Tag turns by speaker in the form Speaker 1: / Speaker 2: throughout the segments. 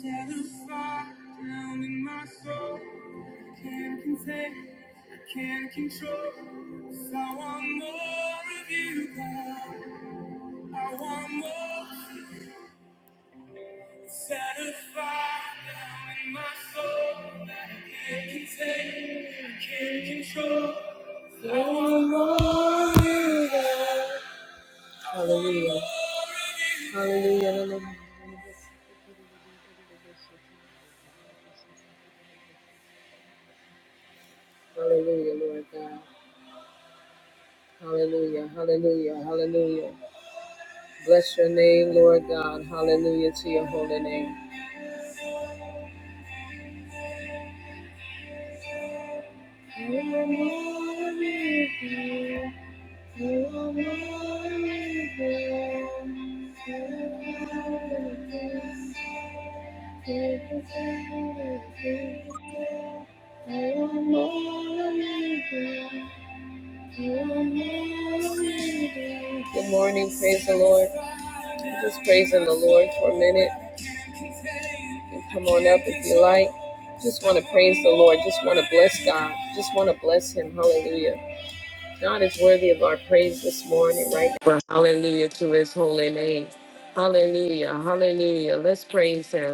Speaker 1: Set a fire down in my soul. Can't contain, I can't control. So I want more of you, God. I want more. Set a fire down in my soul that I can't contain, I can't control. So I want more of you, God. Hallelujah. Hallelujah. Hallelujah, hallelujah, Lord God. Hallelujah. Hallelujah. Hallelujah. Bless your name, Lord God. Hallelujah to your holy name. You are worthy, you are worthy, Good morning, praise the Lord. Just praising the Lord for a minute. And Come on up if you like. Just want to praise the Lord. Just want to bless God. Just want to bless Him. Hallelujah. God is worthy of our praise this morning, right? Now. Hallelujah to His holy name. Hallelujah. Hallelujah. Let's praise Him.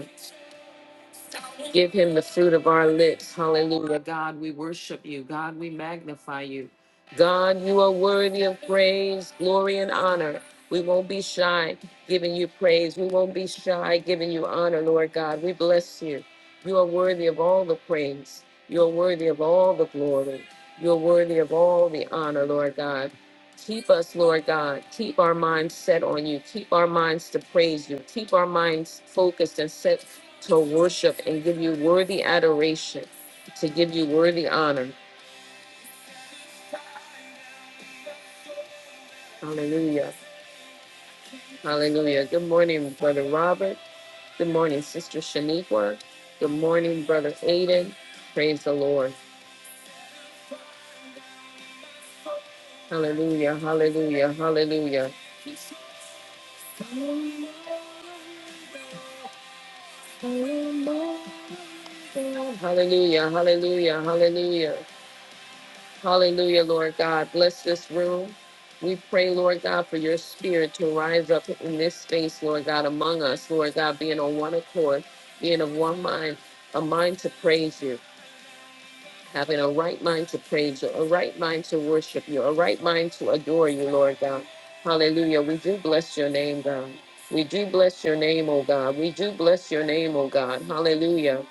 Speaker 1: Give him the fruit of our lips. Hallelujah. God, we worship you. God, we magnify you. God, you are worthy of praise, glory, and honor. We won't be shy giving you praise. We won't be shy giving you honor, Lord God. We bless you. You are worthy of all the praise. You are worthy of all the glory. You are worthy of all the honor, Lord God. Keep us, Lord God. Keep our minds set on you. Keep our minds to praise you. Keep our minds focused and set to worship and give you worthy adoration, to give you worthy honor. Hallelujah. Hallelujah. Good morning, Brother Robert. Good morning, Sister Shaniqua. Good morning, Brother Aiden. Praise the Lord. Hallelujah. Hallelujah. Hallelujah. Hallelujah. Hallelujah. Hallelujah. Hallelujah, Lord God. Bless this room. We pray, Lord God, for your spirit to rise up in this space, Lord God, among us, Lord God, being on one accord, being of one mind, a mind to praise you, having a right mind to praise you, a right mind to worship you, a right mind to adore you, Lord God. Hallelujah. We do bless your name, God. We do bless your name, oh God. We do bless your name, oh God. Hallelujah.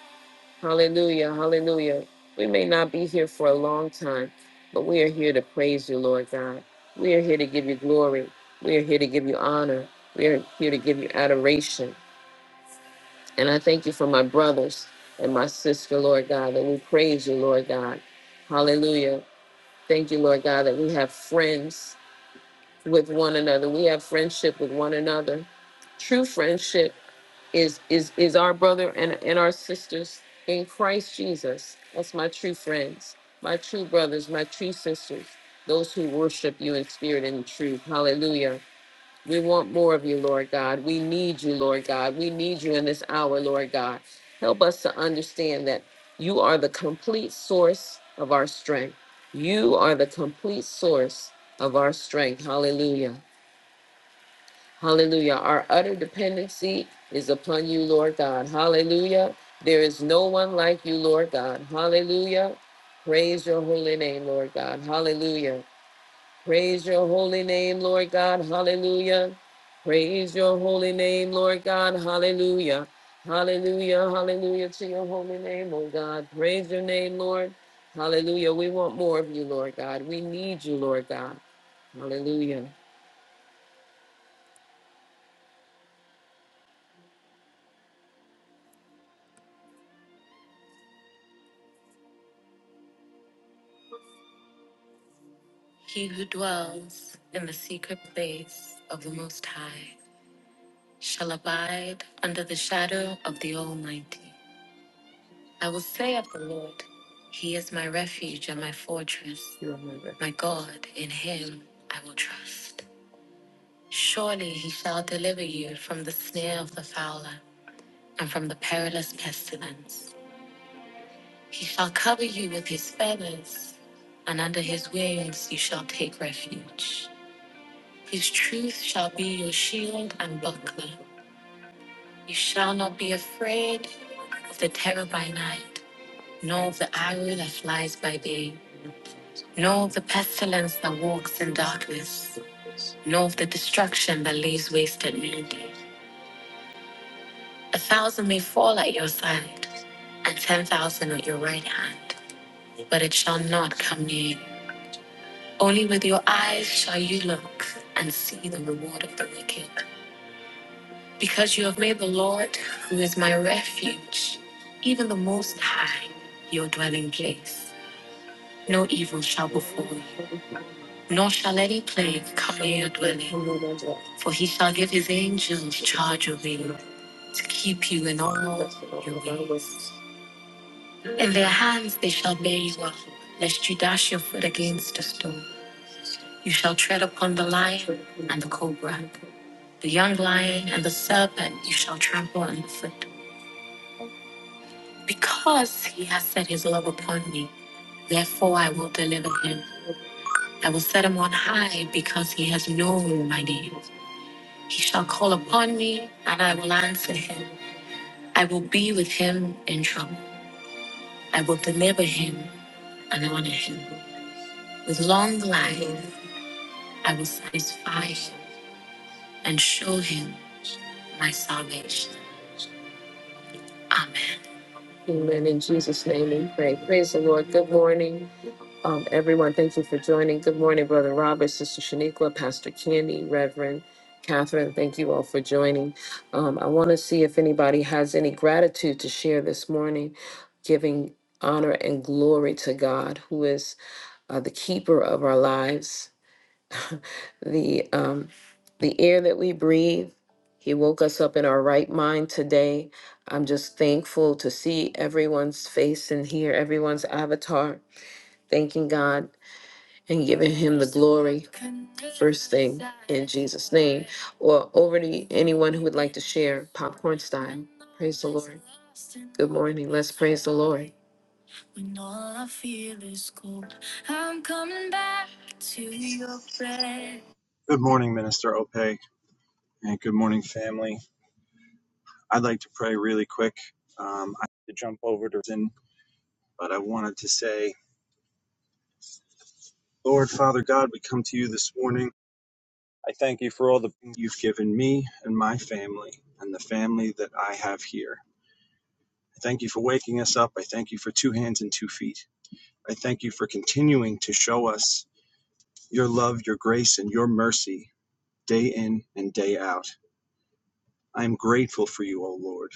Speaker 1: Hallelujah. Hallelujah. We may not be here for a long time, but we are here to praise you, Lord God. We are here to give you glory. We are here to give you honor. We are here to give you adoration. And I thank you for my brothers and my sister, Lord God, that we praise you, Lord God. Hallelujah. Thank you, Lord God, that we have friends with one another. We have friendship with one another, true friendship is is is our brother and and our sisters in Christ Jesus. That's my true friends, my true brothers, my true sisters, those who worship you in spirit and in truth. Hallelujah. We want more of you, Lord God. We need you, Lord God. We need you in this hour, Lord God. Help us to understand that you are the complete source of our strength. You are the complete source of our strength. Hallelujah. Hallelujah. Our utter dependency is upon you, Lord God. Hallelujah. There is no one like you, Lord God. Hallelujah. Praise your holy name, Lord God. Hallelujah. Praise your holy name, Lord God. Hallelujah. Praise your holy name, Lord God. Hallelujah. Hallelujah. Hallelujah to your holy name, oh God. Praise your name, Lord. Hallelujah. We want more of you, Lord God. We need you, Lord God. Hallelujah. He who dwells in the secret place of the Most High shall abide under the shadow of the Almighty. I will say of the Lord, He is my refuge and my fortress. You are my refuge. My God, in Him I will trust. Surely He shall deliver you from the snare of the fowler and from the perilous pestilence. He shall cover you with His feathers, and under His wings you shall take refuge. His truth shall be your shield and buckler. You shall not be afraid of the terror by night, nor of the arrow that flies by day, nor of the pestilence that walks in darkness, nor of the destruction that lays waste at noonday. A thousand may fall at your side, and ten thousand at your right hand, but it shall not come near you. Only with your eyes shall you look and see the reward of the wicked Because you have made the Lord, who is my refuge, even the Most High, your dwelling place. No evil shall befall you, nor shall any plague come near your dwelling. For he shall give his angels charge over you, to keep you in all your ways. In their hands they shall bear you up, lest you dash your foot against a stone. You shall tread upon the lion and the cobra, the young lion and the serpent you shall trample underfoot. Because he has set his love upon me, therefore I will deliver him. I will set him on high because he has known my name. He shall call upon me, and I will answer him. I will be with him in trouble. I will deliver him and honor him. With long life, I will satisfy him and show him my salvation. Amen. Amen. In Jesus' name we pray. Praise the Lord. Good morning. Um, everyone, thank you for joining. Good morning, Brother Robert, Sister Shaniqua, Pastor Candy, Reverend Catherine. Thank you all for joining. Um, I want to see if anybody has any gratitude to share this morning, giving honor and glory to God, who is uh, the keeper of our lives, the um, the air that we breathe. He woke us up in our right mind today. I'm just thankful to see everyone's face and hear everyone's avatar. Thanking God and giving him the glory first thing in Jesus' name. Or over to anyone who would like to share popcorn style. Praise the Lord. Good morning. Let's praise the Lord. When all I feel is cold, I'm coming back to your presence.
Speaker 2: Good morning, Minister Ope, and good morning, family. I'd like to pray really quick. Um, I have to jump over to sin, but I wanted to say, Lord, Father God, we come to you this morning. I thank you for all the things you've given me and my family and the family that I have here. I thank you for waking us up. I thank you for two hands and two feet. I thank you for continuing to show us your love, your grace, and your mercy day in and day out. I am grateful for you, O Lord.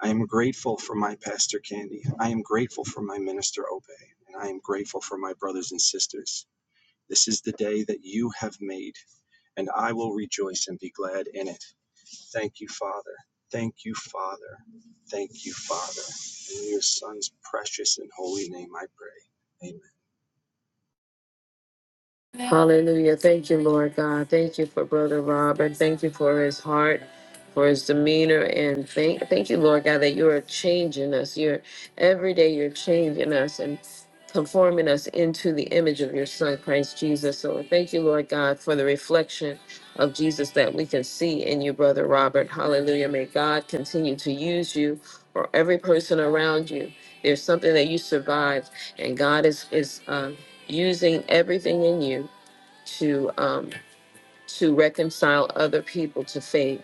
Speaker 2: I am grateful for my pastor Candy. I am grateful for my minister Obey. And I am grateful for my brothers and sisters. This is the day that you have made, and I will rejoice and be glad in it. Thank you, Father. Thank you, Father. Thank you, Father. In your Son's precious and holy name I pray. Amen.
Speaker 1: Hallelujah. Thank you, Lord God. Thank you for Brother Robert. Thank you for his heart, for his demeanor. And thank, thank you, Lord God, that you are changing us. You're every day you're changing us and conforming us into the image of your son, Christ Jesus. So thank you, Lord God, for the reflection of Jesus that we can see in you, Brother Robert. Hallelujah. May God continue to use you or every person around you. There's something that you survived, and God is is. uh, using everything in you to um, to reconcile other people to faith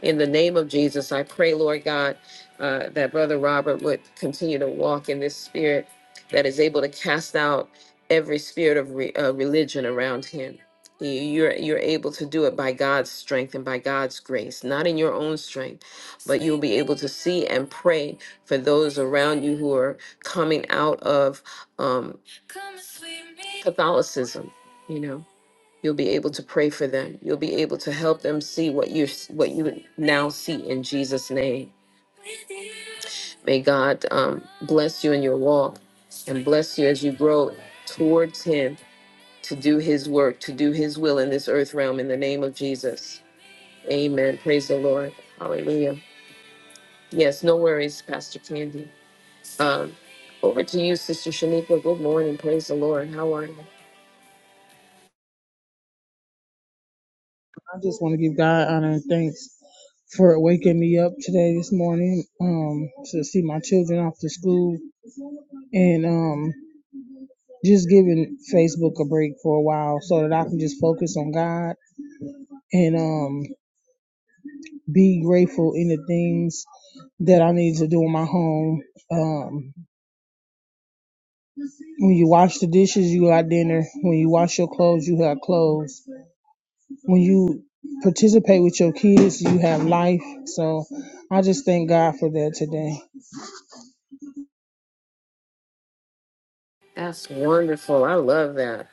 Speaker 1: in the name of Jesus, I pray, Lord God, uh, that Brother Robert would continue to walk in this spirit that is able to cast out every spirit of re- uh, religion around him. You're, you're able to do it by God's strength and by God's grace, not in your own strength, but you'll be able to see and pray for those around you who are coming out of um, Catholicism, you know. You'll be able to pray for them. You'll be able to help them see what you what you now see in Jesus' name. May God um, bless you in your walk and bless you as you grow towards Him to do His work, to do His will in this earth realm in the name of Jesus. Amen. Praise the Lord. Hallelujah. Yes, no worries, Pastor Candy. Um, over to you, Sister Shanika. Good morning. Praise the Lord. How are you?
Speaker 3: I just want to give God honor and thanks for waking me up today, this morning, um, to see my children off to school and um, just giving Facebook a break for a while so that I can just focus on God and um, be grateful in the things that I need to do in my home. Um, when you wash the dishes, you got dinner. When you wash your clothes, you have clothes. When you participate with your kids, you have life. So I just thank God for that today.
Speaker 1: That's wonderful. I love that.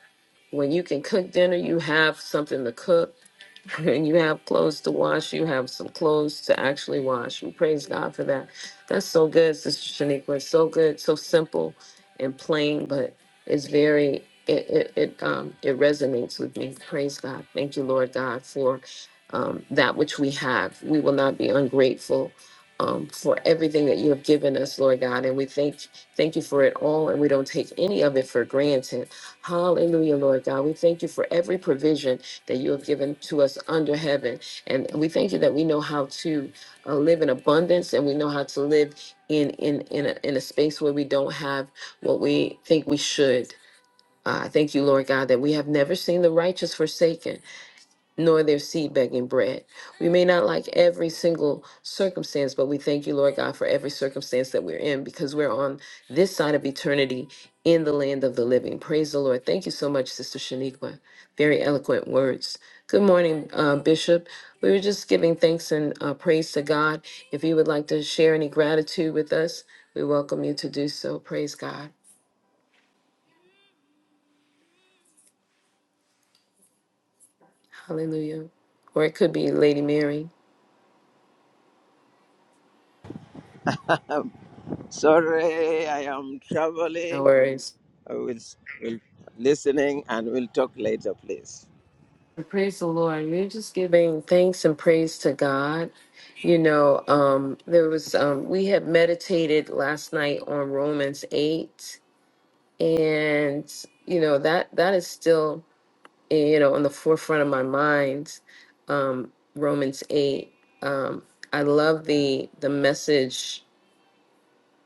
Speaker 1: When you can cook dinner, you have something to cook, and you have clothes to wash. You have some clothes to actually wash. We praise God for that. That's so good, Sister Shaniqua. It's so good, so simple and plain, but it's very. It it it um it resonates with me. Praise God. Thank you, Lord God, for um, that which we have. We will not be ungrateful um, for everything that you have given us, Lord God, and we thank thank you for it all, and we don't take any of it for granted. Hallelujah, Lord God. We thank you for every provision that you have given to us under heaven. And we thank you that we know how to uh, live in abundance and we know how to live in, in, in, a, in a space where we don't have what we think we should. Uh, I thank you, Lord God, that we have never seen the righteous forsaken nor their seed begging bread. We may not like every single circumstance, but we thank you, Lord God, for every circumstance that we're in because we're on this side of eternity in the land of the living. Praise the Lord. Thank you so much, Sister Shaniqua. Very eloquent words. Good morning, uh, Bishop. We were just giving thanks and uh, praise to God. If you would like to share any gratitude with us, we welcome you to do so. Praise God. Hallelujah. Or it could be Lady Mary.
Speaker 4: Sorry, I am
Speaker 1: No
Speaker 4: traveling.
Speaker 1: worries.
Speaker 4: I will, will listening and we'll talk later, please.
Speaker 1: Praise the Lord. You're just giving thanks and praise to God. You know, um, there was, um, we had meditated last night on Romans 8, and, you know, that, that is still, you know, on the forefront of my mind. Um, Romans 8. Um, I love the, the message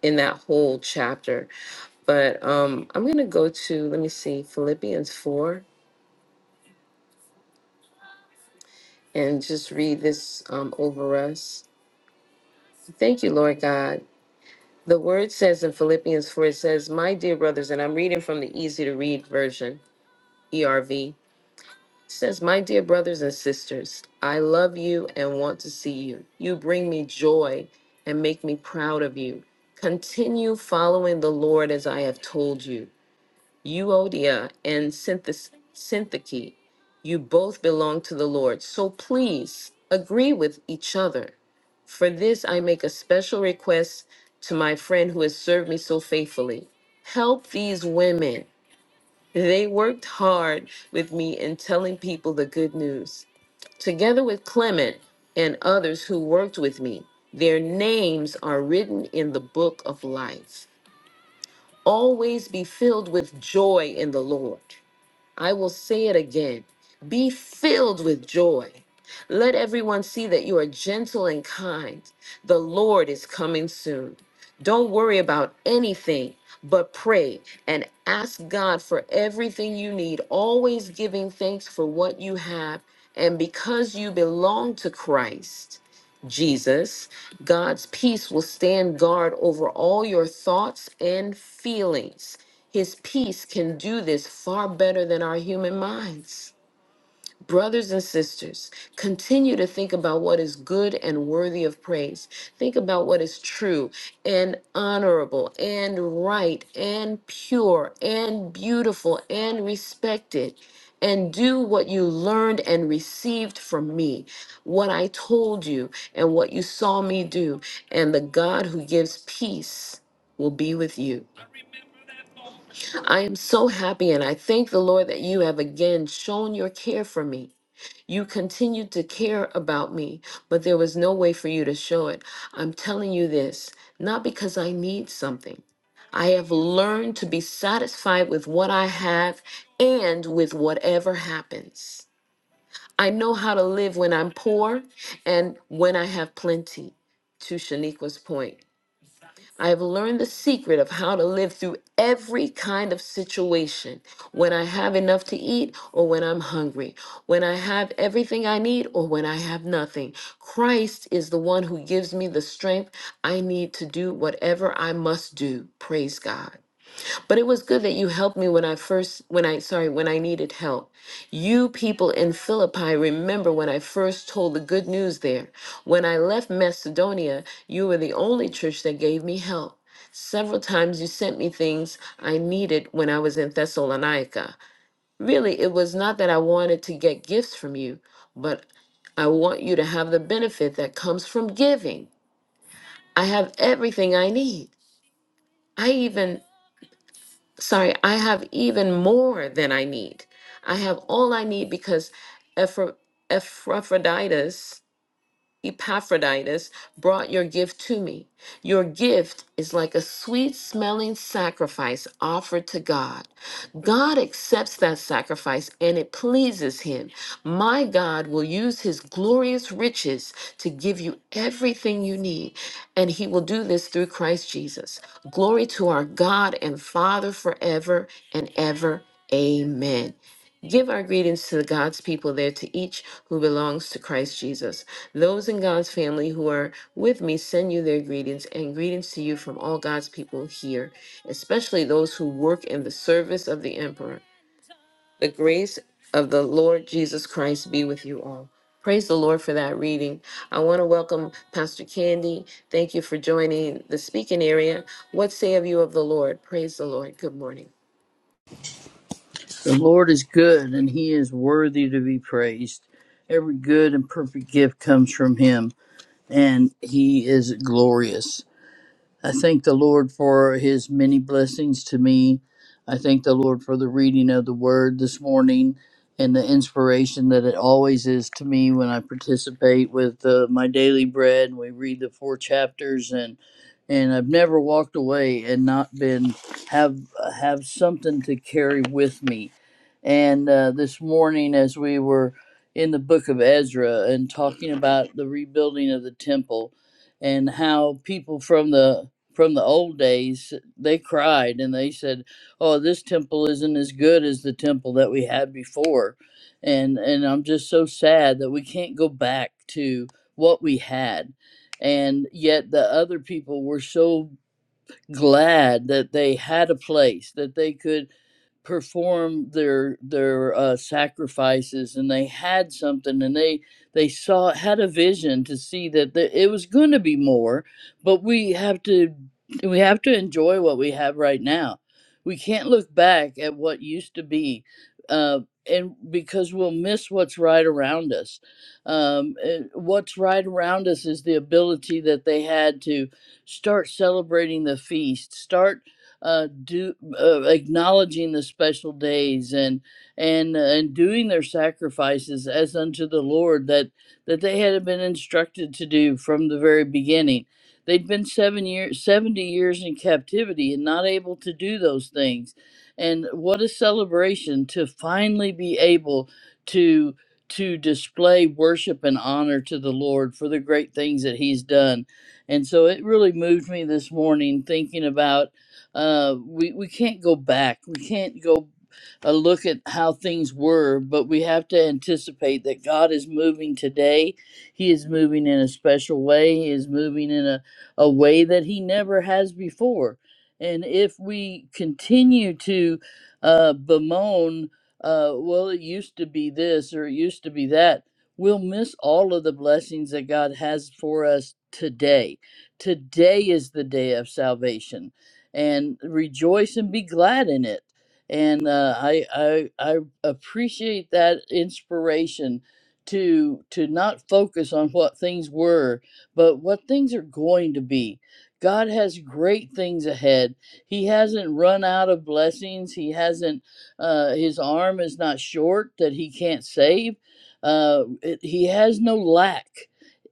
Speaker 1: in that whole chapter, but, um, I'm going to go to, let me see, Philippians 4 and just read this, um, over us. Thank you, Lord God. The word says in Philippians 4, it says, My dear brothers, and I'm reading from the easy to read version, ERV. It says, My dear brothers and sisters, I love you and want to see you. You bring me joy and make me proud of you. Continue following the Lord as I have told you. Euodia and Synthis- Syntyche, you both belong to the Lord. So please agree with each other. For this, I make a special request to my friend who has served me so faithfully. Help these women. They worked hard with me in telling people the good news. Together with Clement and others who worked with me, their names are written in the book of life. Always be filled with joy in the Lord. I will say it again. Be filled with joy. Let everyone see that you are gentle and kind. The Lord is coming soon. Don't worry about anything, but pray and ask God for everything you need, always giving thanks for what you have. And because you belong to Christ, Jesus, God's peace will stand guard over all your thoughts and feelings. His peace can do this far better than our human minds. Brothers and sisters, continue to think about what is good and worthy of praise. Think about what is true and honorable and right and pure and beautiful and respected. And do what you learned and received from me, what I told you and what you saw me do. And the God who gives peace will be with you. I am so happy and I thank the Lord that you have again shown your care for me. You continued to care about me, but there was no way for you to show it. I'm telling you this, not because I need something. I have learned to be satisfied with what I have and with whatever happens. I know how to live when I'm poor and when I have plenty, to Shaniqua's point. I have learned the secret of how to live through every kind of situation when I have enough to eat or when I'm hungry, when I have everything I need or when I have nothing. Christ is the one who gives me the strength I need to do whatever I must do. Praise God. But it was good that you helped me when I first, when I, sorry, when I needed help. You people in Philippi remember when I first told the good news there. When I left Macedonia, you were the only church that gave me help. Several times you sent me things I needed when I was in Thessalonica. Really, it was not that I wanted to get gifts from you, but I want you to have the benefit that comes from giving. I have everything I need. I even sorry, I have even more than I need. I have all I need because Epaphroditus Epaphroditus brought your gift to me. Your gift is like a sweet smelling sacrifice offered to God. God accepts that sacrifice and it pleases him. My God will use his glorious riches to give you everything you need, and he will do this through Christ Jesus. Glory to our God and Father forever and ever. Amen. Give our greetings to the God's people there, to each who belongs to Christ Jesus. Those in God's family who are with me send you their greetings and greetings to you from all God's people here, especially those who work in the service of the emperor. The grace of the Lord Jesus Christ be with you all. Praise the Lord for that reading. I want to welcome Pastor Candy. Thank you for joining the speaking area. What say of you of the Lord? Praise the Lord. Good morning.
Speaker 5: The Lord is good, and he is worthy to be praised. Every good and perfect gift comes from him, and he is glorious. I thank the Lord for his many blessings to me. I thank the Lord for the reading of the word this morning and the inspiration that it always is to me when I participate with uh, my daily bread and we read the four chapters and and I've never walked away and not been have have something to carry with me. And uh, this morning as we were in the book of Ezra and talking about the rebuilding of the temple and how people from the from the old days, they cried and they said, "Oh, this temple isn't as good as the temple that we had before," and and I'm just so sad that we can't go back to what we had, and yet the other people were so glad that they had a place that they could perform their their uh, sacrifices and they had something and they they saw had a vision to see that the, it was going to be more but we have to we have to enjoy what we have right now we can't look back at what used to be uh, and because we'll miss what's right around us um, and what's right around us is the ability that they had to start celebrating the feast start uh, do uh, acknowledging the special days and and uh, and doing their sacrifices as unto the Lord that that they had been instructed to do from the very beginning. They'd been seven years, seventy years in captivity, and not able to do those things. And what a celebration to finally be able to to display worship and honor to the Lord for the great things that He's done. And so it really moved me this morning thinking about uh, we we can't go back. We can't go uh, look at how things were, but we have to anticipate that God is moving today. He is moving in a special way. He is moving in a, a way that He never has before. And if we continue to uh, bemoan, uh, well, it used to be this or it used to be that, we'll miss all of the blessings that God has for us today. Today is the day of salvation and rejoice and be glad in it. And uh, I, I I appreciate that inspiration to to not focus on what things were, but what things are going to be. God has great things ahead. He hasn't run out of blessings. He hasn't. Uh, his arm is not short that he can't save. Uh, it- he has no lack.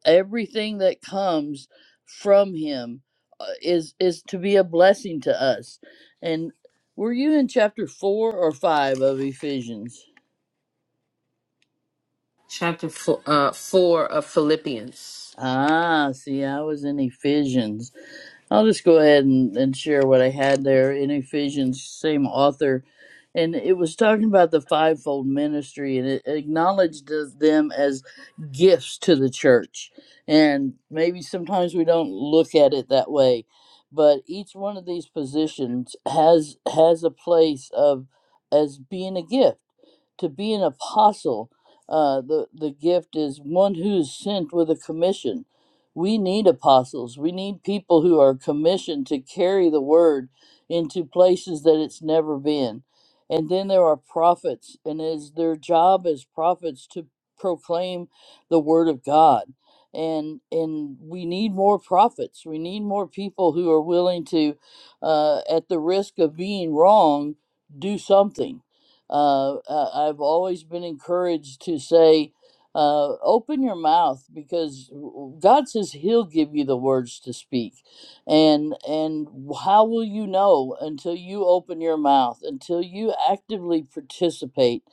Speaker 5: Everything that comes from him uh, is is to be a blessing to us. And were you in chapter 4 or 5 of Ephesians?
Speaker 1: Chapter four, uh, 4 of Philippians.
Speaker 5: Ah, see, I was in Ephesians. I'll just go ahead and, and share what I had there in Ephesians, same author. And it was talking about the fivefold ministry and it acknowledged th- them as gifts to the church. And maybe sometimes we don't look at it that way, but each one of these positions has has a place of as being a gift. To be an apostle, uh, the the gift is one who is sent with a commission we need apostles. We need people who are commissioned to carry the word into places that it's never been. And then there are prophets, and it is their job as prophets to proclaim the word of God. And and we need more prophets. We need more people who are willing to, uh, at the risk of being wrong, do something. Uh, I- I've always been encouraged to say, uh, open your mouth because God says He'll give you the words to speak, and and how will you know until you open your mouth, until you actively participate?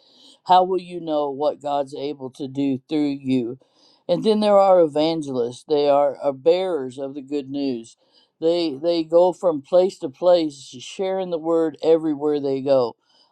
Speaker 5: How will you know what God's able to do through you? And then there are evangelists; they are, are bearers of the good news. They they go from place to place, sharing the word everywhere they go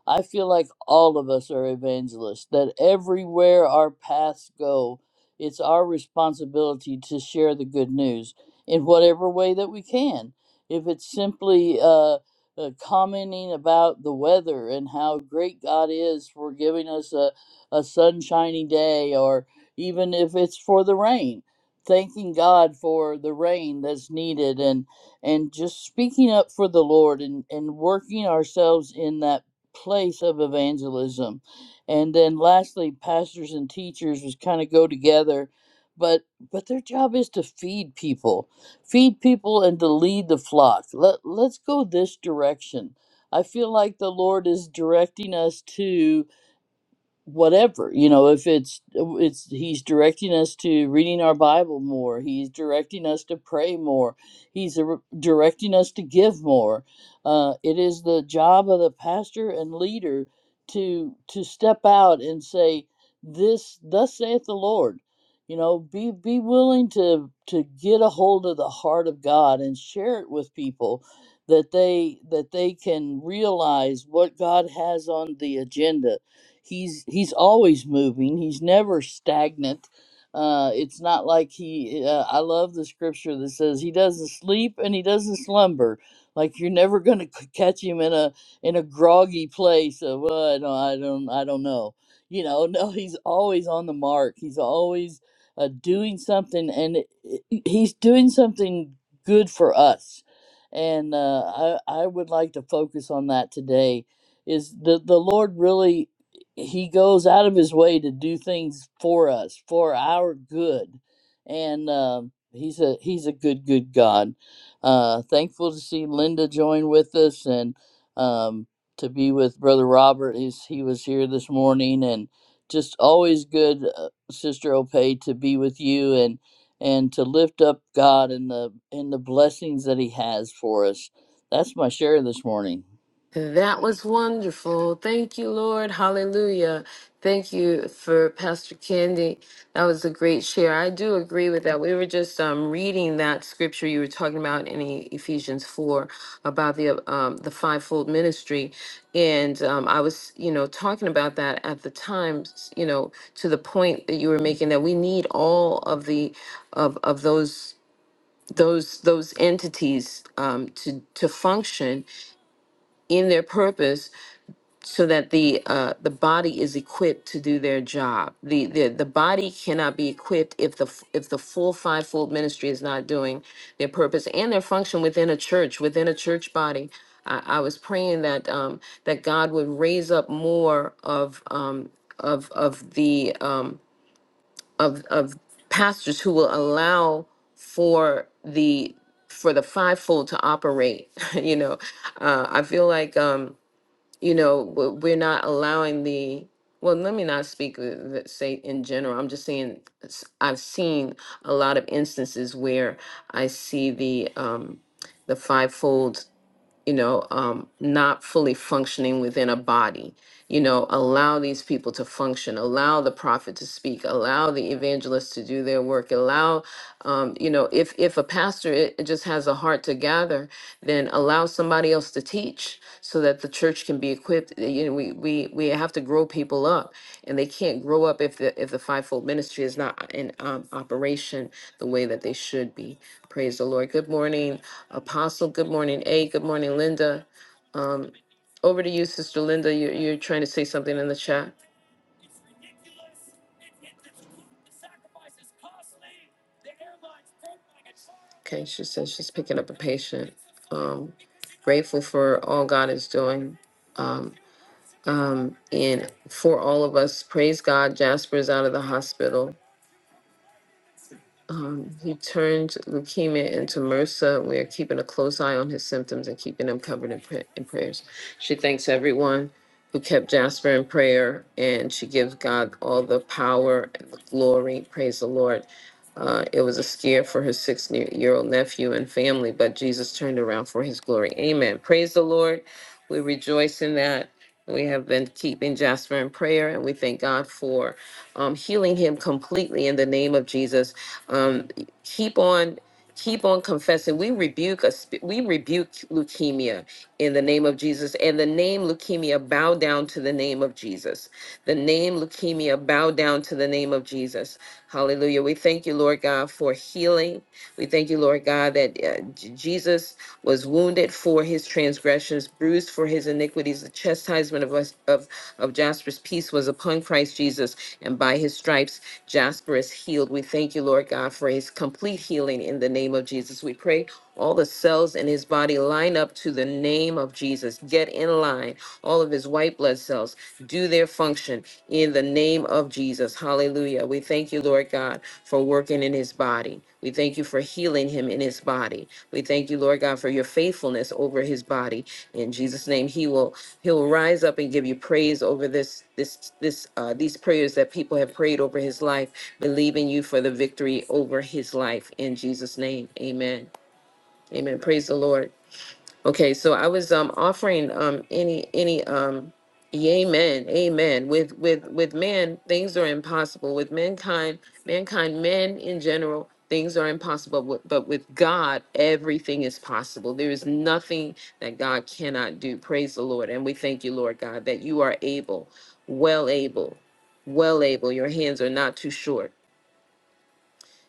Speaker 5: I feel like all of us are evangelists, that everywhere our paths go, it's our responsibility to share the good news in whatever way that we can. If it's simply uh, uh, commenting about the weather and how great God is for giving us a, a sunshiny day, or even if it's for the rain, thanking God for the rain that's needed and and just speaking up for the Lord and, and working ourselves in that place of evangelism. And then lastly, pastors and teachers was kind of go together, but but their job is to feed people, feed people and to lead the flock. Let let's go this direction. I feel like the Lord is directing us to whatever you know if it's it's he's directing us to reading our bible more he's directing us to pray more he's a- directing us to give more uh, it is the job of the pastor and leader to to step out and say this thus saith the lord you know be be willing to to get a hold of the heart of god and share it with people that they that they can realize what god has on the agenda he's he's always moving he's never stagnant uh, it's not like he uh, i love the scripture that says he doesn't sleep and he doesn't slumber like you're never going to catch him in a in a groggy place of well, I, don't, I don't i don't know you know no he's always on the mark he's always uh, doing something and it, it- he's doing something good for us and uh, I, I would like to focus on that today is the, the lord really he goes out of his way to do things for us for our good and um, he's a he's a good good god uh, thankful to see linda join with us and um, to be with brother robert he's, he was here this morning and just always good uh, sister opay to be with you and and to lift up god and the and the blessings that he has for us that's my share this morning
Speaker 1: That was wonderful. Thank you, Lord. Hallelujah. Thank you for Pastor Candy. That was a great share. I do agree with that. We were just um, reading that scripture you were talking about in E- Ephesians 4 about the um, the fivefold ministry, and um, I was you know talking about that at the time. s- You know to the point that you were making that we need all of the of of those those those entities um, to to function in their purpose so that the uh, the body is equipped to do their job. The, the the body cannot be equipped if the f- if the full fivefold ministry is not doing their purpose and their function within a church within a church body. I, I was praying that um, that God would raise up more of um, of of the um, of of pastors who will allow for the for the fivefold to operate. you know, uh, I feel like. Um, you know w- we're not allowing the well let me not speak uh, th- say in general i'm just saying s- i've seen a lot of instances where i see the um the fivefold you know, um, not fully functioning within a body. You know, allow these people to function, allow the prophet to speak, allow the evangelist to do their work, allow, um, you know, if if a pastor it, it just has a heart to gather, then allow somebody else to teach so that the church can be equipped. Uh, You know, we we we have to grow people up, and they can't grow up if the if the fivefold ministry is not in um, operation the way that they should be. Praise the Lord. Good morning. Apostle, good morning. A, good morning, Linda. Um, over to you, Sister Linda. You're, you're trying to say something in the chat. Okay, she says she's picking up a patient. Um, grateful for all God is doing. Um, um, and for all of us, praise God, Jasper's out of the hospital. Um, he turned leukemia into MRSA. We are keeping a close eye on his symptoms and keeping him covered in, pray- in prayers. She thanks everyone who kept Jasper in prayer, and she gives God all the power and the glory. Praise the Lord. Uh, it was a scare for her six year old nephew and family, but Jesus turned around for his glory. Amen. Praise the Lord. We rejoice in that. We have been keeping Jasper in prayer, and we thank God for um, healing him completely in the name of Jesus um, keep on keep on confessing. We rebuke a, sp- we rebuke leukemia in the name of Jesus. And the name leukemia bow down to the name of Jesus. The name leukemia bow down to the name of Jesus. Hallelujah. We thank you, Lord God, for healing. We thank you, Lord God, that uh, J- Jesus was wounded for his transgressions, bruised for his iniquities. The chastisement of us of of Jasper's peace was upon Christ Jesus, and by his stripes Jasper is healed. We thank you, Lord God, for his complete healing in the name of Jesus. We pray all the cells in his body line up to the name of Jesus. Get in line. All of his white blood cells do their function in the name of Jesus. Hallelujah. We thank you, Lord God, for working in his body. We thank you for healing him in his body. We thank you, Lord God, for your faithfulness over his body. In Jesus' name, he will He'll rise up and give you praise over this, this, this, uh, these prayers that people have prayed over his life, believing you for the victory over his life. In Jesus' name, Amen. Amen. Praise the Lord. Okay, so I was um offering um any any um amen amen with with with man things are impossible with mankind mankind men in general things are impossible but but with God everything is possible there is nothing that God cannot do praise the Lord and we thank you Lord God that you are able well able well able your hands are not too short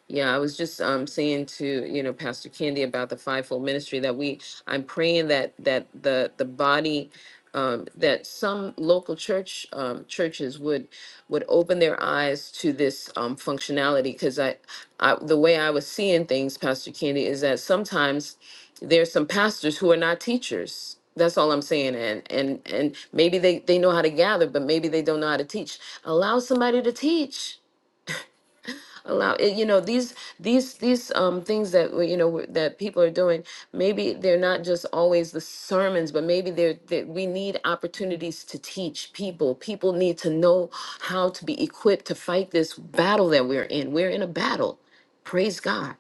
Speaker 1: yeah, I was just um saying to, you know, Pastor Candy about the fivefold ministry that we I'm praying that that the the body um that some local church um churches would would open their eyes to this um functionality because I, I the way I was seeing things, Pastor Candy, is that sometimes there's some pastors who are not teachers. That's all I'm saying. And and and maybe they, they know how to gather, but maybe they don't know how to teach. Allow somebody to teach allow it, you know these these these um things that we- you know we- that people are doing maybe they're not just always the sermons but maybe they're that we need opportunities to teach people people need to know how to be equipped to fight this battle that we're in we're in a battle praise god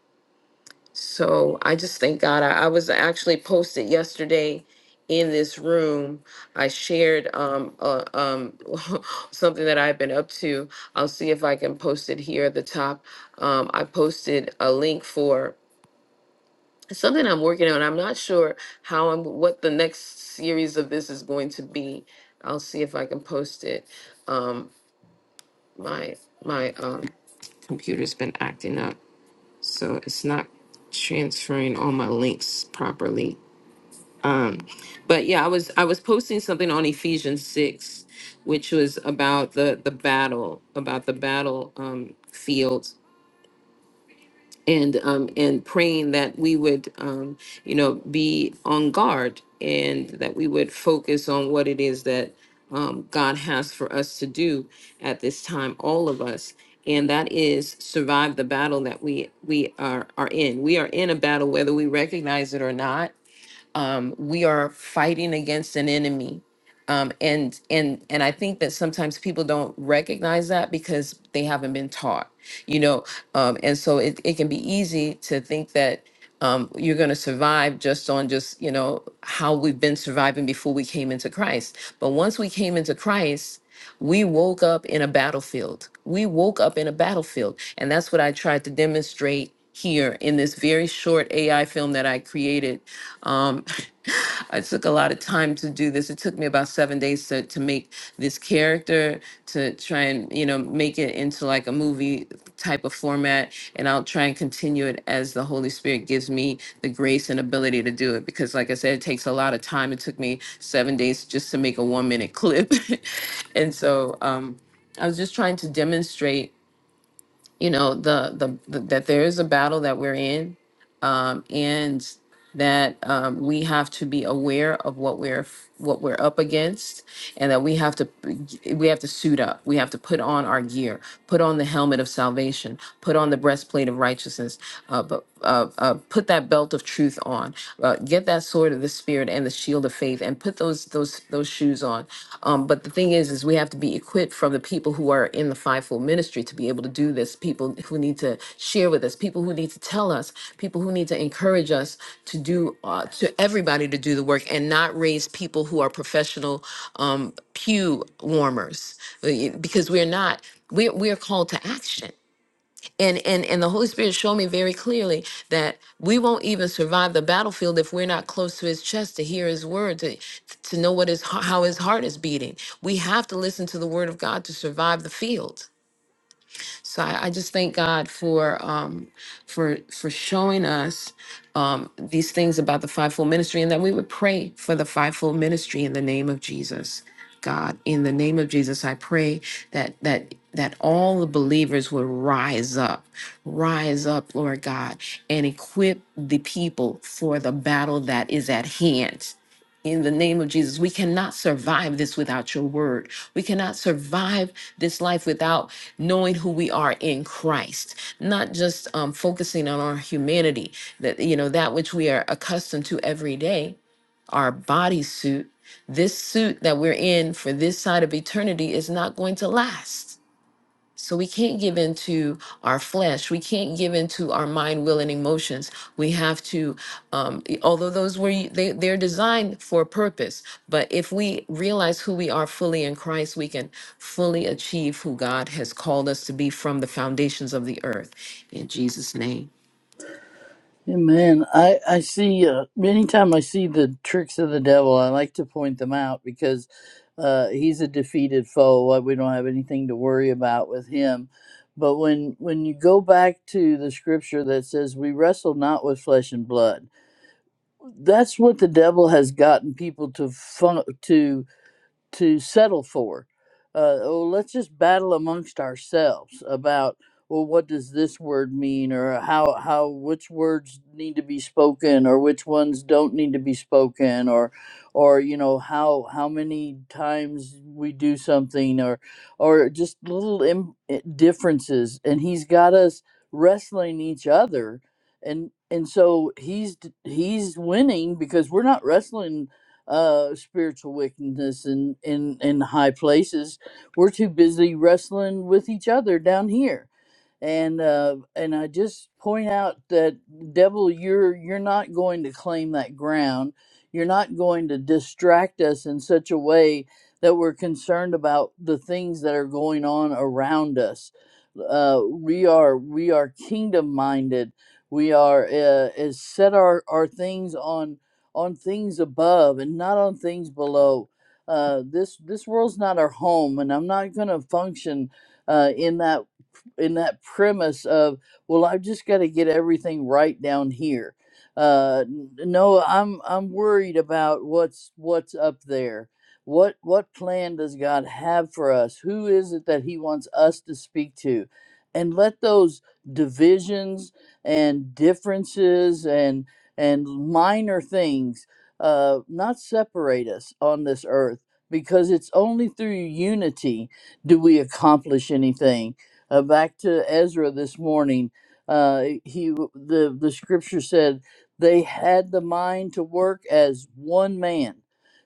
Speaker 1: so I just thank God. I, I was actually posted yesterday in this room. I shared um, uh, um, something that I've been up to. I'll see if I can post it here at the top. Um, I posted a link for something I'm working on. I'm not sure how I'm what the next series of this is going to be. I'll see if I can post it. Um, my my um, computer's been acting up so it's not transferring all my links properly. Um, but yeah, I was I was posting something on Ephesians six, which was about the the battle, about the battle um, field and um, and praying that we would um, you know be on guard and that we would focus on what it is that um, God has for us to do at this time, all of us, and that is survive the battle that we we are are in. We are in a battle, whether we recognize it or not um, we are fighting against an enemy. Um, and and and I think that sometimes people don't recognize that because they haven't been taught, you know. Um, and so it, it can be easy to think that um, you're going to survive just on just you know how we've been surviving before we came into Christ. But once we came into Christ, we woke up in a battlefield. We woke up in a battlefield, and that's what I tried to demonstrate here in this very short AI film that I created. Um, I took a lot of time to do this. It took me about seven days to, to make this character, to try and, you know, make it into like a movie type of format. And I'll try and continue it as the Holy Spirit gives me the grace and ability to do it. Because, like I said, it takes a lot of time. It took me seven days just to make a one minute clip. and so um, I was just trying to demonstrate you know the the, the that there is a battle that we're in um, and that um, we have to be aware of what we're f- what we're up against and that we have to we have to suit up we have to put on our gear put on the helmet of salvation put on the breastplate of righteousness uh, but uh, uh, put that belt of truth on uh, get that sword of the spirit and the shield of faith and put those those those shoes on um, but the thing is, is we have to be equipped from the people who are in the fivefold ministry to be able to do this. People who need to share with us, people who need to tell us, people who need to encourage us to do uh, to everybody to do the work and not raise people who are professional um, pew warmers Uh, y- because we're not. We're, we're called to action. And and and the Holy Spirit showed me very clearly that we won't even survive the battlefield if we're not close to his chest to hear his word, to to know what his how his heart is beating. We have to listen to the word of God to survive the field. So I, I just thank God for um, for for showing us um, these things about the fivefold ministry, and that we would pray for the fivefold ministry in the name of Jesus. God, in the name of Jesus, I pray that that that all the believers would rise up, rise up, Lord God, and equip the people for the battle that is at hand in the name of Jesus. We cannot survive this without your word. We cannot survive this life without knowing who we are in Christ, not just um, focusing on our humanity, that, you know, that which we are accustomed to every day, our bodysuit. This suit that we're in for this side of eternity is not going to last so we can't give into our flesh. We can't give into our mind, will, and emotions. We have to, um, e- although those were they, they're designed for a purpose. But if we realize who we are fully in Christ, we can fully achieve who God has called us to be from the foundations of the earth. In Jesus' name.
Speaker 5: Amen. I I see. Uh, anytime I see the tricks of the devil, I like to point them out because uh, he's a defeated foe. Like, We don't have anything to worry about with him. But when when you go back to the scripture that says we wrestle not with flesh and blood, that's what the devil has gotten people to fun- to to settle for. Uh, oh, let's just battle amongst ourselves about well, what does this word mean, or how how which words need to be spoken, or which ones don't need to be spoken, or or you know how how many times we do something, or or just little Im- i- differences, and he's got us wrestling each other, and and so he's d- he's winning because we're not wrestling uh, spiritual wickedness in, in, in high places. We're too busy wrestling with each other down here. And uh, and I just point out that devil, you're you're not going to claim that ground. You're not going to distract us in such a way that we're concerned about the things that are going on around us. Uh, we are we are kingdom minded. We are uh, is set our, our things on on things above and not on things below. Uh, this this world's not our home, and I'm not going to function uh, in that in that premise of well, I've just got to get everything right down here. Uh, n- no, I'm I'm worried about what's what's up there. What what plan does God have for us? Who is it that He wants us to speak to? And let those divisions and differences and and minor things uh, not separate us on this earth because it's only through unity do we accomplish anything. Uh, back to Ezra this morning, uh, he the the scripture said they had the mind to work as one man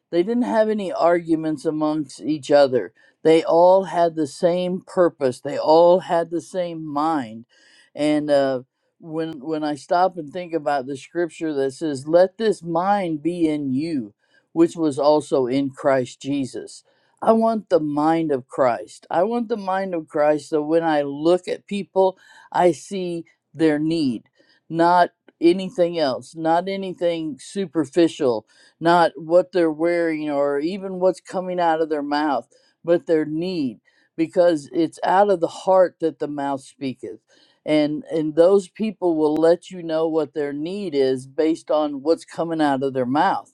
Speaker 5: they didn't have any arguments amongst each other. They all had the same purpose. They all had the same mind. And uh, when when I stop and think about the scripture that says, "Let this mind be in you, which was also in Christ Jesus." I want the mind of Christ. I want the mind of Christ so when I look at people, I see their need, not anything else, not anything superficial not what they're wearing or even what's coming out of their mouth, but their need, because it's out of the heart that the mouth speaketh. And and those people will let you know what their need is based on what's coming out of their mouth.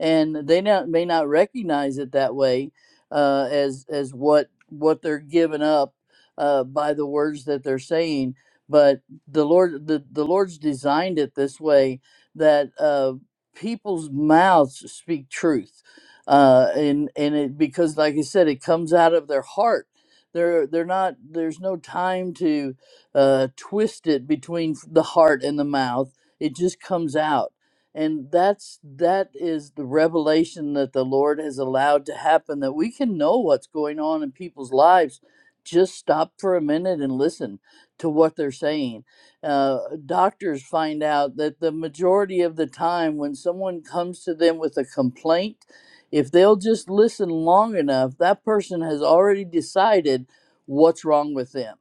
Speaker 5: And they not, may not recognize it that way uh, as as what what they're giving up uh, by the words that they're saying. But the Lord the, the Lord's designed it this way that uh, people's mouths speak truth uh and and it because like i said it comes out of their heart they're they're not there's no time to uh twist it between f- the heart and the mouth it just comes out and that's that is the revelation that the lord has allowed to happen that we can know what's going on in people's lives just stop for a minute and listen to what they're saying uh, doctors find out that the majority of the time when someone comes to them with a complaint, if they'll just listen long enough, that person has already decided what's wrong with them.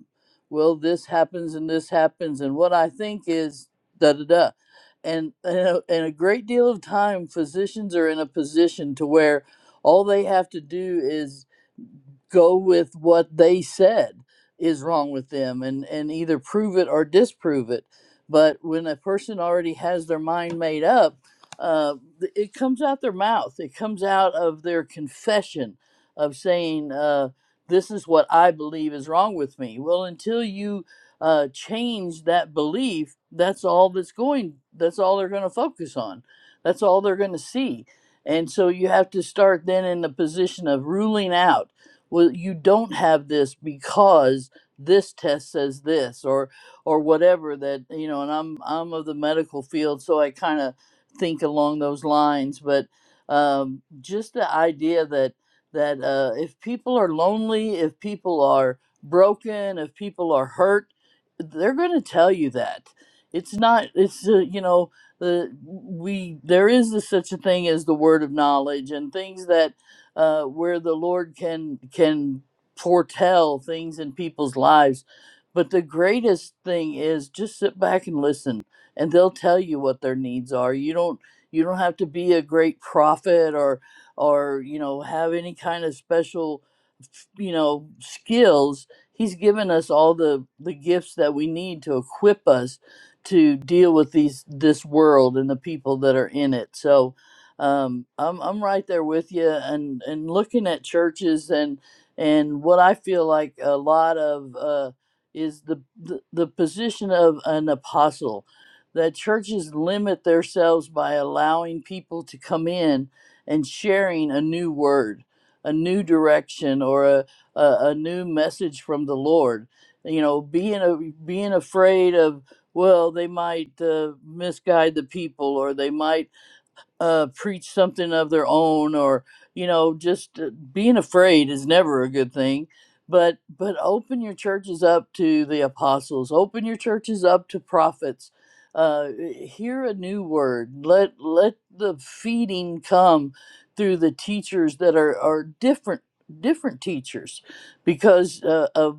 Speaker 5: Well, this happens and this happens, and what I think is da da da. And, and, a, and a great deal of time, physicians are in a position to where all they have to do is go with what they said is wrong with them and, and either prove it or disprove it. But when a person already has their mind made up, uh, th- it comes out their mouth. It comes out of their confession of saying, uh, This is what I believe is wrong with me. Well, until you uh, change that belief, that's all that's going, that's all they're going to focus on. That's all they're going to see. And so you have to start then in the position of ruling out well you don't have this because this test says this or or whatever that you know and i'm i'm of the medical field so i kind of think along those lines but um, just the idea that that uh, if people are lonely if people are broken if people are hurt they're going to tell you that it's not it's uh, you know the we there is a, such a thing as the word of knowledge and things that uh, where the Lord can can foretell things in people's lives. But the greatest thing is just sit back and listen, and they'll tell you what their needs are. You don't you don't have to be a great prophet or or you know have any kind of special you know skills. He's given us all the the gifts that we need to equip us to deal with these this world and the people that are in it. So um, I'm I'm right there with you, and and looking at churches and and what I feel like a lot of uh, is the, the the position of an apostle, that churches limit themselves by allowing people to come in and sharing a new word, a new direction, or a a, a new message from the Lord. You know, being a, being afraid of well, they might uh, misguide the people, or they might uh, preach something of their own or you know just uh, being afraid is never a good thing but but open your churches up to the apostles open your churches up to prophets uh, hear a new word let let the feeding come through the teachers that are are different different teachers because uh, of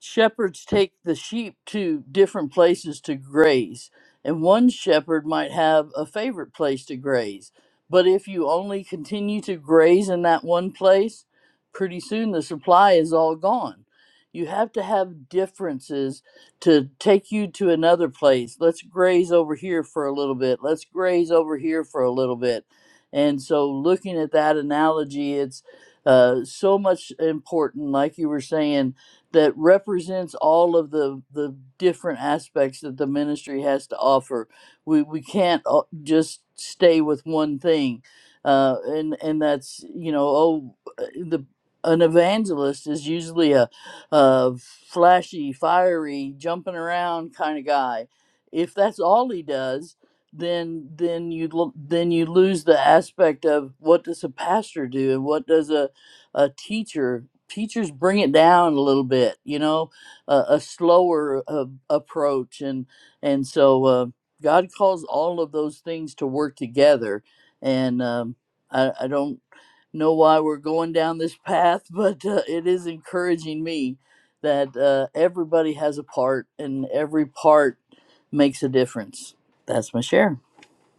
Speaker 5: shepherds take the sheep to different places to graze, and one shepherd might have a favorite place to graze. But if you only continue to graze in that one place, pretty soon the supply is all gone. You have to have differences to take you to another place. Let's graze over here for a little bit. Let's graze over here for a little bit. And so, looking at that analogy, it's uh, so much important, like you were saying, that represents all of the the different aspects that the ministry has to offer. We we can't uh, just stay with one thing, uh, and and that's you know oh uh, the an evangelist is usually a, a flashy, fiery, jumping around kind of guy. If that's all he does, then then you lo- then you lose the aspect of what does a pastor do and what does a a teacher teachers bring it down a little bit you know a, a slower uh, approach and and so uh, god calls all of those things to work together and um, I, I don't know why we're going down this path but uh, it is encouraging me that uh, everybody has a part and every part makes a difference that's my share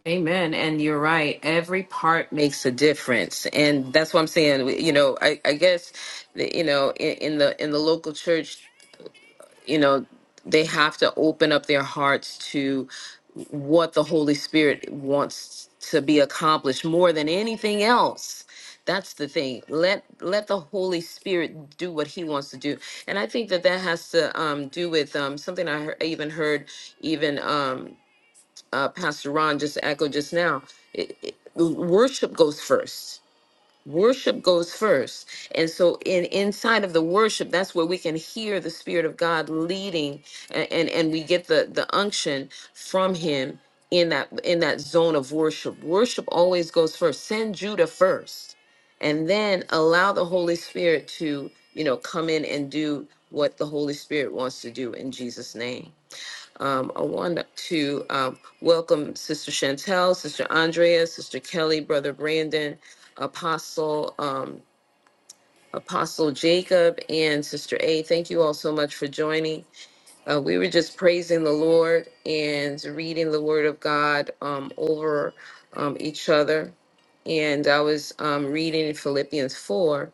Speaker 1: Amen. And you're right. Every part makes a difference. And that's what I'm saying. You know, I, I guess, you know, in, in the in the local church, you know they have to open up their hearts to what the holy spirit wants to be accomplished more than anything else that's the thing let let the holy spirit do what he wants to do and i think that that has to um, do with um, something i hear- I even heard even um, uh, pastor ron just echoed just now it, it, worship goes first worship goes first and so in inside of the worship that's where we can hear the spirit of god leading and and, and we get the the unction from him in that in that zone of worship worship always goes first send judah first and then allow the holy spirit to you know come in and do what the holy spirit wants to do in jesus name um, I want to um, welcome Sister Chantel, Sister Andrea, Sister Kelly, Brother Brandon, Apostle um, Apostle Jacob, and Sister A. Thank you all so much for joining. Uh, we were just praising the Lord and reading the Word of God um, over um, each other, and I was um, reading Philippians four,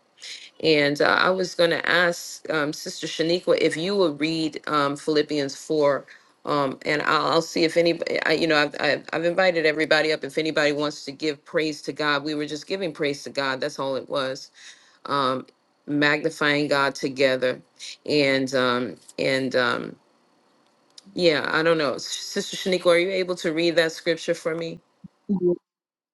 Speaker 1: and uh, I was going to ask um, Sister Shaniqua if you would read um, Philippians 4. Um, and I'll, I'll see if any, I, you know, I've, I've, I've invited everybody up. If anybody wants to give praise to God, we were just giving praise to God. That's all it was. Um, magnifying God together. And, um, and, um, yeah, I don't know. Sister Shaniqua, are you able to read that scripture for me?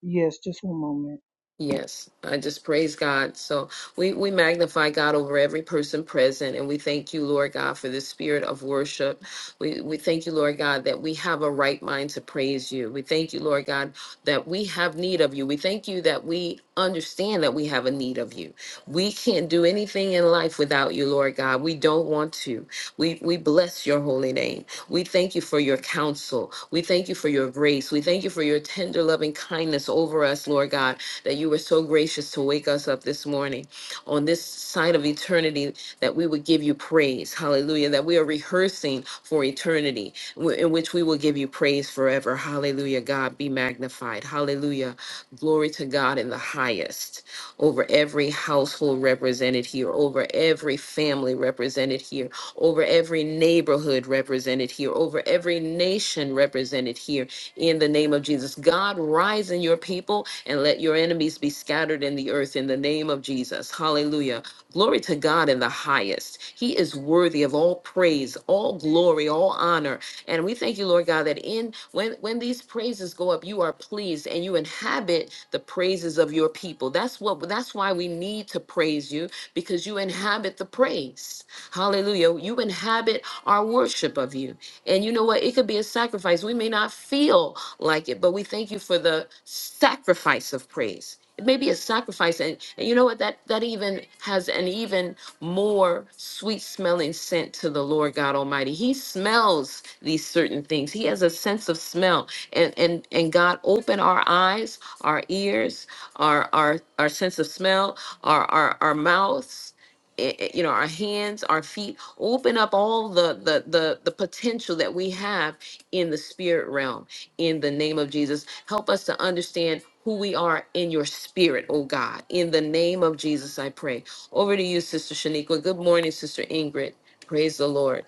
Speaker 3: Yes, just one moment.
Speaker 1: Yes, I just praise God. So we, we magnify God over every person present, and we thank you, Lord God, for the spirit of worship. We, we thank you, Lord God, that we have a right mind to praise you. We thank you, Lord God, that we have need of you. We thank you that we understand that we have a need of you. We can't do anything in life without you, Lord God. We don't want to. We, we bless your holy name. We thank you for your counsel. We thank you for your grace. We thank you for your tender, loving kindness over us, Lord God that you were so gracious to wake us up this morning on this side of eternity, that we would give you praise. Hallelujah. That we are rehearsing for eternity, w- in which we will give you praise forever. Hallelujah. God be magnified. Hallelujah. Glory to God in the highest over every household represented here, over every family represented here, over every neighborhood represented here, over every nation represented here in the name of Jesus. God, rise in your people and let your enemies be scattered in the earth in the name of Jesus. Hallelujah. Glory to God in the highest. He is worthy of all praise, all glory, all honor. And we thank you, Lord God, that in when when these praises go up, you are pleased and you inhabit the praises of your people. That's what that's why we need to praise you because you inhabit the praise. Hallelujah. You inhabit our worship of you. And you know what? It could be a sacrifice. We may not feel like it, but we thank you for the sacrifice of praise. It may be a sacrifice, and, and you know what? That that even has an even more sweet smelling scent to the Lord God Almighty. He smells these certain things. He has a sense of smell, and and and God, open our eyes, our ears, our our our sense of smell, our our our mouths, i- i- you know our hands our feet open up all the, the the the potential that we have in the spirit realm in the name of jesus help us to understand who we are in your spirit oh god in the name of jesus i pray over to you sister shaniqua good morning sister ingrid praise the lord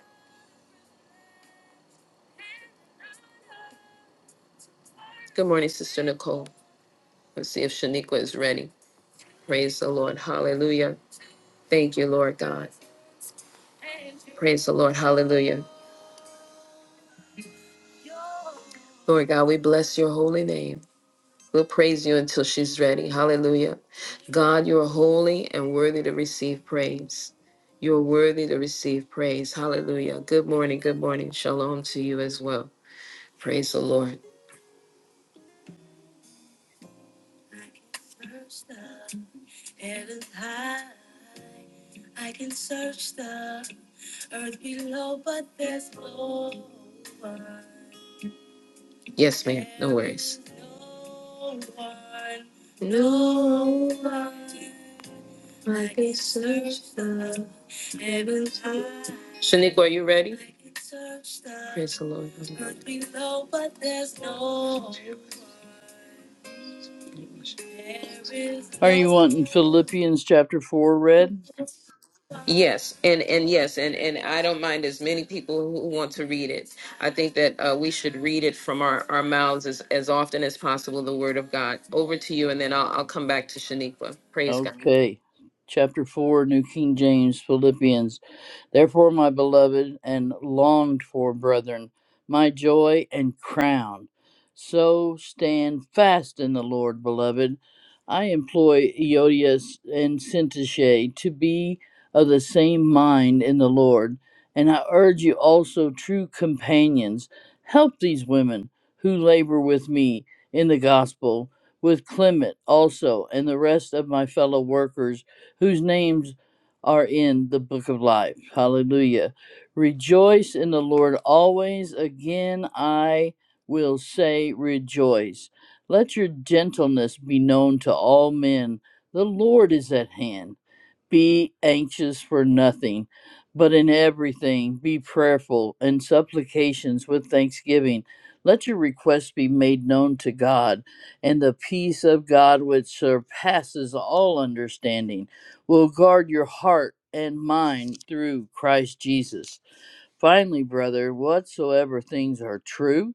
Speaker 1: good morning sister nicole let's see if shaniqua is ready praise the lord hallelujah thank you lord god praise the lord hallelujah lord god we bless your holy name We'll praise you until she's ready. Hallelujah. God, you're holy and worthy to receive praise. You're worthy to receive praise. Hallelujah. Good morning. Good morning. Shalom to you as well. Praise the Lord. I can search the earth below, but there's no one. Yes, ma'am. No worries. No one. No one. I can search the heavens high. Shaniqua, are you ready? I can search the Praise the Lord. earth below, but there's no there is
Speaker 5: are
Speaker 1: no
Speaker 5: you wanting philippians chapter 4 read
Speaker 1: Yes, and and yes, and and I don't mind as many people who who want to read it. I think that uh, we should read it from our our mouths as as often as possible. The Word of God. Over to you, and then I'll I'll come back to Shaniqua. Praise God.
Speaker 5: Okay. Chapter 4, New King James, Philippians Therefore, my beloved and longed for brethren, my joy and crown. So stand fast in the Lord, beloved. I employ Eodias and Syntyche to be of the same mind in the Lord. And I urge you also, true companions, help these women who labor with me in the gospel, with Clement also, and the rest of my fellow workers, whose names are in the book of life. Hallelujah. Rejoice in the Lord always. Again, I will say rejoice. Let your gentleness be known to all men. The Lord is at hand. Be anxious for nothing, but in everything be prayerful and supplications with thanksgiving. Let your requests be made known to God, and the peace of God, which surpasses all understanding, will guard your heart and mind through Christ Jesus. Finally, brother, whatsoever things are true,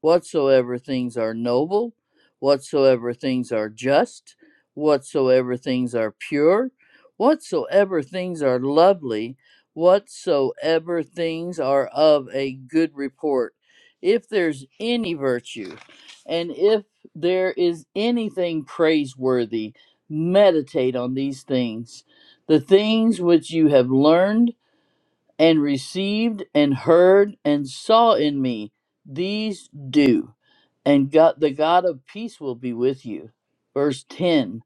Speaker 5: whatsoever things are noble, whatsoever things are just, whatsoever things are pure, whatsoever things are lovely, whatsoever things are of a good report, if there's any virtue, and if there is anything praiseworthy, meditate on these things. The things which you have learned and received and heard and saw in me these do and god the god of peace will be with you verse 10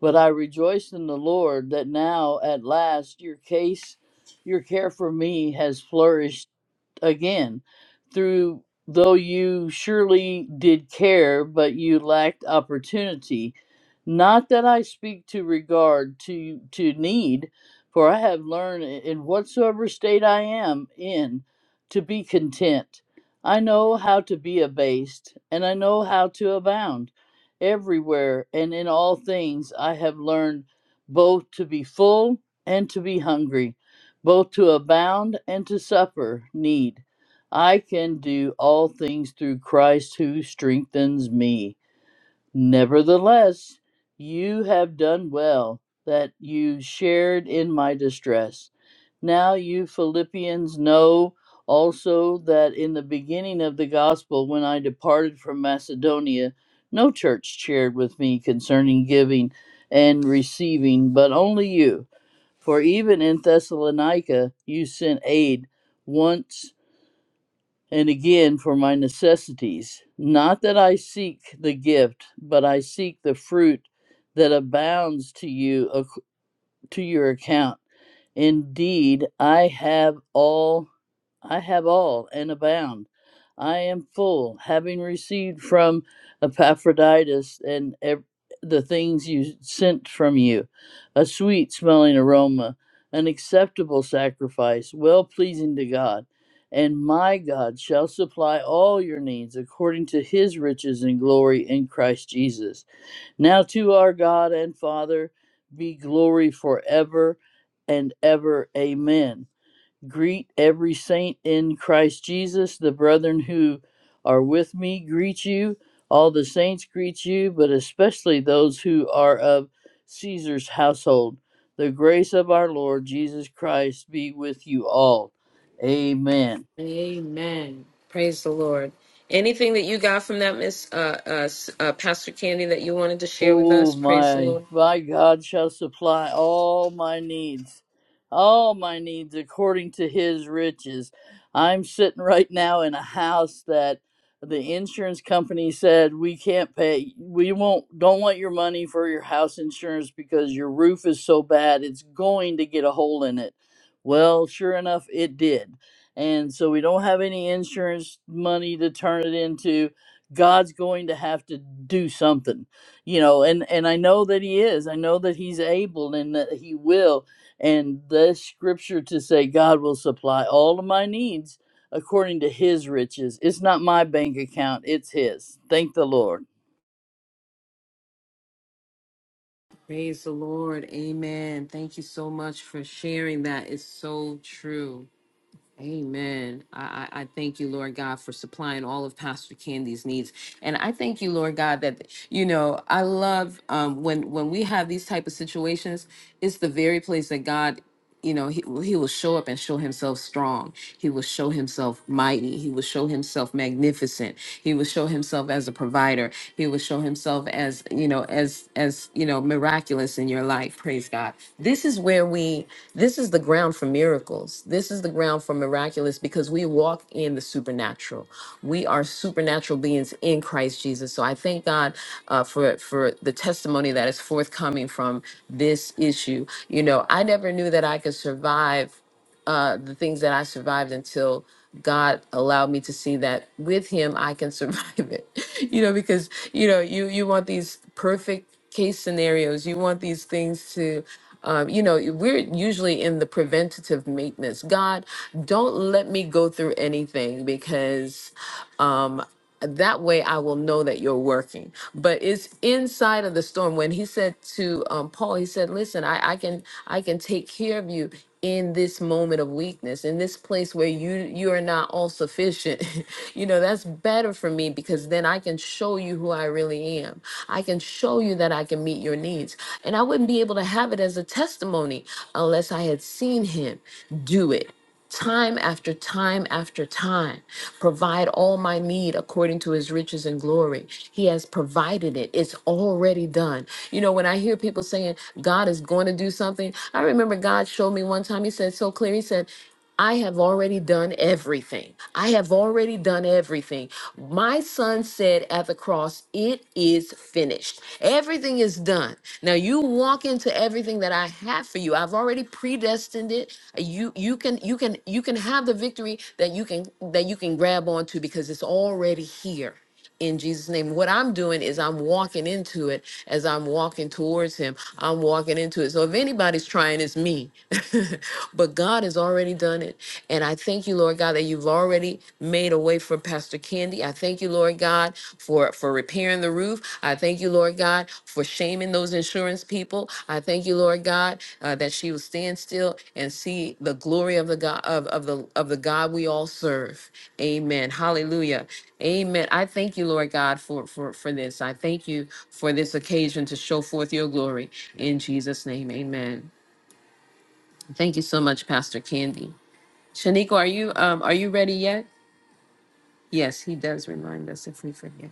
Speaker 5: but i rejoice in the lord that now at last your case your care for me has flourished again through though you surely did care but you lacked opportunity not that i speak to regard to to need for i have learned in whatsoever state i am in to be content i know how to be abased and i know how to abound everywhere and in all things i have learned both to be full and to be hungry both to abound and to suffer need. I can do all things through Christ who strengthens me. Nevertheless, you have done well that you shared in my distress. Now you Philippians know also that in the beginning of the gospel, when I departed from Macedonia, no church shared with me concerning giving and receiving, but only you. For even in Thessalonica you sent aid once and again for my necessities. Not that I seek the gift, but I seek the fruit that abounds to you ac- to your account. Indeed, I have all I have all and abound. I am full, having received from Epaphroditus and ev- the things you sent from you a sweet smelling aroma, an acceptable sacrifice, well pleasing to God. And my God shall supply all your needs according to his riches and glory in Christ Jesus. Now to our God and Father be glory forever and ever. Amen. Greet every saint in Christ Jesus. The brethren who are with me greet you. All the saints greet you, but especially those who are of Caesar's household. The grace of our Lord Jesus Christ be with you all. Amen.
Speaker 1: Amen. Praise the Lord. Anything that you got from that, Miss uh, uh, S- uh, Pastor Candy, that you wanted to share with
Speaker 5: Oh
Speaker 1: us? Praise the
Speaker 5: my,
Speaker 1: Lord.
Speaker 5: my God shall supply all my needs, all my needs according to his riches. I'm sitting right now in a house that the insurance company said we can't pay, we won't, don't want your money for your house insurance because your roof is so bad, it's going to get a hole in it. Well, sure enough, it did. And so we don't have any insurance money to turn it into. God's going to have to do something you know and and i know that he is i know that he's able and that he will and the scripture to say god will supply all of my needs according to his riches it's not my bank account it's his thank the lord
Speaker 1: Praise the Lord. Amen. Thank you so much for sharing that. It's so true. Amen. I, I I thank you, Lord God, for supplying all of Pastor Candy's needs. And I thank you, Lord God, that you know, I love um when when we have these type of situations, it's the very place that God you know he, he will show up and show himself strong he will show himself mighty he will show himself magnificent he will show himself as a provider he will show himself of as you know as as you know miraculous in your life praise god this is where we this is the ground for miracles this is the ground for miraculous because we walk in the supernatural we are supernatural beings in christ jesus so i thank god uh, for for the testimony that is forthcoming from this issue you know i never knew that i could survive uh, the things that I survived until God allowed me to see that with Him I can survive it. You know, because you know you you want these perfect case scenarios. You want these things to. Um, you know, we're usually in the preventative maintenance. God, don't let me go through anything because um, that way I will know that you're working. But it's inside of the storm. When he said to um, Paul, he said, "Listen, I, I can I can take care of you in this moment of weakness, in this place where you you are not all sufficient. you know that's better for me because then I can show you who I really am. I can show you that I can meet your needs, and I wouldn't be able to have it as a testimony unless I had seen him do it." time after time after time provide all my need according to his riches and glory he has provided it it's already done you know when i hear people saying god is going to do something i remember god showed me one time he said so clear he said I have already done everything. I have have already done everything. My son said at the cross, It is finished. Everything is done. Now you walk into everything that I have for you. I've already predestined it. You you can you can you can have the victory that you can that you can grab onto because it's already here in Jesus' name. What I'm doing is I'm walking into it as I'm walking towards Him. I'm walking into it. So if anybody's trying, it's me. but God has already done it. And I thank you, Lord God, that you've already made a way for Pastor Candy. I thank you, Lord God, for, for repairing the roof. I thank you, Lord God, for shaming those insurance people. I thank you, Lord God, uh, that she will stand still and see the glory of the God of, of the of the God we all serve. Amen. Hallelujah. Amen. I thank you, Lord God, for for for this. I thank you for this occasion to show forth your glory in Jesus' name. Amen. Thank you so much, Pastor Candy. Shaniqua, are you um are you ready yet? Yes, he does remind us if we forget.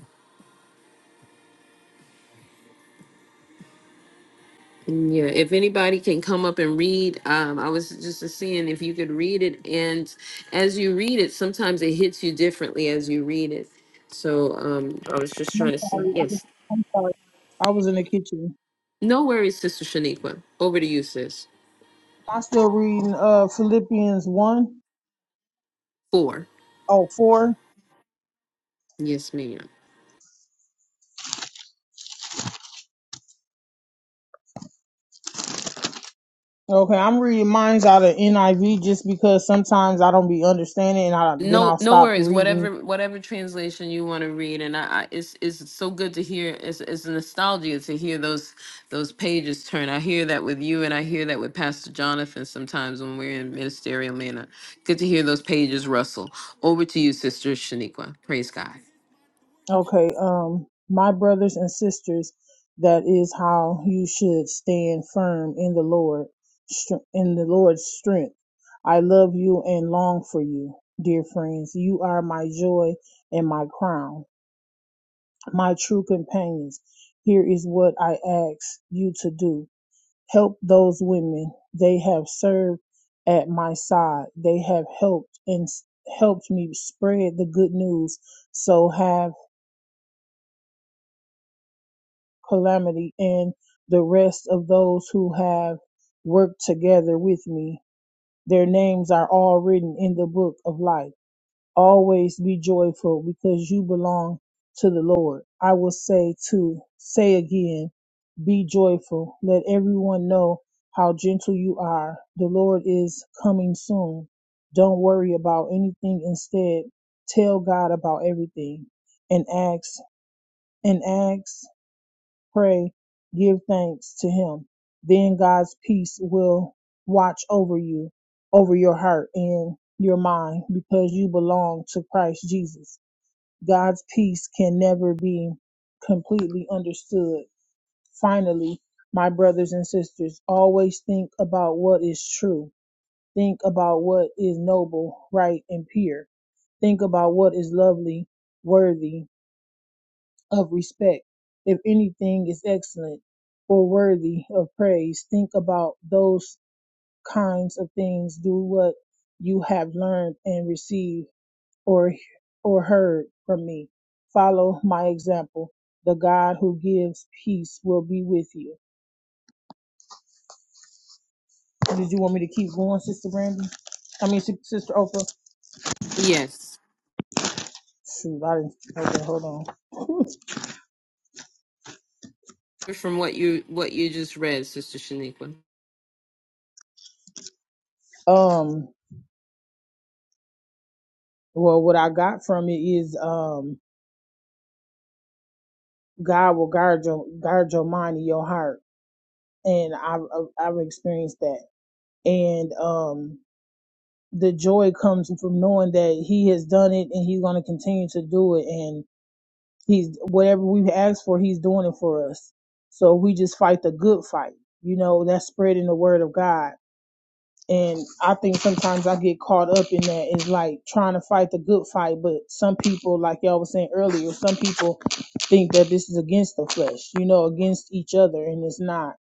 Speaker 1: Yeah, if anybody can come up and read, um, I was just seeing if you could read it, and as you read it, sometimes it hits you differently as you read it. So um, I was just
Speaker 3: I'm
Speaker 1: trying to see.
Speaker 3: sorry. I was-
Speaker 1: Yes,
Speaker 3: I'm sorry. I was in the kitchen.
Speaker 1: no worries, Sister Shaniqua. Over to you, sis.
Speaker 3: I still reading uh Philippians one.
Speaker 1: Four.
Speaker 3: Oh, four.
Speaker 1: Yes, ma'am.
Speaker 3: Okay, I'm reading mine's out of NIV just because sometimes I don't be understanding and I then
Speaker 1: No,
Speaker 3: I'll
Speaker 1: no
Speaker 3: stop
Speaker 1: worries.
Speaker 3: reading.
Speaker 1: Whatever, whatever translation you want to read, and I, I it's it's so good to hear. It's it's a nostalgia to hear those those pages turn. I hear that with you, and I hear that with Pastor Jonathan sometimes when we're in ministerial manner. Good to hear those pages rustle. Over to you, Sister Shaniqua. Praise God.
Speaker 3: Okay, um my brothers and sisters, that is how you should stand firm in the Lord str- in the Lord's strength. I love you and long for you, dear friends. You are my joy and my crown. my true companions, here is what I ask you to do. Help those women. They have served at my side. They have helped and s- helped me spread the good news. So have Calamity and the rest of those who have worked together with me. Their names are all written in the book of life. Always be joyful because you belong to the Lord. I will say to say again, be joyful. Let everyone know how gentle you are. The Lord is coming soon. Don't worry about anything. Instead, tell God about everything and ask and ask pray, give thanks to him. Then God's peace will watch over you, over your heart and your mind because you belong to Christ Jesus. God's peace can never be completely understood. Finally, my brothers and sisters, always think about what is true. Think about what is noble, right, and pure. Think about what is lovely, worthy, of respect. If anything is excellent or worthy of praise, think about those kinds of things. Do what you have learned and received or or heard from me. Follow my example. The God who gives peace will be with you. Did you want me to keep going, Sister Brandy? I mean, Sis- Sister Oprah.
Speaker 1: Yes,
Speaker 3: Shoot, I didn't. Okay, hold on.
Speaker 1: from what you what you just read, Sister Shaniqua.
Speaker 3: Um. Well, what I got from it is, um, God will guard your guard your mind and your heart, and I've I've I've experienced that. And um, the joy comes from knowing that He has done it, and He's going to continue to do it. And He's whatever we've asked for, He's doing it for us. So we just fight the good fight, you know. That's spreading the word of God and I think sometimes I get caught up in that. It's like trying to fight the good fight, but some people, like y'all was saying earlier, some people think that this is against the flesh, you know, against each other, and it's not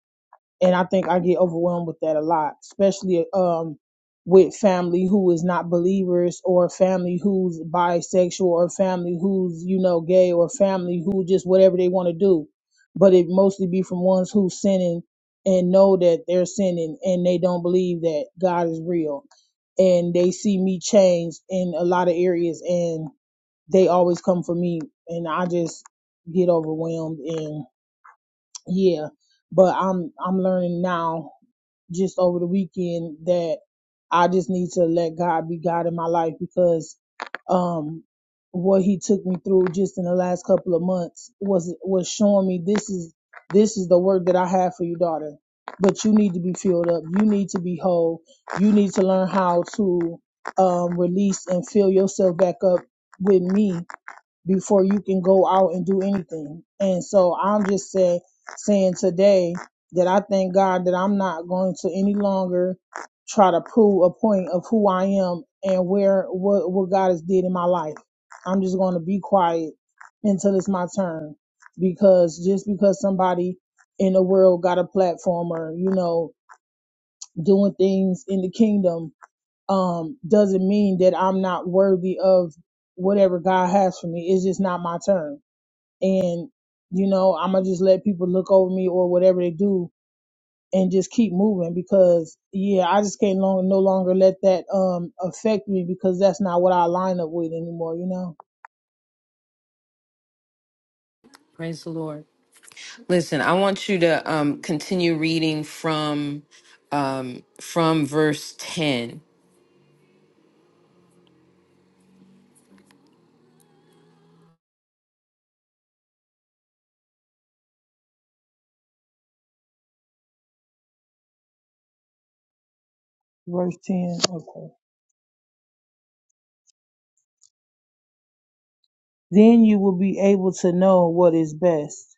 Speaker 3: and I think I get overwhelmed with that a lot, especially um with family who is not believers or family who's bisexual or family who's you know gay or family who just whatever they want to do, but it mostly be from ones who sinning and know that they're sinning and they don't believe that God is real and they see me changed in a lot of areas and they always come for me and I just get overwhelmed and yeah but I'm I'm learning now just over the weekend that I just need to let God be God in my life because um what he took me through just in the last couple of months was was showing me this is this is the word that I have for you, daughter. But you need to be filled up. You need to be whole. You need to learn how to um, release and fill yourself back up with me before you can go out and do anything. And so I'm just say, saying today that I thank God that I'm not going to any longer try to prove a point of who I am and where what what God has did in my life. I'm just going to be quiet until it's my turn because just because somebody in the world got a platform or you know doing things in the kingdom um doesn't mean that I'm not worthy of whatever God has for me. It's just not my turn and you know i'm gonna just let people look over me or whatever they do and just keep moving because yeah i just can't long, no longer let that um affect me because that's not what i line up with anymore you know
Speaker 1: Praise the Lord. Listen, I want you to um continue reading from um from verse ten.
Speaker 3: verse 10 okay then you will be able to know what is best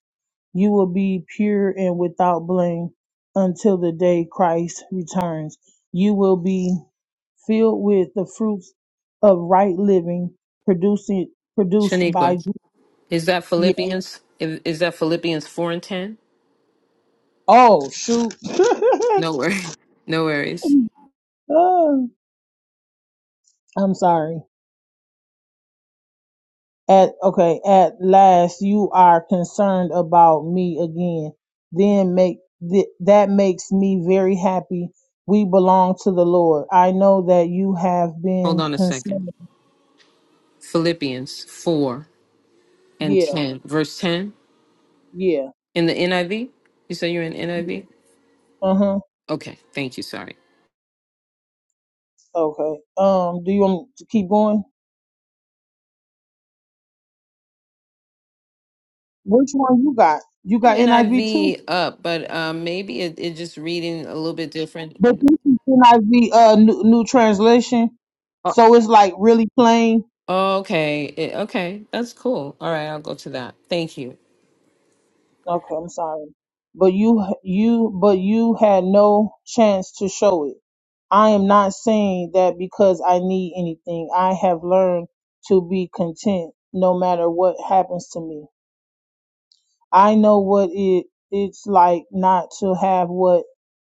Speaker 3: you will be pure and without blame until the day christ returns you will be filled with the fruits of right living producing produced by
Speaker 1: Shaniqua. Is that Philippians? Is is that Philippians 4 and 10?
Speaker 3: Oh shoot.
Speaker 1: No worries. No worries.
Speaker 3: Oh, I'm sorry. At okay, at last you are concerned about me again. Then make th- that makes me very happy. We belong to the Lord. I know that you have
Speaker 1: Hold
Speaker 3: been
Speaker 1: on a second.
Speaker 3: concerned.
Speaker 1: Philippians 4 and
Speaker 3: Yeah,
Speaker 1: 10. Verse 10
Speaker 3: yeah.
Speaker 1: in the NIV? You say you're in NIV?
Speaker 3: Uh-huh.
Speaker 1: Okay. Thank you. Sorry.
Speaker 3: Okay. Um, do you want me to keep going? Which one you got? You
Speaker 1: I have
Speaker 3: got NIV too?
Speaker 1: NIV up, but um, maybe it, it just reading a little bit different.
Speaker 3: But this is NIV uh new, new translation.
Speaker 1: Oh,
Speaker 3: So it's like really plain.
Speaker 1: okay. It- okay. That's cool. All right. I'll go to that. Thank you.
Speaker 3: Okay, I'm sorry. But you you but you had no chance to show it. I am not saying that because I need anything. I have learned to be content no matter what happens to me. I know what it it's like not to have what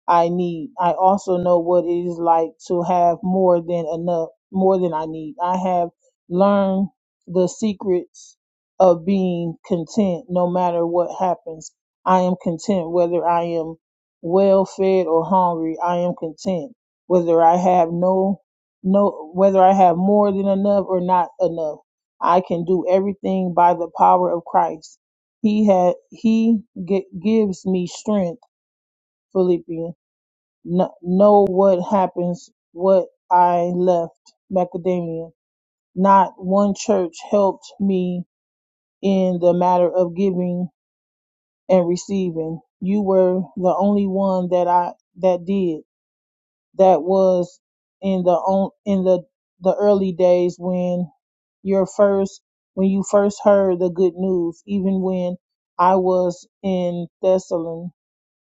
Speaker 3: I need. I also know what it is like to have more than enough, more than I need. I have learned the secrets of being content no matter what happens. I am content whether I am well fed or hungry. I am content whether I have no no whether I have more than enough or not enough. I can do everything by the power of Christ. He had he gi- gives me strength, Philippian. No, know what happens, what I left, Macadamia. Not one church helped me in the matter of giving and receiving. You were the only one that I that did. That was in the on in the the early days when your first when you first heard the good news, even when I was in Thessalon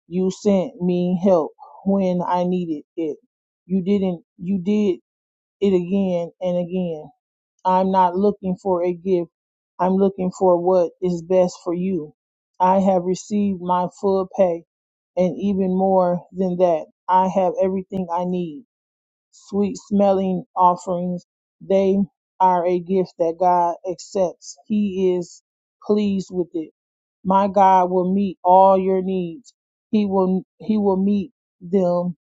Speaker 3: You sent me help when I needed it. You didn't, you did it again and again. I'm not looking for a gift. I'm looking for what is best for you. I have received my full pay and even more than that. I have everything I need sweet smelling offerings. They are a gift that God accepts. He is pleased with it. My God will meet all your needs. He will he will meet them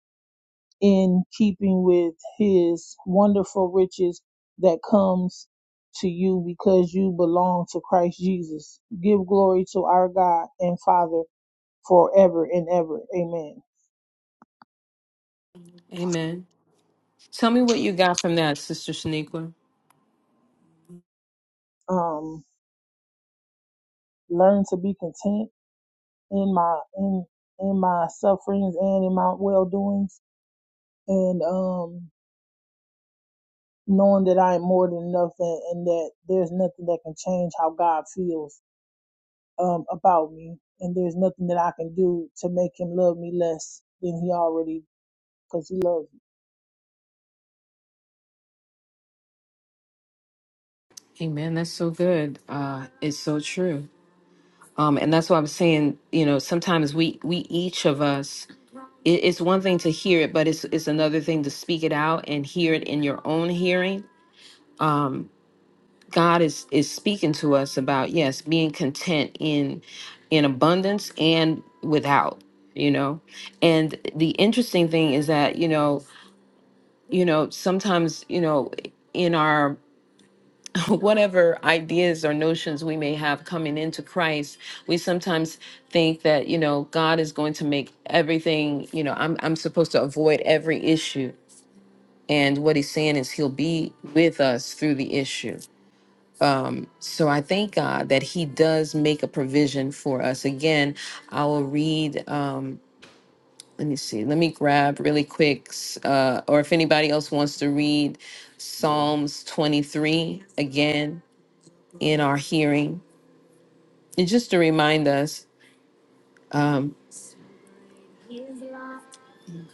Speaker 3: in keeping with his wonderful riches that comes to you because you belong to Christ Jesus. Give glory to our God and Father forever and ever. Amen.
Speaker 1: Amen. Tell me what you got from that, Sister Shaniqua.
Speaker 3: Um learn to be content in my in in my sufferings and in my well doings and um knowing that I am more than enough and, and that there's nothing that can change how God feels um about me and there's nothing that I can do to make him love me less than he already because he loves me.
Speaker 1: Amen. That's so good. Uh, it's so true. Um, and that's why I'm saying, you know, sometimes we we each of us, it, it's one thing to hear it, but it's it's another thing to speak it out and hear it in your own hearing. God is is speaking to us about yes, being content in in abundance and without, you know. And the interesting thing is that you know, you know, sometimes you know, in our whatever ideas or notions we may have coming into Christ, we sometimes think that, you know, God is going to make everything, you know, I'm I'm supposed to avoid every issue. And what he's saying is he'll be with us through the issue. So I thank God that he does make a provision for us. Again, I will read um let me see. Let me grab really quick, s- uh, or if anybody else wants to read Psalms 23 again in our hearing. And just to remind us, um,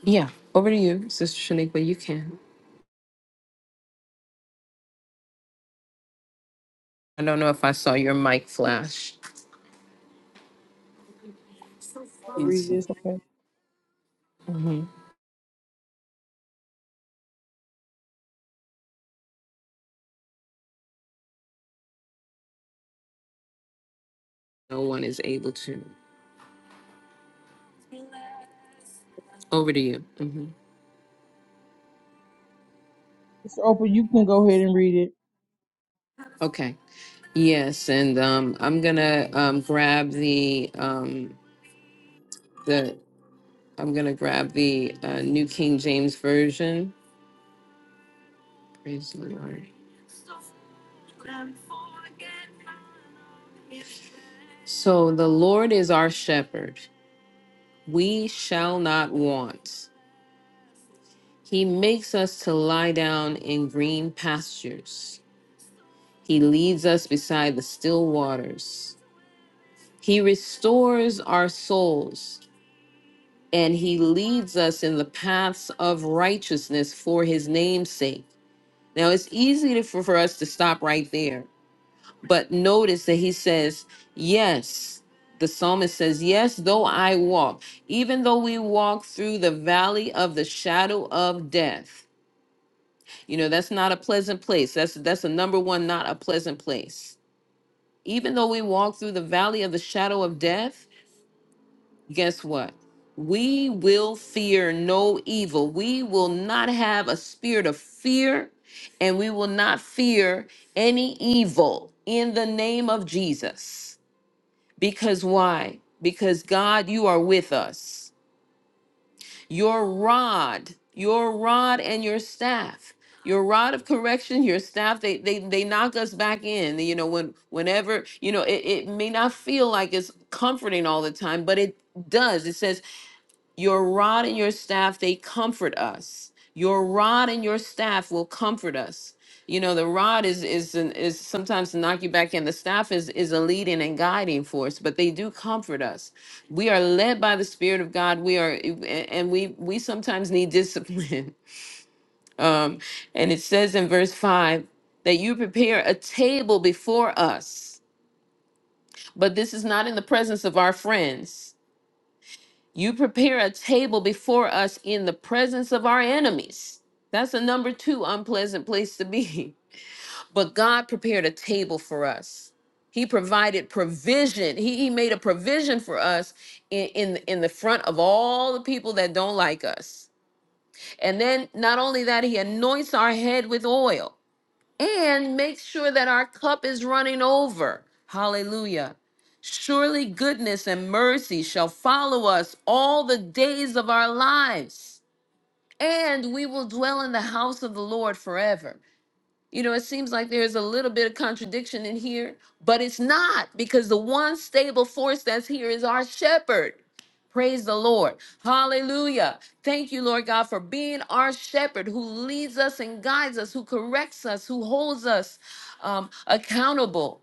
Speaker 1: yeah, over to you, Sister Shaniqua. You can. I don't know if I saw your mic flash.
Speaker 3: Wanna Read
Speaker 1: hmm
Speaker 3: this, okay.
Speaker 1: No one is able to. Over to you. hmm
Speaker 3: Mr. Oprah, you can go ahead and read it.
Speaker 1: Okay. Yes, and um, I'm gonna um, grab the um, the I'm gonna grab the uh, New King James version. Praise the Lord. So the Lord is our shepherd; we shall not want. He makes us to lie down in green pastures. He leads us beside the still waters. He restores our souls, and he leads us in the paths of righteousness for his name's sake. Now, it's easy to- for, for us to stop right there, but notice that he says, Yes, the psalmist says, Yes, though I walk, even though we walk through the valley of the shadow of death. You know, that's not a pleasant place. That's that's a number one, not a pleasant place. Even though we walk through the valley of the shadow of death, guess what? We will fear no evil. We will not have a spirit of fear, and we will not fear any evil in the name of Jesus. Because why? Because God, you are with us. Your rod, your rod and your staff, your rod of correction, your staff, they they they knock us back in. You know, when whenever, you know, it, it may not feel like it's comforting all the time, but it does. It says your rod and your staff, they comfort us. Your rod and your staff will comfort us. You know, the rod is is an, is sometimes to knock you back in. The staff is is a leading and guiding force, but they do comfort us. We are led by the Spirit of God. We are, and we we sometimes need discipline. Um, and it says in verse five that you prepare a table before us, but this is not in the presence of our friends. You prepare a table before us in the presence of our enemies. That's a number two unpleasant place to be. But God prepared a table for us. He provided provision. He, he made a provision for us in, in, in the front of all the people that don't like us. And then not only that, he anoints our head with oil and make sure that our cup is running over. Hallelujah. Surely goodness and mercy shall follow us all the days of our lives, and we will dwell in the house of the Lord forever. You know, it seems like there's a little bit of contradiction in here, but it's not because the one stable force that's here is our shepherd. Praise the Lord. Hallelujah. Thank you, Lord God, for being our shepherd who leads us and guides us, who corrects us, who holds us um, accountable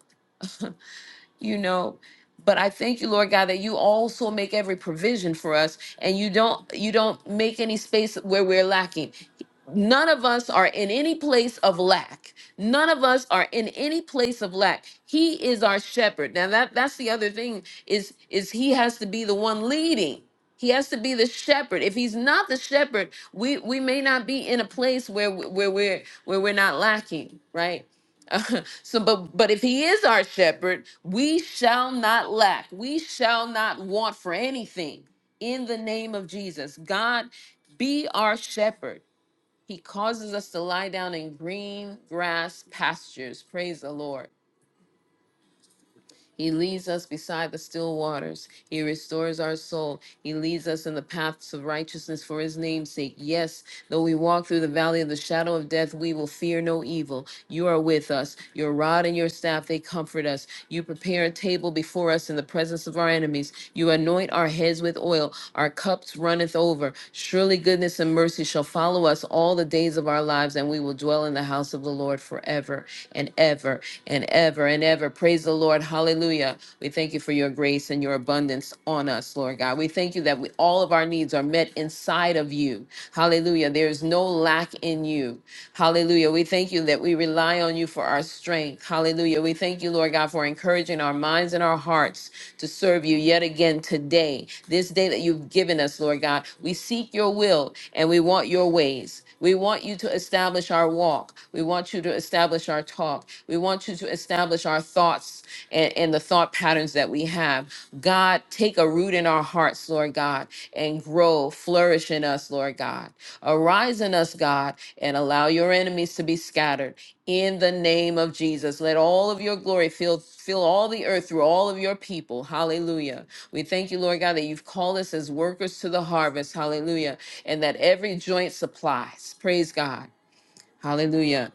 Speaker 1: you know but i thank you lord god that you also make every provision for us and you don't you don't make any space where we're lacking none of us are in any place of lack none of us are in any place of lack he is our shepherd now that that's the other thing is is he has to be the one leading he has to be the shepherd if he's not the shepherd we we may not be in a place where we- where we're where we're not lacking right so but but if he is our shepherd we shall not lack we shall not want for anything in the name of jesus god be our shepherd he causes us to lie down in green grass pastures praise the lord he leads us beside the still waters. He restores our soul. He leads us in the paths of righteousness for his name's sake. Yes, though we walk through the valley of the shadow of death, we will fear no evil. You are with us. Your rod and your staff, they comfort us. You prepare a table before us in the presence of our enemies. You anoint our heads with oil. Our cups runneth over. Surely goodness and mercy shall shall follow us all the days of our lives, and we will dwell in the house of the Lord forever and ever and ever and ever. Praise the Lord. Hallelujah. We thank you for your grace and your abundance on us, Lord God. We thank you that we, all of our needs are met inside of you. Hallelujah. There is no lack in you. Hallelujah. We thank you that we rely on you for our strength. Hallelujah. We thank you, Lord God, for encouraging encouraging our minds and our hearts to serve you yet again today, this day that you've given us, Lord God. We seek your will and we want your ways. We want you to establish our walk. We want you to establish our talk. We want you to establish our thoughts and, and the thought patterns that we have. God, take a root in our hearts, Lord God, and grow, flourish in us, Lord God. Arise in us, God, and allow your enemies to be scattered in the name of Jesus. Let all of your glory fill fill all the earth through all of your people. Hallelujah. We thank you, Lord God, that you've called us as workers to the harvest. Hallelujah. And that every joint supplies. Praise God. Hallelujah.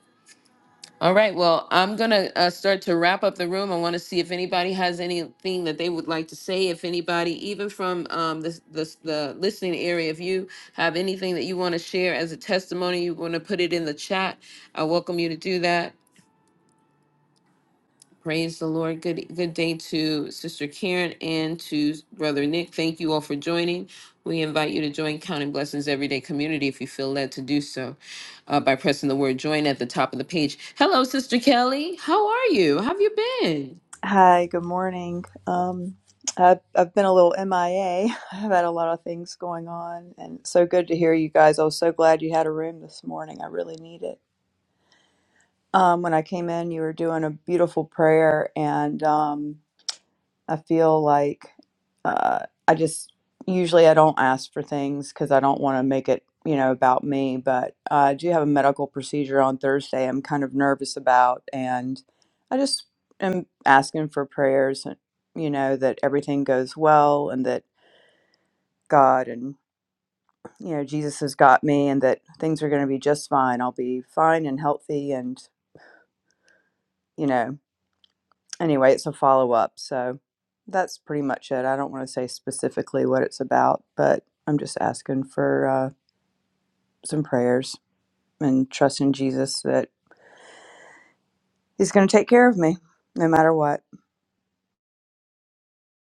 Speaker 1: All right, well, I'm going to uh, start to wrap up the room. I want to see if anybody has anything that they would like to say. If anybody, even from um, the, the, the listening area, if you have anything that you want to share as a testimony, you want to put it in the chat, I welcome you to do that. Praise the Lord. Good good day to Sister Karen and to Brother Nick. Thank you all for joining. We invite you to join Counting Blessings Everyday Community if you feel led to do so uh, by pressing the word join at the top of the page. Hello, Sister Kelly. How are you? How have you been?
Speaker 6: Hi, good morning. Um, I've, I've been a little MIA. I've had a lot of things going on, and so good to hear you guys. I was so glad you had a room this morning. I really need it. Um, when I came in, you were doing a beautiful prayer, and um, I feel like uh, I just usually I don't ask for things because I don't want to make it you know about me. But uh, I do have a medical procedure on Thursday. I'm kind of nervous about, and I just am asking for prayers. and You know that everything goes well, and that God and you know Jesus has got me, and that things are going to be just fine. I'll be fine and healthy, and you know. anyway, it's a follow up. So that's pretty much it. I don't want to say specifically what it's about, but I'm just asking for uh, some prayers and trusting Jesus that He's going to take care of me no matter what.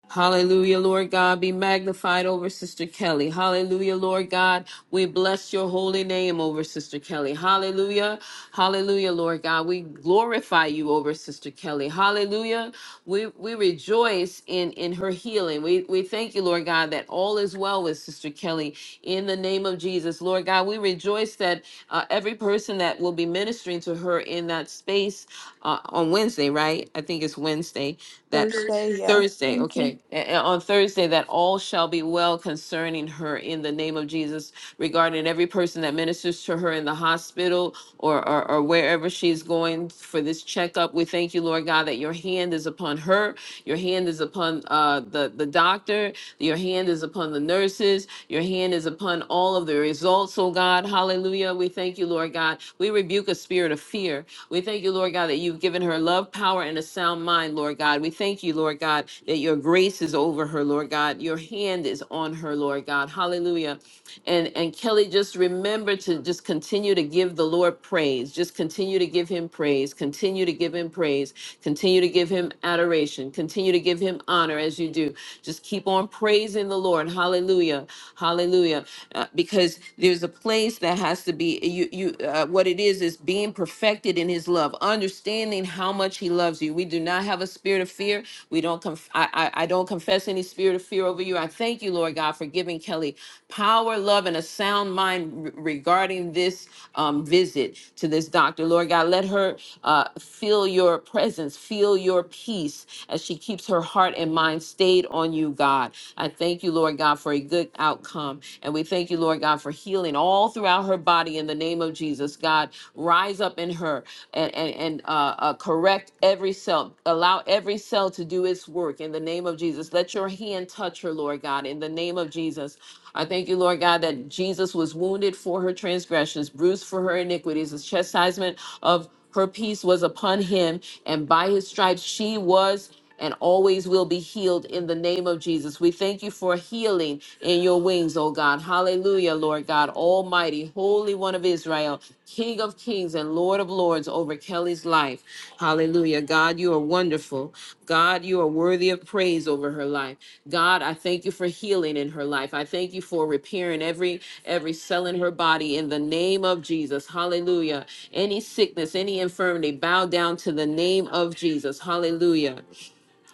Speaker 1: Hallelujah, Lord God, be magnified over Sister Kelly. Hallelujah, Lord God, we bless your holy name over Sister Kelly. Hallelujah, hallelujah, Lord God, we glorify you over Sister Kelly. Hallelujah, we we rejoice in in her healing. We we thank you, Lord God, that all is well with Sister Kelly. In the name of Jesus, Lord God, we rejoice that uh, every person that will be ministering to her in that space uh, on Wednesday, right? I think it's Wednesday that.
Speaker 6: Thursday, yeah.
Speaker 1: Thursday,
Speaker 6: Thank you.
Speaker 1: okay. A- a- on Thursday, that all shall be well concerning her in the name of Jesus, regarding every person that ministers to her in the hospital or, or, or wherever she's going for this checkup. We thank you, Lord God, that your hand is upon her your hand is upon uh, the, the doctor. Your hand is upon the nurses. Your hand is upon all of the results, oh God. Hallelujah. We thank you, Lord God. We rebuke a spirit of fear. We thank you, Lord God, that you've given her love, power, and a sound mind, Lord God. We thank you, Lord God, that your grace is over her, Lord God. Your hand is on her, Lord God. Hallelujah and and kelly just remember to just continue to give the lord praise just continue to give him praise continue to give him praise continue to give him adoration continue to give him honor as you do just keep on praising the lord hallelujah hallelujah Uh, because there's a place that has to be you you uh, what it is is being perfected in his love understanding how much he loves you we do not have a spirit of fear we don't conf- I, I I don't confess any spirit of fear over you over you. I thank you, Lord God, for giving Kelly power, love, and a sound mind re- regarding this um, visit to this doctor. Lord God, let her uh, feel your presence, feel your peace as she keeps her heart and mind stayed on you, God. I thank you, Lord God, for a good outcome. And we thank you, Lord God, for healing all throughout her body in the name of Jesus. God, rise up in her and, and, and uh, uh, correct every cell, allow every cell to to do its work in the name of Jesus. Let your hand touch her, Lord God, in the name of Jesus. I thank you, Lord God, that Jesus was wounded for her transgressions, bruised for her iniquities. The chastisement of her peace was upon him, and by his stripes she was and always will be healed in the name of Jesus. We thank you for healing in your wings, oh God. Hallelujah, Lord God, Almighty, Holy One of Israel, King of Kings and Lord of Lords over Kelly's life. Hallelujah. God, you are wonderful. God, you are worthy of praise over her life. God, I thank you for healing in her life. I thank you for repairing every every cell in her body in the name of Jesus. Hallelujah. Any sickness, any infirmity, bow down to the name of Jesus. Hallelujah.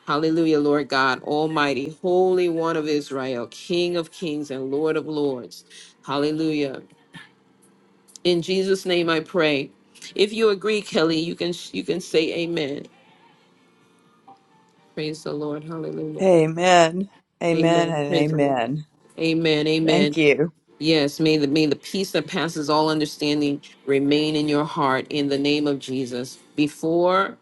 Speaker 1: Hallelujah, Lord God, Almighty, Holy One of Israel, King of Kings and Lord of Lords. Hallelujah. In Jesus' name I pray. If you agree, Kelly, you can you can say amen. Praise the Lord. Hallelujah.
Speaker 6: Amen. Amen
Speaker 1: Amen.
Speaker 6: and
Speaker 1: Praise the Lord.
Speaker 6: amen.
Speaker 1: Amen.
Speaker 6: Thank
Speaker 1: Amen.
Speaker 6: you.
Speaker 1: Yes, may the may the peace that passes all understanding remain in your heart in the name of Jesus. Before,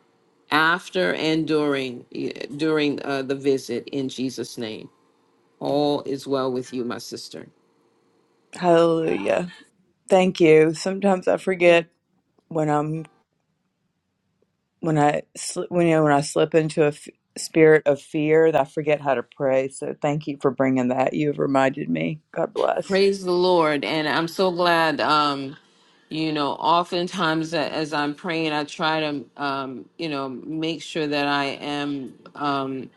Speaker 1: after, and during eh, during uh, the visit in Jesus' name. All is well with you, my sister.
Speaker 6: Hallelujah. Thank you. Sometimes I forget when I'm when I sl- when you know when I slip into a f- spirit of fear, that I forget how to pray. So thank you for bringing that. You've reminded me. God bless.
Speaker 1: Praise the Lord. And I'm so glad, um, you know, oftentimes a- as I'm praying, I try to, um, you know, make sure that I am um,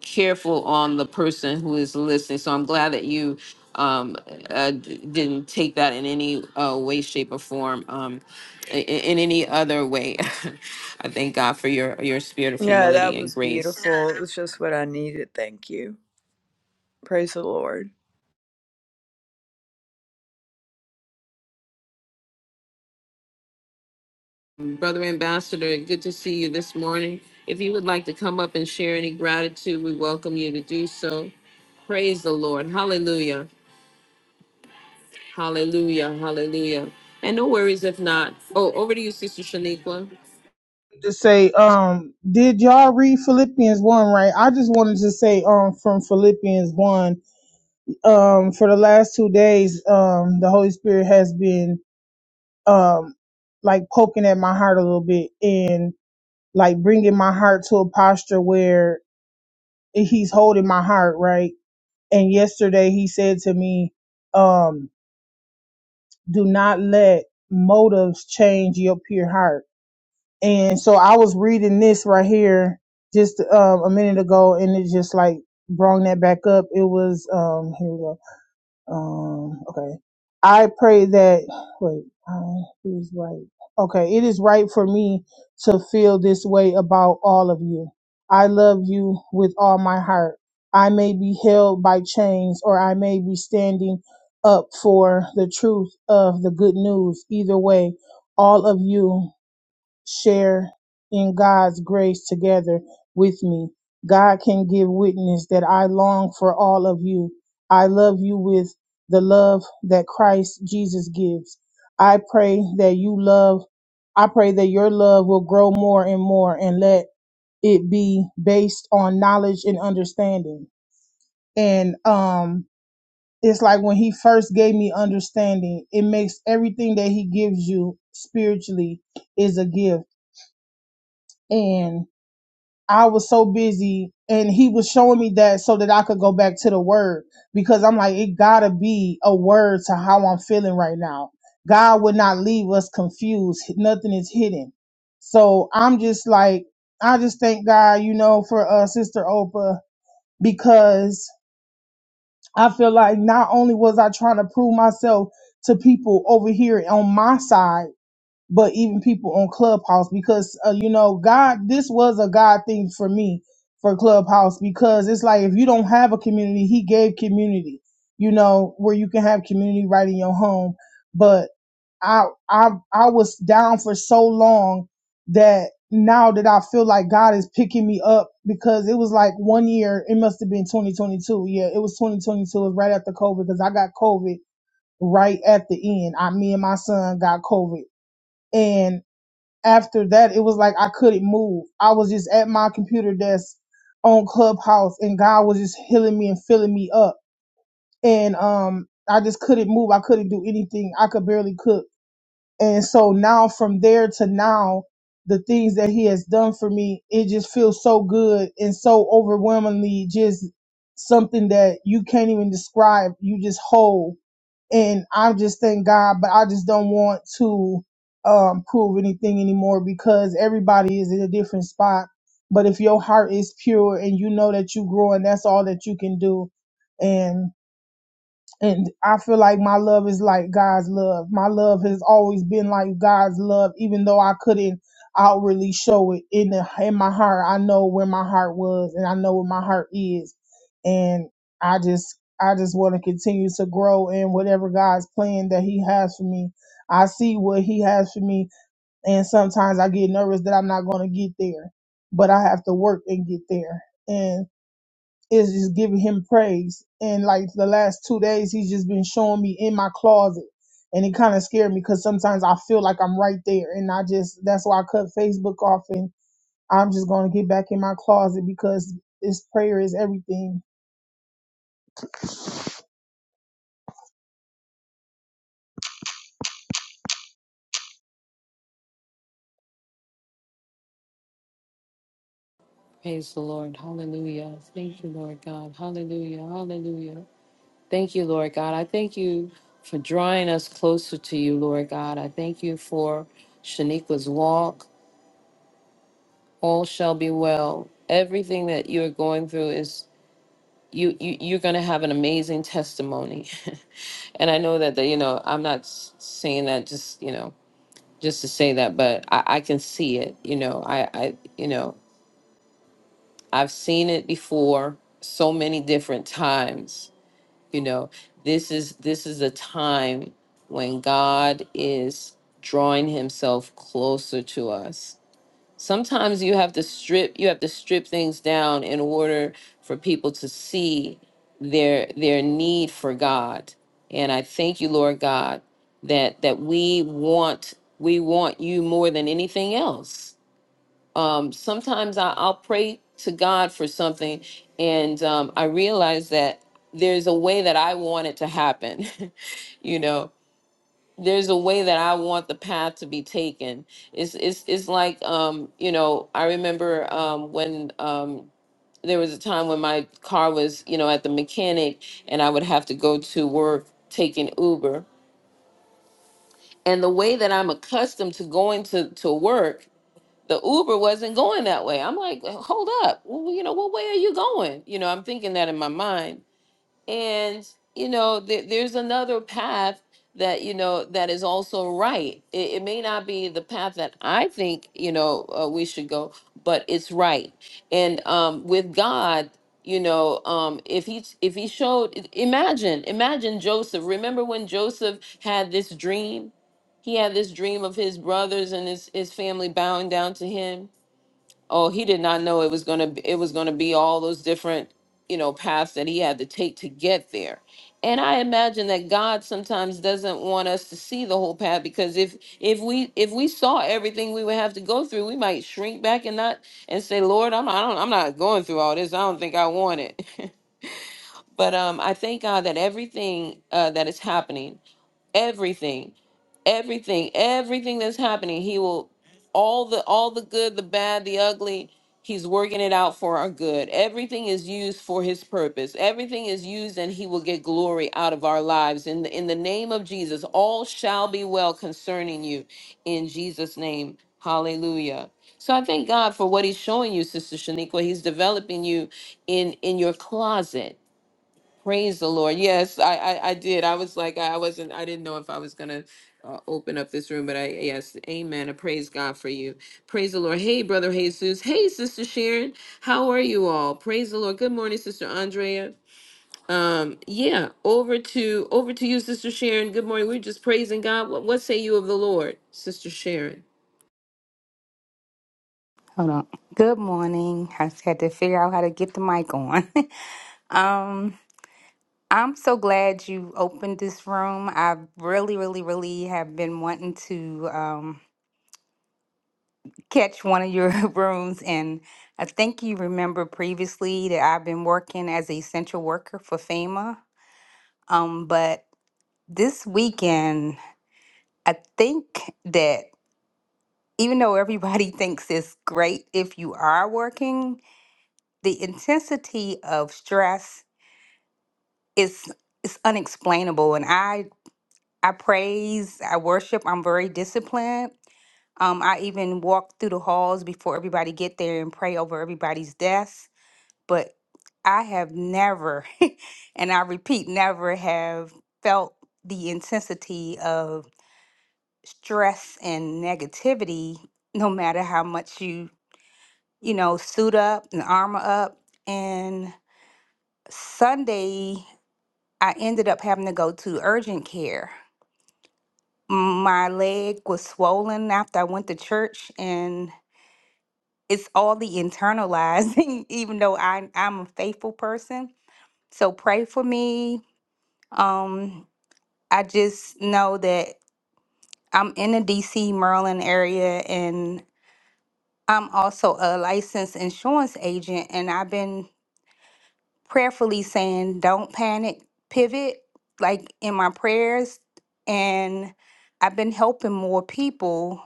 Speaker 1: careful on the person who is listening. So I'm glad that you um, uh, d- didn't take that in any uh, way, shape, or form, um, in, in any other way. I thank God for your, your spirit of
Speaker 6: Yeah,
Speaker 1: humility
Speaker 6: that
Speaker 1: and
Speaker 6: was
Speaker 1: grace.
Speaker 6: beautiful. It was just what I needed. Thank you. Praise the Lord.
Speaker 1: Brother Ambassador, good to see you this morning. If you would like to come up and share any gratitude, we welcome you to do so. Praise the Lord. Hallelujah. Hallelujah. Hallelujah. And no worries if not. Oh, over to you, Sister Shaniqua.
Speaker 3: To say, um, did y'all read Philippians one right? I just wanted to say, um, from Philippians one um for the last two days um the holy spirit has been um like poking at my heart a little bit and like bringing my heart to a posture where he's holding my heart right and yesterday he said to me um do not let motives change your pure heart and so i was reading this right here just um a minute ago and it just like brought that back up it was um here we go Um, okay. I pray that, wait, I, it is right. Okay. It is right for me to feel this way about all of you. I love you with all my heart. I may be held by chains or I may be standing up for the truth of the good news. Either way, all of you share in God's grace together with me. God can give witness that I long for all of you. I love you with the love that Christ Jesus gives. I pray that you love, I pray that your love will grow more and more and let it be based on knowledge and understanding. And, um, it's like when he first gave me understanding, it makes everything that he gives you spiritually is a gift. And I was so busy and he was showing me that so that I could go back to the word because I'm like, it gotta be a word to how I'm feeling right now. God would not leave us confused. Nothing is hidden. So I'm just like, I just thank God, you know, for uh, Sister Oprah because I feel like not only was I trying to prove myself to people over here on my side, but even people on Clubhouse because uh, you know God, this was a God thing for me for Clubhouse because it's like if you don't have a community, He gave community, you know, where you can have community right in your home. But I I I was down for so long that now that I feel like God is picking me up because it was like one year, it must have been 2022. Yeah, it was 2022, it was right after COVID because I got COVID right at the end. I me and my son got COVID. and after that, it was like I couldn't move. I was just at my computer desk on Clubhouse, and God was just healing me and filling me up. And um, I just couldn't move. I couldn't do anything. I could barely cook. And so now, from there to now, the things that He has done for me, it just feels so good and so overwhelmingly just something that you can't even describe. You just whole and I just thank God, but I just don't want to um, prove anything anymore because everybody is in a different spot. But if your heart is pure and you know that you grow and that's all that you can do. And and I feel like my love is like God's love. My love has always been like God's love, even though I couldn't outwardly show it in the, in my heart. I know where my heart was, and I know where my heart is, and I just I just want to continue to grow in whatever God's plan that He has for me. I see what He has for me, and sometimes I get nervous that I'm not going to get there, but I have to work and get there, And is just giving him praise. And like the last two days, he's just been showing me in my closet. And it kind of scared me because sometimes I feel like I'm right there. And I just, that's why I cut Facebook off and I'm just going to get back in my closet because this prayer is everything.
Speaker 1: Praise the Lord. Hallelujah. Thank you, Lord God. Hallelujah. Hallelujah. Thank you, Lord God. I thank you for drawing us closer to you, Lord God. I thank you for Shaniqua's walk. All shall be well. Everything that you're going through is you, you you're going to have an amazing testimony and i know that the, you know i'm not s- saying that just you know just to say that but i, I can see it you know I, I you know i've seen it before so many different times you know this is this is a time when god is drawing himself closer to us sometimes you have to strip you have to strip things down in order for people to see their their need for god and i thank you lord god that that we want we want you more than anything else um sometimes I, i'll pray to god for something and um i realize that there's a way that i want it to happen you know there's a way that I want the path to be taken. It's it's it's like um, you know, I remember um when um there was a time when my car was, you know, at the mechanic and I would have to go to work taking Uber. And the way that I'm accustomed to going to, to work, the Uber wasn't going that way. I'm like, hold up. Well, you know, what way are you going? You know, I'm thinking that in my mind and you know there there's another path that you know that is also right it, it may not be the path that i think you know uh, we should go but it's right and um with god you know um if he if he showed i- imagine imagine joseph remember when joseph had this dream he had this dream of his brothers and his his family bowing down to him oh he did not know it was going to it was going to be all those different you know paths that he had to take to get there and i imagine that god sometimes doesn't want us to see the whole path because if if we if we saw everything we would have to go through we might shrink back and not and say lord i'm I don't, i'm not going through all this i don't think i want it but um i thank god that everything uh, that is happening everything everything everything that's happening he will all the all the good the bad the ugly he's working it out for our good everything is used for his purpose everything is used and he will get glory out of our lives in the, in the name of jesus all shall be well concerning you in jesus name hallelujah so i thank god for what he's showing you sister shaniqua he's developing you in in your closet Praise the Lord. Yes, I, I I did. I was like I wasn't I didn't know if I was going to uh, open up this room, but I yes, amen. I praise God for you. Praise the Lord. Hey brother Jesus. Hey sister Sharon. How are you all? Praise the Lord. Good morning sister Andrea. Um yeah, over to over to you sister Sharon. Good morning. We're just praising God. What what say you of the Lord, sister Sharon?
Speaker 7: Hold on. Good morning. I just had to figure out how to get the mic on. um, I'm so glad you opened this room. I really, really, really have been wanting to um, catch one of your rooms. And I think you remember previously that I've been working as a essential worker for FEMA. Um, but this weekend, I think that even though everybody thinks it's great if you are working, the intensity of stress it's it's unexplainable and i i praise i worship i'm very disciplined um i even walk through the halls before everybody get there and pray over everybody's deaths but i have never and i repeat never have felt the intensity of stress and negativity no matter how much you you know suit up and armor up and sunday i ended up having to go to urgent care my leg was swollen after I went to church and it's all the internalizing even though I I'm a faithful person. So pray for me. Um I just know that I'm in the DC Maryland area and I'm also a licensed insurance agent and I've been prayerfully saying don't panic, pivot like in my prayers and I've been helping more people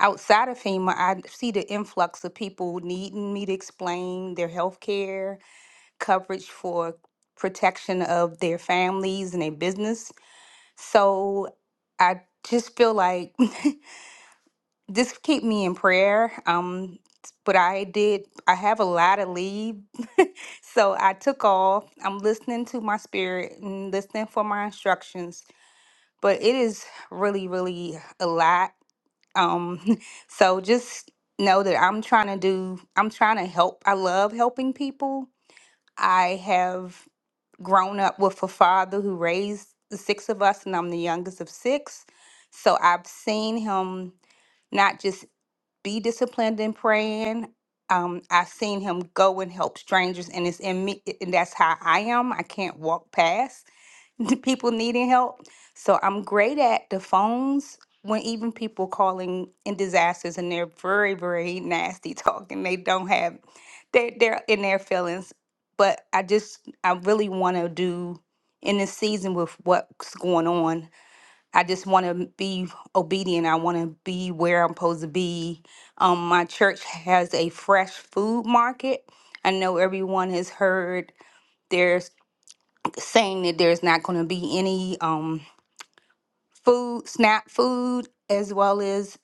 Speaker 7: outside of FEMA, I see the influx of people needing me to explain their health care coverage for protection of their families and their business. So I just feel like just keep me in prayer. Um, but I did, I have a lot of leave. so I took off. I'm listening to my spirit and listening for my instructions. But it is really, really a lot. Um, so just know that I'm trying to do, I'm trying to help. I love helping people. I have grown up with a father who raised the six of us, and I'm the youngest of six. So I've seen him not just be disciplined in praying. Um, I've seen him go and help strangers, and it's in me, and that's how I am. I can't walk past. people needing help. So I'm great at the phones when even people calling in disasters and they're very, very nasty talking. They don't have they they're in their feelings. But I just I really wanna do in this season with what's going on. I just wanna be obedient. I wanna be where I'm supposed to be. Um my church has a fresh food market. I know everyone has heard there's saying that there's not going to be any um, food, SNAP food, as well as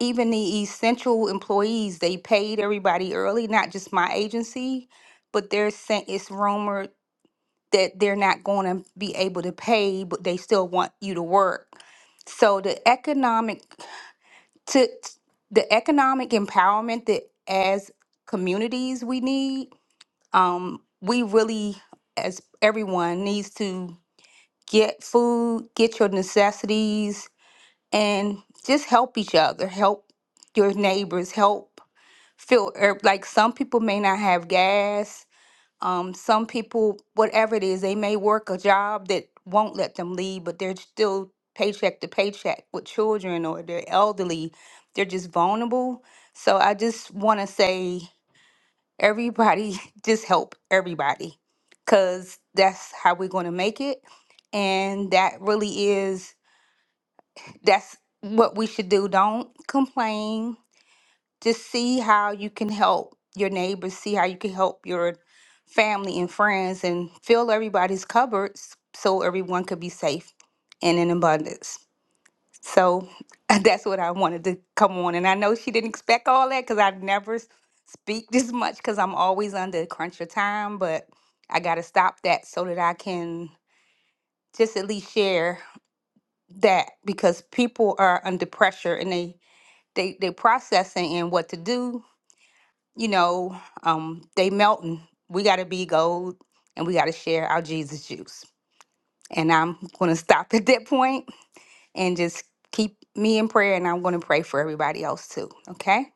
Speaker 7: even the essential employees. They paid everybody early, not just my agency, but they're saying it's rumored that they're not going to be able to pay, but they still want you to work. So the economic to the economic empowerment that as communities we need, um, we really as everyone needs to get food, get your necessities, and just help each other, help your neighbors, help fill. er, Like some people may not have gas. Um, some people, whatever it is, they may work a job that won't let them leave, but they're still paycheck to paycheck with children or they're elderly. They're just vulnerable. So I just want to say. Everybody, just help everybody because that's how we're going to make it. And that really is, that's what we should do. Don't complain. Just see how you can help your neighbors, see how you can help your family and friends, and fill everybody's cupboards so everyone could be safe and in abundance. So that's what I wanted to come on. And I know she didn't expect all that because I never s- speak this much because I'm always under crunch of time. But I got to stop that so that I can just at least share that because people are under pressure and they they they processing and what to do. You know, um, they melting. We got to be gold and we got to share our Jesus juice. And I'm going to stop at that point and just keep me in prayer. And I'm going to pray for everybody else too. Okay.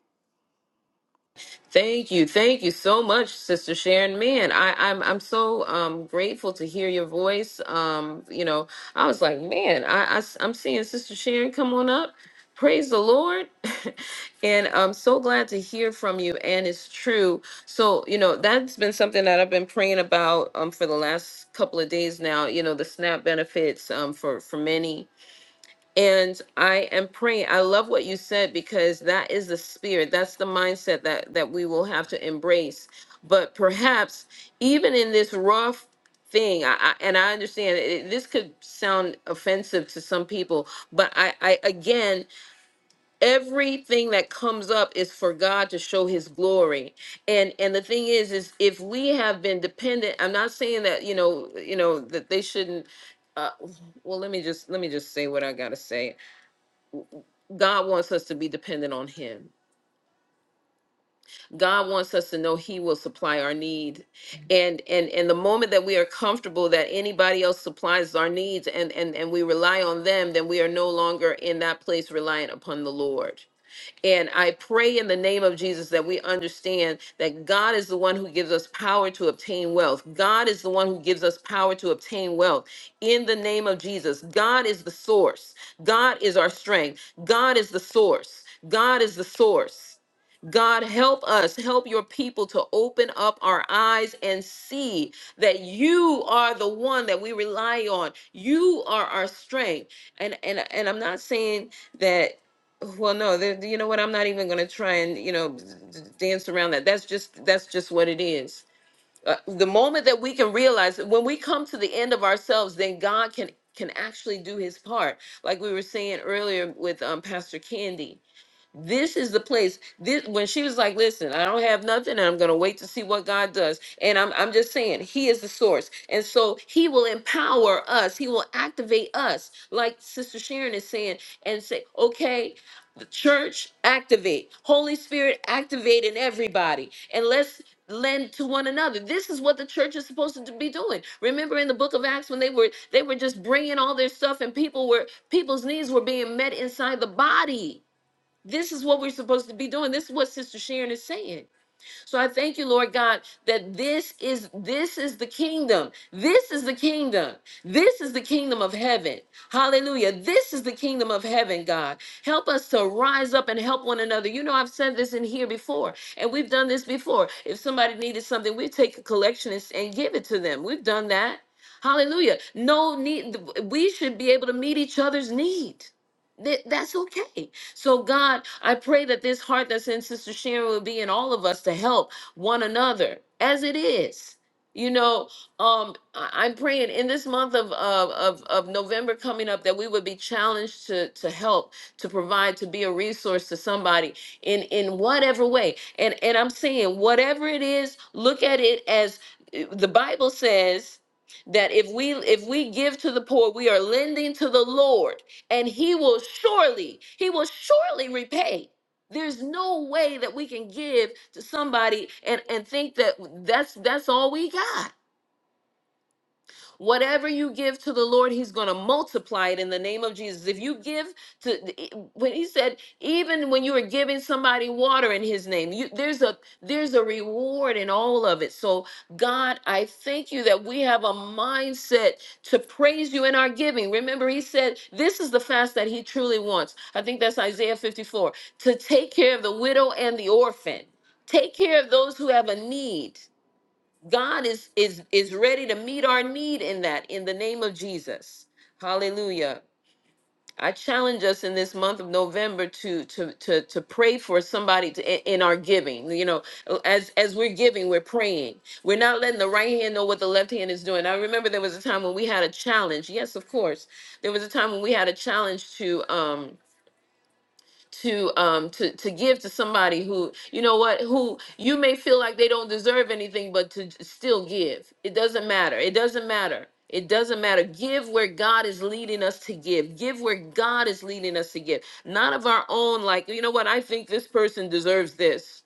Speaker 1: Thank you. Thank you so much, Sister Sharon. Man, I, I'm I'm so um grateful to hear your voice. Um, you know, I was like, man, I, I am seeing Sister Sharon come on up. Praise the Lord. and I'm so glad to hear from you. And it's true. So, you know, that's been something that I've been praying about um for the last couple of days now, you know, the SNAP benefits um for for many. And I am praying. I love what you said because that is the spirit. That's the mindset that that we will have to embrace. But perhaps even in this rough thing, I, I, and I understand it, this could sound offensive to some people, but I, I again, everything that comes up is for God to show His glory. And and the thing is, is if we have been dependent, I'm not saying that you know you know that they shouldn't. Uh, well, let me just let me just say what I gotta say. God wants us to be dependent on him. God wants us to know he will supply our need. And and and the moment that we are comfortable that anybody else supplies our needs and and and we rely on them, then we are no longer in that place reliant upon the Lord. And I pray in the name of Jesus that we understand that God is the one who gives us power to obtain wealth. God is the one who gives us power to obtain wealth. In the name of Jesus, God is the source. God is our strength. God is the source. God is the source. God, help us, help your people to open up our eyes and see that you are the one that we rely on. You are our strength. And and and I'm not saying that well, no, there- you know what? I'm not even going to try and you know d- d- dance around that. That's just that's just what it is. Uh, the moment that we can realize that when we come to the end of ourselves, then God can can actually do His part. Like we were saying earlier with um, Pastor Candy, this is the place. This when she was like, "Listen, I don't have nothing, and I'm gonna wait to see what God does." And I'm I'm just saying, He is the source, and so He will empower us. He will activate us, like Sister Sharon is saying, and say, "Okay, the church activate holy spirit activate in everybody and let's lend to one another this is what the church is supposed to be doing remember in the book of acts when they were they were just bringing all their stuff and people were people's needs were being met inside the body this is what we're supposed to be doing. This is what Sister Sharon is saying. So I thank you, Lord God, that this is this is the kingdom. This is the kingdom. This is the kingdom of heaven. Hallelujah. This is the kingdom of heaven, God. Help us to rise up and help one another. You know, I've said this in here before, and we've done this before. If somebody needed something, we take a collection and, and give it to them. We've done that. Hallelujah. No need. We should be able to meet each other's need. That- That's okay so, God, I pray that this heart that's in Sister Sharon will be in all of us to help one another as it is. You know, um, I- I'm praying in this month of, of of of November coming up that we would be challenged to to help, to provide, to be a resource to somebody in in whatever way. And and I'm saying whatever it is, look at it as eh, the Bible says that if we if we give to the poor, we are lending to the Lord and he will surely, he will surely repay. There's no way that we can give to somebody and, and think that that's that's all we got Whatever you give to the Lord, He's going to multiply it in the name of Jesus. If you give to, e, when He said, even when you are giving somebody water in His name, you, there's a there's a reward in all of it. So God, I thank you that we have a mindset to praise you in our giving. Remember, He said, this is the fast that He truly wants. I think that's Isaiah 54 to take care of the widow and the orphan. Take care of those who have a need. God is is is ready to meet our need in that in the name of Jesus. Hallelujah. I challenge us in this month of November to to to to pray for somebody to, in in our giving. You know, as as we're giving, we're praying. We're not letting the right hand know what the left hand is doing. I remember there was a time when we had a challenge. Yes, of course, there was a time when we had a challenge to um to um to to give to somebody who you know what who you may feel like they don't deserve anything but to j- still give it doesn't matter it doesn't matter it doesn't matter give where god is leading us to give give where god is leading us to give not of our own like you know what i think this person deserves this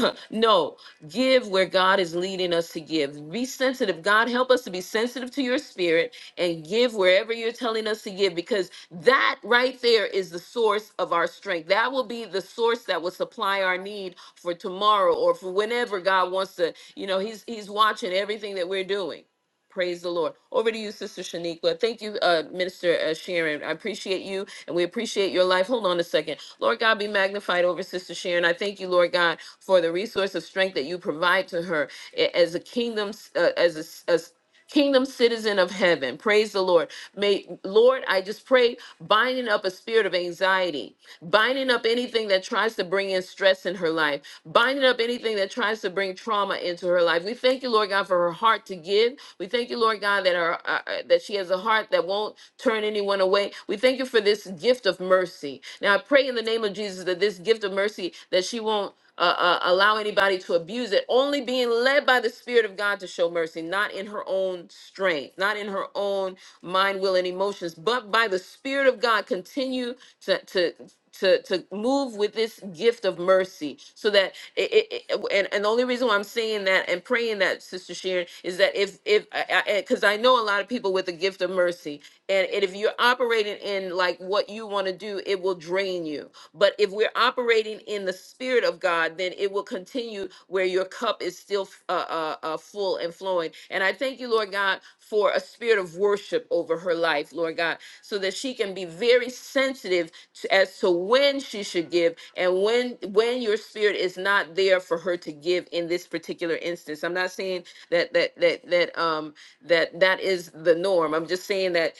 Speaker 1: no give where god is leading us to give be sensitive god help us to be sensitive to your spirit and give wherever you're telling us to give because that right there is the source of our strength. That will be the source that will supply our need for tomorrow or for whenever God wants to. You know, He's He's watching everything that we're doing. Praise the Lord. Over to you, Sister Shaniqua. Thank you, uh, Minister uh, Sharon. I appreciate you and we appreciate your life. Hold on a second. Lord God, be magnified over Sister Sharon. I thank you, Lord God, for the resource of strength that you provide to her a- as a kingdom, uh, as a, as kingdom citizen of heaven. Praise the Lord. May, Lord, I just pray, binding up a spirit of anxiety, binding up anything that tries to bring in stress in her life, binding up anything that tries to bring trauma into her life. We thank you, Lord God, for her heart to give. We thank you, Lord God, that her uh, uh, that she has a heart that won't turn anyone away. We thank you for this gift of mercy. Now I pray in the name of Jesus that this gift of mercy that she won't uh, uh, allow anybody to abuse it, only being led by the Spirit of God to show mercy, not in her own strength, not in her own mind, will, and emotions, but by the Spirit of God, continue to to to, to move with this gift of mercy so that it, it, it- and, and the only reason why i'm saying that and praying that sister sharon is that if if because I, I 'cause I know a lot of people with the gift of mercy and, and if you're operating in like what you want to do it will drain you but if we're operating in the Spirit of God, then it will continue where your cup is still uh, uh, uh, full and flowing. And I thank you, Lord God, for a spirit of worship over her life, Lord God, so that she can be very sensitive to, as to when she should give and when when your spirit is not there for her to give in this particular instance. I'm not saying that that that that um that that is the norm. I'm just saying that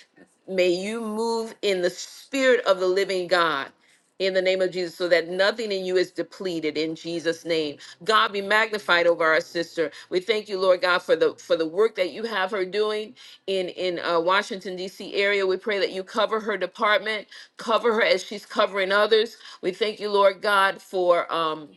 Speaker 1: may you move in the spirit of the living God in the name of Jesus, so that nothing in you is depleted in Jesus' name. God be magnified over our sister. We thank you, Lord God, for the for the work that you have her doing in in uh, Washington D.C. area. We pray that you cover her department, cover her as she's covering others. We thank you, Lord God, for um,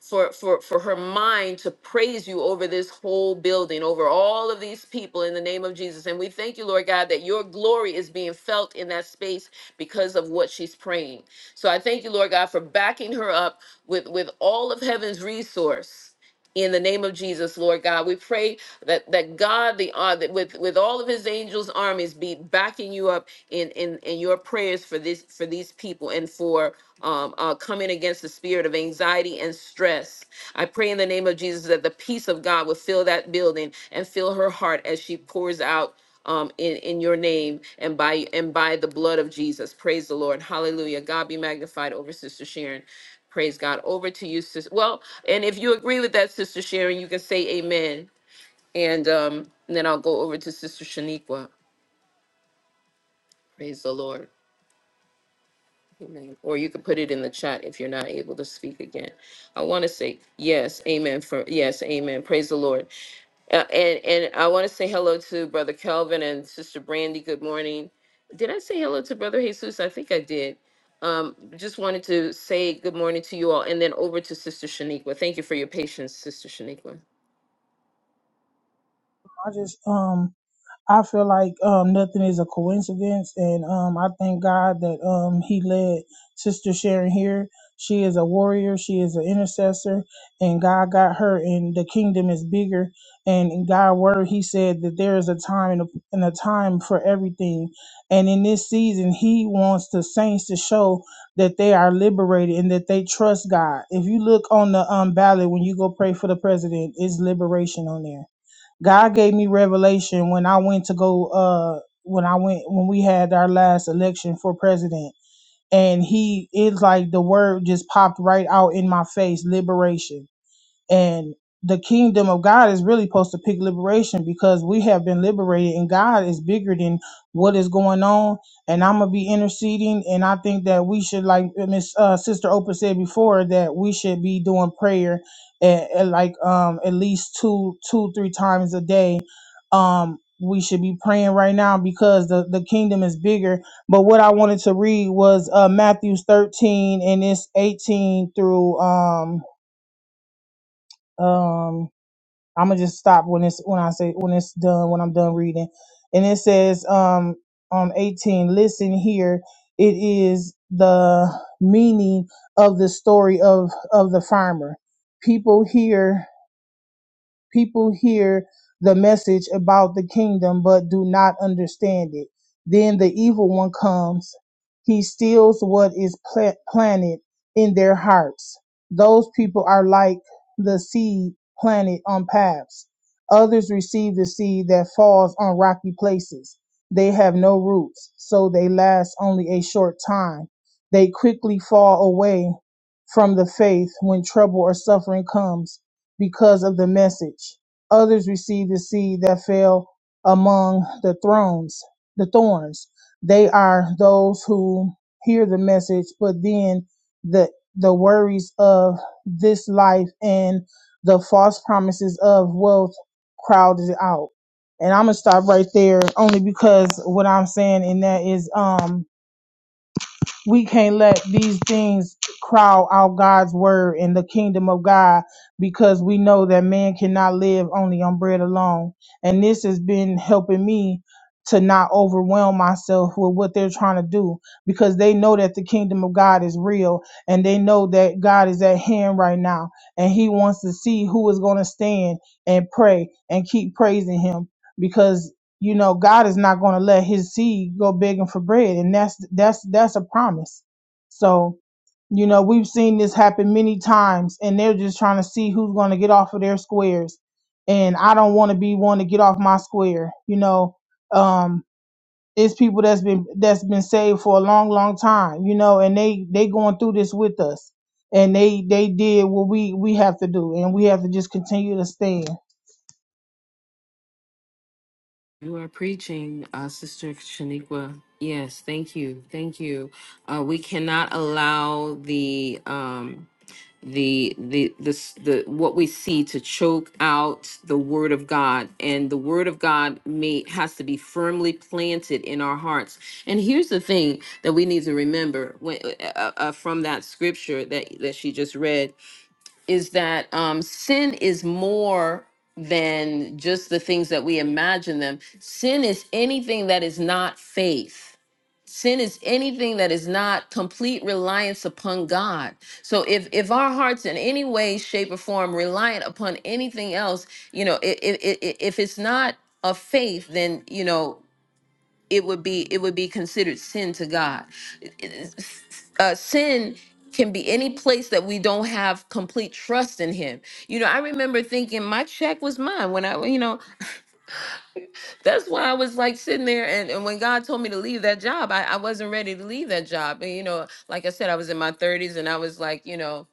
Speaker 1: for for for her mind to praise you over this whole building over all of these people in the name of Jesus and we thank you Lord God that your glory is being felt in that space because of what she's praying so I thank you Lord God for backing her up with with all of heaven's resource in the name of Jesus, Lord God, we pray that that God, the uh, that with with all of His angels' armies, be backing you up in in in your prayers for this for these people and for um, uh, coming against the spirit of anxiety and stress. I pray in the name of Jesus that the peace of God would fill that building and fill her heart as she pours out um, in in your name and by and by the blood of Jesus. Praise the Lord. Hallelujah. God be magnified over Sister Sharon. Praise God. Over to you, Sister. Well, and if you agree with that, Sister Sharon, you can say Amen, and um, and then I'll go over to Sister Shaniqua. Praise the Lord. Amen. Or you could put it in the chat if you're not able to speak again. I want to say yes, amen. For yes, amen. Praise the Lord. Uh, and and I want to say hello to Brother Calvin and Sister Brandy. Good morning. Did I say hello to Brother Jesus? I think I did. Um, just wanted to say good morning to you all, and then over to Sister Shaniqua. Thank you for your patience, Sister Shaniqua.
Speaker 3: I just, um, I feel like um, nothing is a coincidence, and um, I thank God that um, He led Sister Sharon here. She is a warrior. She is an intercessor, and God got her. And the kingdom is bigger. And in God's word, He said that there is a time and a, and a time for everything. And in this season, He wants the saints to show that they are liberated and that they trust God. If you look on the um, ballot when you go pray for the president, it's liberation on there God gave me revelation when I went to go uh when I went when we had our last election for president and he it's like the word just popped right out in my face liberation and the kingdom of God is really supposed to pick liberation because we have been liberated and God is bigger than what is going on. And I'm going to be interceding. And I think that we should, like Miss uh, Sister Oprah said before, that we should be doing prayer at, at like um, at least two, two, three times a day. Um, we should be praying right now because the, the kingdom is bigger. But what I wanted to read was uh, Matthew 13 and it's 18 through um, um, I'm gonna just stop when it's when I say when it's done when I'm done reading, and it says um on 18. Listen here, it is the meaning of the story of of the farmer. People here people hear the message about the kingdom but do not understand it. Then the evil one comes. He steals what is pla- planted in their hearts. Those people are like the seed planted on paths. Others receive the seed that falls on rocky places. They have no roots, so they last only a short time. They quickly fall away from the faith when trouble or suffering comes because of the message. Others received the seed that fell among the thrones, the thorns. They are those who hear the message, but then the the worries of this life and the false promises of wealth crowded it out. And I'm gonna stop right there only because what I'm saying in that is um we can't let these things crowd out God's word and the kingdom of God because we know that man cannot live only on bread alone. And this has been helping me to not overwhelm myself with what they're trying to do because they know that the kingdom of God is real and they know that God is at hand right now and he wants to see who is going to stand and pray and keep praising him because you know god is not going to let his seed go begging for bread and that's that's that's a promise so you know we've seen this happen many times and they're just trying to see who's going to get off of their squares and i don't want to be one to get off my square you know um it's people that's been that's been saved for a long long time you know and they they going through this with us and they they did what we we have to do and we have to just continue to stand
Speaker 1: You are preaching, uh, Sister Shaniqua. Yes, thank you, thank you. Uh, we cannot allow the um, the the this the what we see to choke out the word of god and the word of god may has to be firmly planted in our hearts and here's the thing that we need to remember when, uh, uh, uh, from that scripture that that she just read is that um sin is more than just the things that we imagine them sin is anything that is not faith sin is anything that is not complete reliance upon god so if if our hearts in any way shape or form reliant upon anything else you know if if i- if it's not a faith then you know it would be it would be considered sin to god It- it- uh, sin can be any place that we don't have complete trust in him you know i remember thinking my check was mine when i you know that's why I was like sitting there, and, and when God told me to leave that job, I, I wasn't ready to leave that job. And you know, like I said, I was in my 30s, and I was like, you know,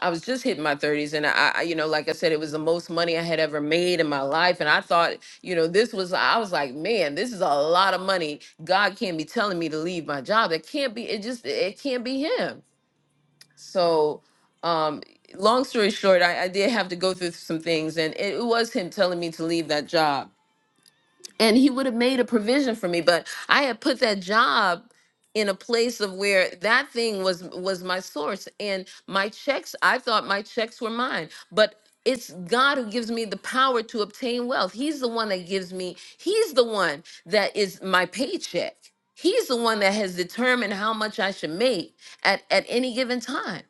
Speaker 1: I was just hitting my 30s, and I, I, you know, like I said, it was the most money I had ever made in my life, and I thought, you know, this was, I was like, man, this is a lot of money. God can't be telling me to leave my job. It can't be. It just, it can't be Him. So, um, long story short, I, I did have to go through some things, and it was Him telling me to leave that job and he would have made a provision for me but i had put that job in a place of where that thing was was my source and my checks i thought my checks were mine but it's God who gives me the power to obtain wealth. He's the one that gives me, he's the one that is my paycheck. He's the one that has determined how much I should make at, at any given time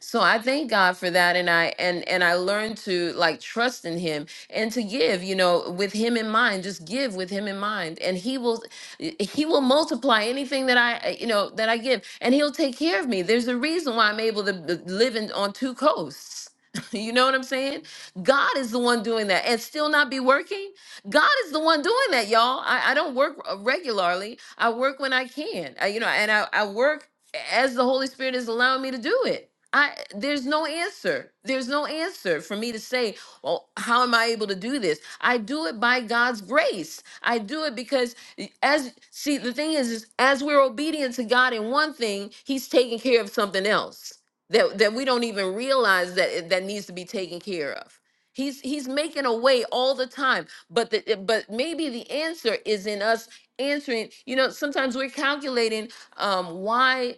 Speaker 1: so i thank god for that and i and and i learned to like trust in him and to give you know with him in mind just give with him in mind and he will eh, he will multiply anything that i uh, you know that i give and he'll take care of me there's a reason why i'm able to b- live in, on two coasts you know what i'm saying god is the one doing that and still not be working god is the one doing that y'all i, I don't work uh, regularly i work when i can I, you know and I, I work as the holy spirit is allowing me to do it I there's no answer. There's no answer for me to say, well, how am I able to do this? I do it by God's grace. I do it because y- as see the thing is, is as we're obedient to God in one thing, He's taking care of something else that, that we don't even realize that it- that needs to be taken care of. He's he's making a way all the time. But the eh, but maybe the answer is in us answering, you know, sometimes we're calculating um why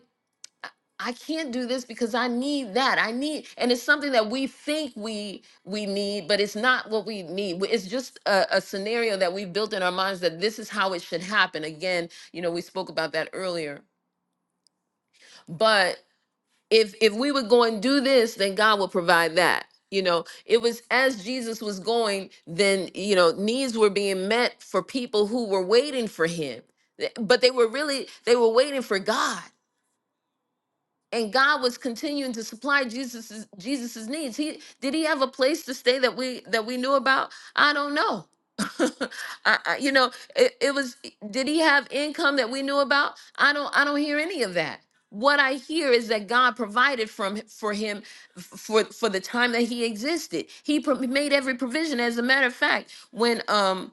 Speaker 1: I can't do this because I need that. I need, and it's something that we think we we need, but it's not what we need. W- It's just a, a scenario that we've built in our minds that this is how it should happen. Again, you know, we spoke about that earlier. But if if we would go and do this, then God will provide that. You know, it was as Jesus was going, then you know, needs were being met for people who were waiting for him. Th- But they were really they were waiting for God and God was continuing to supply Jesus's Jesus's needs. He did he have a place to stay that we that we knew about? I don't know. I, I- you know, it, it was. Did he have income that we knew about? I don't. I don't hear any of that. What I hear is that God provided from for him f- for for the time that he existed. He pro- made every provision. As a matter of fact, when um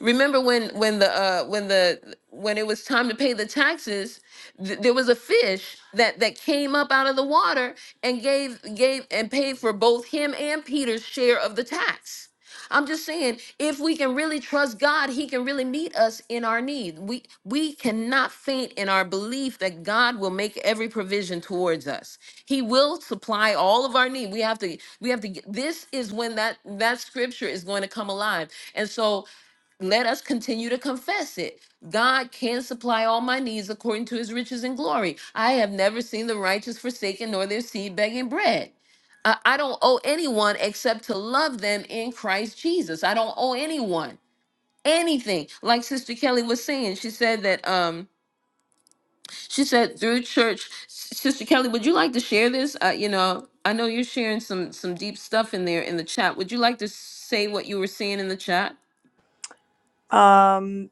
Speaker 1: Remember when when the uh when the when it was time to pay the taxes, th- there was a fish that that came up out of the water and gave gave and paid for both him and Peter's share of the tax. I'm just saying, if we can really trust God, He can really meet us in our need. We we cannot faint in our belief that God will make every provision towards us. He will supply all of our need. We have to we have to. This is when that that scripture is going to come alive. And so let us continue to confess it. God can supply all my needs according to his riches and glory. I have never seen the righteous forsaken nor their seed begging bread. I, I don't owe anyone except to love them in Christ Jesus. I don't owe anyone anything. Like Sister Kelly was saying, she said that um she said through church S- Sister Kelly, would you like to share this? Uh, you know, I know you're sharing some some deep stuff in there in the chat. Would you like to say what you were seeing in the chat?
Speaker 6: Um,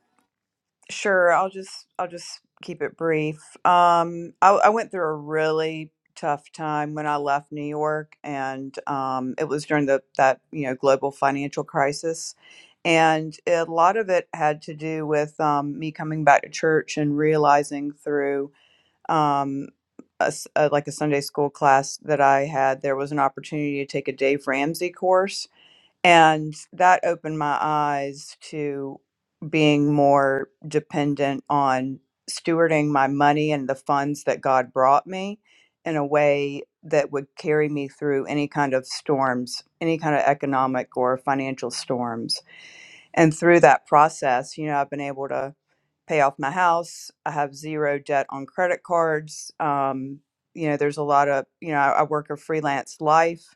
Speaker 6: Sure, I'll just I'll just keep it brief. Um, I, I went through a really tough time when I left New York, and um, it was during the that you know global financial crisis, and a lot of it had to do with um, me coming back to church and realizing through um, a s- uh, like a Sunday school class that I had, there was an opportunity to take a Dave Ramsey course and that opened my eyes to being more dependent on stewarding my money and the funds that God brought me in a way that would carry me through any kind of storms, any kind of economic or financial storms and through that process you know i've been able to pay off my house i have zero debt on credit cards um, you know there's a lot of you know i, I work a freelance life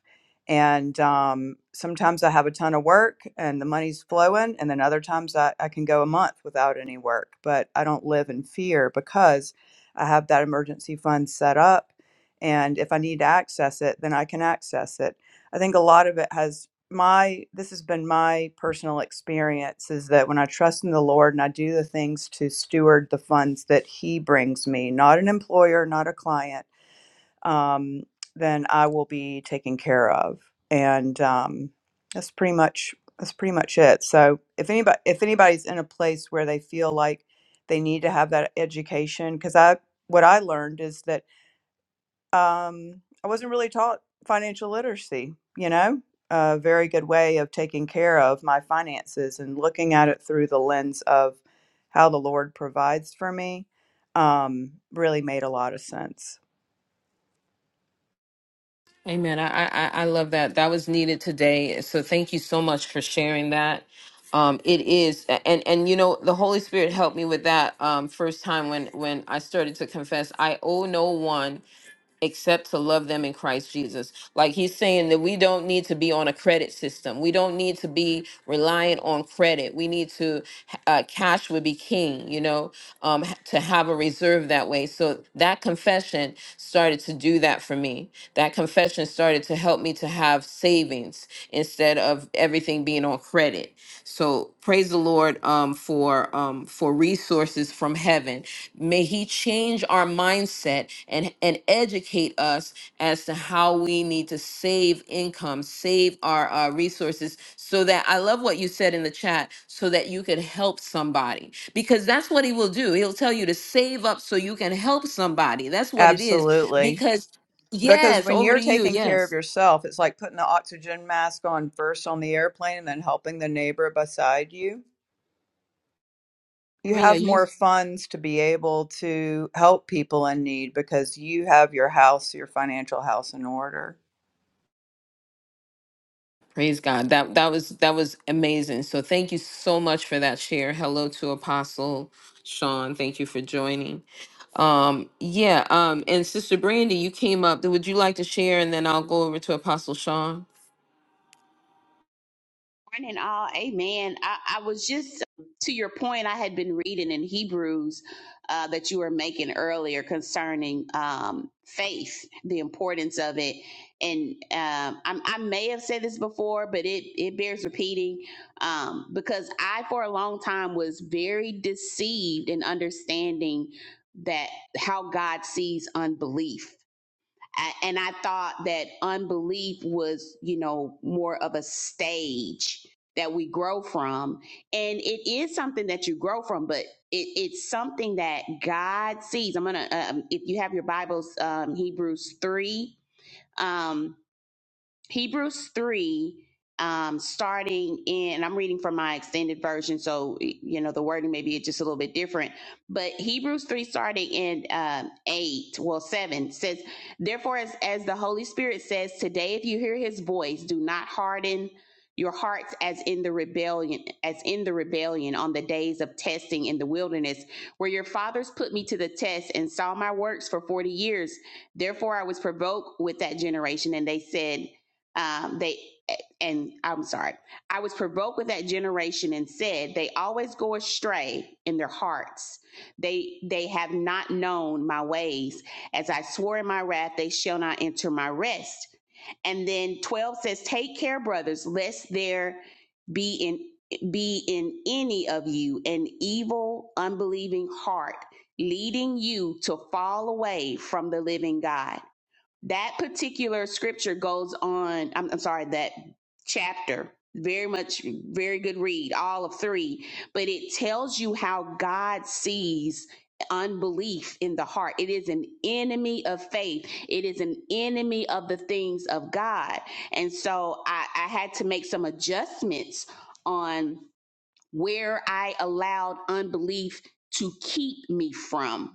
Speaker 6: and um, sometimes i have a ton of work and the money's flowing and then other times I, I can go a month without any work but i don't live in fear because i have that emergency fund set up and if i need to access it then i can access it i think a lot of it has my this has been my personal experience is that when I trust in the Lord and I do the things to steward the funds that He brings me, not an employer, not a client, um, then I will be taken care of, and um, that's pretty much that's pretty much it. So if anybody if anybody's in a place where they feel like they need to have that education, because I what I learned is that um, I wasn't really taught financial literacy, you know, a very good way of taking care of my finances and looking at it through the lens of how the Lord provides for me um, really made a lot of sense.
Speaker 1: Amen. I, I I I love that. That was needed today. So thank you so much for sharing that. Um, it is, and and you know, the Holy Spirit helped me with that um, first time when when I started to confess. I owe no one except to love them in Christ Jesus. Like he's saying that we don't need to be on a credit system. We don't need to be reliant on credit. We need to, uh, cash would be king, you know, um, h- to have a reserve that way. So that confession started to do that for me. That confession started to help me to have savings instead of everything being on credit. So praise the Lord um, for um, for resources from heaven. May He change our mindset and and educate us as to how we need to save income, save our uh, resources, so that I love what you said in the chat, so that you could help somebody because that's what He will do. He'll tell you to save up so you can help somebody. That's what it is.
Speaker 6: Absolutely.
Speaker 1: Because
Speaker 6: Because
Speaker 1: yes,
Speaker 6: when
Speaker 1: over
Speaker 6: you're
Speaker 1: to you.
Speaker 6: taking care of
Speaker 1: Yes.
Speaker 6: yourself, it's like putting the oxygen mask on first on the airplane and then helping the neighbor beside you you
Speaker 1: Oh yeah,
Speaker 6: have
Speaker 1: you.
Speaker 6: more funds to be able to help people in need because you have your house, your financial house in order.
Speaker 1: Praise God. That that was that was amazing. So thank you so much for that share. Hello to Apostle Sean. Thank you for joining. Um yeah, um and Sister Brandy, you came up. Would you like to share and then I'll go over to Apostle Sean?
Speaker 8: Morning, all. Amen. I, I was just to your point. I had been reading in Hebrews uh, that you were making earlier concerning um, faith, the importance of it, and um, I'm, I may have said this before, but it it bears repeating um, because I, for a long time, was very deceived in understanding that how God sees unbelief I, and I thought that unbelief was, you know, more of a stage that we grow from. And it is something that you grow from, but it, it's something that God sees. I'm going to, um, if you have your Bibles, um, Hebrews 3, um, Hebrews 3, um, starting in, and I'm reading from my extended version, so, you know, the wording may be just a little bit different. But Hebrews 3, starting in um, 8, well, 7, says, Therefore, as, as the Holy Spirit says, today, if you hear his voice, do not harden your hearts as in the rebellion as in the rebellion on the days of testing in the wilderness where your fathers put me to the test and saw my works for 40 years Therefore I was provoked with that generation, and they said, um, they and I'm sorry, I was provoked with that generation and said they always go astray in their hearts. They they have not known my ways. As I swore in my wrath, they shall not enter my rest. And then 12 says, Take care, brothers, lest there be in be in any of you an evil, unbelieving heart, leading you to fall away from the living God that particular scripture goes on I'm, I'm sorry that chapter very much very good read all of three but it tells you how god sees unbelief in the heart it is an enemy of faith it is an enemy of the things of god and so i, I had to make some adjustments on where i allowed unbelief to keep me from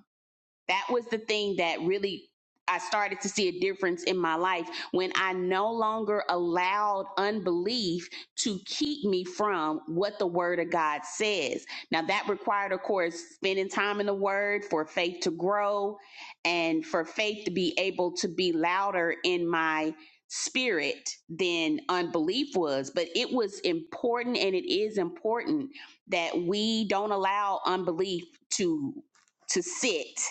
Speaker 8: that was the thing that really I started to see a difference in my life when I no longer allowed unbelief to keep me from what the word of God says. Now that required of course spending time in the word for faith to grow and for faith to be able to be louder in my spirit than unbelief was, but it was important and it is important that we don't allow unbelief to to sit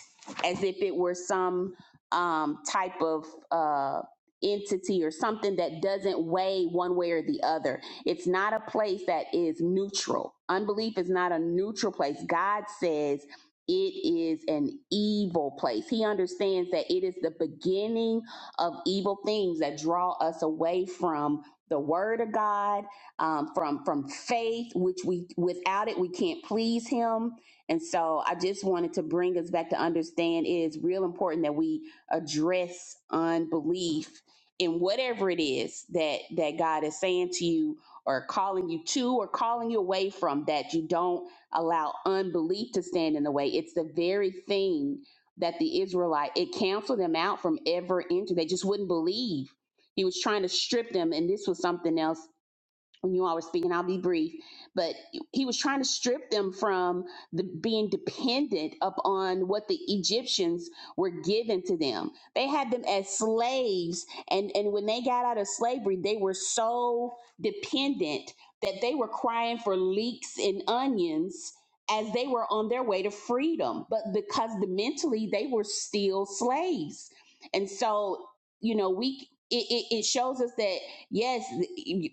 Speaker 8: as if it were some um, type of uh, entity or something that doesn't weigh one way or the other. It's not a place that is neutral. Unbelief is not a neutral place. God says it is an evil place. He understands that it is the beginning of evil things that draw us away from the word of God, um, from from faith, which we without it we can't please Him and so I just wanted to bring us back to understand it is real important that we address unbelief in whatever it is that that God is saying to you or calling you to or calling you away from that you don't allow unbelief to stand in the way. It's the very thing that the Israelite it canceled them out from ever entering. They just wouldn't believe. He was trying to strip them and this was something else when you all were speaking, I'll be brief, but he was trying to strip them from the being dependent upon what the Egyptians were giving to them. They had them as slaves, and, and when they got out of slavery, they were so dependent that they were crying for leeks and onions as they were on their way to freedom. But because the mentally they were still slaves. And so, you know, we it, it, it shows us that Yes,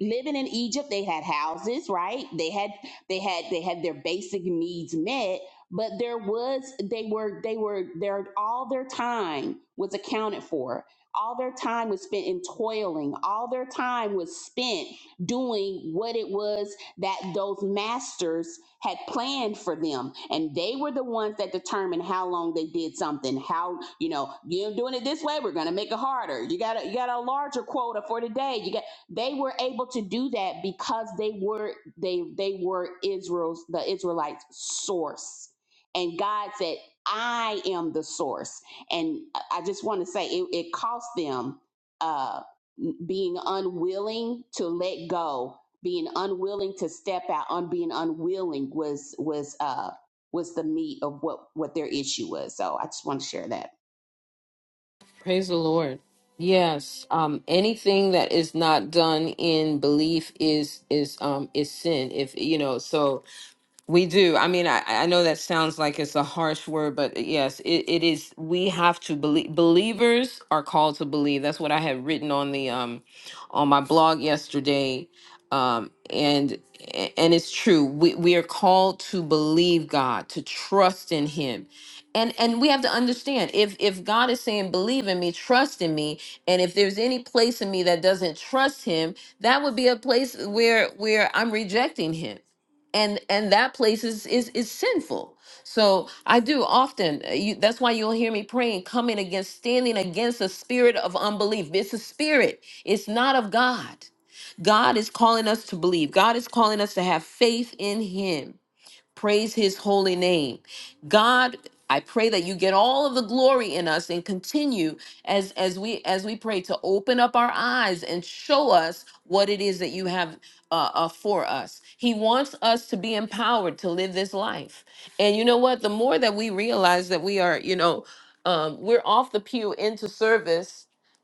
Speaker 8: living in Egypt, they had houses, right? They had they had they had their basic needs met, but there was they were they were their all their time was accounted for. All their time was spent in toiling. All their time was spent doing what it was that those masters had planned for them. And they were the ones that determined how long they did something, how, you know, you're doing it this way, we're gonna make it harder. You got a you got a larger quota for today. You got they were able to do that because they were they they were Israel's the Israelites source and God said I am the source and I I just want to say it, it cost them uh being unwilling to let go being unwilling to step out on being unwilling was was uh was the meat of what what their issue was so I just want to share that
Speaker 1: Praise the Lord. Yes. Um anything that is not done in belief is is um is sin. If you know, so We do. I mean, I, I know that sounds like it's a harsh word, but uh, yes, it, it is. We have to believe. Believers are called to believe. That's what I had written on the um, on my blog yesterday, um, and and it's true. We we are called to believe God, to trust in Him, and and we have to understand if if God is saying believe in me, trust in me, and if there's any place in me that doesn't trust Him, that would be a place where where I'm rejecting Him and and that place is is is sinful so i do often uh, you, that's why you'll hear me praying coming against standing against a spirit of unbelief it's a spirit it's not of god god is calling us to believe god is calling us to have faith in him Praise his holy name. God, I pray that you get all of the glory in us and continue as as we as we pray to open up our eyes and show us what it is that you have uh, uh, for us. He wants us to be empowered to live this life. And you know what? The more that we realize that we are, you know, um, we're off the pew into service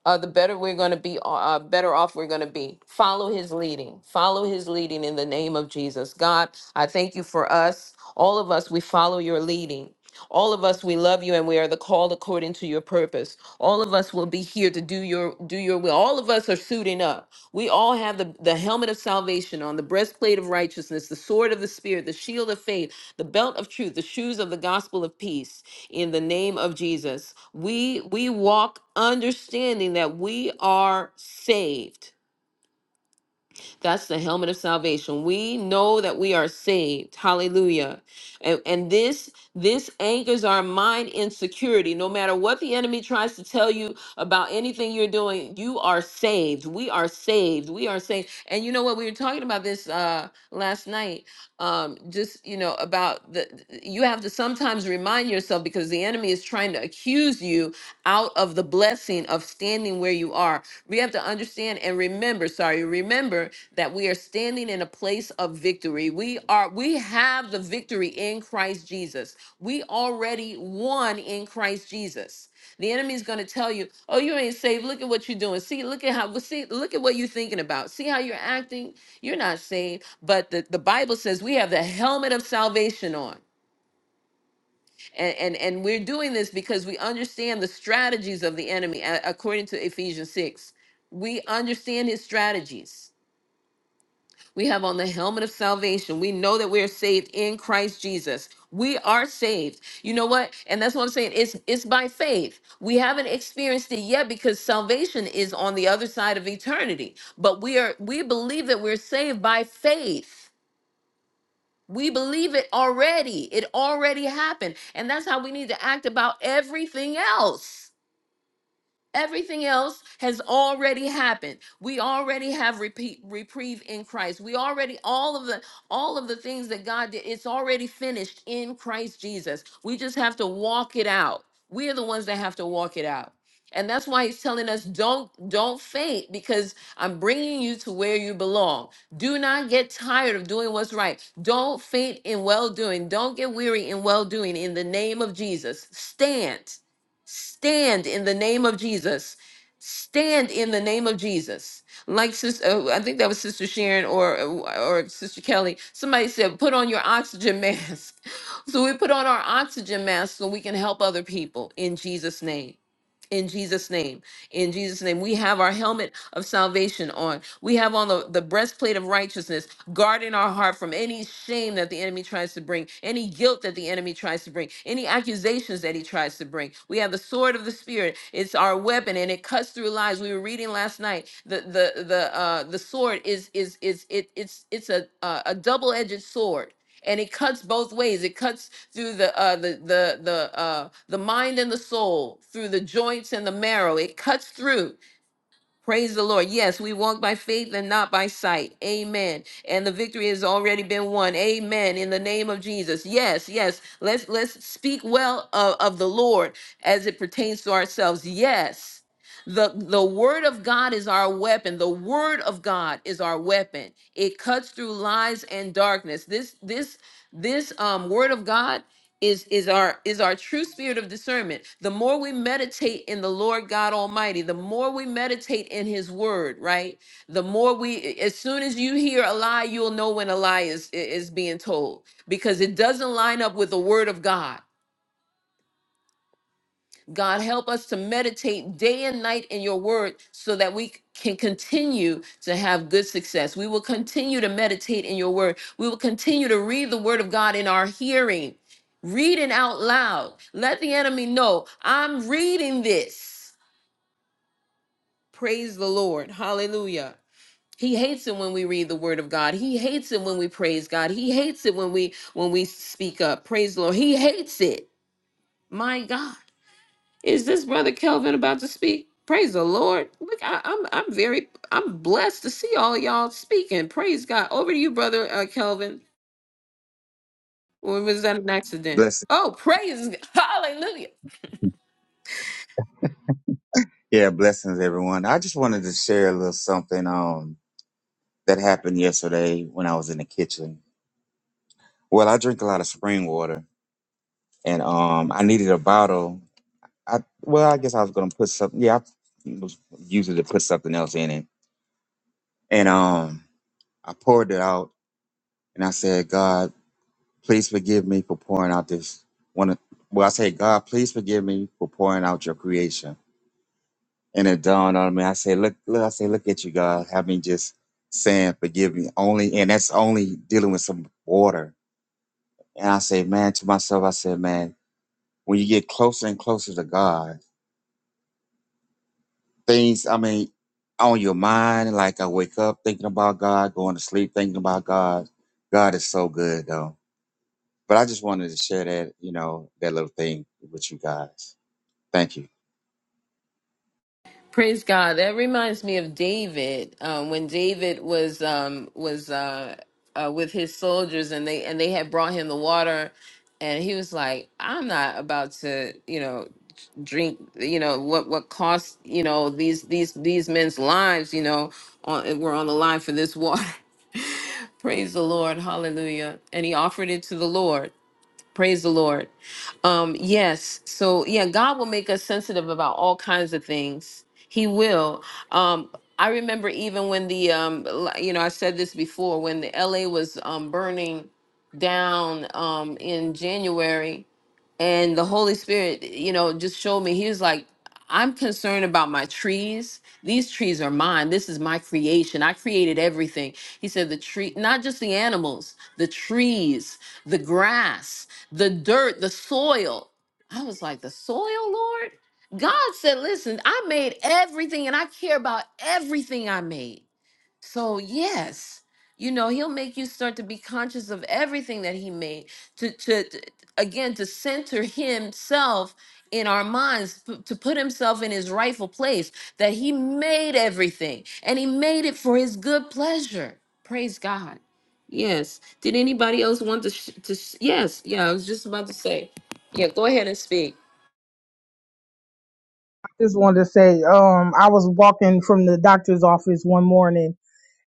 Speaker 1: uh, the better we're going to be, uh, uh, better off we're going to be. Follow his leading. Follow his leading in the name of Jesus. God, I thank you for us. All of us, we follow your leading. All of us, we love you and we are the called according to your purpose. All of us will be here to do your do your will. All of us are suiting up. We all have the, the helmet of salvation on, the breastplate of righteousness, the sword of the spirit, the shield of faith, the belt of truth, the shoes of the gospel of peace in the name of Jesus. We we walk understanding that we are saved. That's the helmet of salvation. We know that we are saved. Hallelujah. And, and this this anchors our mind in security. No matter what the enemy tries to tell you about anything you're doing, you are saved. We are saved. We are saved. And you know what? We were talking about this uh last night. Um, just you know, about the you have to sometimes remind yourself because the enemy is trying to accuse you out of the blessing of standing where you are. We have to understand and remember, sorry, remember that we are standing in a place of victory. We are we have the victory in Christ Jesus. We already won in Christ Jesus. The enemy is going to tell you, "Oh, you ain't saved. Look at what you're doing. See, look at how well, see look at what you're thinking about. See how you're acting. You're not saved." But the, the Bible says we have the helmet of salvation on. And, and and we're doing this because we understand the strategies of the enemy a- according to Ephesians 6. We understand his strategies we have on the helmet of salvation. We know that we are saved in Christ Jesus. We are saved. You know what? And that's what I'm saying. It's it's by faith. We haven't experienced it yet because salvation is on the other side of eternity. But we are we believe that we're saved by faith. We believe it already. It already happened. And that's how we need to act about everything else. Everything else has already happened. We already have repeat, reprieve in Christ. We already all of the all of the things that God did. It's already finished in Christ Jesus. We just have to walk it out. We are the ones that have to walk it out. And that's why he's telling us don't don't faint because I'm bringing you to where you belong. Do not get tired of doing what's right. Don't faint in well doing. Don't get weary in well doing in the name of Jesus. Stand. Stand in the name of Jesus. Stand in the name of Jesus. Like sister, uh, I think that was Sister Sharon or uh, or Sister Kelly. Somebody said, "Put on your oxygen mask." so we put on our oxygen mask so we can help other people in Jesus' name. In Jesus' name, in Jesus' name, we have our helmet of salvation on. We have on the, the breastplate of righteousness guarding our heart from any shame that the enemy tries to bring, any guilt that the enemy tries to bring, any accusations that he tries to bring. We have the sword of the spirit. It's our weapon and it cuts through lies. We were reading last night. The the the uh the sword is is is it it's it's a uh, a double-edged sword. And it cuts both ways. It cuts through the uh, the the the uh, the mind and the soul, through the joints and the marrow. It cuts through. Praise the Lord. Yes, we walk by faith and not by sight. Amen. And the victory has already been won. Amen. In the name of Jesus. Yes, yes. Let's let's speak well of, of the Lord as it pertains to ourselves. Yes. The the word of God is our weapon. The word of God is our weapon. It cuts through lies and darkness. This this this um word of God is is our is our true spirit of discernment the more we meditate in the lord god almighty the more we meditate in his word right the more we as soon as you hear a lie you'll know when a lie is is being told because it doesn't line up with the word of god God, help us to meditate day and night in your word so that we can continue to have good success. We will continue to meditate in your word. We will continue to read the word of God in our hearing, reading out loud. Let the enemy know I'm reading this. Praise the Lord. Hallelujah. He hates it when we read the word of God. He hates it when we praise God. He hates it when we when we speak up. Praise the Lord. He hates it. My God. Is this brother Kelvin about to speak? Praise the Lord. Look, I, I'm I'm very I'm blessed to see all y'all speaking. Praise God. Over to you, brother uh, Kelvin. Or was that an accident?
Speaker 9: Blessing.
Speaker 1: Oh, praise Hallelujah.
Speaker 9: Yeah, blessings, everyone. I just wanted to share a little something um, that happened yesterday when I was in the kitchen. Well, I drink a lot of spring water, and um, I needed a bottle. I well, I guess I was gonna put something. Yeah, I was usually to put something else in it, and um, I poured it out, and I said, God, please forgive me for pouring out this one. of- Well, I said, God, please forgive me for pouring out your creation. And it dawned on me. I said, look, look, I say, look at you, God. Have me just saying, forgive me only. And that's only dealing with some water. And I say, man, to myself, I said, man, when you get closer and closer to God, things, I mean, on your mind, like I wake up thinking about God, going to sleep thinking about God. God is so good though. But I just wanted to share that, you know, that little thing with you guys. Thank you.
Speaker 1: Praise God. That reminds me of David. Um, when David was um, was uh, uh, with his soldiers, and they and they had brought him the water, and he was like, "I'm not about to, you know, drink, you know, what what cost, you know, these these these men's lives, you know, on, were on the line for this water." Praise the Lord, Hallelujah! And he offered it to the Lord. Praise the Lord. Um, yes. So yeah, God will make us sensitive about all kinds of things. He will. Um, I remember even when the um, l- you know I said this before when the LA was um, burning down um, in January and the holy spirit you know just showed me he was like i'm concerned about my trees these trees are mine this is my creation i created everything he said the tree not just the animals the trees the grass the dirt the soil i was like the soil lord god said listen i made everything and i care about everything i made so, yes, you know, he'll make you start to be conscious of everything that he made to to, to again to center himself in our minds p- to put himself in his rightful place that he made everything and he made it for his good pleasure. Praise God. Yes. Did anybody else want to sh- to sh- Yes. Yeah, I was just about to say. Yeah, go ahead and speak.
Speaker 3: just wanted to say, um, I was walking from the doctor's office one morning,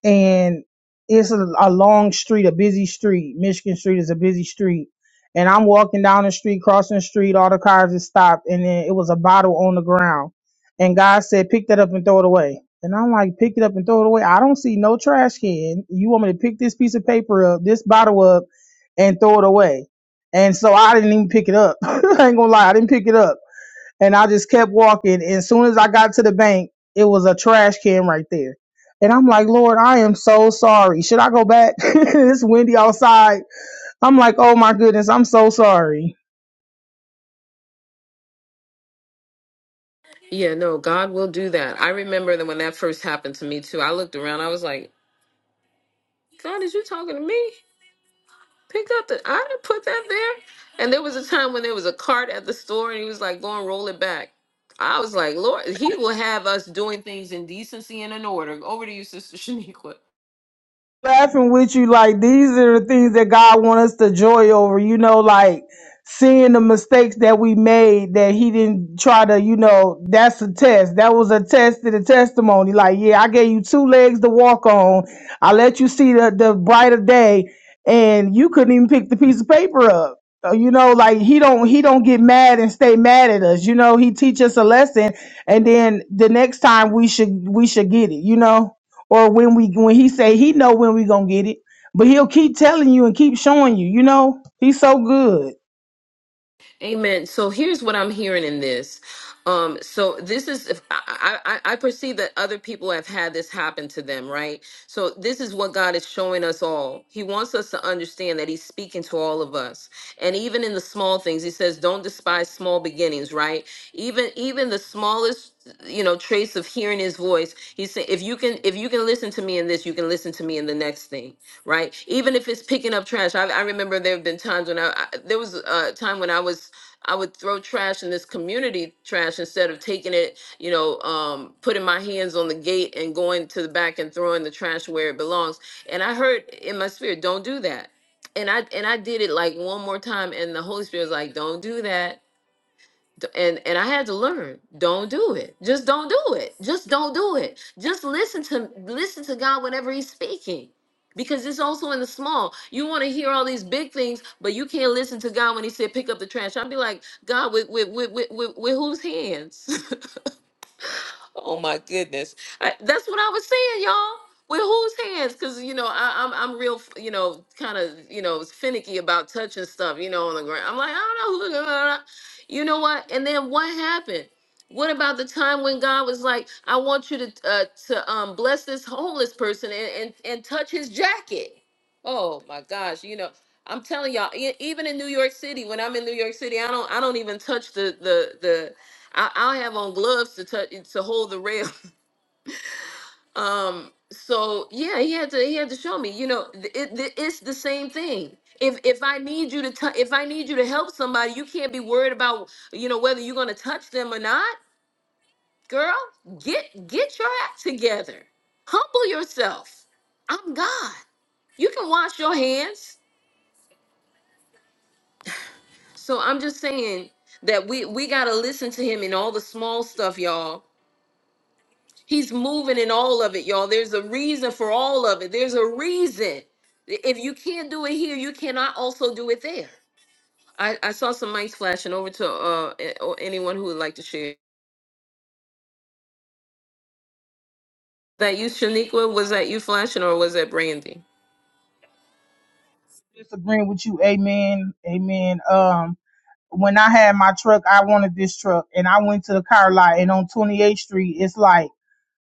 Speaker 3: and it's a, a long street, a busy street. Michigan Street is a busy street, and I'm walking down the street, crossing the street. All the cars had stopped, and then it was a bottle on the ground, and God said, "Pick that up and throw it away." And I'm like, "Pick it up and throw it away." I don't see no trash can. You want me to pick this piece of paper up, this bottle up, and throw it away? And so I didn't even pick it up. I ain't gonna lie, I didn't pick it up and I just kept walking. And as soon as I got to the bank, it was a trash can right there. And I'm like, Lord, I am so sorry. Should I go back? it's windy outside. I'm like, oh my goodness, I'm so sorry.
Speaker 1: Yeah, no, God will do that. I remember that when that first happened to me too. I looked around. I was like, "God, is you talking to me?" Pick up the. I didn't put that there. And there was a time when there was a cart at the store, and he was like, "Go and roll it back." I was like, "Lord, he will have us doing things in decency and in order." Over to you, Sister Shaniqua.
Speaker 3: laughing with you like these are the things that God wants us to joy over, you know, like seeing the mistakes that we made that he didn't try to, you know, that's a test. That was a test to the testimony. Like, yeah, I gave you two legs to walk on. I let you see the, the brighter day and you couldn't even pick the piece of paper up. Uh, You know, like he don't he don't get mad and stay mad at us. You know, he teach us a lesson and then the next time we should we should get it, you know? or when we when he say he know when we gonna get it, but he'll keep telling you and keep showing you. You know, he's so good.
Speaker 1: Amen. So here's what I'm hearing in this. Um, so this is if I, I, I perceive that other people have had this happen to them, right? So this is what God is showing us all. He wants us to understand that He's speaking to all of us, and even in the small things, He says, "Don't despise small beginnings." Right? Even even the smallest you know trace of hearing his voice he said if you can if you can listen to me in this you can listen to me in the next thing right even if it's picking up trash i, I remember there have been times when i, I there was a time when i was I would throw trash in this community trash instead of taking it, you know, um, putting my hands on the gate and going to the back and throwing the trash where it belongs. And I heard in my spirit, don't do that. And I and I did it like one more time, and the Holy Spirit was like, don't do that D- and and I had to learn. Don't do it. Just don't do it. Just don't do it. Just listen to listen to God whenever He's speaking, because it's also in the small. You want to hear all these big things, but you can't listen to God when He said, "Pick up the trash." I'd be like, God, with with with with, with, with whose hands? Oh my goodness. I, that's what I was saying, y'all. With whose hands? Because you know, I, I'm I'm real, f- you know, kind of you know finicky about touching stuff, you know, on the ground. I'm like, I don't know who. You know what? And then what happened? What about the time when God was like, I want you to uh, to um, bless this homeless person and, and and touch his jacket? Oh my gosh, you know. I'm telling y'all, e- even in New York City, when I'm in New York City, I don't, I don't even touch the, the, the, I, I have on gloves to touch to hold the rail. Um, so yeah, he had to he had to show me. You know, th- it, th- it's the same thing. If if I need you to t- if I need you to help somebody, you can't be worried about you know whether you're gonna touch them or not, girl. Get get your act together. Humble yourself. I'm God. You can wash your hands. So I'm just saying that we we gotta listen to him in all the small stuff, y'all He's moving in all of it, y'all. There's a reason for all of it. There's a reason. If you can't do it here, you cannot also do it there. I, I saw some mics flashing over to uh a- or anyone who would like to share. That you, Shaniqua, was that you flashing or was that Brandy?
Speaker 3: Disagreeing with you, amen, amen. Um, when I had my truck, I wanted this truck, and I went to the car lot, and on 28th Street, it's like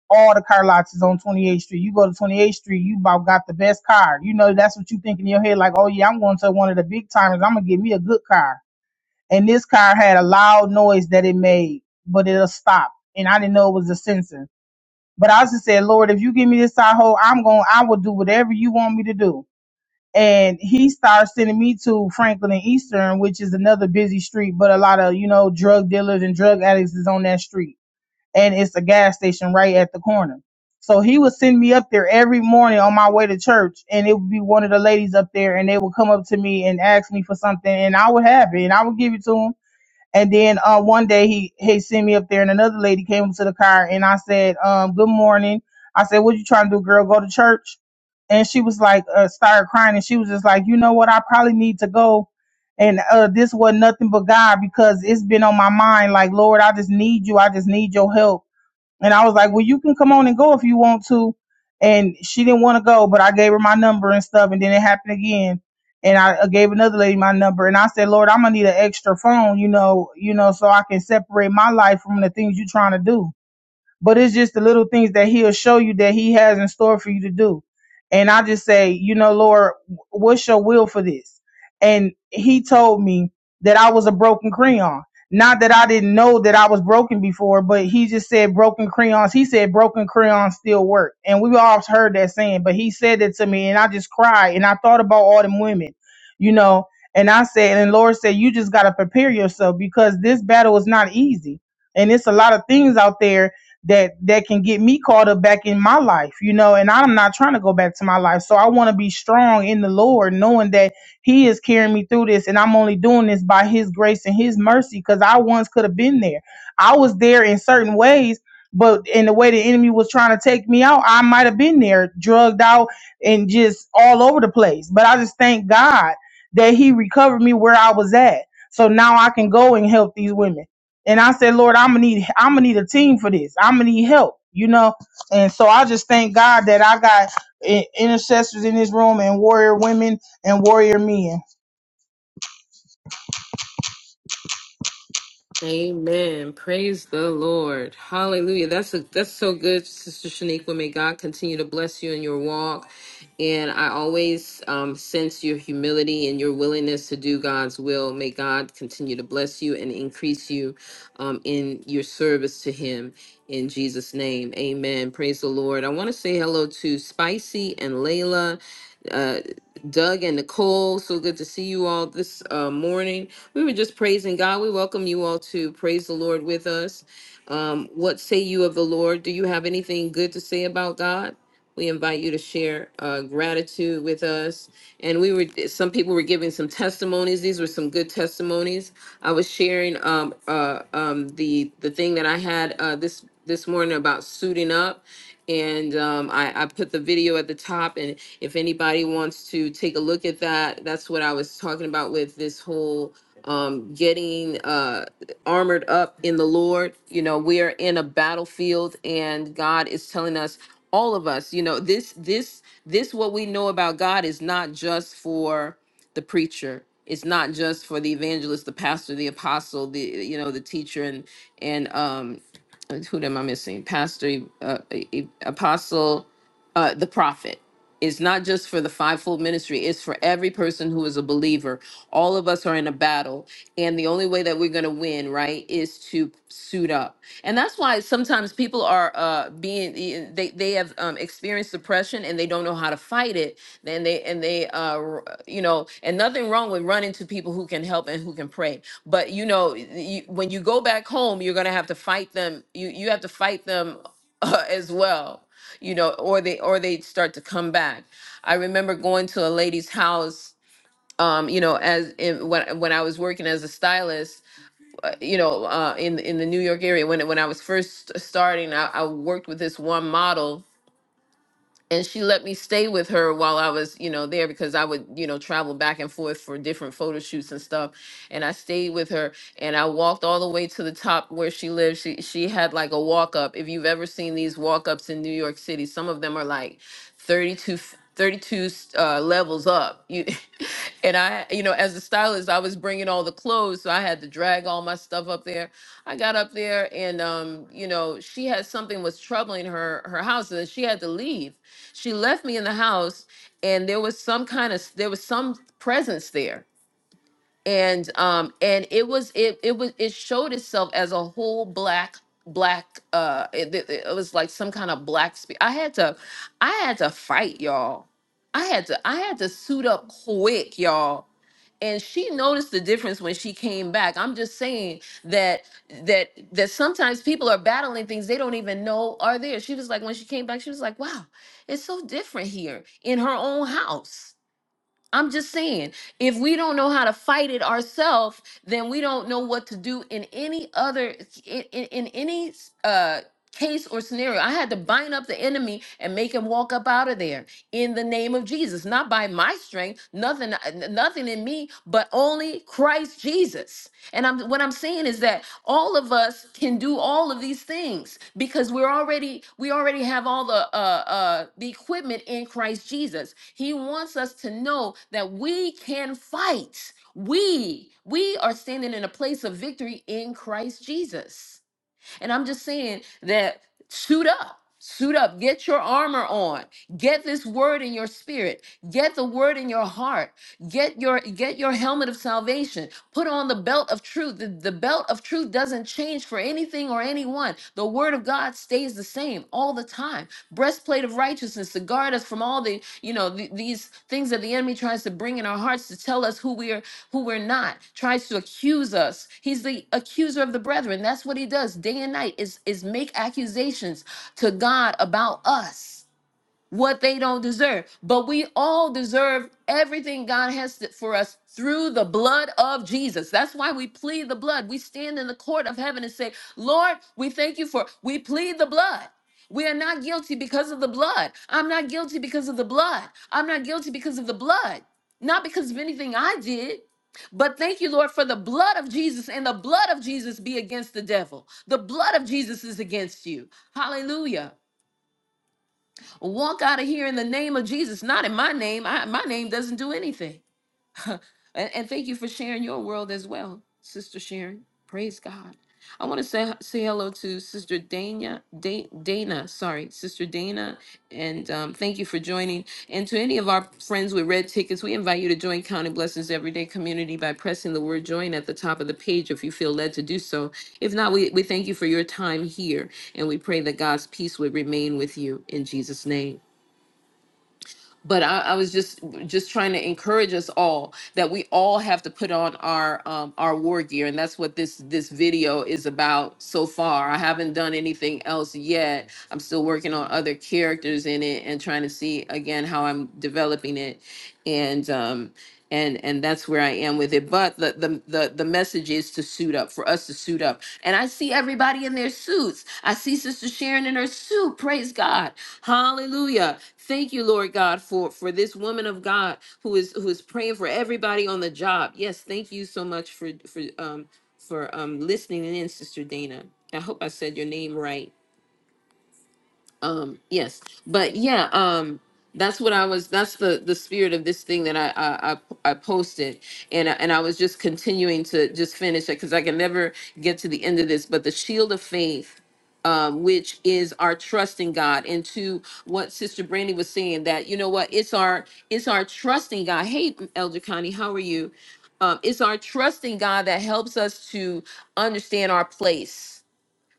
Speaker 3: all the car lots is on 28th Street. You go to 28th Street, you about got the best car. You know, that's what you think in your head, like, oh yeah, I'm going to one of the big timers. I'm gonna get me a good car. And this car had a loud noise that it made, but it'll stop. And I didn't know it was a sensor. But I just said, Lord, if you give me this side hole, I'm going, I will do whatever you want me to do. And he started sending me to Franklin and Eastern, which is another busy street, but a lot of, you know, drug dealers and drug addicts is on that street. And it's a gas station right at the corner. So he would send me up there every morning on my way to church, and it would be one of the ladies up there, and they would come up to me and ask me for something, and I would have it, and I would give it to 'em. And then uh, one day he he sent me up there, and another lady came up to the car, and I said, um, "Good morning." I said, "What you trying to do, girl? Go to church?" And she was like, uh, started crying, and she was just like, "You know what? I probably need to go." And uh, this was nothing but God because it's been on my mind. Like, Lord, I just need you. I just need your help. And I was like, well, you can come on and go if you want to. And she didn't want to go, but I gave her my number and stuff. And then it happened again. And I I gave another lady my number. And I said, Lord, I'm going to need an extra phone, you know, you know, so I can separate my life from the things you're trying to do but it's just the little things that he'll show you that he has in store for you to do. And I just say, you know, Lord, what's your will for this? And he told me that I was a broken crayon. Not that I didn't know that I was broken before, but he just said broken crayons. He said broken crayons still work. And we've all heard that saying, but he said it to me and I just cried and I thought about all them women, you know, and I said, and the Lord said, you just got to prepare yourself because this battle is not easy. And it's a lot of things out there that that can get me caught up back in my life, you know, and I'm not trying to go back to my life. So I want to be strong in the Lord, knowing that He is carrying me through this, and I'm only doing this by His grace and His mercy, because I once could have been there. I was there in certain ways, but in the way the enemy was trying to take me out, I might have been there, drugged out and just all over the place. But I just thank God that He recovered me where I was at. So now I can go and help these women and I said, Lord, I'm gonna need I'm gonna need a team for this. I'm gonna need help, you know. And so I just thank God that I got i- intercessors in this room and warrior women and warrior men.
Speaker 1: Amen. Praise the Lord. Hallelujah. That's a, that's so good, Sister Shaniqua. May God continue to bless you in your walk. And I always um, sense your humility and your willingness to do God's will. May God continue to bless you and increase you um, in your service to Him. In Jesus' name, Amen. Praise the Lord. I want to say hello to Spicy and Layla, uh, Doug and Nicole. So good to see you all this uh, morning we were just praising God. We welcome you all to praise the Lord with us. Um, what say you of the Lord? Do you have anything good to say about God? We invite you to share uh, gratitude with us. And we were, some people were giving some testimonies. These were some good testimonies. I was sharing um, uh, um, the the thing that I had uh, this this morning about suiting up, and um, I, I put the video at the top. And if anybody wants to take a look at that, that's what I was talking about with this whole um, getting uh, armored up in the Lord. You know, we are in a battlefield, and God is telling us, all of us, you know, this, this, this, what we know about God is not just for the preacher. It's not just for the evangelist, the pastor, the apostle, the you know, the teacher, and and um, who am I missing? Pastor, uh, e- e- apostle, uh, the prophet. It's not just for the fivefold ministry, it's for every person who is a believer. All of us are in a battle, and the only way that we're going to win, right, is to suit up. And that's why sometimes people are uh being they they have um experienced depression and they don't know how to fight it. Then they and they uh r- you know, and nothing wrong with running to people who can help and who can pray. But you know, you, when you go back home, you're going to have to fight them. You you have to fight them uh, as well you know, or they or they start to come back. I remember going to a lady's house, um, you know, as in, when when I was working as a stylist, uh, you know, uh, in in the New York area when when I was first starting, I, I worked with this one model and she let me stay with her while I was, you know, there because I would, you know, travel back and forth for different photo shoots and stuff. And I stayed with her and I walked all the way to the top where she lived. She she had like a walk up. If you've ever seen these walk ups in New York City, some of them are like 32 f- 32 uh, levels up. You and I, you know, as a stylist, I was bringing all the clothes, so I had to drag all my stuff up there. I got up there and um, you know, she had something was troubling her her house and she had to leave she left me in the house and there was some kind of there was some presence there and um and it was it it was it showed itself as a whole black black uh it, it, it was like some kind of black spe- i had to i had to fight y'all i had to i had to suit up quick y'all and she noticed the difference when she came back i'm just saying that that that sometimes people are battling things they don't even know are there she was like when she came back she was like wow it's so different here in her own house I'm just saying, if we don't know how to fight it ourselves, then we don't know what to do in any other in, in, in any uh case or scenario. I had to bind up the enemy and make him walk up out of there in the name of Jesus, not by my strength, nothing n- nothing in me, but only Christ Jesus. And I'm what I'm saying is that all of us can do all of these things because we're already we already have all the uh uh the equipment in Christ Jesus. He wants us to know that we can fight. We we are standing in a place of victory in Christ Jesus. And I'm just saying that suit up. Suit up, get your armor on. Get this word in your spirit. Get the word in your heart. Get your get your helmet of salvation. Put on the belt of truth. The, the belt of truth doesn't change for anything or anyone. The word of God stays the same all the time. Breastplate of righteousness to guard us from all the, you know, the, these things that the enemy tries to bring in our hearts to tell us who we are who we're not, tries to accuse us. He's the accuser of the brethren. That's what he does day and night is, is make accusations to God about us what they don't deserve. But we all deserve everything God has th- for us through the blood of Jesus. That's why we plead the blood. We stand in the court of heaven and say, Lord, we thank you for, we plead the blood. We are not guilty because of the blood. I'm not guilty because of the blood. I'm not guilty because of the blood. Not because of anything I did. But thank you, Lord, for the blood of Jesus, and the blood of Jesus be against the devil. The blood of Jesus is against you. Hallelujah. Walk out of here in the name of Jesus, not in my name. I, my name doesn't do anything. and, and thank you for sharing your world as well, Sister Sharon. Praise God. I want to say say hello to Sister Dana, Da- Dana, sorry, Sister Dana, and um, thank you for joining. And to any of our friends with red tickets, we invite you to join Counting Blessings Everyday Community by pressing the word "join" at the top of the page if you feel led to do so. If not, we, we thank you for your time here, and we pray that God's peace would remain with you in Jesus' name but I, I was just just trying to encourage us all that we all have to put on our um, our war gear, and that's what this this video is about so far. I haven't done anything else yet. I'm still working on other characters in it and trying to see again how I'm developing it and um and and that's where I am with it. But the the the, the message is to suit up for us to suit up. And I see everybody in their suits. I see Sister Sharon in her suit. Praise God. Hallelujah. Thank you, Lord God, for for this woman of God who is who is praying for everybody on the job. Yes, thank you so much for for um for um listening in, Sister Dana. I hope I said your name right um yes but yeah um that's what i was that's the the spirit of this thing that i i i, I posted and I, and i was just continuing to just finish it because i can never get to the end of this but the shield of faith um, which is our trust in God, and to what Sister Brandy was saying that you know what it's our it's our trust in God. Hey, Elder Connie, how are you? Um, it's our trust in God that helps us to understand our place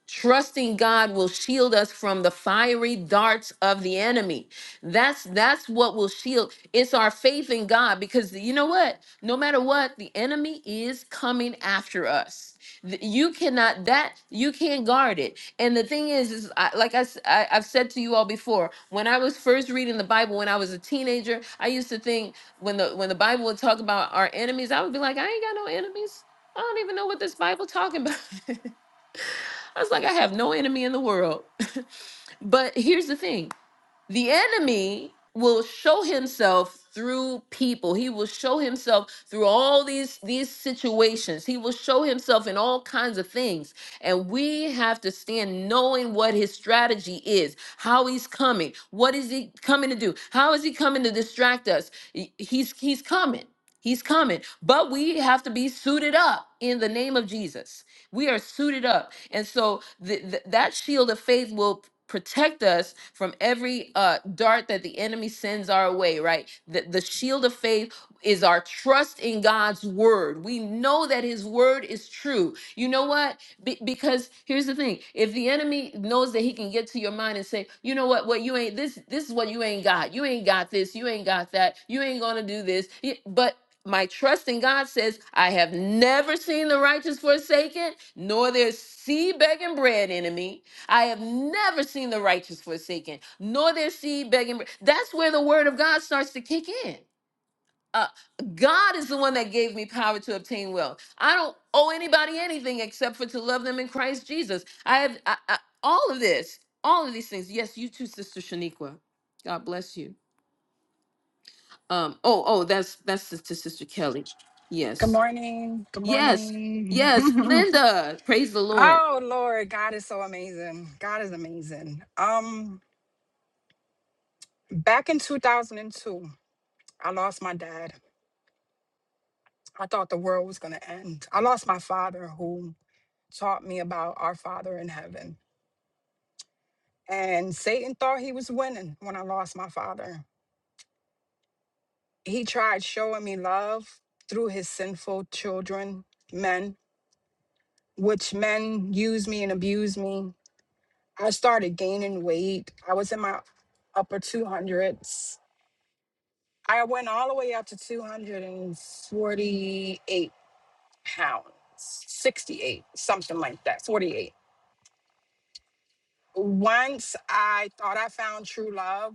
Speaker 1: trusting God will shield us from the fiery darts of the enemy. That's that's what will shield. It's our faith in God because you know what? No matter what, the enemy is coming after us. Th- You cannot that you can't guard it. And the thing is, is I, like I, s- I have said to you all before, when I was first reading the Bible when I was a teenager, I used to think when the when the Bible would talk about our enemies, I would be like, I ain't got no enemies. I don't even know what this Bible talking about. I was like, I have no enemy in the world. but here's the thing the enemy will show himself through people he will show himself through all these these situations he will show himself in all kinds of things and we have to stand knowing what his strategy is how he's coming what is he coming to do how is he coming to distract us He- he's he's coming he's coming but we have to be suited up in the name of jesus we are suited up and so th- th- that shield of faith will protect us from every uh, dart that the enemy sends our way, right? The, the shield of faith is our trust in God's word. We know that his word is true. You know what? Be- because here's the thing. If the enemy knows that he can get to your mind and say, "You know what? What you ain't this this is what you ain't got. You ain't got this. You ain't got that. You ain't going to do this." Y- But my trust in God says, I have never seen the righteous forsaken, nor their seed begging bread enemy. I have never seen the righteous forsaken, nor their seed begging bread. That's where the word of God starts to kick in. Uh, God is the one that gave me power to obtain wealth. I don't owe anybody anything except for to love them in Christ Jesus. I have I, I, all of this, all of these things. Yes, you too, Sister Shaniqua. God bless you. Um, oh, oh, that's that's to Sister Kelly.
Speaker 10: Good
Speaker 1: Yes.
Speaker 10: morning. Good
Speaker 1: Yes.
Speaker 10: morning.
Speaker 1: Yes. Linda. Praise the Lord.
Speaker 10: oh Lord, God is so amazing. God is amazing. Um back in 2002, I lost my dad. I thought the world was going to end. I lost my father who taught me about our father in heaven. And Satan thought he was winning when I lost my father. He tried showing me love through his sinful children, men, which men used me and abused me I started gaining weight. I was in my upper 200s. I went all the way up to 248 pounds, 68, something like that, 48. Once I thought I found true love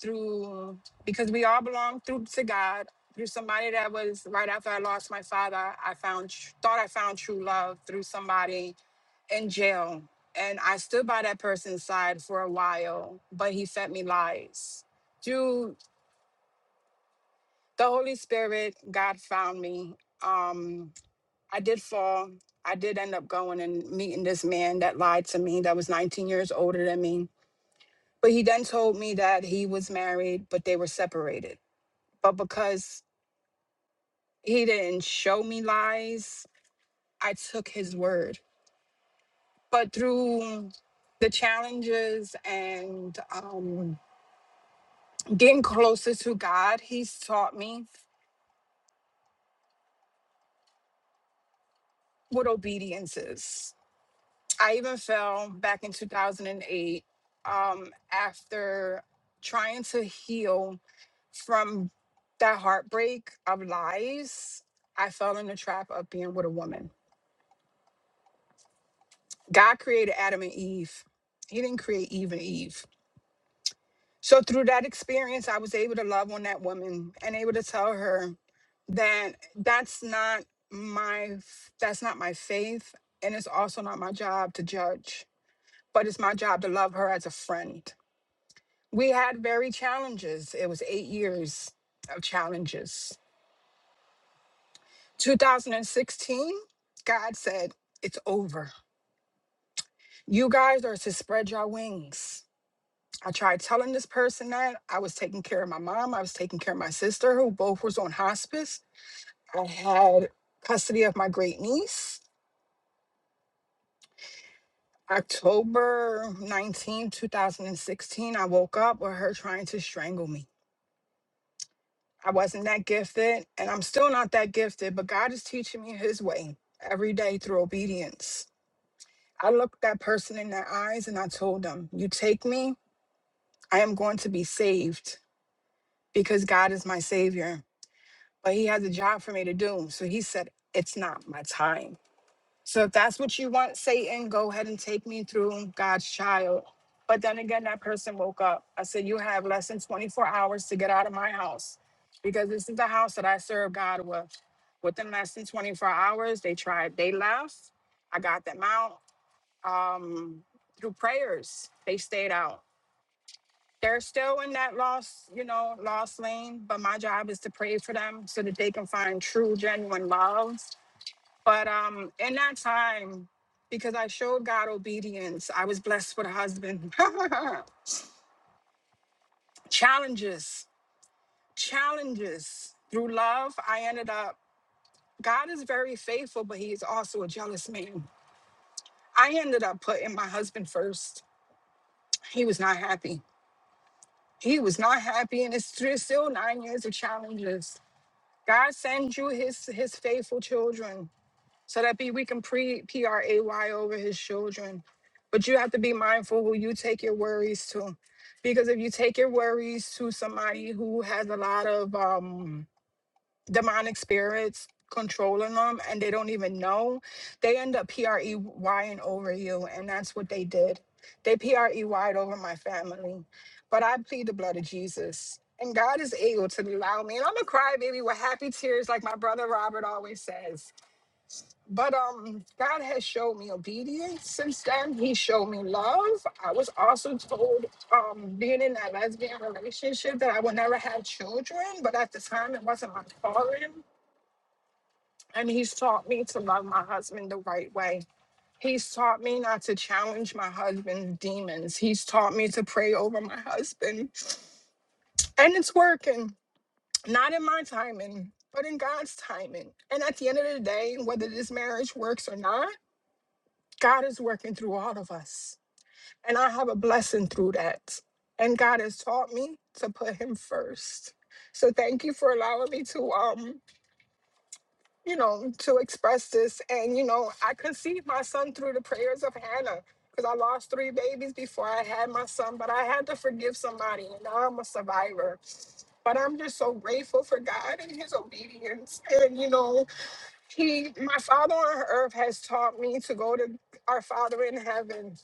Speaker 10: through, because we all belong through to God, through somebody that was right after I lost my father, I found, tr- thought I found true love through somebody in jail. And I stood by that person's side for a while, but he fed me lies. Through the Holy Spirit, God found me. Um, I did fall. I did end up going and meeting this man that lied to me, that was 19 years older than me. But he then told me that he was married, but they were separated. But because he didn't show me lies, I took his word. But through the challenges and, um, getting closer to God, He's taught me what obedience is. I even fell back in 2008 um, after trying to heal from that heartbreak of lies. I fell in the trap of being with a woman. God created Adam and Eve, He didn't create Eve and Eve. So through that experience, I was able to love on that woman and able to tell her that that's not my f- that's not my faith and it's also not my job to judge, but it's my job to love her as a friend. We had very challenges. It was 8 years of challenges. 2016, God said, "It's over. You guys are to spread your wings." I tried telling this person that I was taking care of my mom, I was taking care of my sister, who both was on hospice. I had custody of my great niece. October nineteenth, two 2016, I woke up with her trying to strangle me. I wasn't that gifted, and I'm still not that gifted, but God is teaching me His way every day through obedience. I looked that person in their eyes and I told them, You take me, I am going to be saved because God is my Savior. but he has a job for me to do. So he said, It's not my time. So if that's what you want, Satan, go ahead and take me through God's child. But then again, that person woke up. I said, You have less than 24 hours to get out of my house because this is the house that I serve God with. Within less than 24 hours, they tried, they left. I got them out um, through prayers. They stayed out. They're still in that lost, you know, lost lane, but my job is to pray for them so that they can find true, genuine love. But um in that time, because I showed God obedience, I was blessed with a husband. challenges, challenges. Through love, I ended up God is very faithful, but he is also a jealous man. I ended up putting my husband first. He was not happy. He was not happy, and it's three, still nine years of challenges. God sends you his his faithful children so that be we can pre P R A Y over his children. But you have to be mindful who you take your worries to. Because if you take your worries to somebody who has a lot of um demonic spirits controlling them and they don't even know, they end up PREYing over you. And that's what they did. They PREYed over my family. But I plead the blood of Jesus. And God is able to allow me. And I'm a crybaby with happy tears, like my brother Robert always says. But um, God has showed me obedience since then. He showed me love. I was also told, um, being in that lesbian relationship, that I would never have children. But at the time, it wasn't my calling and he's taught me to love my husband the right way. He's taught me not to challenge my husband's demons. He's taught me to pray over my husband, and it's working. Not in my timing, but in God's timing. And at the end of the day, whether this marriage works or not, God is working through all of us. And I have a blessing through that. And God has taught me to put him first. So thank you for allowing me to um you know, to express this. And, you know, I conceived my son through the prayers of Hannah because I lost three babies before I had my son, but I had to forgive somebody, and now I'm a survivor. But I'm just so grateful for God and His obedience. And, you know, He, my Father on earth has taught me to go to our Father in heaven.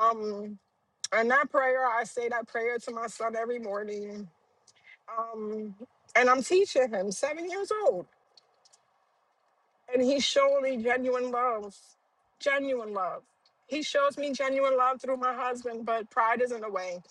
Speaker 10: Um, and that prayer, I say that prayer to my son every morning. Um, and I'm teaching him, seven years old. and he's showing me genuine love, genuine love. He shows me genuine love through my husband, but pride is in the way.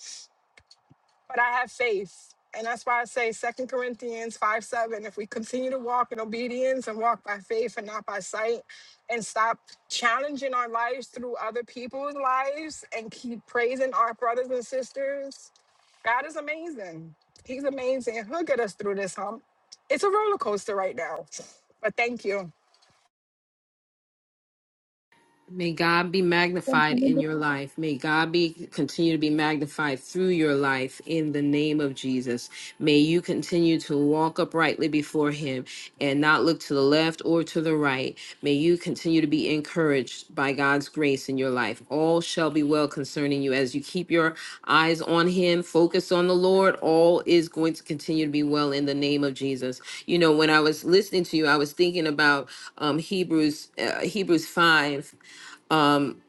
Speaker 10: But I have faith. And that's why I say Second Corinthians 5 7. If we continue to walk in obedience and walk by faith and not by sight, and stop challenging our lives through other people's lives and keep praising our brothers and sisters, God is amazing. He's amazing. He'll get us through this hump. It's a roller coaster right now. But thank you.
Speaker 1: May God be magnified in your life. May God be continue to be magnified through your life in the name of Jesus. May you continue to walk uprightly before him and not look to the left or to the right. May you continue to be encouraged by God's grace in your life. All shall be well concerning you as you keep your eyes on him, focus on the Lord. All is going to continue to be well in the name of Jesus. You know, when I was listening to you, I was thinking about um Hebrews uh, Hebrews 5 um,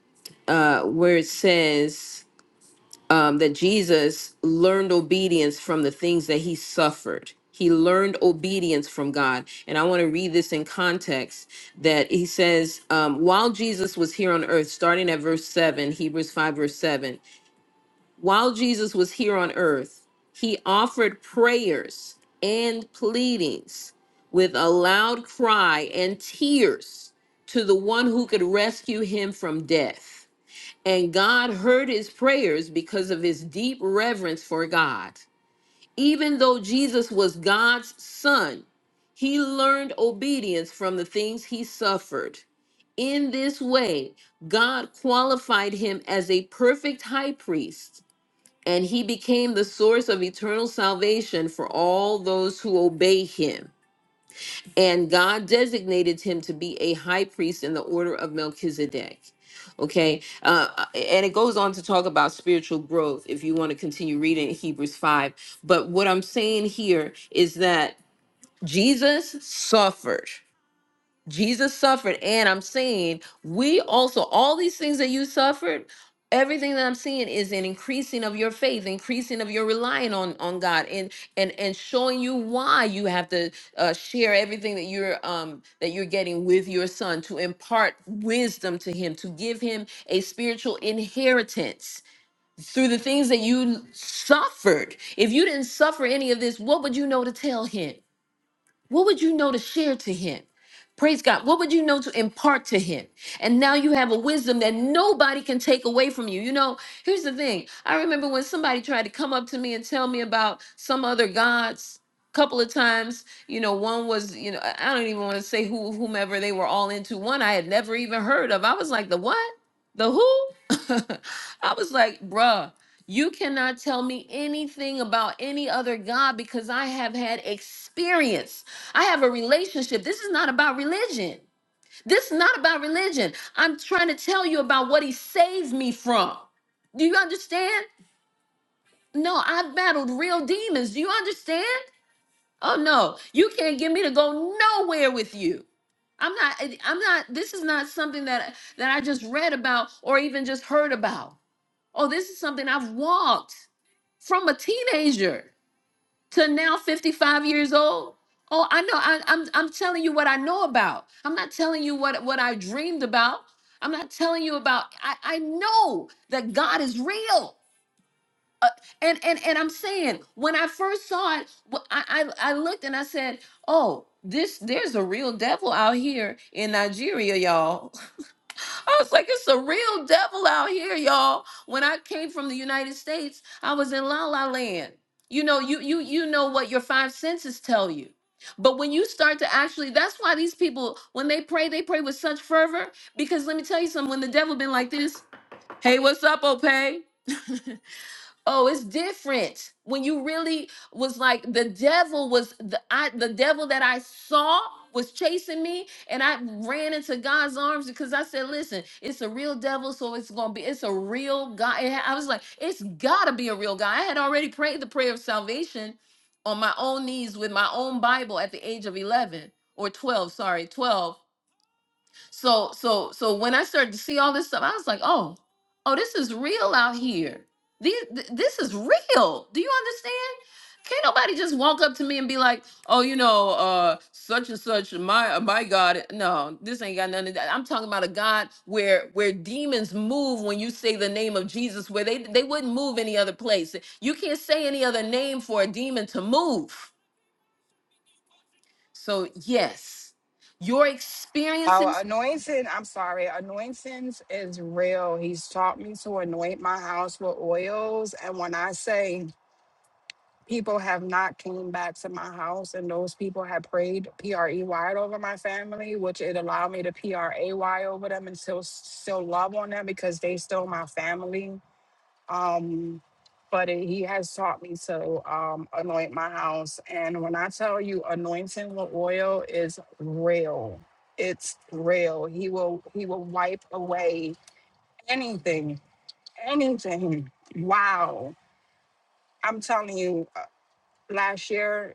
Speaker 1: uh, where it says um, that Jesus learned obedience from the things that he suffered. He learned obedience from God. And I want to read this in context that he says, um, while Jesus was here on earth, starting at verse 7, Hebrews 5, verse 7, while Jesus was here on earth, he offered prayers and pleadings with a loud cry and tears to the one who could rescue him from death and God heard his prayers because of his deep reverence for God. Even though Jesus was God's son, he learned obedience from the things he suffered. In this way, God qualified him as a perfect high priest, and he became the source of eternal salvation for all those who obey him and God designated him to be a high priest in the order of Melchizedek. Okay, uh, and it goes on to talk about spiritual growth if you want to continue reading Hebrews 5. But what I'm saying here is that Jesus suffered. Jesus suffered, and I'm saying we also, all these things that you suffered, everything that I'm seeing is an increasing of your faith, increasing of your relying on on God, and and and showing you why you have to uh, share everything that you're um that you're getting with your son to impart wisdom to him, to give him a spiritual inheritance through the things that you suffered. If you didn't suffer any of this, what would you know to tell him? What would you know to share to him? Praise God. What would you know to impart to him? And now you have a wisdom that nobody can take away from you. You know, here's the thing. I remember when somebody tried to come up to me and tell me about some other gods a couple of times you know one was you know i I don't even want to say who whomever they were all into one i had never even heard of i was like the what the who i was like bruh you cannot tell me anything about any other god because i have had experience I have a relationship. This is not about religion. This is not about religion. I'm trying to tell you about what he saves me from. Do you understand? No, I've battled real demons. Do you understand? Oh no, you can't get me to go nowhere with you. I'm not I- I'm not this is not something that that I just read about or even just heard about. Oh, this is something I've walked from a teenager. to now 55 years old. Oh, I know. I, I'm I'm telling you what I know about. I'm not telling you what what I dreamed about. I'm not telling you about. I I know that God is real. Uh, and and and I'm saying when I first saw it, wh- I, I I looked and I said, oh, this there's a real devil out here in Nigeria, y'all. I was like, it's a real devil out here, y'all. When I came from the United States, I was in La La Land. You know, you you you know what your five senses tell you. But when you start to actually, that's why these people, when they pray, they pray with such fervor. Because let me tell you something, when the devil been like this, hey, what's up, Ope? Oh, it's different. When you really was like the devil was the I the devil that I saw was chasing me and I ran into God's arms because I said, "Listen, it's a real devil, so it's going to be it's a real God." It ha- I was like, "It's got to be a real God." I had already prayed the prayer of salvation on my own knees with my own Bible at the age of 11 or 12, sorry, 12 so so so when I started to see all this stuff, I was like, oh, oh, this is real out here. These th- this is real. Do you understand? Can't nobody just walk up to me and be like, oh, you know, uh, such and such, my uh, my God. No, this ain't got nothing. to that. I'm talking about a God where where demons move when you say the name of Jesus, where they they wouldn't move any other place. You can't say any other name for a demon to move. So yes, your
Speaker 10: Our
Speaker 1: experiences
Speaker 10: anointing, I'm sorry, anointings is real. He's taught me to anoint my house with oils. And when I say people have not came back to my house and those people have prayed P-R-E-Y over my family, which it allowed me to P-R-A-Y over them and still still love on them because they still my family. Um, but it, he has taught me to um, anoint my house. And when I tell you anointing with oil is real, it's real. He will he will wipe away anything, anything. Wow. I'm telling you, uh, last year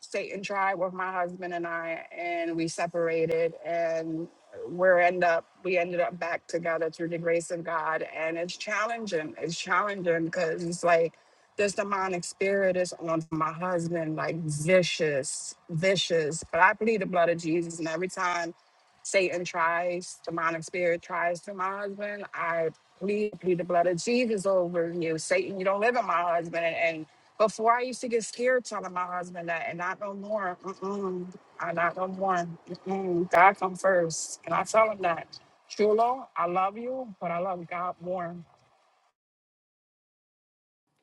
Speaker 10: Satan tried with my husband and I, and we separated, and we're end up we ended up back together through the grace of God, and it's challenging. It's challenging because it's like this demonic spirit is on my husband, like vicious, vicious. But I plead the blood of Jesus, and every time Satan tries, demonic spirit tries to my husband, I plead, plead the blood of Jesus over you. Satan, you don't live in my husband. And, and before I used to get scared telling my husband that, and not no more. Mm-mm, I not no more. Mm-mm, God come first. And I tell him that. Chulo, I love you, but I love God more.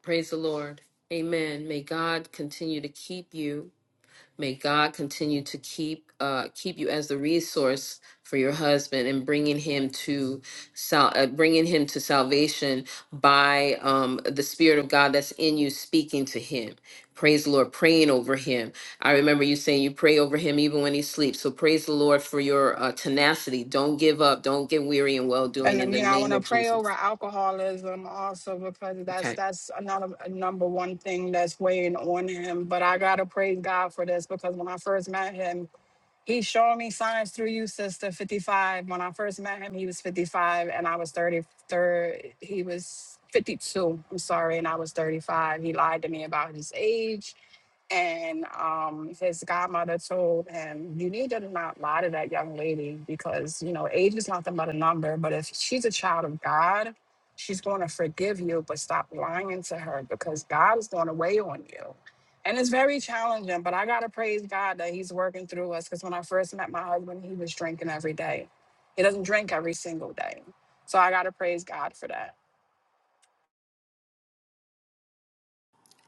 Speaker 1: Praise the Lord. Amen. May God continue to keep you. May God continue to keep uh, keep you as the resource for your husband and bringing him to sal- uh, bringing him to salvation by um, the Spirit of God that's in you speaking to him. Praise the Lord, praying over him. I remember you saying you pray over him even when he sleeps. So praise the Lord for your uh, tenacity. Don't give up. Don't get weary in well doing.
Speaker 10: And
Speaker 1: In
Speaker 10: um,
Speaker 1: the
Speaker 10: you know, I
Speaker 1: name
Speaker 10: want to
Speaker 1: of
Speaker 10: pray over
Speaker 1: Jesus.
Speaker 10: alcoholism also because that's
Speaker 1: Okay.
Speaker 10: that's another a number one thing that's weighing on him. But I gotta praise God for this because when I first met him, He showed me signs through you, sister, 55. When I first met him, he was 55 and I was 33. He was 52, I'm sorry, and I was 35. He lied to me about his age. And um, his godmother told him, You need to not lie to that young lady because, you know, age is nothing but a number. But if she's a child of God, she's going to forgive you, but stop lying to her because God is going to weigh on you. And it's very challenging, but I gotta praise God that He's working through us. Because when I first met my husband, he was drinking every day. He doesn't drink every single day, so I gotta praise God for that.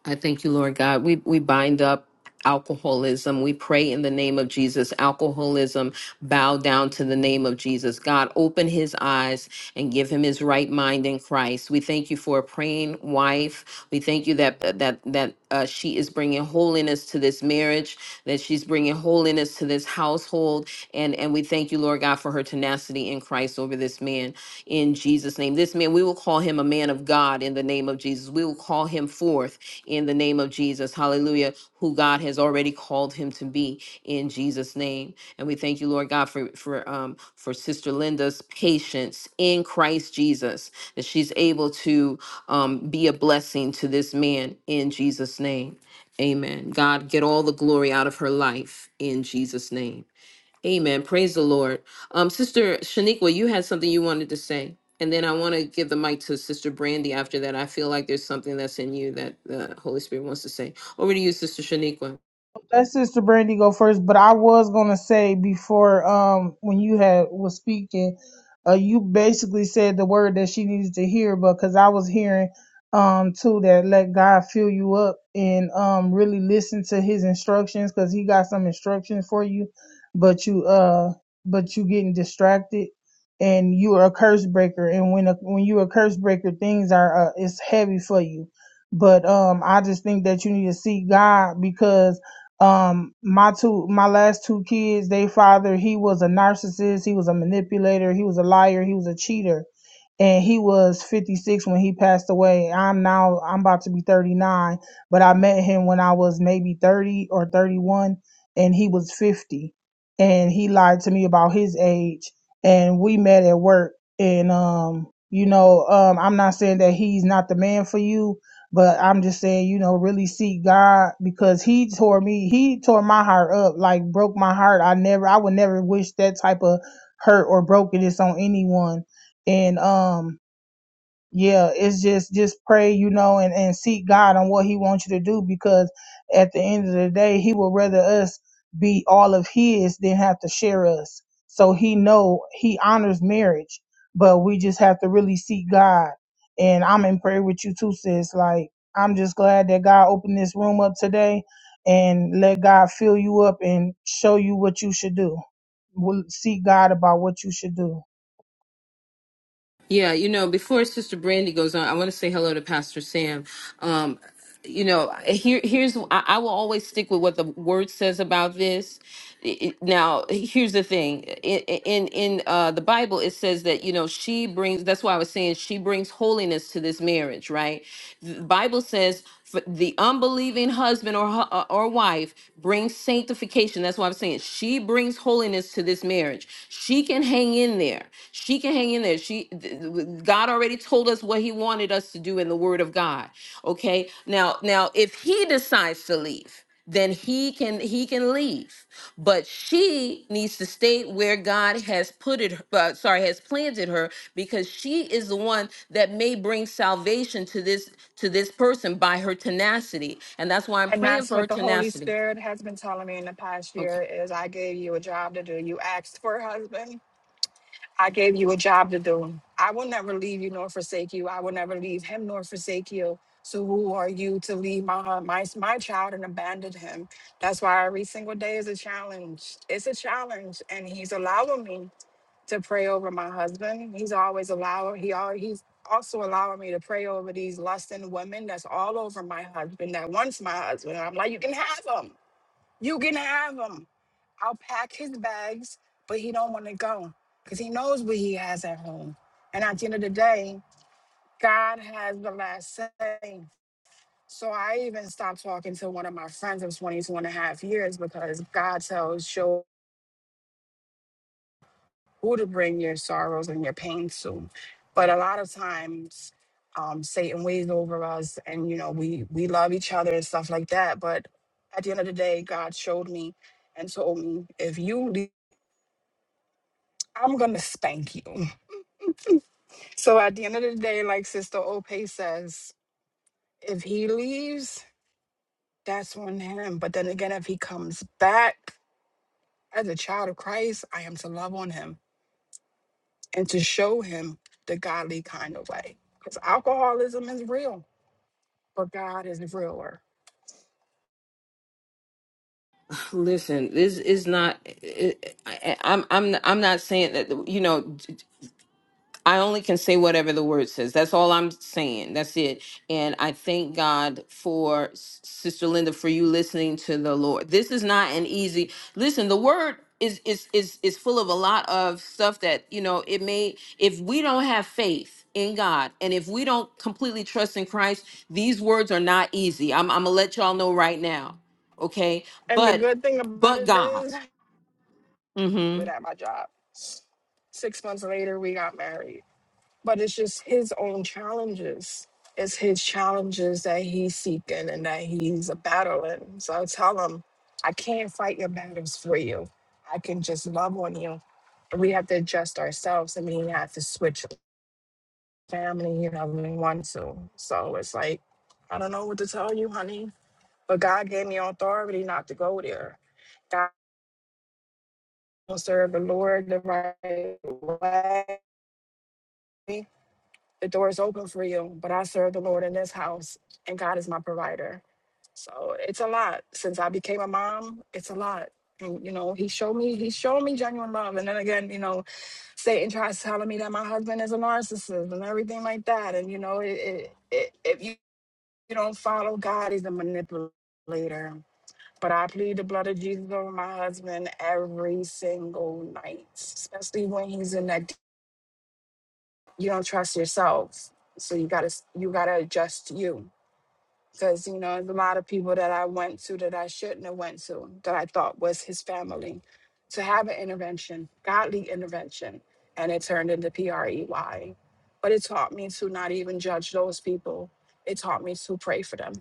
Speaker 1: I thank you, Lord God. We we bind up alcoholism. We pray in the name of Jesus. Alcoholism, bow down to the name of Jesus. God, open his eyes and give him his right mind in Christ. We thank you for a praying wife. We thank you that that that uh, she is bringing holiness to this marriage, that she's bringing holiness to this household, and and we thank you, Lord God, for her tenacity in Christ over this man. In Jesus' name, this man, we will call him a man of God. In the name of Jesus, we will call him forth in the name of Jesus. Hallelujah. Who God has already called him to be in Jesus' name. And we thank you, Lord God, for for um for Sister Linda's patience in Christ Jesus, that she's able to um be a blessing to this man in Jesus' name. Amen. God, get all the glory out of her life in Jesus' name. Amen. Praise the Lord. Um, Sister Shaniqua, you had something you wanted to say, and then I want to give the mic to Sister Brandy after that. I feel like there's something that's in you that the Holy Spirit wants to say. Over to you, Sister Shaniqua.
Speaker 3: let Sister Brandy go first, but I was gonna say before um when you had was speaking, uh you basically said the word that she needed to hear, but because I was hearing um too that let God fill you up and um really listen to His instructions because He got some instructions for you, but you uh but you getting distracted and you are a curse breaker, and when a, when you a curse breaker, things are uh, it's heavy for you. But um, I just think that you need to seek God because um my two my last two kids they father he was a narcissist he was a manipulator he was a liar he was a cheater and he was 56 when he passed away. I'm now I'm about to be 39, but I met him when I was maybe 30 or 31 and he was 50 and he lied to me about his age and we met at work and um you know um I'm not saying that he's not the man for you but I'm just saying you know really seek God because he tore me he tore my heart up like broke my heart I never I would never wish that type of hurt or brokenness on anyone and um yeah it's just just pray you know and and seek god on what he wants you to do because at the end of the day he would rather us be all of his than have to share us so he know he honors marriage but we just have to really seek god and i'm in prayer with you too sis like i'm just glad that god opened this room up today and let god fill you up and show you what you should do We'll seek god about what you should do
Speaker 1: Yeah, you know, before Sister Brandy goes on, I want to say hello to Pastor Sam. Um, you know, here here's I, I will always stick with what the word says about this. I- I- Now, here's the thing. I- In in uh, the Bible, it says that you know she brings. That's why I was saying she brings holiness to this marriage, right? The Bible says. F- The unbelieving husband or hu- uh, or wife brings sanctification. That's why I'm saying she brings holiness to this marriage. She can hang in there. She can hang in there. She th- th- God already told us what He wanted us to do in the Word of God. Okay. Now, now, if He decides to leave, then He can He can leave but she needs to stay where God has put it. Uh, sorry, has planted her because she is the one that may bring salvation to this to this person by her tenacity. And that's why I'm
Speaker 10: And
Speaker 1: praying
Speaker 10: that's
Speaker 1: for her
Speaker 10: what the Holy
Speaker 1: tenacity.
Speaker 10: Spirit has been telling me in the past
Speaker 1: Okay.
Speaker 10: year: is I gave you a job to do. You asked for a husband, I gave you a job to do. I will never leave you nor forsake you. I will never leave him nor forsake you. So who are you to leave my my my child and abandon him? That's why every single day is a challenge. It's a challenge, and he's allowing me to pray over my husband. He's always allowing. He always he's also allowing me to pray over these lusting women that's all over my husband that wants my husband. I'm like, you can have him. You can have him. I'll pack his bags, but he don't want to go because he knows what he has at home. And at the end of the day, God has the last say. So I even stopped talking to one of my friends of 22 and a half years because God tells you who to bring your sorrows and your pains to. But a lot of times, um, Satan weighs over us and, you know, we, we love each other and stuff like that. But at the end of the day, God showed me and told me, if you leave I'm gonna spank you. So at the end of the day, like Sister Ope says, if he leaves, that's on him. But then again, if he comes back as a child of Christ, I am to love on him and to show him the godly kind of way. Because alcoholism is real, but God is realer.
Speaker 1: Listen, this is not. eh, eh, i I, I'm I'm I'm not saying that you know. I only can say whatever the word says. That's all I'm saying. That's it. And I thank God for S- Sister Linda for you listening to the Lord. This is not an easy listen. The word is is is is full of a lot of stuff that you know. It may if we don't have faith in God and if we don't completely trust in Christ, these words are not easy. I'm I'm gonna let y'all know right now, okay?
Speaker 10: And the
Speaker 1: But
Speaker 10: good thing about
Speaker 1: but
Speaker 10: it
Speaker 1: God.
Speaker 10: is,
Speaker 1: Mhm.
Speaker 10: good at my job. Six months later, we got married. but it's just his own challenges. It's his challenges that he's seeking and that he's battling. So I tell him, I can't fight your battles for you. I can just love on you. We have to adjust ourselves. I mean, you have to switch family. You know, when we want to. So it's like, I don't know what to tell you, honey. But God gave me authority not to go there. God will serve the Lord the right way the door is open for you, but I serve the Lord in this house, and God is my provider. So it's a lot. Since I became a mom, it's a lot. And you know, he showed me he showed me genuine love. And then again, you know, Satan tries telling me that my husband is a narcissist and everything like that. And you know, it, it, it, if you, you don't follow God, he's a manipulator. But I plead the blood of Jesus over my husband every single night, especially when he's in that you don't trust yourself so you gotta you gotta adjust you because you know there's a lot of people that i went to that i shouldn't have went to that i thought was his family to have an intervention godly intervention and it turned into p-r-e-y but it taught me to not even judge those people it taught me to pray for them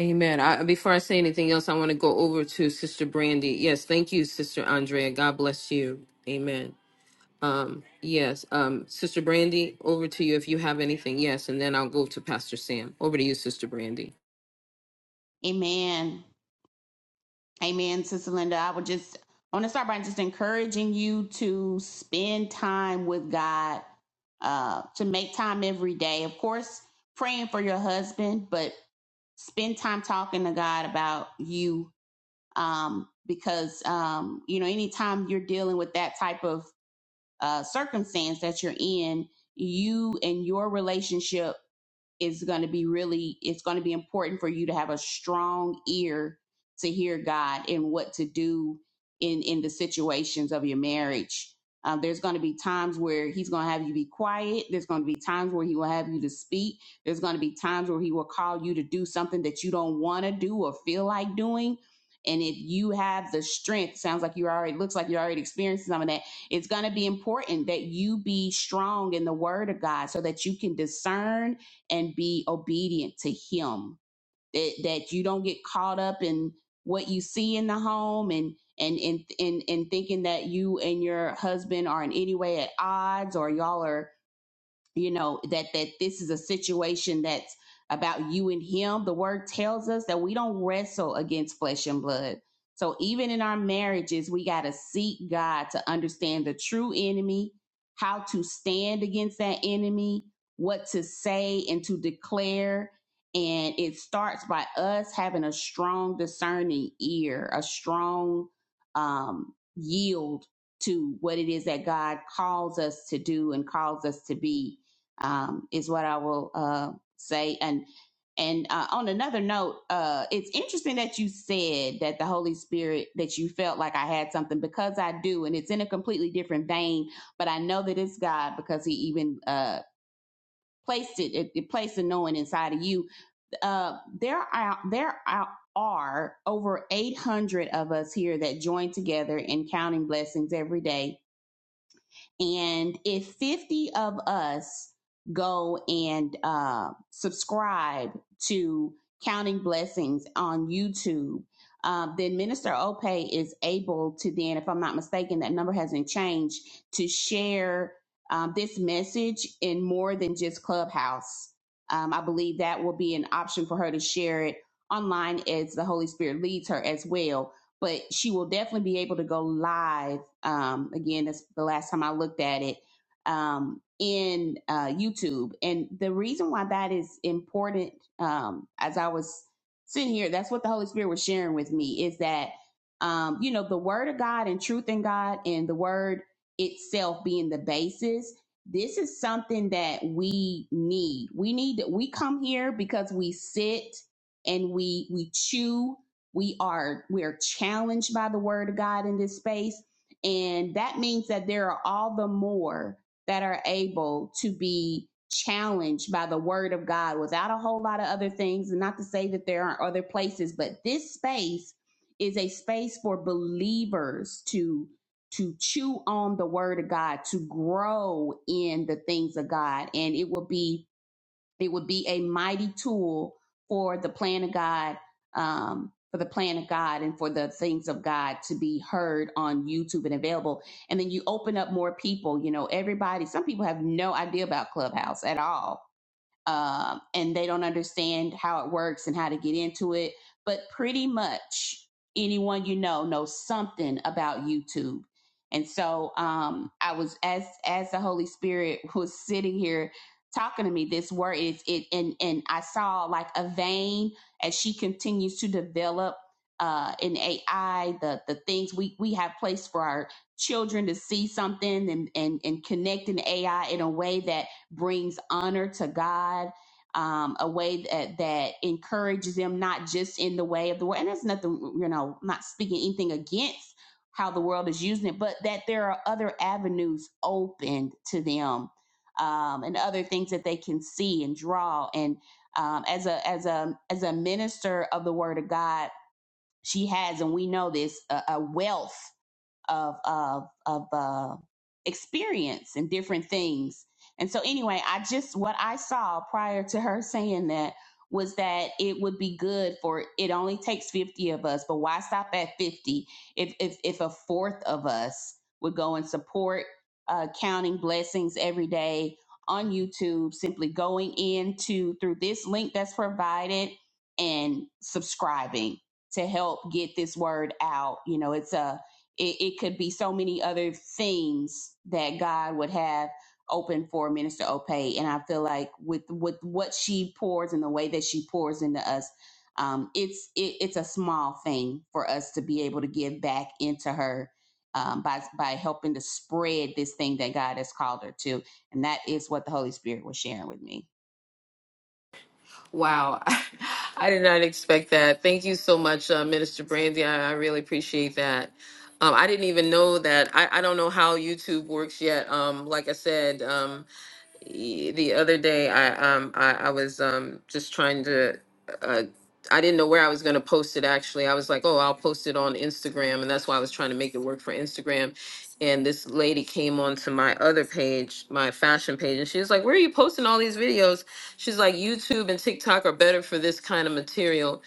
Speaker 1: Amen. I, before I say anything else, I want to go over to Sister Brandy. Yes, thank you, Sister Andrea. God bless you. Amen. Um, yes, um, Sister Brandy, over to you if you have anything. Yes, and then I'll go to Pastor Sam. Over to you, Sister Brandy.
Speaker 8: amen Amen, Sister Linda. I would just I want to start by just encouraging you to spend time with God, uh, to make time every day. Of course, praying for your husband, but spend time talking to God about you. Um, because um, you know, anytime you're dealing with that type of uh circumstance that you're in, you and your relationship is going to be really it's going to be important for you to have a strong ear to hear god and what to do in in the situations of your marriage um, there's going to be times where he's going to have you be quiet there's going to be times where he will have you to speak there's going to be times where he will call you to do something that you don't want to do or feel like doing and if you have the strength sounds like you already looks like you're already experiencing some of that it's going to be important that you be strong in the word of god so that you can discern and be obedient to him that that you don't get caught up in what you see in the home and and and and, and thinking that you and your husband are in any way at odds or y'all are you know that that this is a situation that's about you and him the word tells us that we don't wrestle against flesh and blood so even in our marriages we got to seek god to understand the true enemy how to stand against that enemy what to say and to declare and it starts by us having a strong discerning ear a strong um yield to what it is that god calls us to do and calls us to be um, is what I will uh, say. And and uh, on another note, uh, it's interesting that you said that the Holy Spirit that you felt like I had something because I do, and it's in a completely different vein. But I know that it's God because He even uh, placed it, it, it placed the knowing inside of you. Uh, there are there are. Are over 800 of us here that join together in counting blessings every day and if 50 of us go and uh, subscribe to Counting Blessings on YouTube, um, then Minister Ope is able to then, if I'm not mistaken, that number hasn't changed, to share um, this message in more than just Clubhouse. Um, I believe that will be an option for her to share it online as the Holy Spirit leads her as well. But she will definitely be able to go live um, again, that's the last time I looked at it um, in uh, YouTube. And the reason why that is important, um, as I was sitting here, that's what the Holy Spirit was sharing with me is that, um, you know, the Word of God and truth in God and the Word itself being the basis. This is something that we need. We need we come here because we sit and we we chew we are we are challenged by the word of God in this space and that means that there are all the more that are able to be challenged by the word of God without a whole lot of other things. And not to say that there aren't other places, but this space is a space for believers to to chew on the word of God, to grow in the things of God. And it will be it would be a mighty tool for the plan of God, um, for the plan of God and for the things of God to be heard on YouTube and available. And then you open up more people. You know, everybody, some people have no idea about Clubhouse at all um, and they don't understand how it works and how to get into it. But pretty much anyone you know knows something about YouTube. And so um, I was as as the Holy Spirit was sitting here talking to me, this word is it, and and I saw like a vein as she continues to develop uh, in AI the the things we we have placed for our children to see something and and and connect in AI in a way that brings honor to God, um, a way that, that encourages them, not just in the way of the world. And there's nothing, you know, not speaking anything against how the world is using it, but that there are other avenues opened to them um, and other things that they can see and draw. And um, as a as a as a minister of the Word of God, she has, and we know this, a, a wealth of of of uh, experience and different things. And so, anyway, I just what I saw prior to her saying that was that it would be good for it only takes fifty of us, but why stop at fifty? If if if a fourth of us would go and support uh, counting blessings every day on YouTube, simply going into through this link that's provided and subscribing to help get this word out. You know, it's a it, it could be so many other things that God would have open for Minister Opay. And I feel like with with what she pours and the way that she pours into us, um, it's it, it's a small thing for us to be able to give back into her um, by by helping to spread this thing that God has called her to. And that is what the Holy Spirit was sharing with me.
Speaker 1: Wow. I did not expect that. Thank you so much, uh, Minister Brandy. I, I really appreciate that. Um, I didn't even know that. I, I don't know how YouTube works yet. Um, like I said, um, Y- the other day i um i, I was um just trying to uh i didn't know where i was going to post it actually i was like oh i'll post it on instagram and that's why i was trying to make it work for instagram and this lady came onto my other page my fashion page and she was like where are you posting all these videos she's like youtube and tiktok are better for this kind of material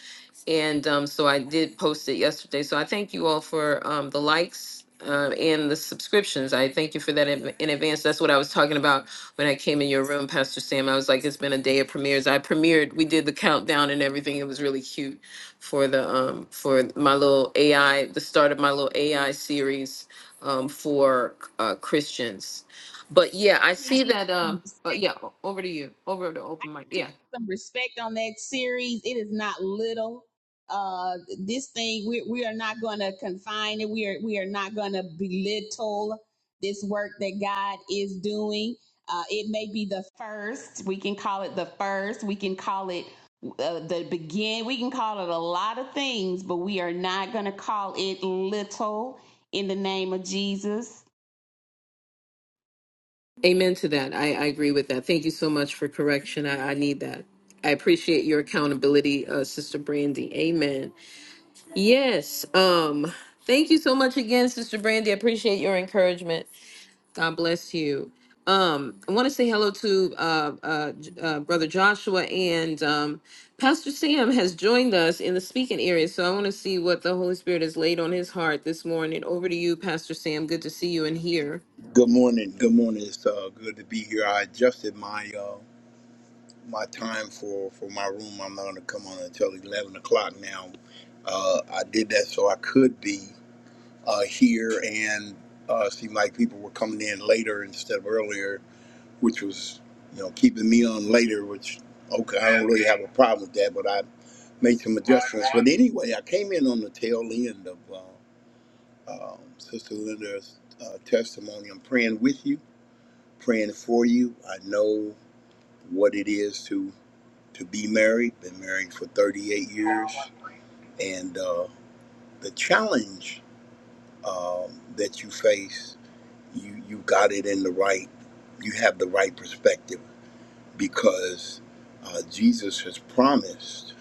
Speaker 1: and um, so I did post it yesterday. So I thank you all for um, the likes uh, and the subscriptions. I thank you for that in, in advance. That's what I was talking about when I came in your room, Pastor Sam. I was like, it's been a day of premieres. I premiered. We did the countdown and everything. It was really cute for the um, for my little AI, the start of my little AI series um, for uh, Christians. But yeah, I
Speaker 8: I need
Speaker 1: see that. Um,
Speaker 8: you.
Speaker 1: but yeah, o- over to you. Over to open mic.
Speaker 8: give
Speaker 1: Yeah.
Speaker 8: it some respect on that series. It is not little. Uh, this thing we we are not going to confine it. We are we are not going to belittle this work that God is doing. Uh, it may be the first. We can call it the first. We can call it uh, the begin. We can call it a lot of things, but we are not going to call it little in the name of Jesus.
Speaker 1: Amen to that. I, I agree with that. Thank you so much for correction. I, I need that. I appreciate your accountability, uh, Sister Brandy. Amen. Yes. Um. Thank you so much again, Sister Brandy. I appreciate your encouragement. God bless you. Um. I want to say hello to uh, uh, J- uh, Brother Joshua and um, Pastor Sam has joined us in the speaking area. So I want to see what the Holy Spirit has laid on his heart this morning. Over to you, Pastor Sam. Good to see you in here.
Speaker 11: Good morning. Good morning. It's uh, good to be here. I adjusted my uh, my time for, for my room. I'm not going to come on until 11 o'clock now. Uh, I did that so I could be uh, here and uh, seemed like people were coming in later instead of earlier, which was, you know, keeping me on later, which, okay, I don't really have a problem with that, but I made some adjustments. But anyway, I came in on the tail end of uh, um Sister Linda's uh, testimony. I'm praying with you praying for you. I know what it is to to be married. Been married for 38 years, and uh, the challenge um, that you face, you you got it in the right. You have the right perspective because uh, Jesus has promised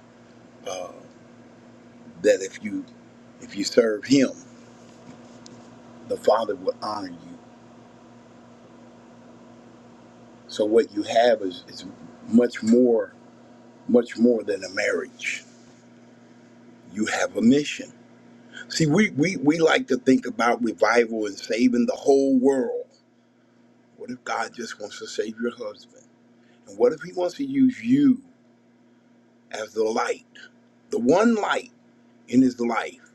Speaker 11: uh, that if you if you serve Him, the Father will honor you. So what you have is, is much more much more than a marriage. You have a mission See, we, we, we like to think about revival and saving the whole world. What if God just wants to save your husband? And what if he wants to use you as the light, the one light in his life,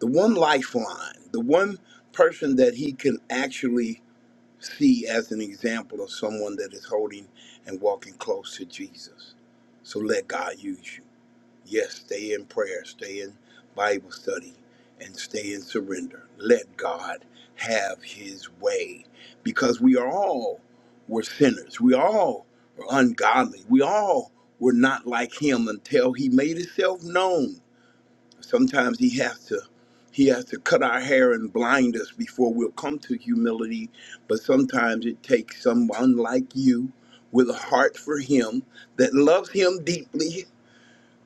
Speaker 11: the one lifeline, the one person that he can actually see as an example of someone that is holding and walking close to Jesus? So let God use you. Yes, stay in prayer, stay in Bible study, and stay in surrender. Let God have his way because we are all were sinners. We all were ungodly. We all were not like him until he made himself known. Sometimes he has to he has to cut our hair and blind us before we'll come to humility, but sometimes it takes someone like you with a heart for him that loves him deeply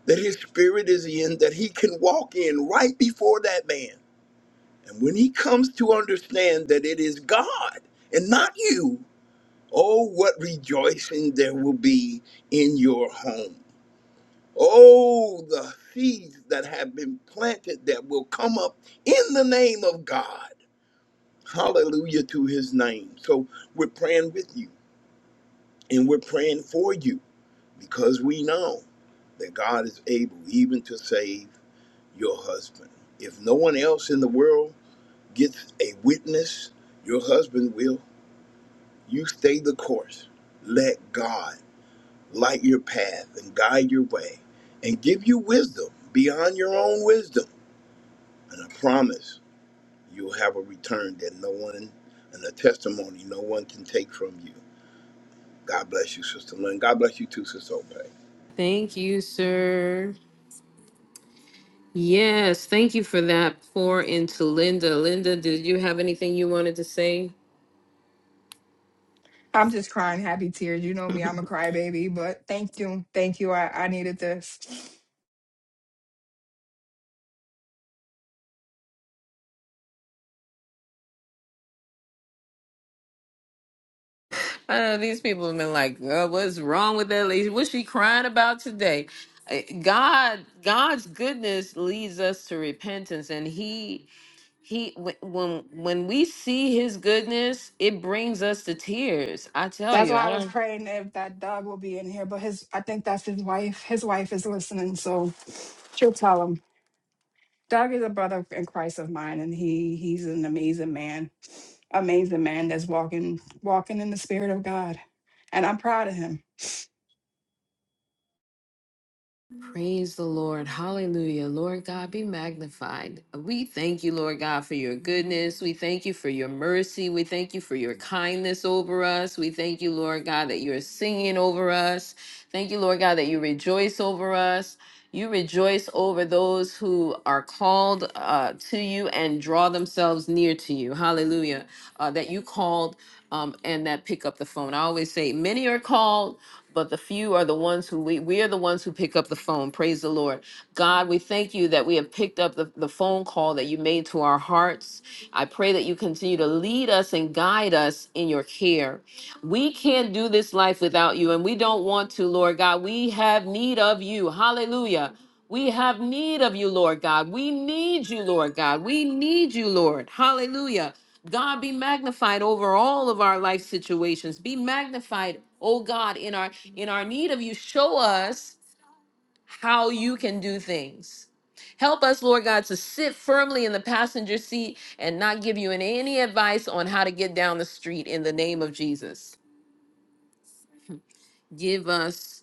Speaker 11: that his spirit is in, that he can walk in right before that man. And when he comes to understand that it is God and not you, oh, what rejoicing there will be in your home. Oh, the seeds that have been planted that will come up in the name of God. Hallelujah to his name. So we're praying with you and we're praying for you because we know that God is able even to save your husband. If no one else in the world gets a witness, your husband will. You stay the course. Let God light your path and guide your way and give you wisdom beyond your own wisdom. And I promise you'll have a return that no one and a testimony no one can take from you. God bless you, Sister Lynn. God bless you too, Sister Obey.
Speaker 1: Thank you, sir. Yes, thank you for that pour into Linda. Linda, did you have anything you wanted to say?
Speaker 10: I'm just crying happy tears. You know me, I'm a crybaby, but thank you. Thank you. I, I needed this.
Speaker 1: I know these people have been like, "Uh, what's wrong with that lady? What's she crying about today? Uh, God, God's goodness leads us to repentance, and He, He, wh- when when we see His goodness, it brings us to tears. I tell
Speaker 10: That's
Speaker 1: you,
Speaker 10: why I
Speaker 1: I
Speaker 10: was
Speaker 1: don't.
Speaker 10: praying if that dog will be in here, but his I think that's his wife. His wife is listening, so she'll tell him. Doug is a brother in Christ of mine, and he he's an amazing man, amazing man that's walking walking in the spirit of God, and I'm proud of him.
Speaker 1: Praise the Lord. Hallelujah. Lord God, be magnified. We thank you, Lord God, for your goodness. We thank you for your mercy. We thank you for your kindness over us. We thank you, Lord God, that you're singing over us. Thank you, Lord God, that you rejoice over us. You rejoice over those who are called uh, to you and draw themselves near to you. Hallelujah. Uh, that you called um, and that pick up the phone. I always say, many are called but the few are the ones who we we are the ones who pick up the phone praise the lord god we thank you that we have picked up the, the phone call that you made to our hearts i pray that you continue to lead us and guide us in your care we can't do this life without you and we don't want to lord god we have need of you hallelujah we have need of you, Lord God. We need you, Lord God. We need you, Lord. Hallelujah. God be magnified over all of our life situations. Be magnified, oh God, in our in our need of you. Show us how you can do things. Help us, Lord God, to sit firmly in the passenger seat and not give you any advice on how to get down the street in the name of Jesus. Give us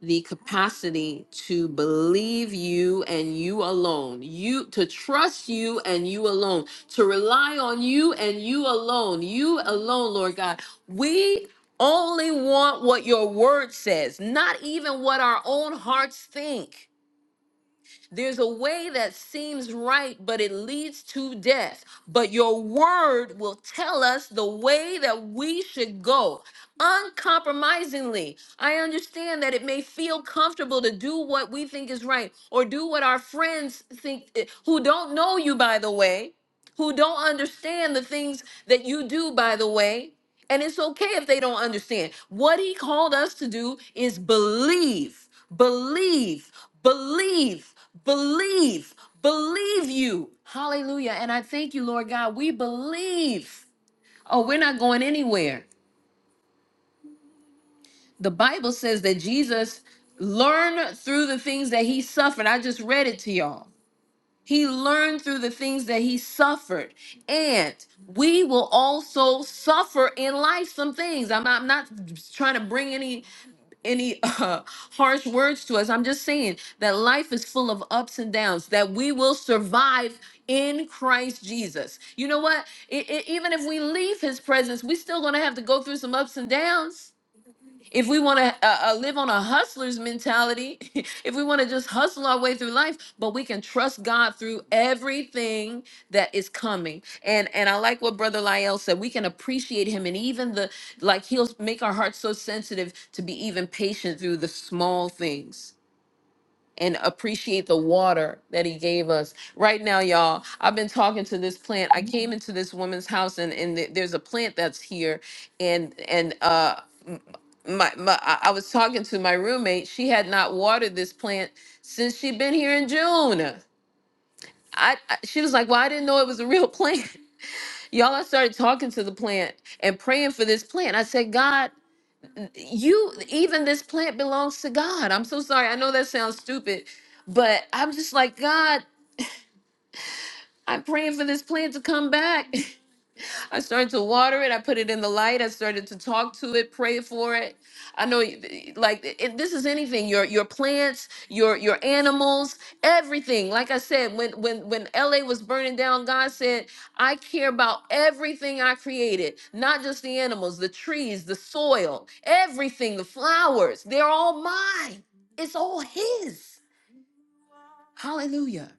Speaker 1: the capacity to believe you and you alone you to trust you and you alone to rely on you and you alone you alone lord god we only want what your word says not even what our own hearts think there's a way that seems right, but it leads to death. But your word will tell us the way that we should go uncompromisingly. I understand that it may feel comfortable to do what we think is right or do what our friends think eh, who don't know you, by the way, who don't understand the things that you do, by the way. And it's okay if they don't understand. What he called us to do is believe, believe, believe, believe, believe you. Hallelujah. And I thank you, Lord God. We believe. Oh, we're not going anywhere. The Bible says that Jesus learned through the things that he suffered. I just read it to y'all. He learned through the things that he suffered. And we will also suffer in life some things. I'm, I'm not trying to bring any any uh, harsh words to us. I'm just saying that life is full of ups and downs, that we will survive in Christ Jesus. You know what? I- I- even if we leave his presence, we still going to have to go through some ups and downs if we want to uh, uh, live on a hustler's mentality, if we want to just hustle our way through life, but we can trust God through everything that is coming. And and I like what Brother Lyell said. We can appreciate Him, and even the like, He'll make our hearts so sensitive to be even patient through the small things and appreciate the water that he gave us. Right now, y'all, I've been talking to this plant. I came into this woman's house and and th- there's a plant that's here and and uh m- my, my I I was talking to my roommate. She had not watered this plant since she'd been here in June. I, I she was like, "Well, I didn't know it was a real plant." Y'all, I started talking to the plant and praying for this plant. I said, "God, you even this plant belongs to God. I'm so sorry. I know that sounds stupid, but I'm just like, God, I'm praying for this plant to come back. I started to water it. I put it in the light. I started to talk to it, pray for it. I know, you- like it, this is anything your your plants, your your animals, everything. Like I said, when when when LA was burning down, God said, "I care about everything I created, not just the animals, the trees, the soil, everything, the flowers. They're all mine. It's all His." Hallelujah.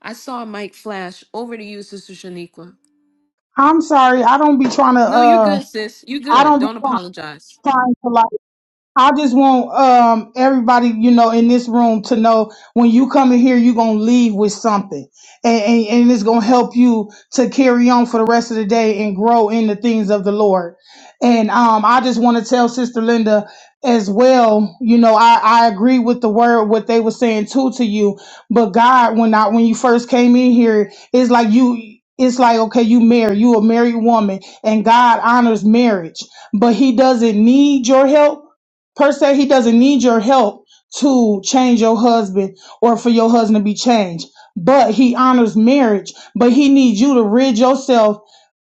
Speaker 1: I saw a mic flash. Over to you, Sister Shaniqua.
Speaker 3: I'm sorry. I don't be trying to.
Speaker 1: No, you're
Speaker 3: Uh,
Speaker 1: good, sis. You're
Speaker 3: I
Speaker 1: good.
Speaker 3: don't be
Speaker 1: Don't
Speaker 3: trying,
Speaker 1: apologize.
Speaker 3: trying to like. I just want um everybody, you know, in this room to know when you come in here, you're gonna leave with something. And, and and it's gonna help you to carry on for the rest of the day and grow in the things of the Lord. And um I just wanna tell Sister Linda as well, you know, I, I agree with the word what they were saying too to you. But God, when I when you first came in here, it's like you it's like okay, you married, you a married woman, and God honors marriage, but He doesn't need your help Per se, he doesn't need your help to change your husband or for your husband to be changed. But he honors marriage, but he needs you to rid yourself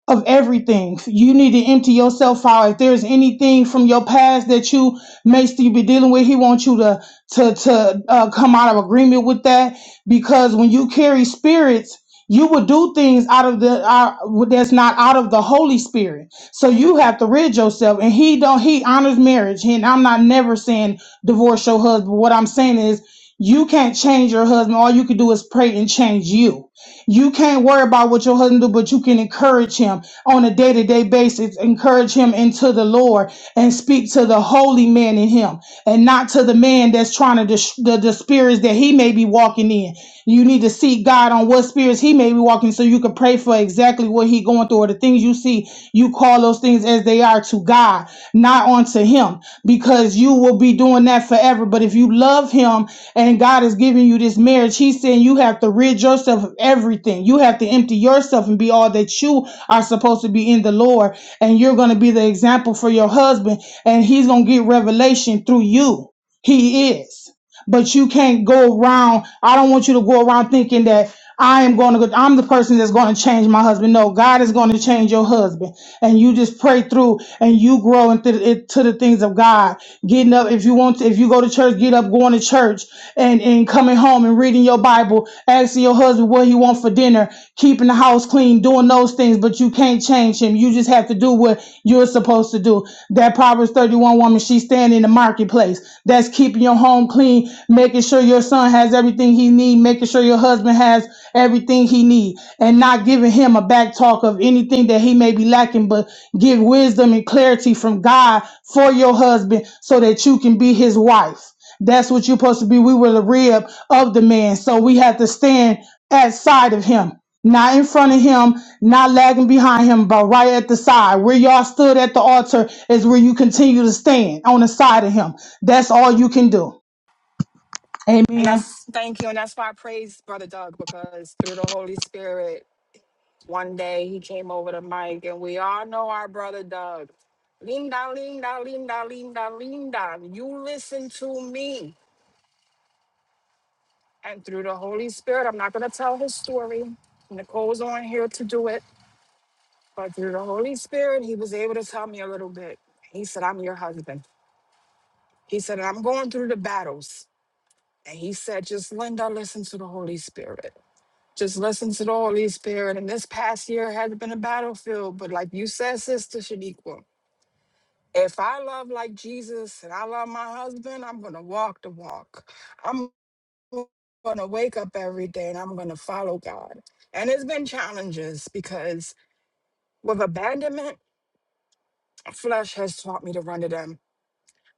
Speaker 3: of everything. You need to empty yourself out. If there's anything from your past that you may still be dealing with, he wants you to to to uh, come out of agreement with that because when you carry spirits. You will do things out of the uh, that's not out of the Holy Spirit. So you have to rid yourself. And he don't. He honors marriage. And I'm not never saying divorce your husband. What I'm saying is you can't change your husband. All you can do is pray and change you. You can't worry about what your husband do, but you can encourage him on a day-to-day basis. Encourage him into the Lord and speak to the holy man in him and not to the man that's trying to dis- the, the spirits that he may be walking in. You need to seek God on what spirits he may be walking so you can pray for exactly what he going through or the things you see. You call those those things as they are to God, not unto Him, because you will be doing that forever. But if you love Him and God is giving you this marriage, He's saying you have to rid yourself of everything. You have to empty yourself and be all that you are supposed to be in the Lord. And you're going to be the example for your husband, and He's going to get revelation through you. He is but you can't go around. I don't want you to go around thinking that I am going to go, I'm the person that's going to change my husband. No, God is going to change your husband. And you just pray through and you grow into the, into the things of God. Getting up, if you want to, if you go to church, get up, going to church and, and coming home and reading your Bible, asking your husband what he wants for dinner, keeping the house clean, doing those things, but you can't change him. You just have to do what you're supposed to do. That Proverbs 31 woman, she's standing in the marketplace. That's keeping your home clean clean, making sure your son has everything he needs, making sure your husband has everything he needs, and not giving him a back talk of anything that he may be lacking, but give wisdom and clarity from God for your husband so that you can be his wife. That's what you're supposed to be. We were the rib of the man, so we have to stand at side of him. Not in front of him, not lagging behind him, but right at the side. Where y'all stood at the altar is where you continue to stand on the side of him. That's all you can do.
Speaker 10: And
Speaker 3: Amen.
Speaker 10: that's thank you, and that's why I praise Brother Doug because through the Holy Spirit, one day he came over to Mike, and we all know our brother Doug. Linda, Linda, Linda, Linda, Linda, you listen to me. And through the Holy Spirit, I'm not going to tell his story. Nicole's on here to do it. But through the Holy Spirit, he was able to tell me a little bit. He said, I'm your husband. He said, I'm going through the battles. And he said, just Linda, listen to the Holy Spirit. Just listen to the Holy Spirit. And this past year has been a battlefield. But like you said, Sister Shaniqua, if I love like Jesus and I love my husband, I'm going to walk the walk. I'm gonna wake up every day and I'm gonna follow God. And it's been challenges because with abandonment, flesh has taught me to run to them.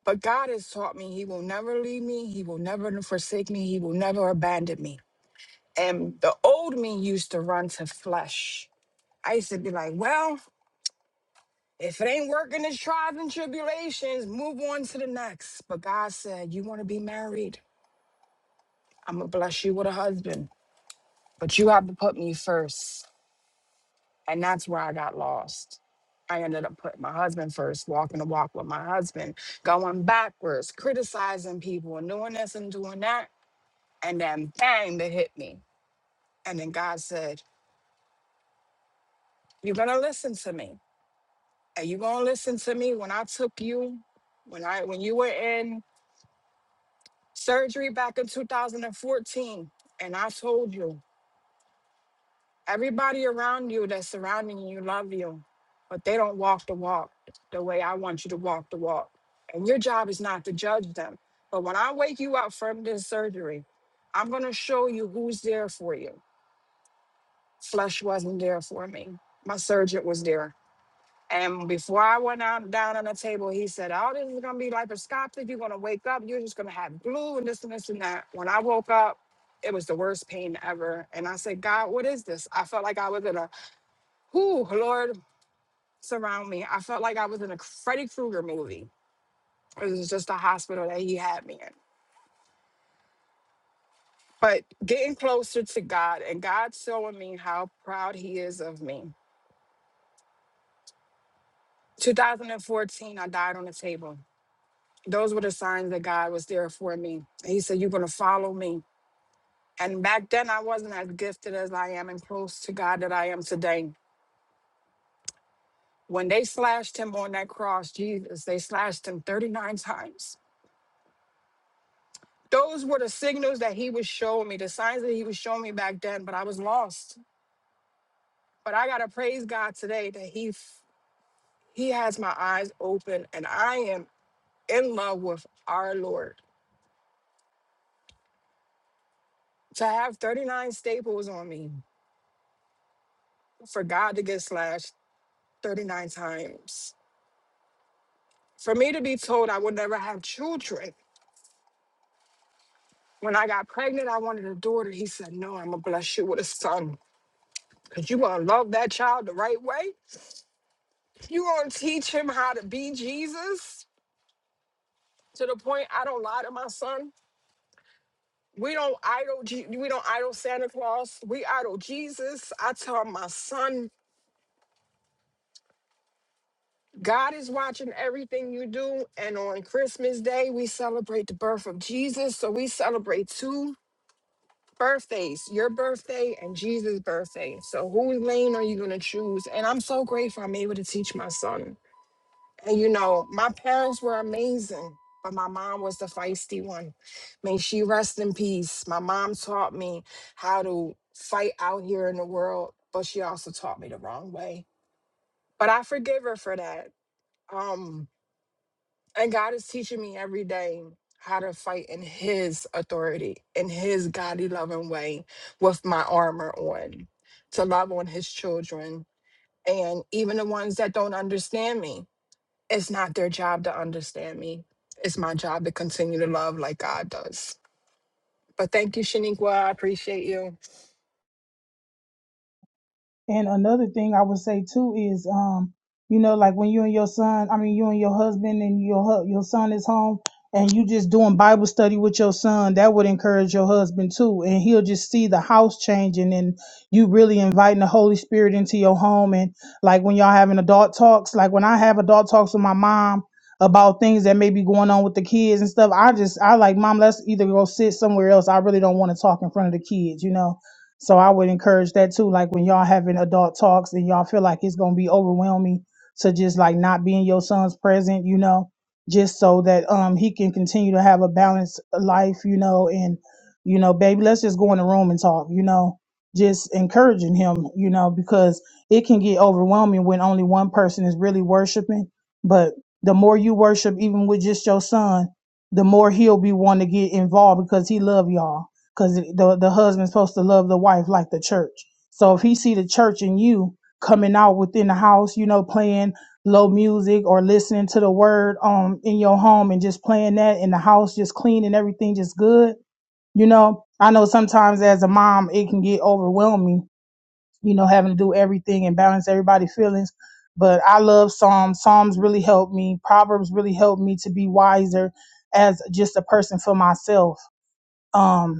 Speaker 10: But God has taught me He will never leave me, He will never forsake me, He will never abandon me. And the old me used to run to flesh. I used to be like, well, if it ain't working, it's trials and tribulations, move on to the next. But God said, You wanna be married? I'm gonna bless you with a husband, but you have to put me first. And that's where I got lost. I ended up putting my husband first, walking the walk with my husband, going backwards, criticizing people, and doing this and doing that. And then bang, they hit me. And then God said, You're gonna listen to me. Are you gonna listen to me when I took you, when I when you were in surgery back in 2014, and I told you. Everybody around you that's surrounding you love you, but they don't walk the walk the way I want you to walk the walk. And your job is not to judge them. But when I wake you up from this surgery, I'm going to show you who's there for you. Flesh wasn't there for me. My surgeon was there. And before I went out down on the table, he said, "Oh, this is gonna be laparoscopic. You're gonna wake up. You're just gonna have glue and this and this and that." When I woke up, it was the worst pain ever. And I said, "God, what is this?" I felt like I was in a Whew, Lord, surround me. I felt like I was in a Freddy Krueger movie. It was just a hospital that he had me in. But getting closer to God and God showing me how proud He is of me. 2014, I died on the table. Those were the signs that God was there for me. He said, You're going to follow me. And back then, I wasn't as gifted as I am and close to God that I am today. When they slashed him on that cross, Jesus, they slashed him 39 times Those were the signals that he was showing me, the signs that he was showing me back then, but I was lost. But I gotta praise God today that he f- he has my eyes open and I am in love with our Lord. To have 39 staples on me, for God to get slashed 39 times. For me to be told I would never have children. When I got pregnant, I wanted a daughter. He said, No, I'm gonna bless you with a son. Cause you gonna love that child the right way. You gonna teach him how to be Jesus. to the point I don't lie to my son. We don't idol Je- we don't idol Santa Claus. We idol Jesus. I tell my son, God is watching everything you do. And on Christmas Day, we celebrate the birth of Jesus. So we celebrate two birthdays, your birthday and Jesus' birthday. So whose lane are you gonna choose? And I'm so grateful I'm able to teach my son. And you know, my parents were amazing, but my mom was the feisty one. May she rest in peace. My mom taught me how to fight out here in the world, but she also taught me the wrong way. But I forgive her for that. Um, and God is teaching me every day how to fight in his authority, in his godly loving way, with my armor on, to love on his children and even the ones that don't understand me it's not their job to understand me. It's my job to continue to love like God does. But thank you, Shaniqua. I appreciate you.
Speaker 3: And another thing I would say too is, um, you know, like when you and your son, I mean, you and your husband and your hu- your son is home, and you just doing Bible study with your son, that would encourage your husband too, and he'll just see the house changing, and you really inviting the Holy Spirit into your home, and like when y'all having adult talks, like when I have adult talks with my mom about things that may be going on with the kids and stuff, I just I like mom, let's either go sit somewhere else. I really don't want to talk in front of the kids, you know So I would encourage that too. Like when y'all having adult talks and y'all feel like it's gonna be overwhelming to just like not being your son's present, you know, just so that um he can continue to have a balanced life, you know, and you know, baby, let's just go in the room and talk, you know, just encouraging him, you know, because it can get overwhelming when only one person is really worshiping. But the more you worship, even with just your son, the more he'll be wanting to get involved because he love y'all because the the husband's supposed to love the wife like the church. So if he see the church in you coming out within the house, you know, playing low music or listening to the word um in your home and just playing that in the house, just clean and everything just good. You know, I know sometimes as a mom it can get overwhelming, you know, having to do everything and balance everybody's feelings. But I love Psalms. Psalms really helped me. Proverbs really helped me to be wiser as just a person for myself Um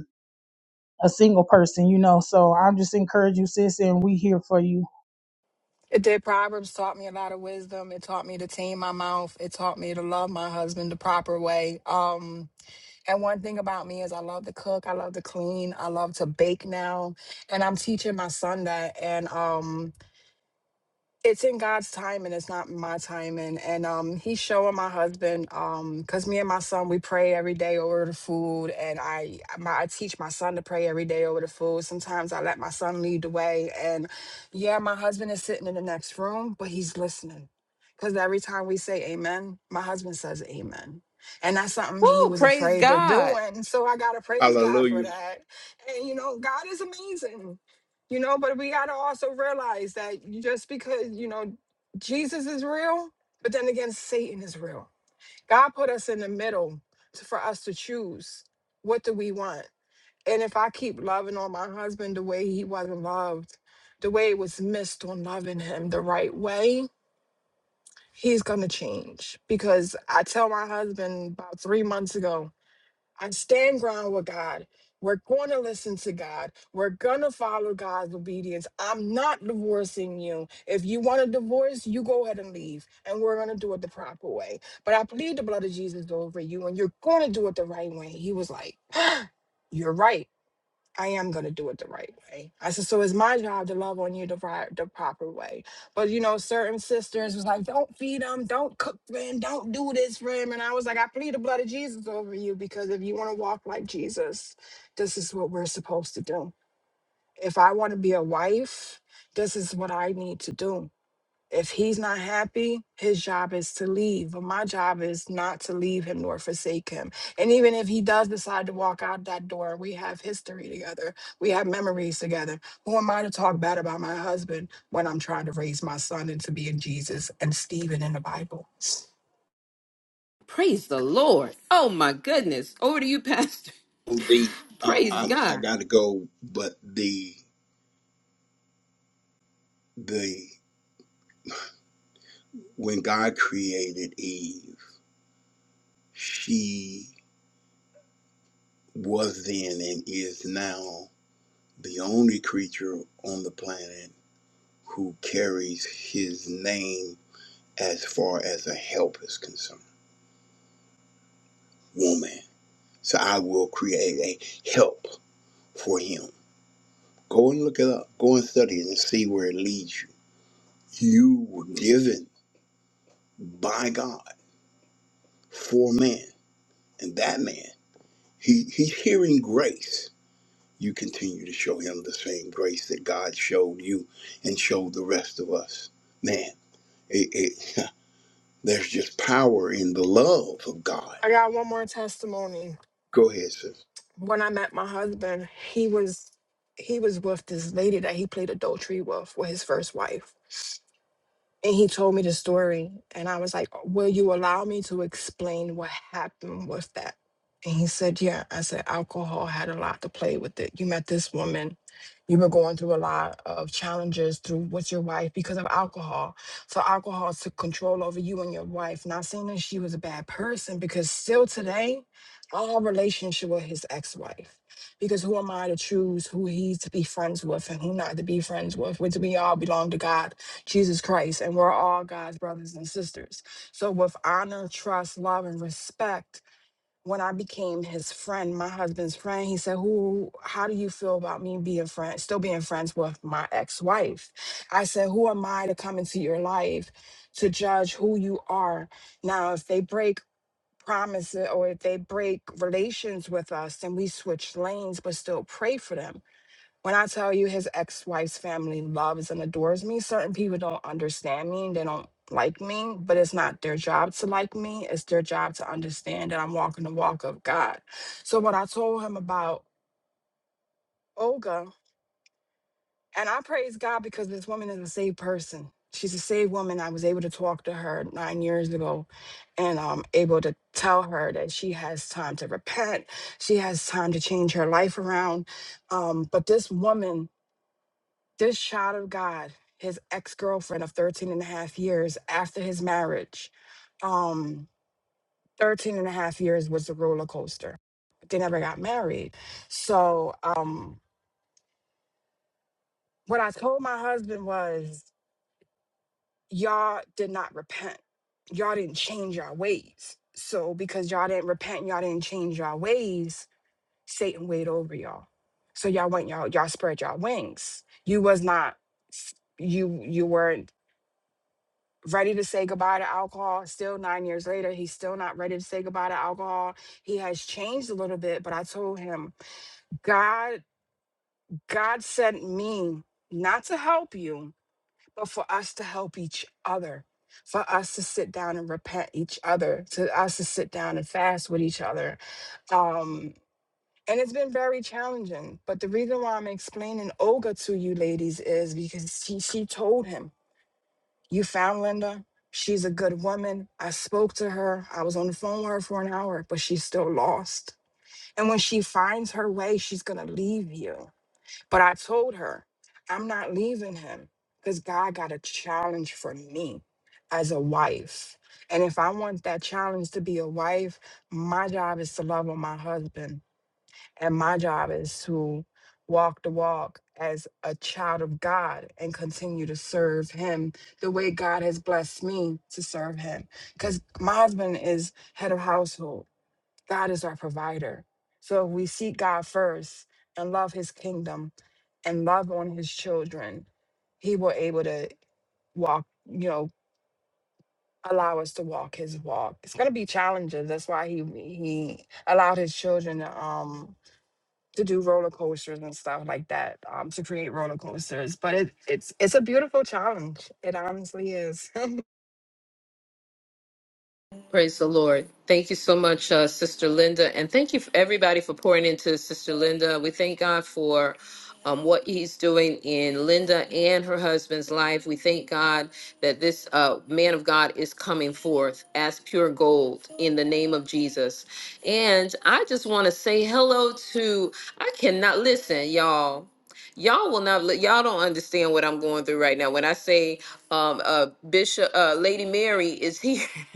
Speaker 3: a single person, you know. So I just encourage you, sis, and we here for you.
Speaker 10: It did. Proverbs taught me a lot of wisdom. It taught me to tame my mouth. It taught me to love my husband the proper way. Um, and one thing about me is I love to cook. I love to clean. I love to bake now, and I'm teaching my son that. And um, it's in God's time and it's not my time and and um he's showing my husband um cuz me and my son we pray every day over the food and I my I teach my son to pray every day over the food. Sometimes I let my son lead the way and yeah, my husband is sitting in the next room, but he's listening. Cuz every time we say amen, my husband says amen. And that's something he
Speaker 1: Woo,
Speaker 10: was
Speaker 1: praise
Speaker 10: afraid of
Speaker 1: God.
Speaker 10: doing. So I got to praise God for
Speaker 11: Hallelujah.
Speaker 10: that. And you know, God is amazing you know but we got to also realize that just because you know jesus is real but then again satan is real god put us in the middle to, for us to choose what do we want and if i keep loving on my husband the way he wasn't loved the way it was missed on loving him the right way he's gonna change because i tell my husband about three months ago I stand ground with God. We're going to listen to God. We're going to follow God's obedience. I'm not divorcing you. If you want to divorce, you go ahead and leave, and we're going to do it the proper way. But I plead the blood of Jesus over you, and you're going to do it the right way. He was like, You're right. I am going to do it the right way. I said, so it's my job to love on you the right, the proper way. But you know, certain sisters was like, don't feed them, don't cook for him, don't do this for him. And I was like, I plead the blood of Jesus over you because if you want to walk like Jesus, this is what we're supposed to do. If I want to be a wife, this is what I need to do if he's not happy, his job is to leave. But my job is not to leave him nor forsake him. And even if he does decide to walk out that door, we have history together. We have memories together. Who am I to talk bad about my husband when I'm trying to raise my son into being Jesus and Stephen in the Bible?
Speaker 1: Praise the Lord. Oh my goodness. Over to you, Pastor.
Speaker 11: The uh,
Speaker 1: Praise
Speaker 11: I, I
Speaker 1: God.
Speaker 11: gotta go, but the the When God created Eve, she was then and is now the only creature on the planet who carries his name as far as a help is concerned. Woman. So I will create a help for him. Go and look it up. Go and study it and see where it leads you. You were given by God for man. And that man, he, he's hearing grace you continue to show him the same grace that God showed you and showed the rest of us. Man, it, it, there's just power in the love of God.
Speaker 10: I got one more testimony.
Speaker 11: Go ahead, sis.
Speaker 10: When I met my husband, he was he was with this lady that he played adultery with with his first wife and he told me the story and i was like will you allow me to explain what happened with that and he said yeah i said alcohol had a lot to play with it you met this woman you were going through a lot of challenges through with your wife because of alcohol so alcohol took control over you and your wife not saying that she was a bad person because still today our relationship with his ex-wife because who am i to choose who he's to be friends with and who not to be friends with which we all belong to god Jesus Christ, and we're all God's brothers and sisters. So, with honor, trust, love, and respect, when I became his friend, my husband's friend, he said, "Who? How do you feel about me being friend, still being friends with my ex-wife?" I said, "Who am I to come into your life to judge who you are? Now, if they break promises or if they break relations with us, then we switch lanes, but still pray for them." When I tell you his ex wife's family loves and adores me, certain people don't understand me and they don't like me, but it's not their job to like me. It's their job to understand that I'm walking the walk of God. So, what I told him about Olga, and I praise God because this woman is a saved person. She's a saved woman. I was able to talk to her nine years ago and um, able to tell her that she has time to repent. She has time to change her life around. Um, but this woman, This child of God, his ex girlfriend of 13 and a half years after his marriage, um, 13 and a half years was a roller coaster. They never got married. So, um, what I told my husband was, y'all did not repent. Y'all didn't change your ways. So, because y'all didn't repent, y'all didn't change your ways, Satan weighed over y'all. So y'all went y'all y'all spread y'all wings. You was not you you weren't ready to say goodbye to alcohol. Still nine years later, he's still not ready to say goodbye to alcohol. He has changed a little bit, but I told him, God, God sent me not to help you, but for us to help each other, for us to sit down and repent each other, to us to sit down and fast with each other. Um, and it's been very challenging. But the reason why I'm explaining Olga to you ladies is because she, she told him. You found Linda. She's a good woman. I spoke to her. I was on the phone with her for an hour, but she's still lost. And when she finds her way, she's going to leave you. But I told her, I'm not leaving him because God got a challenge for me as a wife. And if I want that challenge to be a wife, my job is to love on my husband and my job is to walk the walk as a child of God and continue to serve Him the way God has blessed me to serve Him. Because my husband is head of household, God is our provider. So if we seek God first and love His kingdom and love on His children, He will able to walk, you know, allow us to walk His walk. It's gonna be challenges. That's why He He allowed His children to um to do roller coasters and stuff like that um to create roller coasters but it, it's it's a beautiful challenge it honestly is
Speaker 1: Praise the Lord. Thank you so much, uh, Sister Linda. And thank you, for everybody, for pouring into Sister Linda. We thank God for um, what He's doing in Linda and her husband's life. We thank God that this uh, man of God is coming forth as pure gold in the name of Jesus. And I just want to say hello to, I cannot listen, y'all. Y'all will not. li- Y'all don't understand what I'm going through right now. When I say um, uh, Bishop uh, Lady Mary is here.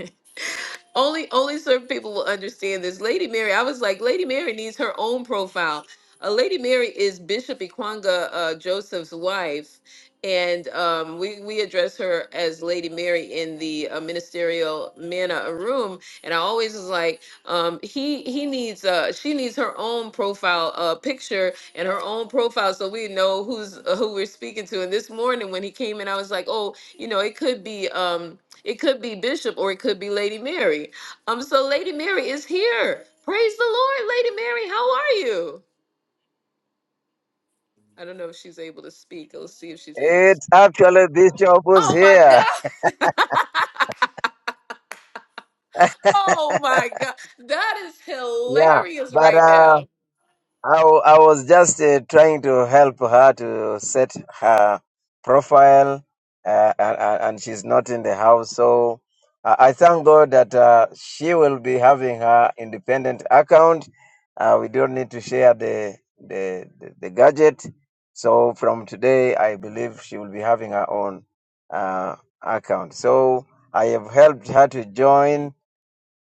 Speaker 1: only only certain people will understand this. Lady Mary, I was like, Lady Mary needs her own profile. Uh, Lady Mary is Bishop Ikwanga uh, Joseph's wife, and um, we we address her as Lady Mary in the uh, ministerial manna room. And I always was like, um, he he needs uh, she needs her own profile uh, picture and her own profile, so we know who's uh, who we're speaking to. And this morning when he came in, I was like, oh, you know, it could be. Um, it could be Bishop or it could be Lady Mary. Um, so Lady Mary is here. Praise the Lord, Lady Mary. How are you? I don't know if she's able to speak. Let's see if she's able to.
Speaker 12: It's actually Bishop was
Speaker 1: Oh my
Speaker 12: here.
Speaker 1: God. oh my God. That is
Speaker 12: Yeah,
Speaker 1: hilarious
Speaker 12: but
Speaker 1: right
Speaker 12: uh,
Speaker 1: now.
Speaker 12: I, w- I was just uh, trying to help her to set her profile, uh, and, and and she's not in the house. So I I thank God that uh, she will be having her independent account. Uh, we don't need to share the, the, the, the gadget. So from today, I believe she will be having her own uh, account. So I have helped her to join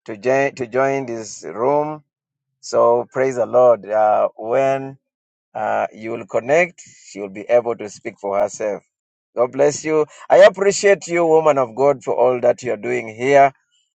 Speaker 12: to join to join this room. So praise the Lord. Uh, when uh, you will connect, she will be able to speak for herself. God bless you. I appreciate you, woman of God, for all that you are doing here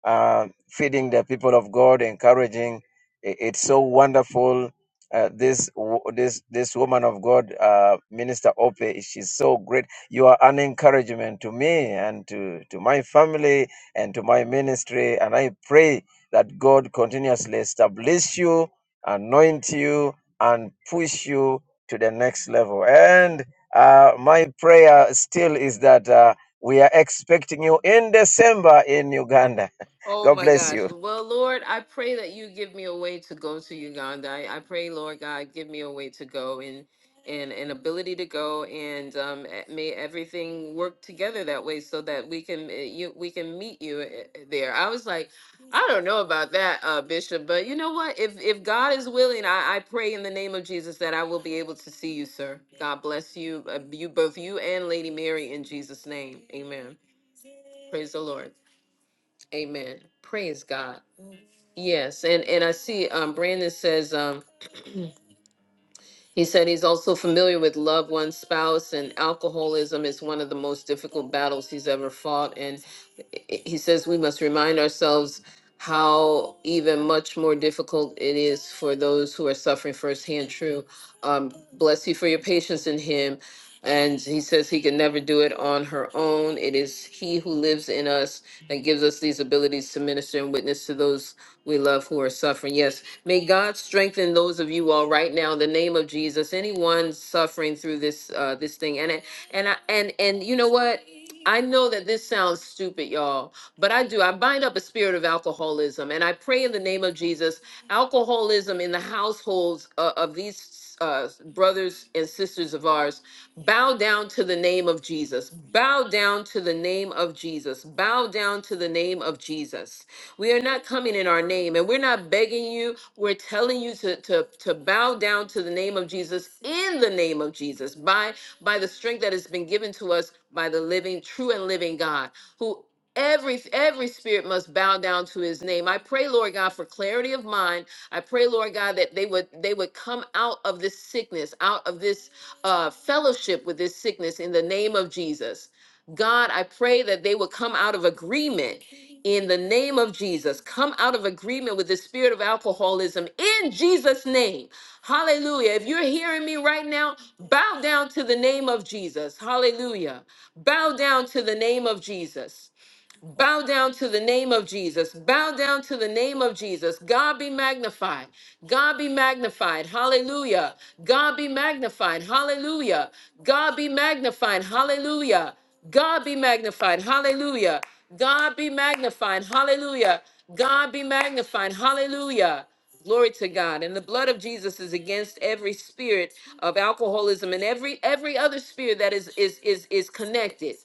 Speaker 12: uh, feeding the people of God, encouraging. I- It's so wonderful. Uh, this this this woman of God, uh, Minister Ope, she's so great. You are an encouragement to me and to to my family and to my ministry. And I pray that God continuously establish you, anoint you, and push you to the next level. And uh, my prayer still is that uh, we are expecting you in December in Uganda.
Speaker 1: Oh
Speaker 12: God
Speaker 1: my
Speaker 12: bless
Speaker 1: gosh.
Speaker 12: you.
Speaker 1: Well, Lord, I pray that you give me a way to go to Uganda. I, I pray, Lord God, give me a way to go and and an ability to go and um, eh, may everything work together that way so that we can eh, you we can meet you eh, eh, there. I was like, I don't know about that, uh, Bishop, but you know what? If if God is willing, I, I pray in the name of Jesus that I will be able to see you, sir. God bless you, uh, you both you and Lady Mary in Jesus' name. Amen. Praise the Lord. Amen. Praise God. Yes, and and I see um Brandon says um he said he's also familiar with loved one spouse and alcoholism is one of the most difficult battles he's ever fought and he says we must remind ourselves how even much more difficult it is for those who are suffering firsthand true um bless you for your patience in him and he says he can never do it on her own it is he who lives in us that gives us these abilities to minister and witness to those we love who are suffering. Yes. May God strengthen those of you all right now in the name of Jesus. Anyone suffering through this uh this thing. And it and I and and you know what? I know that this sounds stupid, y'all, but I do. I bind up a spirit of alcoholism and I pray in the name of Jesus. Alcoholism in the households uh, of these uh, brothers and sisters of ours bow down to the name of Jesus. Bow down to the name of Jesus. Bow down to the name of Jesus. We are not coming in our name and we're not begging you. We're telling you to, to, to bow down to the name of Jesus in the name of Jesus by, by the strength that has been given to us by the living, true and living God who every every spirit must bow down to his name i pray lord god for clarity of mind i pray lord god that they would they would come out of this sickness out of this uh fellowship with this sickness in the name of jesus god i pray that they would come out of agreement in the name of Jesus. Come out of agreement with the spirit of alcoholism in Jesus' name. Hallelujah. If you're hearing me right now, bow down to the name of Jesus. Hallelujah. Bow down to the name of Jesus. Bow down to the name of Jesus. Bow down to the name of Jesus. God be magnified. God be magnified. Hallelujah. God be magnified. Hallelujah. God be magnified. Hallelujah. God be magnified. Hallelujah. God be magnified. Hallelujah. God be magnified. Hallelujah. Glory to God. And the blood of Jesus is against every spirit of alcoholism and every every other spirit that is is is is connected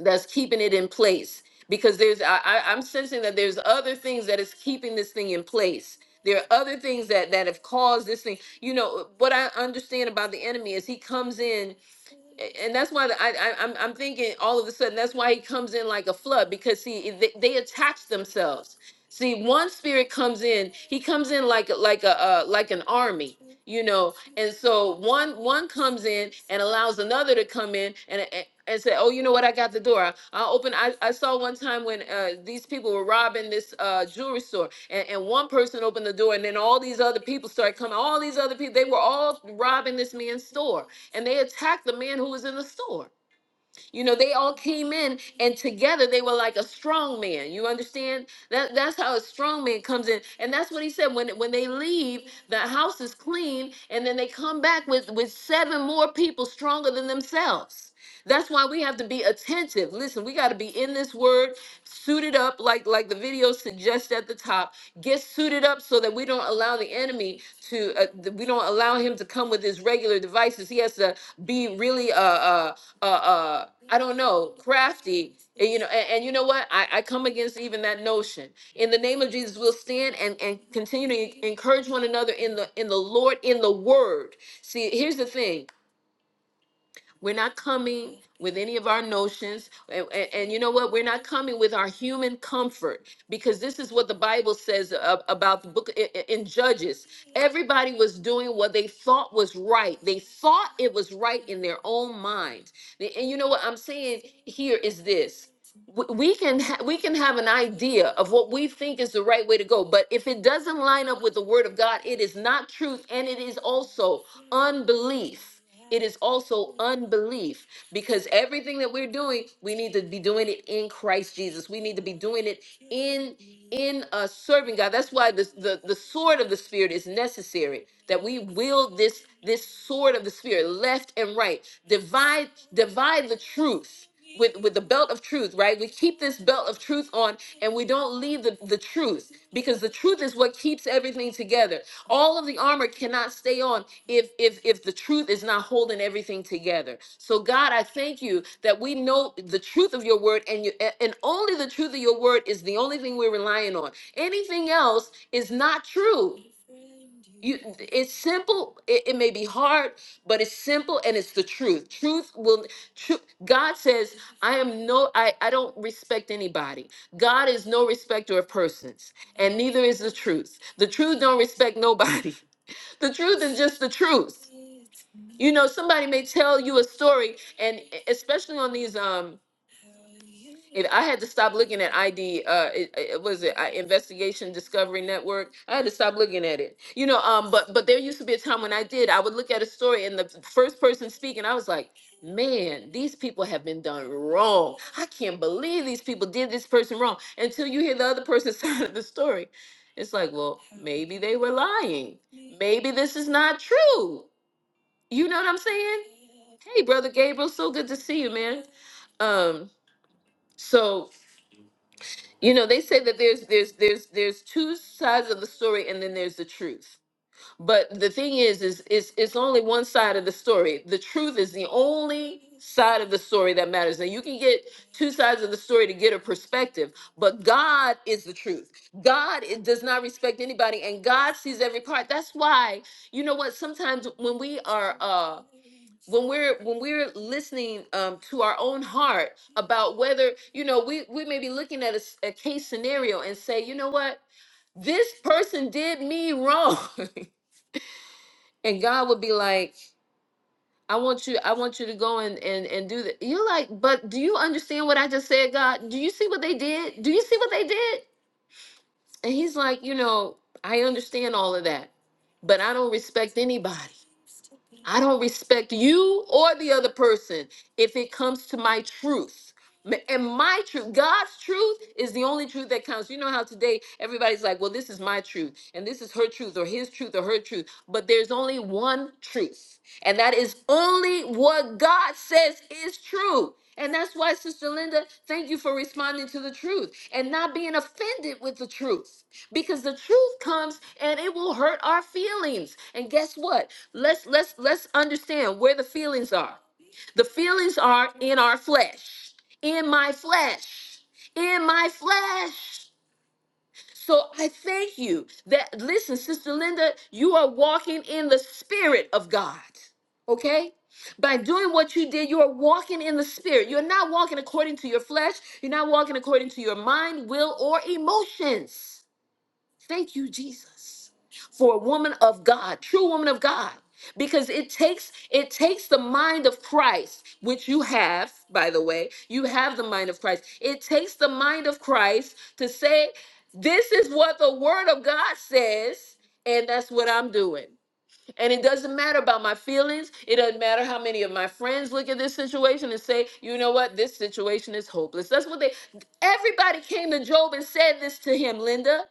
Speaker 1: that's keeping it in place because there's I, I i'm sensing that there's other things that is keeping this thing in place there are other things that that have caused this thing you know what i understand about the enemy is he comes in a- and that's why the- I, I I'm I'm thinking all of a sudden that's why he comes in like a flood because see it- they, they attach themselves. See, one spirit comes in, he comes in like a- like a uh, like an army, you know, and so one one comes in and allows another to come in and. and and say, oh, you know what? I got the door. I- i open. I, I saw one time when uh, these people were robbing this uh, jewelry store, and, and one person opened the door, and then all these other people started coming. All these other people, they were all robbing this man's store and they attacked the man who was in the store. You know, they all came in and together they were like a strong man. You understand? That that's how a strong man comes in. And that's what he said. When when they leave, the house is clean, and then they come back with, with seven more people stronger than themselves. That's why we have to be attentive. Listen, we got to be in this word, suited up, like like the video suggests at the top. Get suited up so that we don't allow the enemy to, uh, th- we don't allow him to come with his regular devices. He has to be really uh, uh, uh, uh, I don't know, crafty. And, you know, and, and you know what? I, I come against even that notion. In the name of Jesus, we'll stand and, and continue to encourage one another in the in the Lord, in the word. See, here's the thing. We're not coming with any of our notions. And, and- and you know what? We're not coming with our human comfort because this is what the Bible says a- about the book i- i- in Judges. Everybody was doing what they thought was right, they thought it was right in their own mind. And and you know what I'm saying here is this w- we can ha- we can have an idea of what we think is the right way to go but if it doesn't line up with the word of god it is not truth and it is also unbelief it is also unbelief because everything that we're doing we need to be doing it in christ jesus we need to be doing it in in uh serving god that's why this, the the sword of the spirit is necessary that we wield this this sword of the spirit left and right divide divide the truth with with the belt of truth right we keep this belt of truth on and we don't leave the, the truth because the truth is what keeps everything together all of the armor cannot stay on if if if the truth is not holding everything together so god i thank you that we know the truth of your word and you a- and only the truth of your word is the only thing we're relying on anything else is not true you it's simple it, it may be hard but it's simple and it's the truth truth will tru- god says i am no I, I don't respect anybody god is no respecter of persons and neither is the truth the truth don't respect nobody the truth is just the truth. You know, somebody may tell you a story, and e- especially on these um it, I had to stop looking at ID. Uh, it, it was it I, Investigation Discovery Network. I had to stop looking at it. You know, um, but but there used to be a time when I did. I would look at a story and the first person speaking, I was like, man, these people have been done wrong. I can't believe these people did this person wrong. Until you hear the other person's side of the story, it's like, well, maybe they were lying maybe this is not true. You know what I'm saying? Hey, brother Gabriel, so good to see you, man. Um, so you know they say that there's there's there's there's two sides of the story, and then there's the truth. But the thing is, is it's it's only one side of the story. The truth is the only side of the story that matters. Now you can get two sides of the story to get a perspective, but God is the truth. God it does not respect anybody, and God sees every part. That's why you know what? Sometimes when we are uh when we're when we're listening um, to our own heart about whether you know we we may be looking at a s a a case scenario and say you know what this person did me wrong and God would be like, I want you, I want you to go and and and do that. You're like, but do you understand what I just said, God? Do you see what they did? Do you see what they did? And he's like, you know, I understand all of that, but I don't respect anybody. I don't respect you or the other person if it comes to my truth. M- And my truth, God's truth is the only truth that counts. You know how today everybody's like, well, this is my truth, and this is her truth, or his truth, or her truth. But there's only one truth, and that is only what God says is true. And that's why, Sister Linda, thank you for responding to the truth and not being offended with the truth because the truth comes and it will hurt our feelings. And guess what? Let's let's let's understand where the feelings are. The feelings are in our flesh, in my flesh, in my flesh. So I thank you that, listen, Sister Linda, you are walking in the Spirit of God, okay? By doing what you did, you are walking in the Spirit. You're not walking according to your flesh, you're not walking according to your mind, will, or emotions. Thank you, Jesus, for a woman of God, true woman of God, because it takes it takes the mind of Christ, which you have, by the way, you have the mind of Christ. It takes the mind of Christ to say, "This is what the Word of God says, and that's what I'm doing." And it doesn't matter about my feelings. It doesn't matter how many of my friends look at this situation and say, you know what, this situation is hopeless. That's what they, everybody came to Job and said this to him, Linda.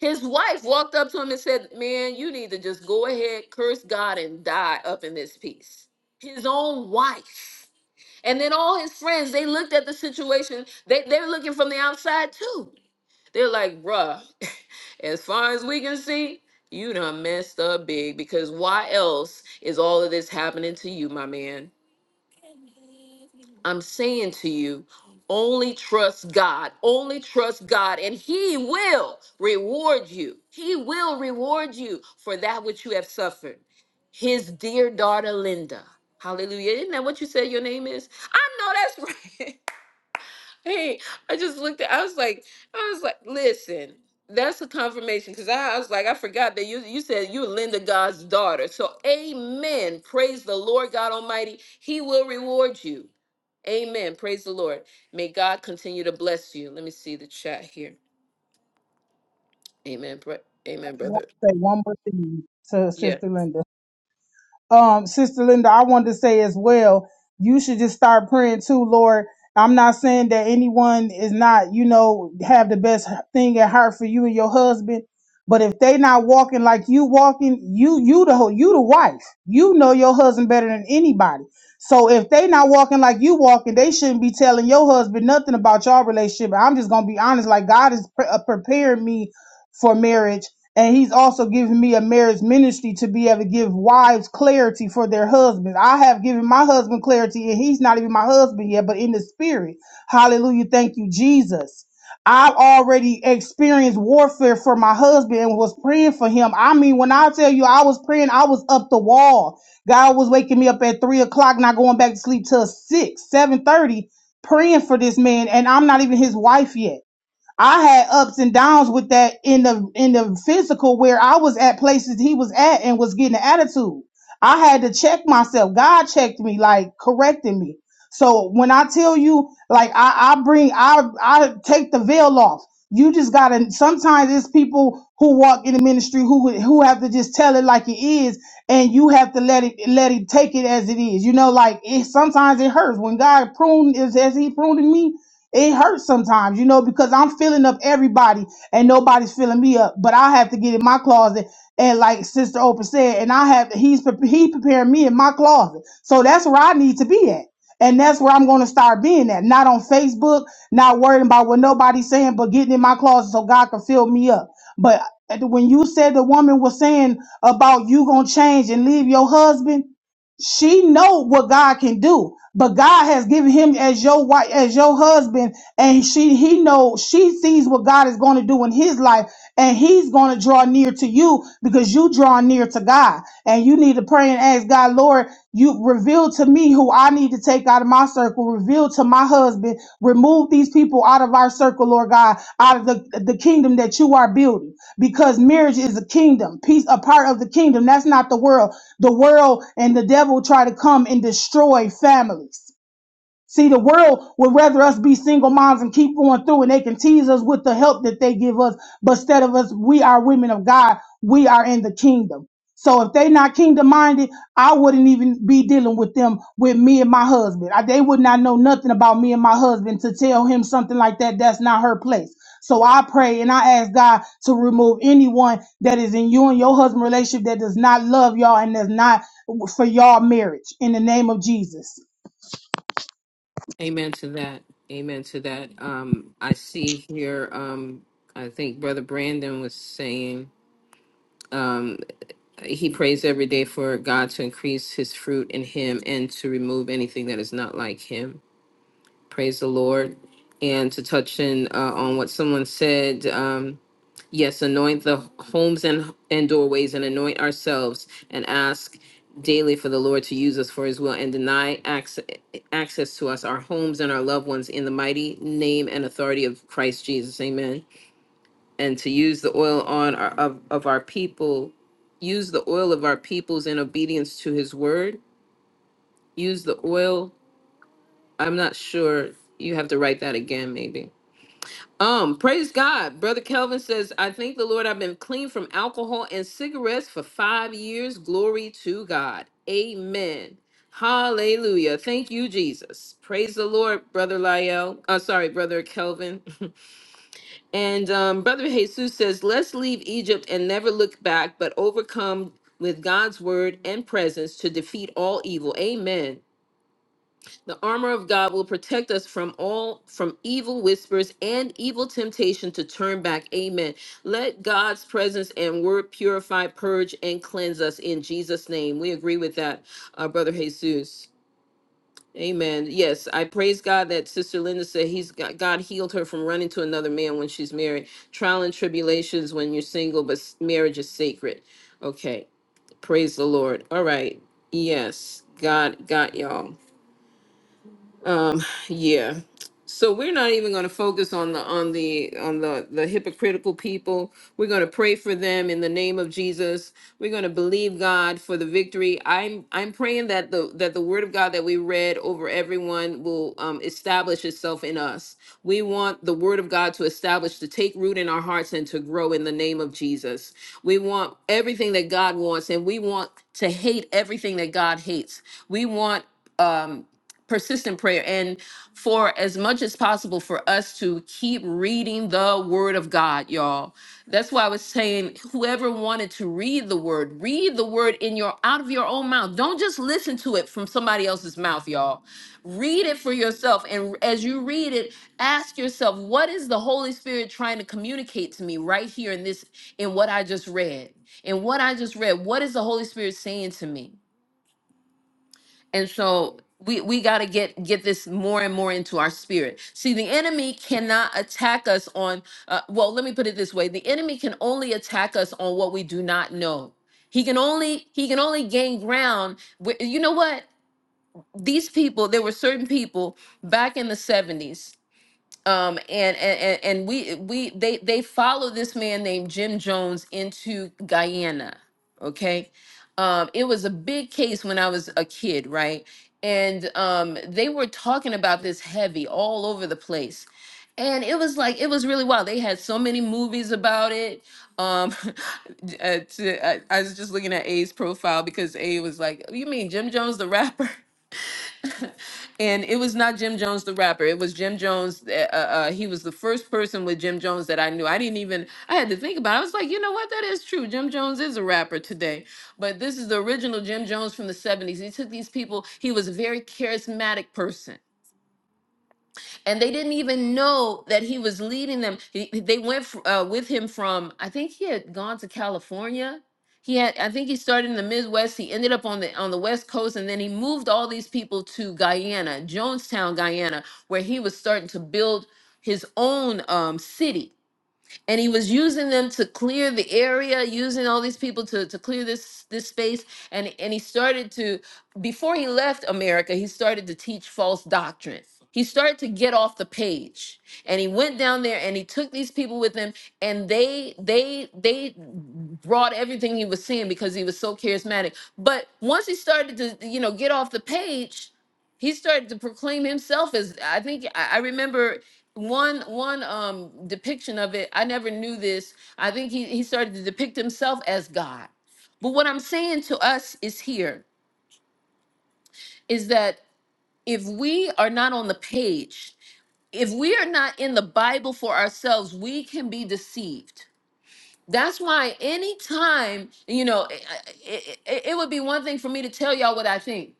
Speaker 1: His wife walked up to him and said, Man, you need to just go ahead, curse God, and die up in this piece. His own wife. And then all his friends, they looked at the situation. They, they were looking from the outside too. They're like, Bruh, as far as we can see, you done messed up big because why else is all of this happening to you, my man? I'm saying to you, only trust God. Only trust God, and He will reward you. He will reward you for that which you have suffered. His dear daughter, Linda. Hallelujah. Isn't that what you said your name is? I know that's right. Hey, I just looked at, I was like, I was like, listen, that's a confirmation because I, I was like, I forgot that you you said you were Linda God's daughter. So amen. Praise the Lord God Almighty. He will reward you. Amen. Praise the Lord. May God continue to bless you. Let me see the chat here. Amen. bro-
Speaker 3: I
Speaker 1: Amen,
Speaker 3: just want
Speaker 1: brother.
Speaker 3: to say one more thing to
Speaker 1: Yeah.
Speaker 3: Sister Linda. um, Sister Linda, I wanted to say as well, you should just start praying too, Lord. I'm not saying that anyone is not, you know, have the best thing at heart for you and your husband, but if they not walking like you walking, you you the ho- you the wife, you know your husband better than anybody. So if they not walking like you walking, they shouldn't be telling your husband nothing about your relationship. I'm just gonna be honest, like God is pre- uh, preparing me for marriage and he's also given me a marriage ministry to be able to give wives clarity for their husbands. I have given my husband clarity, and he's not even my husband yet, but in the spirit. Hallelujah. Thank you, Jesus. I've already experienced warfare for my husband and was praying for him. I mean, when I tell you I was praying, I was up the wall. God was waking me up at three o'clock, not going back to sleep till six, seven thirty, praying for this man, and I'm not even his wife yet. I had ups and downs with that in the in the physical where I was at places he was at and was getting an attitude. I had to check myself. God checked me, like corrected me. So when I tell you, like I, I bring, I I take the veil off. You just gotta. Sometimes it's people who walk in the ministry who who have to just tell it like it is, and you have to let it let it take it as it is. You know, like it. Sometimes it hurts when God pruned is as He pruned me. It hurts sometimes, you know, because I'm filling up everybody and nobody's filling me up. But I have to get in my closet and, like Sister Oprah said, and I have he's pre- he preparing me in my closet. So that's where I need to be at, and that's where I'm going to start being at. Not on Facebook, not worrying about what nobody's saying, but getting in my closet so God can fill me up. But when you said the woman was saying about you gonna change and leave your husband, she know what God can do, but God has given him as your wife, as your husband, and she he know she sees what God is going to do in his life, and he's going to draw near to you because you draw near to God, and you need to pray and ask God, Lord, you reveal to me me who I need to take out of my circle, reveal to my husband, remove these people out of our circle, Lord God, out of the, the kingdom that you are building. Because marriage is a kingdom, peace, a part of the kingdom. That's not the world. The world and the devil try to come and destroy families. See, the world would rather us be single moms and keep going through, and they can tease us with the help that they give us. But instead of us, we are women of God. We are in the kingdom. So if they not kingdom minded, I wouldn't even be dealing with them with me and my husband. I- they would not know nothing about me and my husband to tell him something like that. That's not her place. So I pray and I ask God to remove anyone that is in you and your husband relationship that does not love y'all and that's not for y'all marriage in the name of Jesus.
Speaker 1: Amen to that. Amen to that. Um, I see here. Um, I think Brother Brandon was saying. he prays every day for God to increase his fruit in him and to remove anything that is not like him. Praise the Lord. And to touch in uh, on what someone said, um, yes, anoint the homes and, and doorways and anoint ourselves and ask daily for the Lord to use us for his will and deny access, access to us, our homes and our loved ones in the mighty name and authority of Christ Jesus. Amen and to use the oil on our, of, of our people, use the oil of our peoples in obedience to his word. Use the oil. I'm not sure. You have to write that again, maybe. Um, praise God. Brother Kelvin says, I thank the Lord I've been clean from alcohol and cigarettes for five years. Glory to God. Amen. Hallelujah. Thank you, Jesus. Praise the Lord, Brother Lyell. Uh, sorry, Brother Kelvin. And um, Brother Jesus says, let's leave Egypt and never look back, but overcome with God's word and presence to defeat all evil. Amen. The armor of God will protect us from all from evil whispers and evil temptation to turn back. Amen. Let God's presence and word purify, purge, and cleanse us in Jesus' name. We agree with that, uh, Brother Jesus. Amen. Yes, I praise God that Sister Linda said he's got God healed her from running to another man when she's married. Trial and tribulations when you're single, but s- marriage is sacred. Okay. Praise the Lord. All right. Yes. God got y'all. Um, yeah. So we're not even going to focus on the on the on the the hypocritical people. We're going to pray for them in the name of Jesus. We're going to believe God for the victory. I'm I'm praying that the that the word of God that we read over everyone will um, establish itself in us. We want the word of God to establish to take root in our hearts and to grow in the name of Jesus. We want everything that God wants, and we want to hate everything that God hates. We want. Um, persistent prayer and for as much as possible for us to keep reading the word of God, y'all. That's why I was saying whoever wanted to read the word, read the word in your out of your own mouth. Don't just listen to it from somebody else's mouth, y'all. Read it for yourself and as you read it, ask yourself, what is the Holy Spirit trying to communicate to me right here in this in what I just read? In what I just read, what is the Holy Spirit saying to me? and so we we got to get get this more and more into our spirit see the enemy cannot attack us on uh, well let me put it this way the enemy can only attack us on what we do not know he can only he can only gain ground where, you know what these people there were certain people back in the 70s um and and and we we they they follow this man named jim jones into guyana okay um it was a big case when i was a kid right and um they were talking about this heavy all over the place and it was like it was really wild they had so many movies about it um uh, to, I, I was just looking at a's profile because a was like you mean jim jones the rapper and it was not Jim Jones the rapper. It was Jim Jones. Uh, uh, uh, he was the first person with Jim Jones that I knew. I didn't even. I had to think about. it. I was like, you know what? That is true. Jim Jones is a rapper today. But this is the original Jim Jones from the '70s. He took these people. He was a very charismatic person and they didn't even know that he was leading them. He- they went fr- uh, with him from I think he had gone to California. He had I think he started in the Midwest. He ended up on the on the West Coast, and then he moved all these people to Guyana, Jonestown, Guyana, where he was starting to build his own um, city and he was using them to clear the area using all these people to, to clear this this space and and he started to before he left america he started to teach false doctrine he started to get off the page and he went down there and he took these people with him and they they they brought everything he was seeing because he was so charismatic but once he started to you know get off the page he started to proclaim himself as i think i I remember one one um depiction of it i never knew this i think he, he started to depict himself as god but what i'm saying to us is here is that if we are not on the page if we are not in the bible for ourselves we can be deceived that's why anytime, you know, it, it, it it would be one thing for me to tell y'all what I think.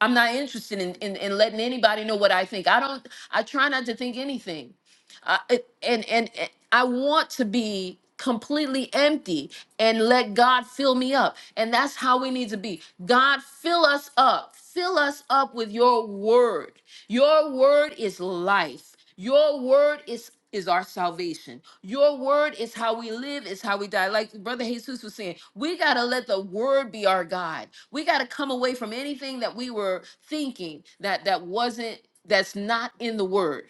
Speaker 1: I'm not interested in, in, in letting anybody know what I think. I don't, I try not to think anything. Uh, it, and, and and I want to be completely empty and let God fill me up. And that's how we need to be. God, fill us up. Fill us up with your word. Your word is life. Your word is is our salvation. Your word is how we live, is how we die. Like Brother Jesus was saying, we got to let the word be our guide. We got to come away from anything that we were thinking that that wasn't that's not in the word.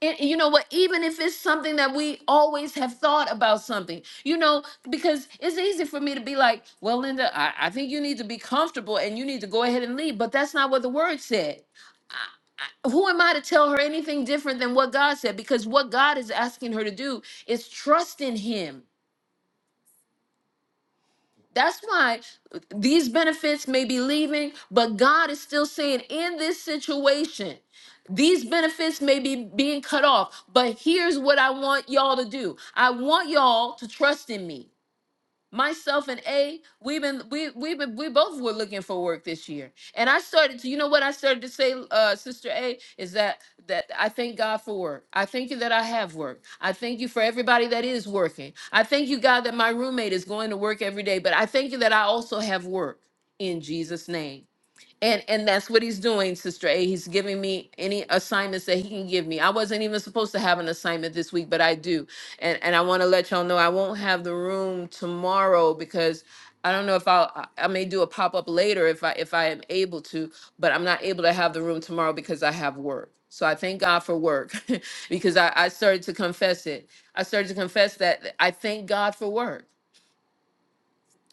Speaker 1: And and you know what? Even if it's something that we always have thought about something, you know, because it's easy for me to be like, well, Linda, I, I think you need to be comfortable and you need to go ahead and leave. But that's not what the word said who am I to tell her anything different than what God said? Because what God is asking her to do is trust in Him. That's why these benefits may be leaving, but God is still saying, in this situation, these benefits may be being cut off, but here's what I want y'all to do I want y'all to trust in me. myself and A, we've been we we've been we both were looking for work this year. And I started to, you know what I started to say, uh, Sister A, is that that I thank God for work. I thank you that I have work. I thank you for everybody that is working. I thank you, God, that my roommate is going to work every day, but I thank you that I also have work in Jesus' name and and that's what he's doing sister a he's giving me any assignments that he can give me i wasn't even supposed to have an assignment this week but i do and and i want to let y'all know i won't have the room tomorrow because i don't know if i'll i I may do a pop-up later if i if i am able to but i'm not able to have the room tomorrow because i have work so i thank god for work because i i started to confess it i started to confess that i thank god for work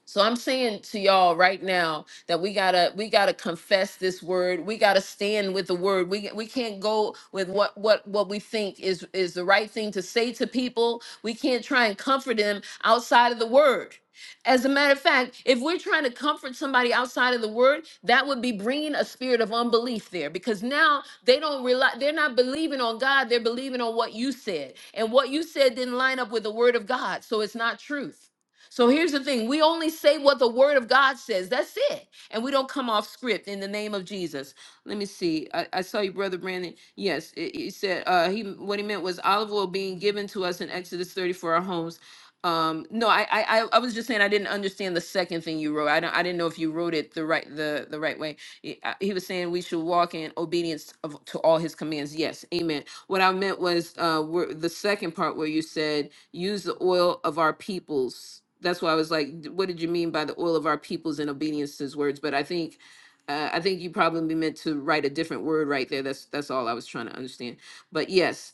Speaker 1: so I'm saying to y'all right now that we gotta we gotta confess this word. We gotta stand with the word. We we can't go with what what what we think is is the right thing to say to people. We can't try and comfort them outside of the word. As a matter of fact, if we're trying to comfort somebody outside of the word, that would be bringing a spirit of unbelief there because now they don't rely, they're not believing on God, they're believing on what you said. And what you said didn't line up with the word of God, so it's not truth. So here's the thing we only say what the word of God says. That's it. And we don't come off script in the name of Jesus. Let me see. I, I saw you, Brother Brandon. Yes, it, he said uh, he what he meant was olive oil being given to us in Exodus 30 for our homes. Um, no, I, I I I was just saying I didn't understand the second thing you wrote. I don't I didn't know if you wrote it the right the the right way. He I- he was saying we should walk in obedience of, to all his commands. Yes, amen. What I meant was uh, where, the second part where you said use the oil of our peoples. That's why I was like, "D- what did you mean by the oil of our peoples in obedience to his words? But I think uh, I think you probably meant to write a different word right there. That's that's all I was trying to understand. But yes,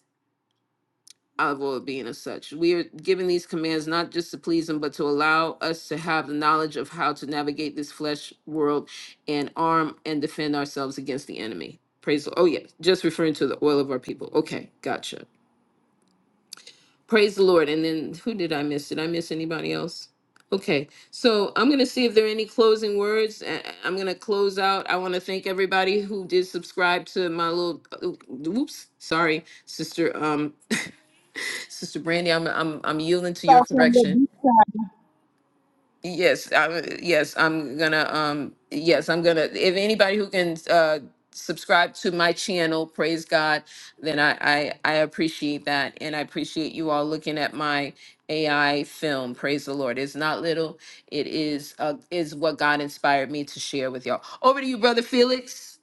Speaker 1: olive oil being as such. We are given these commands not just to please him, but to allow us to have the knowledge of how to navigate this flesh world and arm and defend ourselves against the enemy. Praise the Oh yeah, just referring to the oil of our people. Okay, gotcha. Praise the Lord. And then who did I miss? Did I miss anybody else? Okay. So I'm going to see if there are any closing words. a- a- I'm going to close out. I want to thank everybody who did subscribe to my little oh, whoops, sorry, sister um sister Brandy, I'm I'm I'm yielding to your correction. Yes, I, yes, I'm gonna. Um, yes, I'm gonna. If anybody who can uh, subscribe to my channel, praise God, then I, I I appreciate that, and I appreciate you all looking at my AI film. Praise the Lord. It's not little. It is uh, is what God inspired me to share with y'all. Over to you, brother Felix.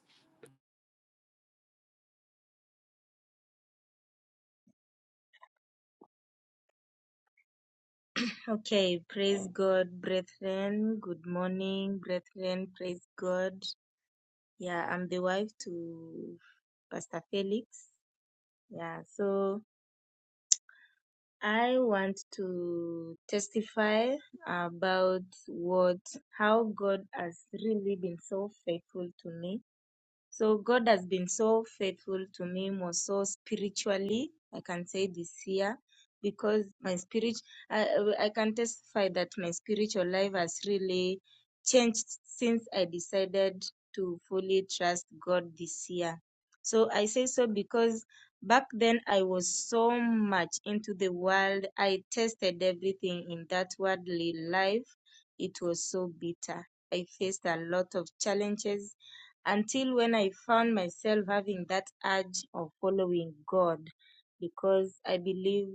Speaker 13: Okay, praise God, brethren. Good morning, brethren. Praise God. Yeah, I'm the wife to Pastor Felix. Yeah, so I want to testify about what, how God has really been so faithful to me So God has been so faithful to me, more so spiritually. I can say this year because my spirit, I, I can testify that my spiritual life has really changed since I decided to fully trust God this year. So I say so because back then I was so much into the world. I tested everything in that worldly life. It was so bitter. I faced a lot of challenges until when I found myself having that urge of following God because I believe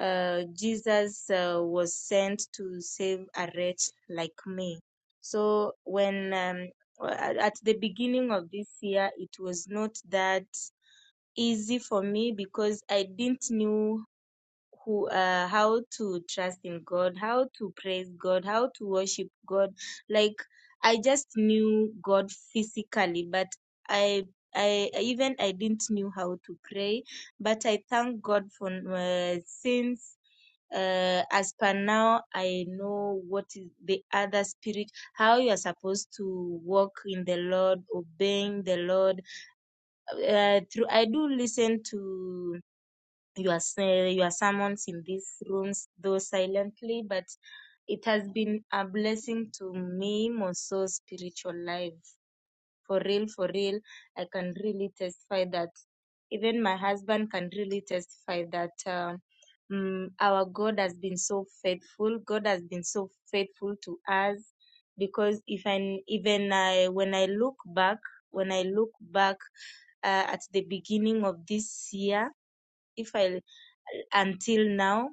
Speaker 13: uh, Jesus uh, was sent to save a wretch like me. So when um, at the beginning of this year, it was not that easy for me because I didn't knew who uh, how to trust in God, how to praise God, how to worship God. Like I just knew God physically, but I I even I didn't knew how to pray. But I thank God for uh, since. Uh, as per now, I know what is the other spirit, how you are supposed to walk in the Lord, obeying the Lord. Uh, through I do listen to you are uh, you are summoned in these rooms though silently but it has been a blessing to me more so spiritual life for real for real i can really testify that even my husband can really testify that uh, mm, our god has been so faithful god has been so faithful to us because if i even i when i look back when i look back uh, at the beginning of this year if I until now,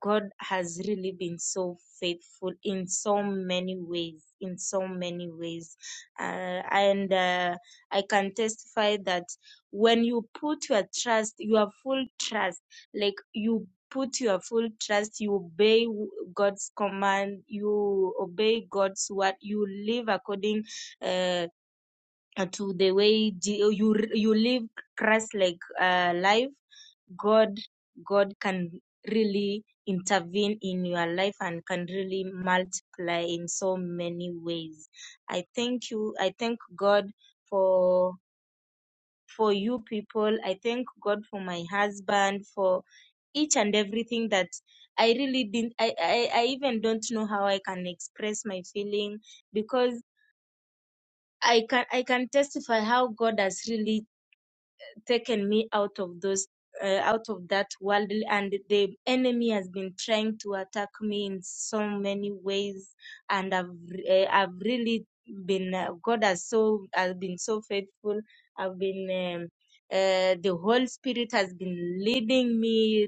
Speaker 13: God has really been so faithful in so many ways, in so many ways. Uh, and uh, I can testify that when you put your trust, your full trust, like you put your full trust, you obey God's command, you obey God's word, you live according. Uh, uh, to the way Je- you you live Christ like uh, life, God God can really intervene in your life and can really multiply in so many ways. I thank you. I thank God for for you people. I thank God for my husband for each and everything that I really didn't. I I, I even don't know how I can express my feeling because I can I can testify how God has really taken me out of those uh, out of that world and the enemy has been trying to attack me in so many ways and I've uh, I've really been uh, God has so has been so faithful I've been um, uh, the Holy Spirit has been leading me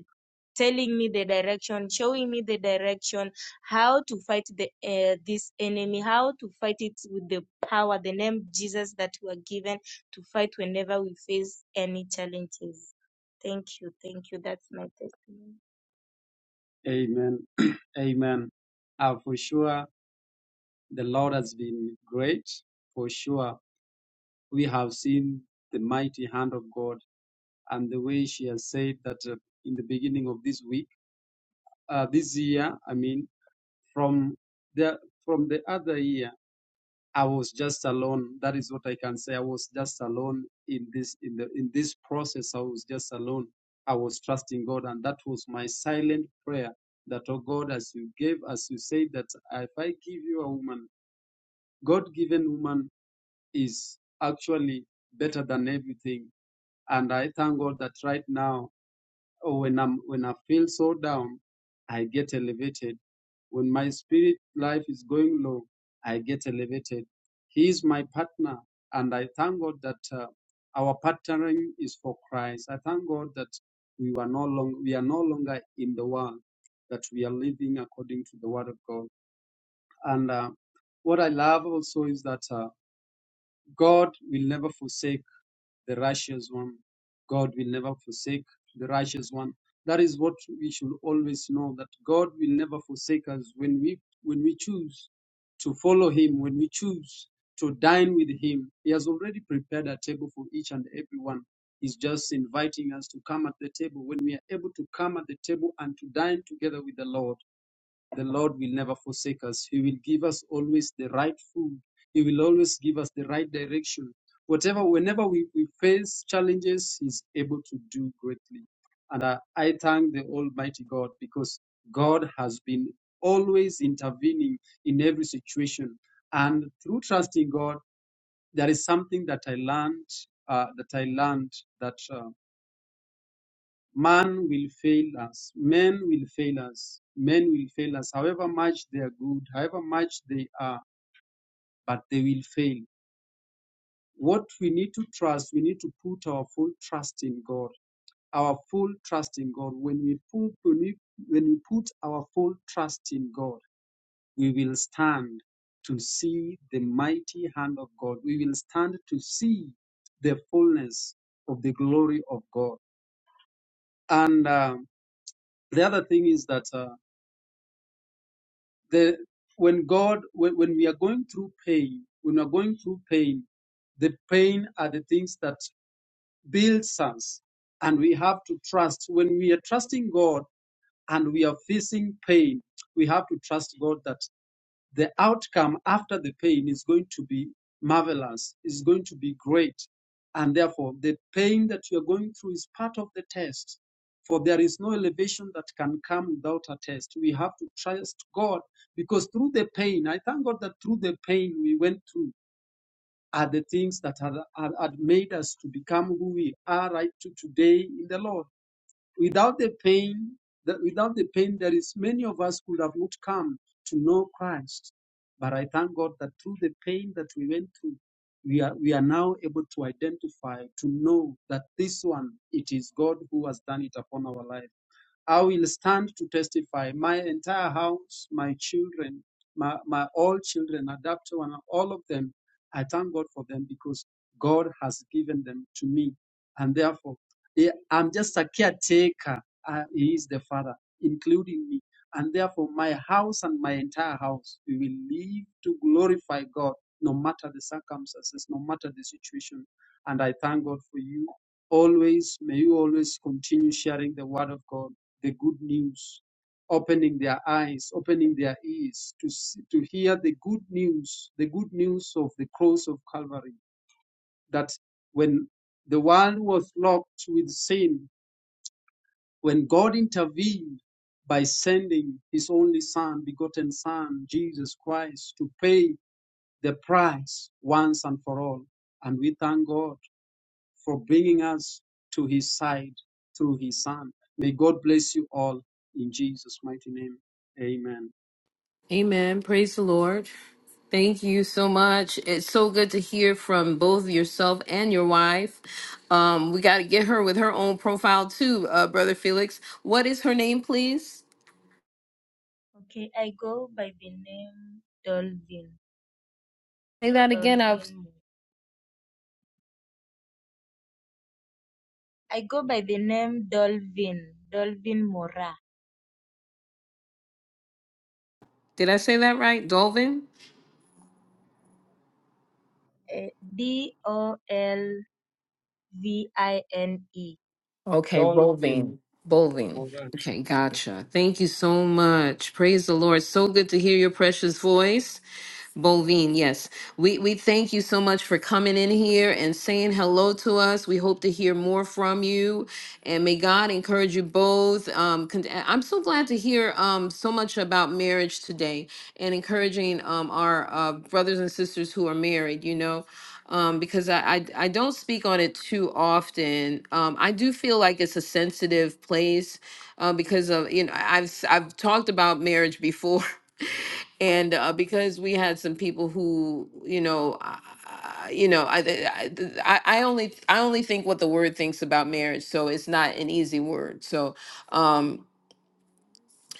Speaker 13: telling me the direction, showing me the direction, how to fight the uh, this enemy, how to fight it with the power, the name Jesus that we are given to fight whenever we face any challenges. Thank you, thank you. That's my testimony. Amen. Amen. Uh, for sure, the Lord has been great. For sure, we have seen the mighty hand of God and the way she has said that uh, in the beginning of this week, uh, this year, I mean. From the from the other year, I was just alone. That is what I can say. I was just alone in this in the in this process. I was just alone. I was trusting God, and that was my silent prayer. That oh God, as you gave, as you said that if I give you a woman, God-given woman is actually better than everything. And I thank God that right now when I'm when I feel so down, I get elevated. When my spirit life is going low, I get elevated. He is my partner, and I thank God that uh, our partnering is for Christ. I thank God that we were no long we are no longer in the world, that we are living according to the Word of God. And uh, what I love also is that uh, God will never forsake the righteous one. God will never forsake the righteous one. That is what we should always know that God will never forsake us when we when we choose to follow him, when we choose to dine with him. He has already prepared a table for each and every one. He's just inviting us to come at the table when we are able to come at the table and to dine together with the Lord. The Lord will never forsake us. He will give us always the right food. He will always give us the right direction. Whatever, whenever we, we face challenges, He's able to do greatly. And I, I thank the Almighty God because God has been always intervening in every situation. And through trusting God, there is something that I learned, uh, that I learned that. uh, Man will fail us. Men will fail us. Men will fail us. However much they are good, however much they are, but they will fail. What we need to trust, we need to put our full trust in God. Our full trust in God. When we put, when we, when we put our full trust in God, we will stand to see the mighty hand of God. We will stand to see the fullness of the glory of God. And um, the other thing is that. Uh, the when God when, when we are going through pain, when we are going through pain, the pain are the things that build us, and we have to trust. When we are trusting God and we are facing pain, we have to trust God that the outcome after the pain is going to be marvelous, is going to be great. And therefore, the pain that you're going through is part of the test. For there is no elevation that can come without a test. We have to trust God because through the pain, I thank God that through the pain we went through are the things that had, had, had made us to become who we are right to today in the Lord. Without the pain, that without the pain, there is many of us could have not come to know Christ. But I thank God that through the pain that we went through, we are we are now able to identify, to know that this one, it is God who has done it upon our life. I will stand to testify. My entire house, my children, my, my all children, adopted one, all of them, I thank God for them because God has given them to me. And therefore, eh, I'm just a caretaker. Uh, He is the Father, including me. And therefore, my house and my entire house, we will live to glorify God no matter the circumstances, no matter the situation. And I thank God for you. Always, may you always continue sharing the word of God the good news, opening their eyes, opening their ears to, s- to hear the good news, the good news of the cross of Calvary. That when the world was locked with sin, when God intervened by sending his only Son, begotten Son, Jesus Christ, to pay the price once and for all. And we thank God for bringing us to his side through his son. May God bless you all in Jesus' mighty name. Amen.
Speaker 1: Amen. Praise the Lord. Thank you so much. It's so good to hear from both yourself and your wife. Um, we got to get her with her own profile too, uh, brother Felix. What is her name, please?
Speaker 13: Okay, I go by the name Dolvin.
Speaker 1: Say that again. I've
Speaker 13: Dolvin. Mo- I go by the name Dolvin. Dolvin Mora.
Speaker 1: did I say that right? Dolvin.
Speaker 13: Eh, D O L V I N E.
Speaker 1: Okay,
Speaker 13: Dolvin
Speaker 1: Bolvin. Bolvin.
Speaker 13: Moran.
Speaker 1: Okay, gotcha. Thank you so much. Praise the Lord. So good to hear your precious voice. Bovine, yes. We we thank you so much for coming in here and saying hello to us. We hope to hear more from you, and may God encourage you both. Um, con- eh, I'm so glad to hear um so much about marriage today and encouraging um our uh, brothers and sisters who are married. You know, um, because I, I I don't speak on it too often. Um, I do feel like it's a sensitive place uh, because of you know I- have s- I've talked about marriage before and uh, because we had some people who you know uh, you know I, I I I only I only think what the word thinks about marriage so it's not an easy word so um,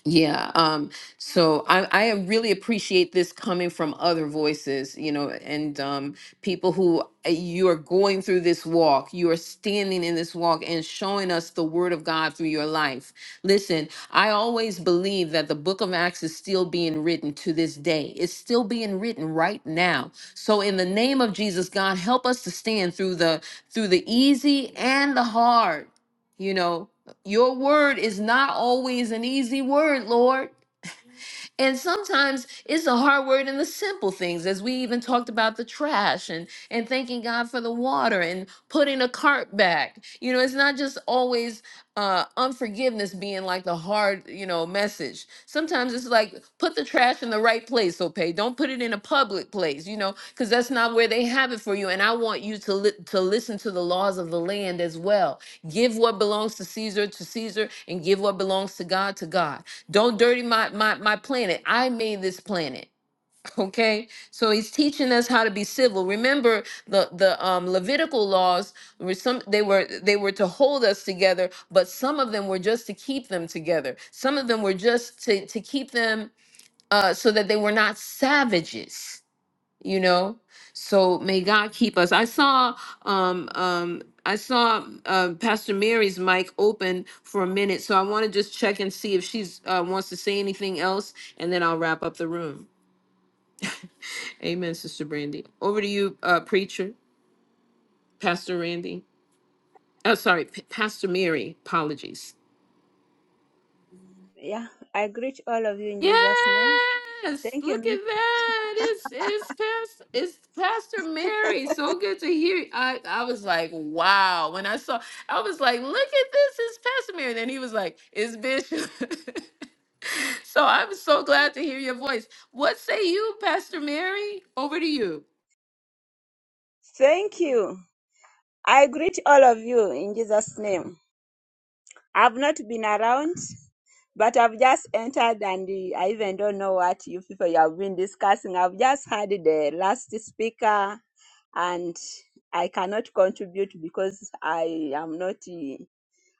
Speaker 1: yeah, um, so I, I really appreciate this coming from other voices, you know, and um, people who uh, you are going through this walk, you are standing in this walk and showing us the word of God through your life. Listen, I always believe that the book of Acts is still being written to this day, it's still being written right now. So, in the name of Jesus, God, help us to stand through the through the easy and the hard you know your word is not always an easy word, Lord. And sometimes it's a hard word in the simple things, as we even talked about the trash and and thanking God for the water and putting a cart back. You know, it's not just always uh, unforgiveness being like the hard, you know, message. Sometimes it's like put the trash in the right place, okay? Don't put it in a public place, you know, because that's not where they have it for you. And I want you to li- to listen to the laws of the land as well. Give what belongs to Caesar to Caesar, and give what belongs to God to God. Don't dirty my, my my planet. I made this planet. Okay? So he's teaching us how to be civil. Remember the the um Levitical laws were some they were they were to hold us together, but some of them were just to keep them together. Some of them were just to to keep them uh so that they were not savages you know so may god keep us i saw um um i saw uh, pastor mary's mic open for a minute so i want to just check and see if she's uh, wants to say anything else and then i'll wrap up the room amen sister brandy over to you uh preacher pastor randy oh sorry P- pastor mary apologies
Speaker 12: Yeah, I greet all of you in Jesus' name.
Speaker 1: Yes,
Speaker 12: Thank you.
Speaker 1: look at
Speaker 12: miss.
Speaker 1: that. It's it's Pastor it's Pastor Mary. So good to hear. I I was like, wow. When I saw, I was like, look at this. It's Pastor Mary. And then he was like, it's Bishop. so I'm so glad to hear your voice. What say you, Pastor Mary? Over to you.
Speaker 12: Thank you. I greet all of you in Jesus' name. I've not been around, but I've just entered and uh, I even don't know what you people you have been discussing. I've just heard the last speaker and I cannot contribute because I am not.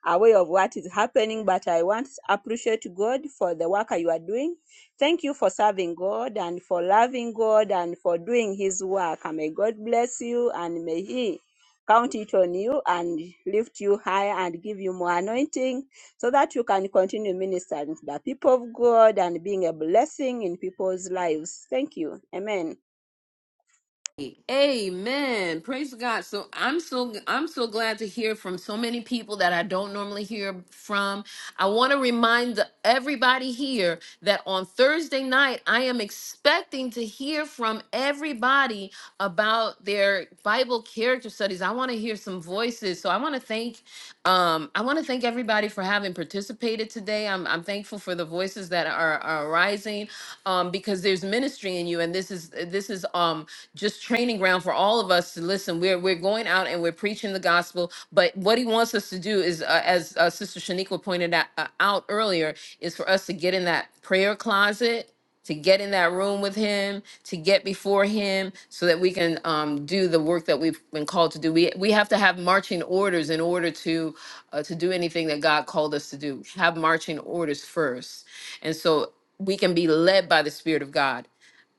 Speaker 12: aware of what is happening, but I want to appreciate God for the work you are doing. Thank you for serving God and for loving God and for doing His work. And may God bless you and may He count it on you and lift you higher and give you more anointing so that you can continue ministering to the people of God and being a blessing in people's lives. Thank you. Amen.
Speaker 1: Amen. Praise God. So I'm so I'm so glad to hear from so many people that I don't normally hear from. I want to remind the, everybody here that on Thursday night I am expecting to hear from everybody about their Bible character studies. I want to hear some voices. So I want to thank um I want to thank everybody for having participated today. I'm I'm thankful for the voices that are, are rising um because there's ministry in you and this is this is um just training ground for all of us to listen. We're we're going out and we're preaching the gospel, but what he wants us to do is, uh, as uh, Sister Shaniqua pointed out, uh, out earlier, is for us to get in that prayer closet. To get in that room with him, to get before him, so that we can um, do the work that we've been called to do. We we have to have marching orders in order to uh, to do anything that God called us to do. Have marching orders first, and so we can be led by the Spirit of God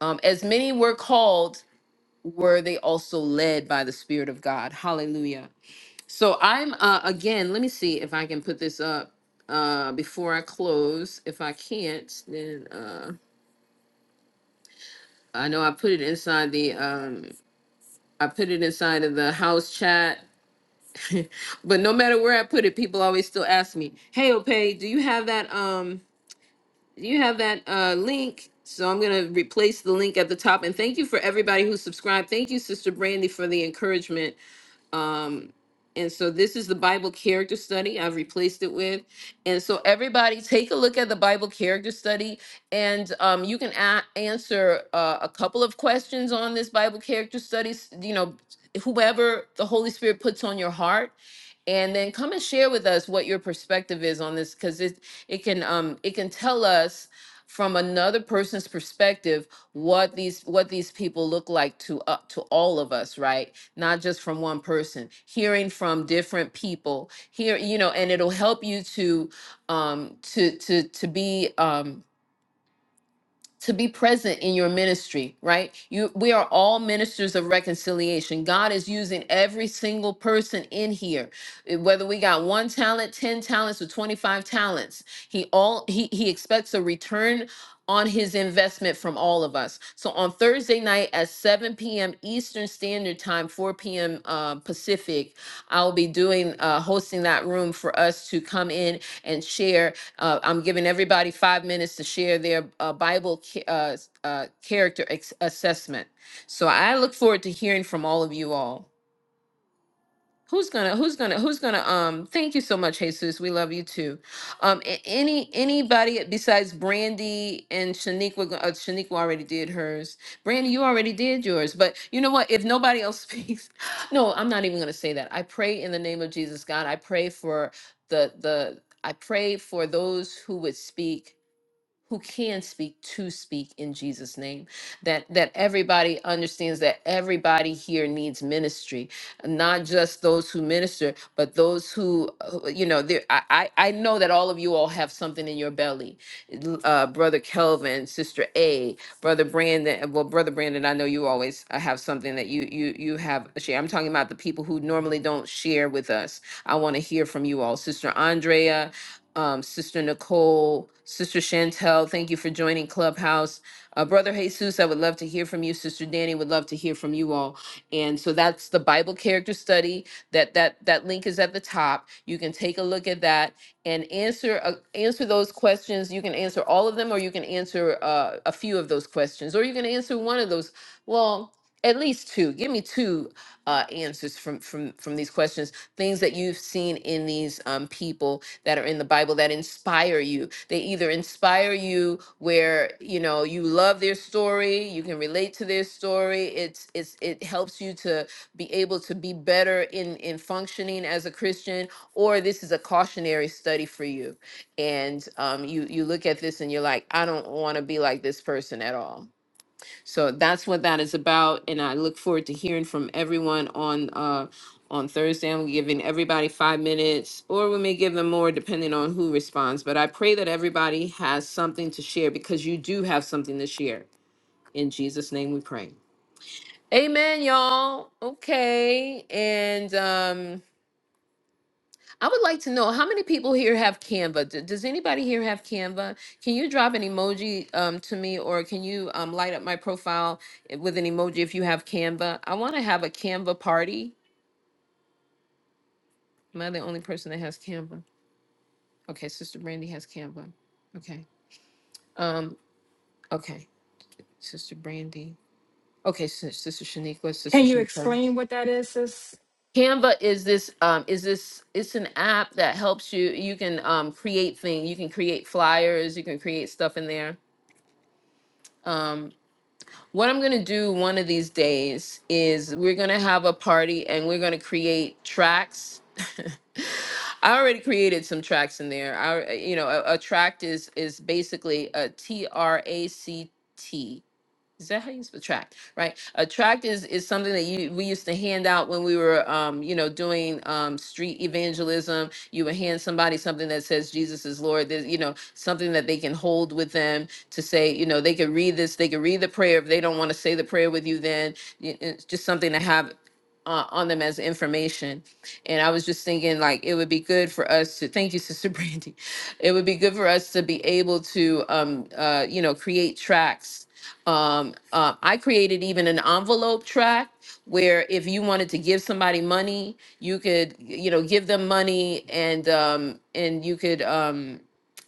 Speaker 1: um, as many were called were they also led by the spirit of god hallelujah so i'm uh, again let me see if i can put this up uh, before i close if i can't then uh, i know i put it inside the um, i put it inside of the house chat but no matter where i put it people always still ask me hey opay do you have that um do you have that uh, link so i'm going to replace the link at the top and thank you for everybody who subscribed thank you sister brandy for the encouragement Um, and so this is the Bible character study I've replaced it with. And so everybody take a look at the Bible character study and um, you can a- answer uh, a couple of questions on this Bible character studies, you know, whoever the Holy Spirit puts on your heart. And then come and share with us what your perspective is on this because it it can um it can tell us from another person's perspective what these what these people look like to uh, to all of us right not just from one person, hearing from different people here, you know, and it'll help you to um to to to be um to be present in your ministry, right? You we are all ministers of reconciliation. God is using every single person in here. eh, Whether we got 1 talent, 10 talents or 25 talents, he all he he expects a return on his investment from all of us. So on Thursday night at 7 p.m. Eastern Standard Time, 4 p.m. Uh, Pacific, I'll be doing uh, hosting that room for us to come in and share uh, I'm giving everybody five minutes to share their uh, Bible ca- uh, uh, character ex- assessment. So I look forward to hearing from all of you all. Who's gonna? Who's gonna? Who's gonna? Um, thank you so much, Jesus. We love you too. Um, a- any anybody besides Brandy and Shaniqua? go- Uh, Shaniqua already did hers. Brandy, you already did yours. But you know what? If nobody else speaks, no, I'm not even gonna say that. I pray in the name of Jesus, God. I pray for the the. I pray for those who would speak who can speak to speak in Jesus name that that everybody understands that everybody here needs ministry not just those who minister but those who who, you know there I I I know that all of you all have something in your belly L- uh brother Kelvin sister A brother Brandon uh, well brother Brandon I know you always uh, have something that you you you have to share I'm talking about the people who normally don't share with us I want to hear from you all sister Andrea um, Sister Nicole, Sister Chantel, thank you for joining Clubhouse. Uh, Brother Jesus, I would love to hear from you. Sister Danny would love to hear from you all. And so that's the Bible character study. That that that link is at the top. You can take a look at that and answer uh, answer those questions. You can answer all of them, or you can answer uh, a few of those questions, or you can answer one of those. Well, at least two. Give me two uh, answers from from from these questions. Things that you've seen in these um, people that are in the Bible that inspire you. They either inspire you where, you know, you love their story, you can relate to their story. It's it's it helps you to be able to be better in in functioning as a Christian, or this is a cautionary study for you. And um you you look at this and you're like, I don't want to be like this person at all so that's what that is about, and I look forward to hearing from everyone on uh on Thursday. I'm giving everybody five minutes, or we may give them more depending on who responds. But I pray that everybody has something to share because you do have something to share. In Jesus' name we pray. Amen, y'all. Okay. And um I would like to know how many people here have Canva. D- does anybody here have Canva? Can you drop an emoji um, to me, or can you um, light up my profile eh, with an emoji if you have Canva? I want to have a Canva party. Am I the only person that has Canva? Okay, Sister Brandy has Canva. Okay. Um. Okay, Sister Brandy. Okay, Sis- Sister Shaniqua, Sister
Speaker 10: Can you
Speaker 1: Chantel.
Speaker 10: explain what that is, sis?
Speaker 1: Canva is this um, is this it's an app that helps you. You can um, create things. You can create flyers. You can create stuff in there. Um, What I'm going to do one of these days is we're going to have a party and we're going to create tracks. I already created some tracks in there. I, you know, a, a tract is is basically a T R A C T is that how you spell tract? Right. A tract is is something that you we used to hand out when we were um, you know, doing um street evangelism. You would hand somebody something that says Jesus is Lord. There's, you know, something that they can hold with them to say, you know, they can read this, they can read the prayer. If they don't want to say the prayer with you, then y- uh, it's just something to have uh, on them as information. And I was just thinking like it would be good for us to thank you, Sister Brandy. It would be good for us to be able to um uh you know create tracts. Um, uh, I created even an envelope track where if you wanted to give somebody money, you could, you know, give them money and um, and you could um,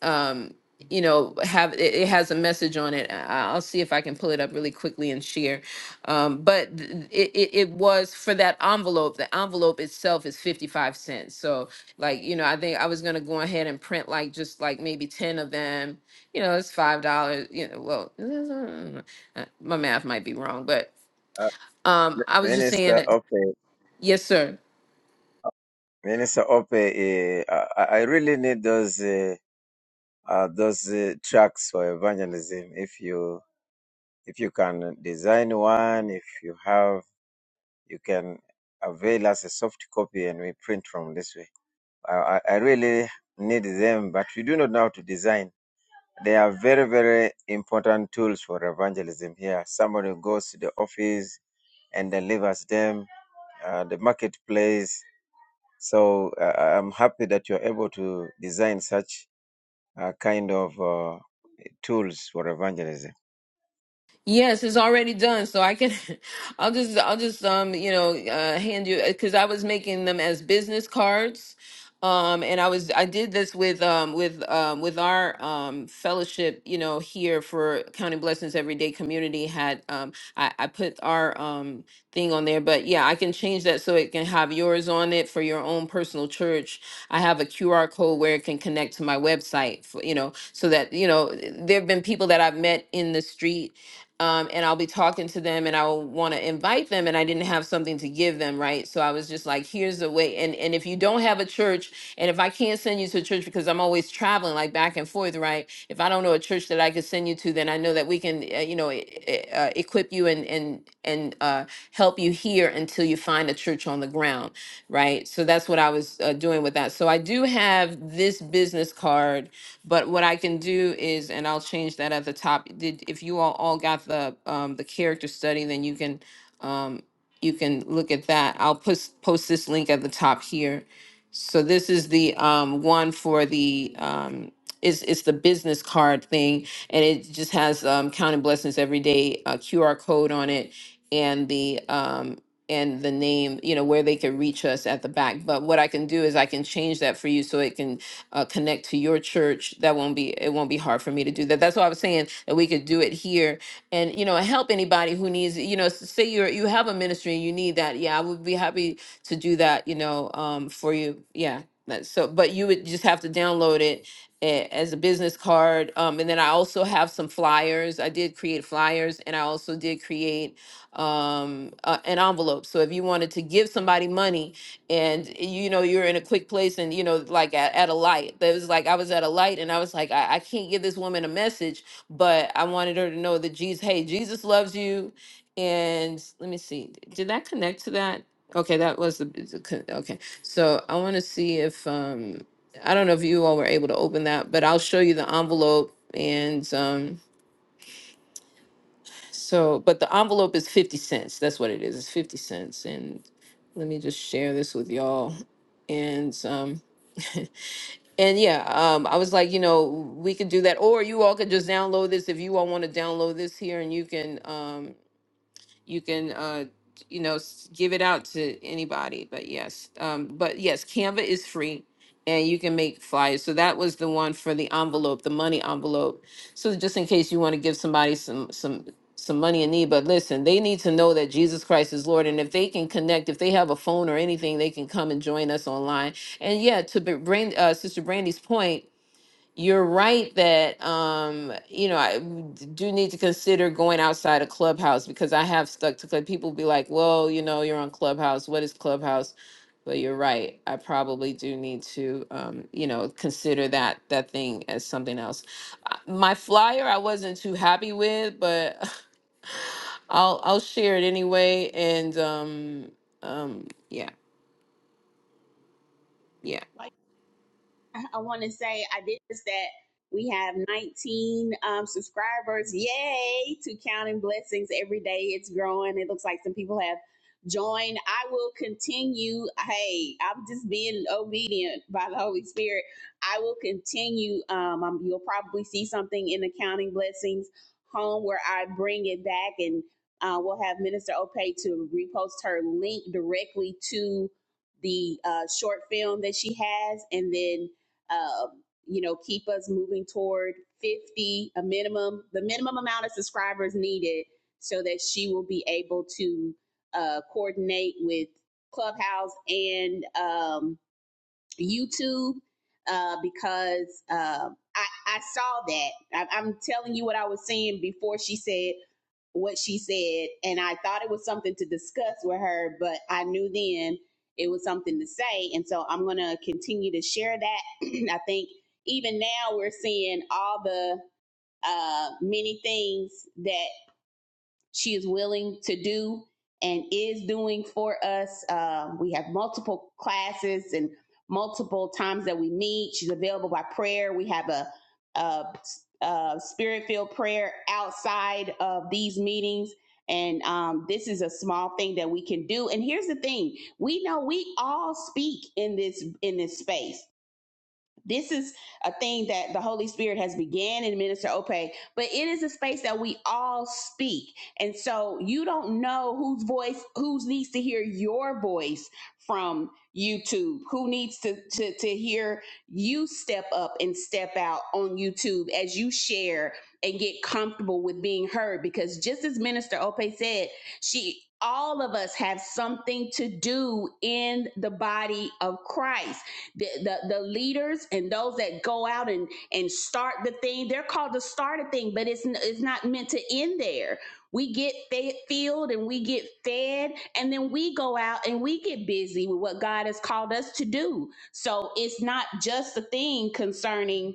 Speaker 1: um, you know have it, it has a message on it I- i'll see if i can pull it up really quickly and share um, but th- it, it, it was for that envelope the envelope itself is 55 cents so like you know i think i was going to go ahead and print like just like maybe 10 of them you know it's five dollars you know well uh, my math might be wrong but
Speaker 12: Uh,
Speaker 1: um, i was just saying
Speaker 12: Minister
Speaker 1: that
Speaker 12: Ope,
Speaker 1: yes sir
Speaker 12: Minister Ope, eh, I, I really need those. Uh, uh, those uh, tracks for evangelism. If you if you can design one, if you have, you can avail us a soft copy and we print from this way. I, I I really need them, but we do not know how to design. They are very very important tools for evangelism here. Somebody goes to the office and delivers them, uh, the marketplace. So uh, I'm happy that you're able to design such uh, kind of uh, tools for evangelism.
Speaker 1: Yes, it's already done, so I can. I'll just, I'll just, um, you know, uh, hand you because I was making them as business cards, um, and I was, I did this with, um, with, um, with our um, fellowship, you know, here for Counting Blessings Everyday Community. Had um, I, I put our um thing on there, but yeah, I can change that so it can have yours on it for your own personal church. I have a QR code where it can connect to my website, for, you know, so that you know, there have been people that I've met in the street um, and I'll be talking to them and I'll want to invite them and I didn't have something to give them, right? So I was just like, here's a way. And and if you don't have a church, and if I can't send you to a church because I'm always traveling like back and forth, right? If I don't know a church that I could send you to, then I know that we can, uh, you know, e- e- uh, equip you and and and uh, help you here until you find a church on the ground, right? So that's what I was uh, doing with that. So I do have this business card but what I can do is, and I'll change that at the top. Did if you all all got the um, the character study, then you can um, you can look at that. I'll post post this link at the top here. So this is the um, one for the um, it's it's the business card thing, and it just has um, counting blessings every day uh, QR code on it, and the um, and the name you know where they can reach us at the back. But what I can do is I can change that for you so it can uh, connect to your church, that won't be it won't be hard for me to do that. That's why I was saying that we could do it here and you know help anybody who needs you know s- say you are you have a ministry and you need that. Yeah, I would be happy to do that. You know, um, for you. Yeah. That- So, but you would just have to download it a- as a business card. Um, and then I also have some flyers. I did create flyers and I also did create um, uh, an envelope. So if you wanted to give somebody money, and eh, you know you're in a quick place and you know like at, at a light that was like i was at a light and i was like I, I can't give this woman a message but i wanted her to know that jesus hey jesus loves you and let me see did that connect to that okay that was the is con- okay so i want to see if um i don't know if you all were able to open that but i'll show you the envelope and um so, but the envelope is 50 cents. That's what it is. It's 50 cents. And let me just share this with y'all. And um and yeah, um I was like, you know, we could do that or you all could just download this if you all want to download this here and you can um you can uh you know s- give it out to anybody but yes um but yes canva is free and you can make flyers so that was the one for the envelope the money envelope so just in case you want to give somebody some some some money in need but listen they need to know that jesus christ is lord and if they can connect if they have a phone or anything they can come and join us online and yeah to br- bring uh, sister brandy's point you're right that um, you know I d- do need to consider going outside of Clubhouse because I have stuck to Club. People be like, "Well, you know, you're on Clubhouse. What is Clubhouse?" But you're right. I probably do need to, um, you know, consider that that thing as something else. Uh, My flyer I wasn't too happy with, but I'll I'll share it anyway. And um, um, yeah, yeah.
Speaker 8: I want to say I did this that we have 19 um, subscribers. Yay to Counting Blessings every day. It's growing. It looks like some people have joined. I will continue. Hey, I'm just being obedient by the Holy Spirit. I will continue. Um, um, you'll probably see something in the Counting Blessings home where I bring it back and uh, we'll have Minister Opay to repost her link directly to the uh, short film that she has and then um, you know, keep us moving toward 50, a minimum, the minimum amount of subscribers needed so that she will be able to uh, coordinate with Clubhouse and um, YouTube uh, because um I, I saw that. I, I'm telling you what I was seeing before she said what she said, and I thought it was something to discuss with her, but I knew then it was something to say, and so I'm gonna continue to share that. I think even now we're seeing all the uh, many things that she is willing to do and is doing for us. Um, we have multiple classes and multiple times that we meet. She's available by prayer. We have a, a, a spirit filled prayer outside of these meetings. And um, this is a small thing that we can do. And here's the thing: we know we all speak in this in this space this is a thing that the Holy Spirit has began in Minister Opay, but it is a space that we all speak. And so you don't know whose voice, who needs to hear your voice from YouTube, who needs to, to, to hear you step up and step out on YouTube as you share and get comfortable with being heard. Because just as Minister Opay said, she all of us have something to do in the body of Christ the, the, the leaders and those that go out and, and start the thing, they're called to start a thing, but it's, n- it's not meant to end there. We get fed, filled and we get fed, and then we go out and we get busy with what God has called us to do. So it's not just a thing concerning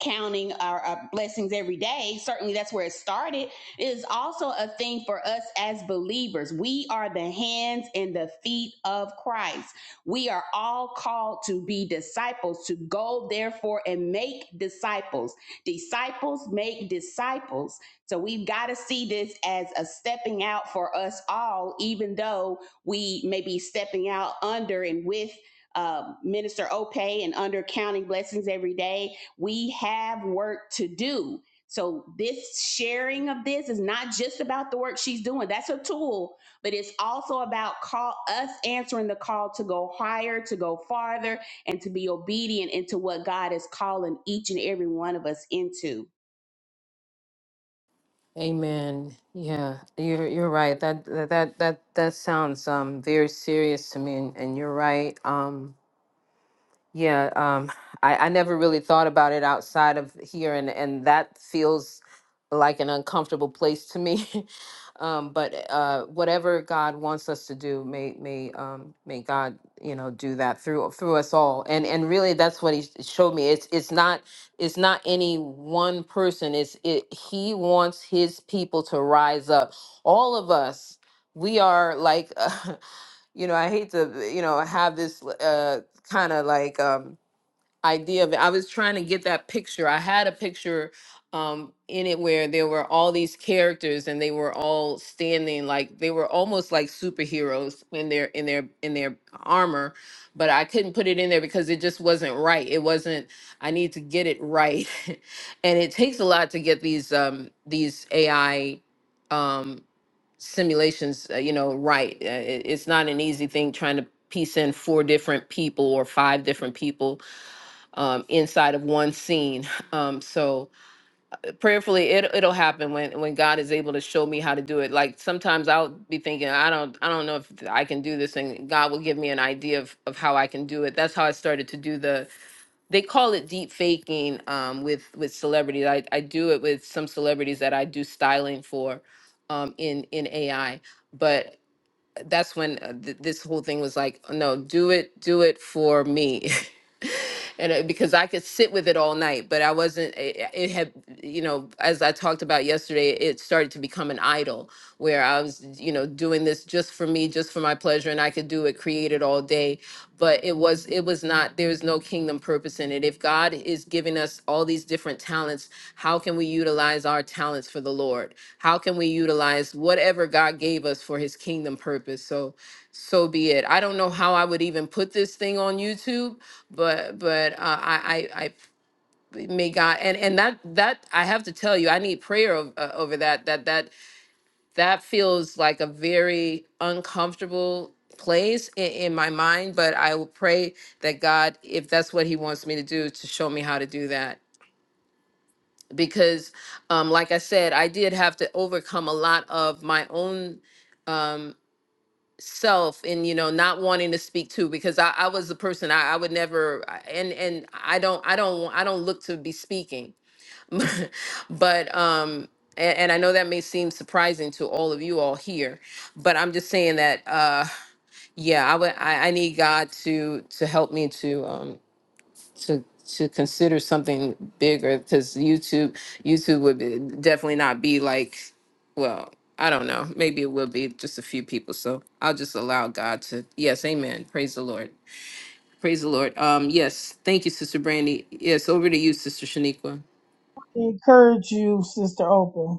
Speaker 8: counting our, our blessings every day certainly that's where it started it is also a thing for us as believers we are the hands and the feet of christ we are all called to be disciples to go therefore and make disciples disciples make disciples so we've got to see this as a stepping out for us all even though we may be stepping out under and with uh, Minister Ope and under counting blessings every day we have work to do. So, this sharing of this is not just about the work she's doing. That's a tool, but it's also about call us answering the call to go higher, to go farther, and to be obedient into what God is calling each and every one of us into.
Speaker 1: Amen. Yeah, you're you're right. That that that that that sounds um very serious to me, and, and you're right. Um, yeah, um, I, I never really thought about it outside of here, and, and that feels like an uncomfortable place to me. um, but uh, whatever God wants us to do, may may um, may God you know do that through through us all. And and really, that's what He sh- showed me. It's it's not it's not any one person. It's it. He wants His people to rise up. All of us, we are like. you know, I hate to, you know, have this. Uh, kind of like um idea of it. I was trying to get that picture. I had a picture um in it where there were all these characters and they were all standing like they were almost like superheroes in their in their in their armor, but I couldn't put it in there because it just wasn't right. It wasn't I need to get it right. and it takes a lot to get these um these AI um simulations, uh, you know, right. Uh, it- it's not an easy thing trying to piece in four different people or five different people um, inside of one scene. Um, so prayerfully, it it'll happen when when God is able to show me how to do it. Like sometimes I'll be thinking, I don't I don't know if I can do this, and God will give me an idea of of how I can do it. That's how I started to do the. They call it deep faking um, with with celebrities. I I do it with some celebrities that I do styling for um, in in AI. but that's when uh, th- this whole thing was like, no, do it, do it for me. and it, because I could sit with it all night, but I wasn't, it, it had, you know, as I talked about yesterday, it started to become an idol where I was, you know, doing this just for me, just for my pleasure. And I could do it, create it all day. But it was, it was not, there was no kingdom purpose in it. If God is giving us all these different talents, how can we utilize our talents for the Lord? how can we utilize whatever God gave us for his kingdom purpose so so be it I don't know how I would even put this thing on YouTube but but uh, I, I I may God and and that that I have to tell you I need prayer ov- uh, over that that that that feels like a very uncomfortable place in, in my mind but I will pray that God if that's what he wants me to do to show me how to do that because um, like i said i did have to overcome a lot of my own um, self and you know not wanting to speak to because i, I was the person I, I would never I- and and i don't i don't i don't look to be speaking but um and, and i know that may seem surprising to all of you all here but i'm just saying that uh yeah i would i, I need god to to help me to um to to consider something bigger because YouTube YouTube would be, definitely not be like well I don't know maybe it will be just a few people so I'll just allow God to yes Amen praise the Lord praise the Lord um yes thank you Sister Brandy yes over to you Sister Shaniqua
Speaker 3: encourage you, Sister Oprah.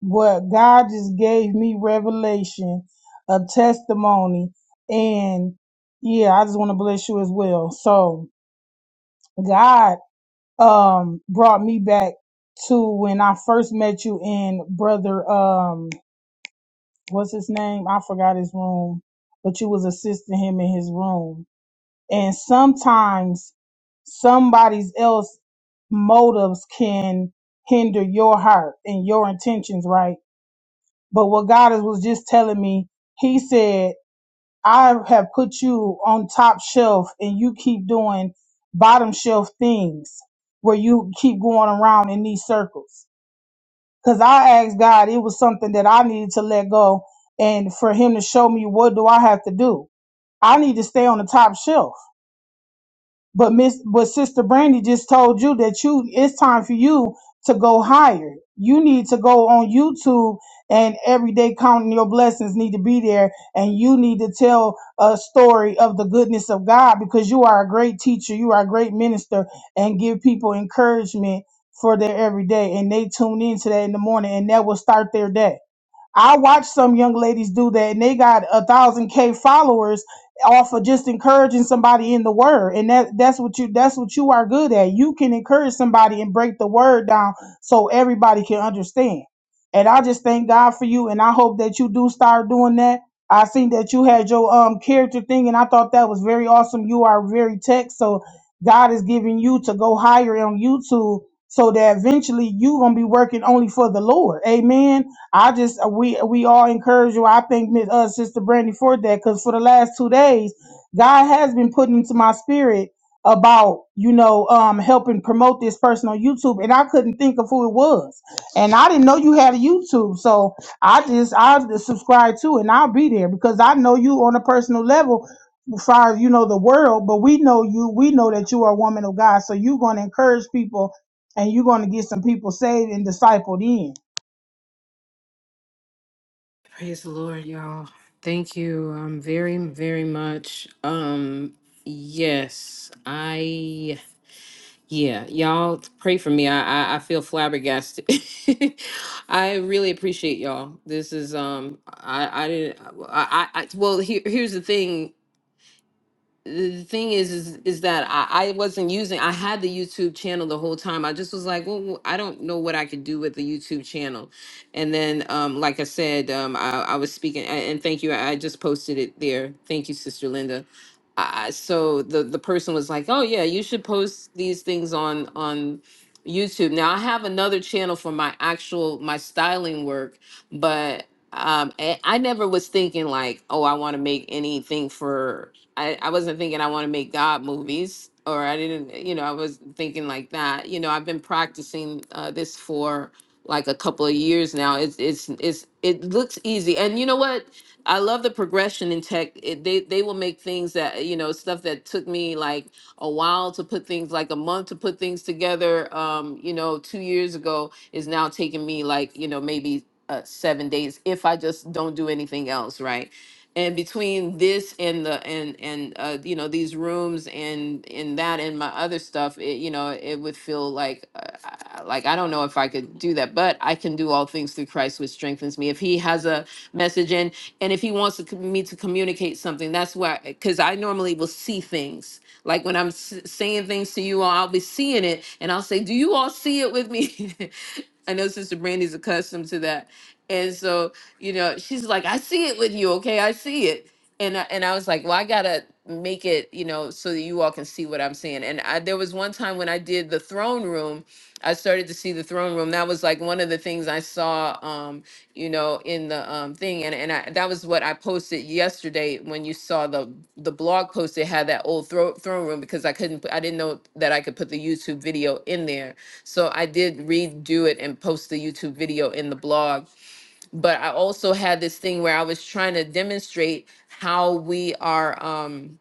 Speaker 3: What God just gave me revelation, a testimony, and yeah, I just want to bless you as well. So God um brought me back to when I first met you in brother um what's his name? I forgot his room, but you was assisting him in his room and sometimes somebody's else motives can hinder your heart and your intentions, right? But what God is- was just telling me, He said, I have put you on top shelf and you keep doing bottom shelf things where you keep going around in these circles. Cause I asked God, it was something that I needed to let go and for Him to show me what do I have to do. I need to stay on the top shelf. But Miss, but Sister Brandy just told you that you it's time for you to go higher. You need to go on YouTube and every day counting your blessings need to be there, and you need to tell a story of the goodness of God because you are a great teacher, you are a great minister, and give people encouragement for their everyday, and they tune into that in the morning, and that will start their day I watched some young ladies do that and they got a thousand K followers off of just encouraging somebody in the word. And that that's what you that's what you are good at. You can encourage somebody and break the word down so everybody can understand. And I just thank God for you and I hope that you do start doing that. I seen that you had your um character thing and I thought that was very awesome. You are very tech, so God is giving you to go higher on YouTube so that eventually you gonna be working only for the Lord. Amen I just uh, we we all encourage you. I thank Miss uh, Sister Brandy for that because for the last two days, God has been putting into my spirit about you know um helping promote this person on YouTube, and I couldn't think of who it was, and I didn't know you had a YouTube, so I just I just subscribe to it and I'll be there because I know you on a personal level. As far as you know the world, but we know you. We know that you are a woman of God, so you're going to encourage people, and you're going to get some people saved and discipled in.
Speaker 1: praise the Lord y'all thank you um very very much um yes I Yeah, y'all pray for me. I I, I feel flabbergasted. I really appreciate y'all. This is um I I didn't uh, I I, I well here here's the thing the thing is is is that I, I wasn't using i had the youtube channel the whole time i just was like well well, i don't know what i could do with the youtube channel and then um like i said um i, I was speaking a- and thank you i I just posted it there thank you sister linda I, I- so the the person was like oh yeah you should post these things on on youtube now i have another channel for my actual my styling work but um, I, I never was thinking like, oh, I want to make anything for I, I wasn't thinking I want to make God movies, or I didn't, you know, I was thinking like that. You know, I've been practicing uh, this for like a couple of years now. It's it's it's it looks easy, and you know what? I love the progression in tech. It, they they will make things that you know stuff that took me like a while to put things like a month to put things together. Um, you know, two years ago is now taking me like you know maybe uh, seven days if I just don't do anything else, right? and between this and the and and uh, you know these rooms and and that and my other stuff it, you know it would feel like uh, I- like i don't know if i could do that but i can do all things through christ which strengthens me if he has a message and and if he wants to, com- me to communicate something that's why because i normally will see things like when i'm s- saying things to you all i'll be seeing it and i'll say do you all see it with me i know sister brandy's accustomed to that and so you know she's like i see it with you okay i see it and I, and i was like well i gotta make it you know so that you all can see what i'm seeing and I, there was one time when i did the throne room i started to see the throne room that was like one of the things i saw um you know in the um thing and and I, that was what i posted yesterday when you saw the the blog post that had that old thro- throne room because i couldn't put- i didn't know that i could put the youtube video in there so i did redo it and post the youtube video in the blog but I also had this thing where I was trying to demonstrate how we are. Um,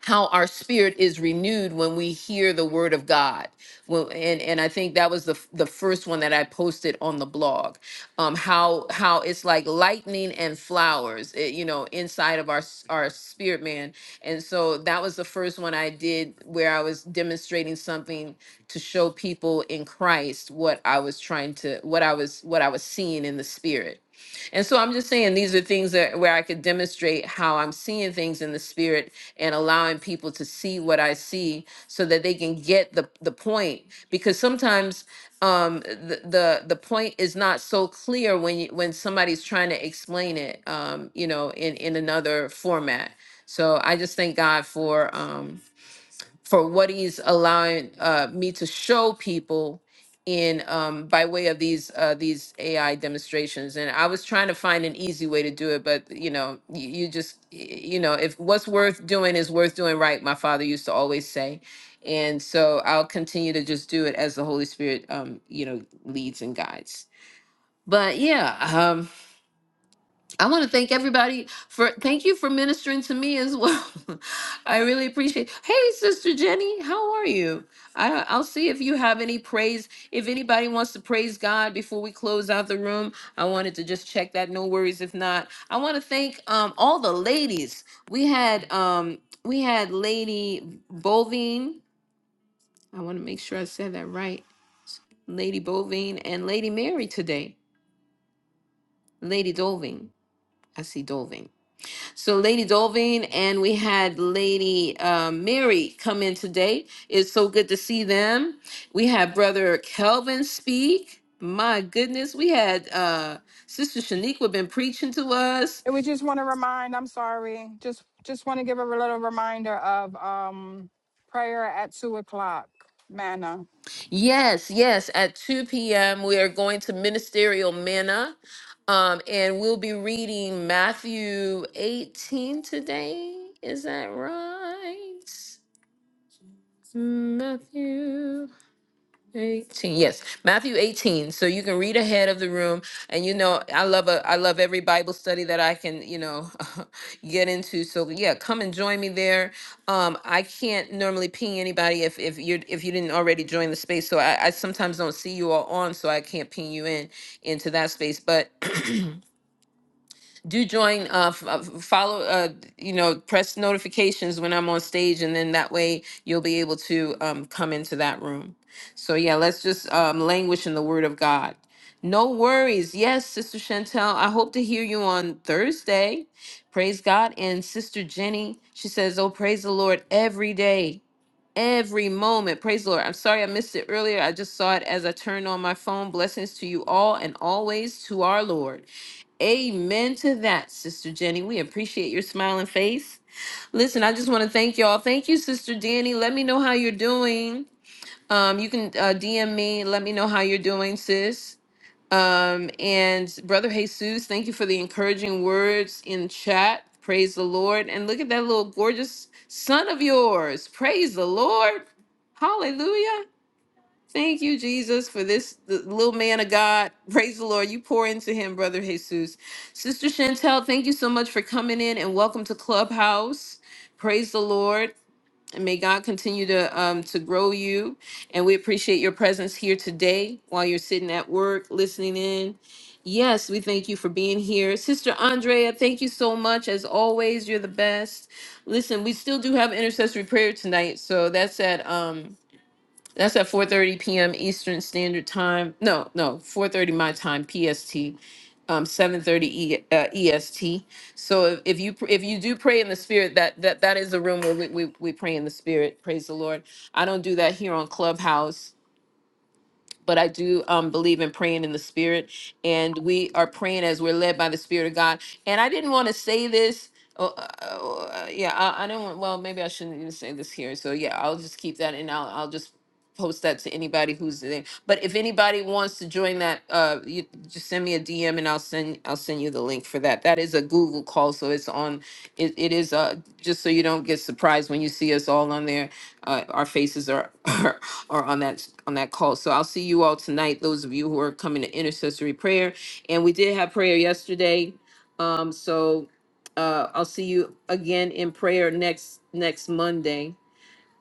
Speaker 1: how our spirit is renewed when we hear the word of God. Well, and and I think that was the f- the first one that I posted on the blog. Um, how how it's like lightning and flowers, eh, you know, inside of our s- our spirit man. And so that was the first one I did where I was demonstrating something to show people in Christ what I was trying to what I was what I was seeing in the spirit. And so I'm just saying these are things that where I could demonstrate how I'm seeing things in the spirit and allowing people to see what I see so that they can get the, the point. Because sometimes um, the, the the point is not so clear when you, when somebody's trying to explain it, um, you know, in, in another format. So I just thank God for um, for what he's allowing uh, me to show people in um, by way of these uh, these AI demonstrations. And I was trying to find an easy way to do it, but you know, you, you just y- you know, if what's worth doing is worth doing right, my father used to always say. And so I'll continue to just do it as the Holy Spirit, um, you know, leads and guides. But yeah, um, I want to thank everybody for thank you for ministering to me as well. I really appreciate. Hey, Sister Jenny, how are you? I, I'll see if you have any praise. If anybody wants to praise God before we close out the room, I wanted to just check that. No worries if not. I want to thank um, all the ladies. We had um, we had Lady Bovine. I want to make sure I said that right. Lady Bovine and Lady Mary today. Lady Dolving. I see Dolving. So Lady Dolvin and we had Lady uh, Mary come in today. It's so good to see them. We had Brother Kelvin speak. My goodness, we had uh, Sister Shaniqua been preaching to us.
Speaker 10: And we just want to remind i'm sorry just just want to give a little reminder of um prayer at two o'clock manna
Speaker 1: Yes, yes. At 2 p.m., we are going to Ministerial Manna. Um, and we'll be reading Matthew 18 today. Is that right? Matthew. 18 yes matthew 18 so you can read ahead of the room and you know i love a i love every bible study that i can you know get into so yeah come and join me there um i can't normally ping anybody if if you're if you didn't already join the space so i, I sometimes don't see you all on so i can't ping you in into that space but do join uh f- uh, follow uh you know press notifications when i'm on stage and then that way you'll be able to um come into that room so yeah let's just um languish in the word of god no worries yes sister chantel i hope to hear you on thursday praise god and sister jenny she says oh praise the lord every day every moment. Praise the Lord. I'm sorry I missed it earlier. I just saw it as I turned on my phone. Blessings to you all and always to our Lord. Amen to that, Sister Jenny. We appreciate your smiling face. Listen, I just want to thank y'all. Thank you, Sister Danny. Let me know how you're doing. Um, you can uh, DM me. Let me know how you're doing, sis. Um, and Brother Jesus, thank you for the encouraging words in chat. Praise the Lord. And look at that little gorgeous son of yours. Praise the Lord. Hallelujah. Thank you, Jesus, for this the little man of God. Praise the Lord. You pour into him, Brother Jesus. Sister Chantel, thank you so much for coming in and welcome to Clubhouse. Praise the Lord. And may God continue to um, to grow you. And we appreciate your presence here today while you're sitting at work, listening in. Yes, we thank you for being here. Sister Andrea, thank you so much. As always, you're the best. Listen, we still do have intercessory prayer tonight. So that's at um that's at 4:30 p.m. Eastern Standard Time. No, no, 4:30 my time PST, um, 7:30 e, uh, EST. So if, if you pr- if you do pray in the spirit, that that that is the room where we, we we pray in the spirit. Praise the Lord. I don't do that here on Clubhouse but I do um, believe in praying in the spirit, and we are praying as we're led by the spirit of God. And I didn't want to say this. Uh, uh, uh, yeah, I, I don't. want- Well, maybe I shouldn't even say this here. So yeah, I'll just keep that, and I'll I'll just post that to anybody who's there. But if anybody wants to join that, uh, you just send me a DM, and I'll send I'll send you the link for that. That is a Google call, so it's on. It, it is uh just so you don't get surprised when you see us all on there. Uh, our faces are or on that on that call. So I'll see you all tonight. Those of you who are coming to intercessory prayer, and we did have prayer yesterday. Um, so uh, I'll see you again in prayer next next Monday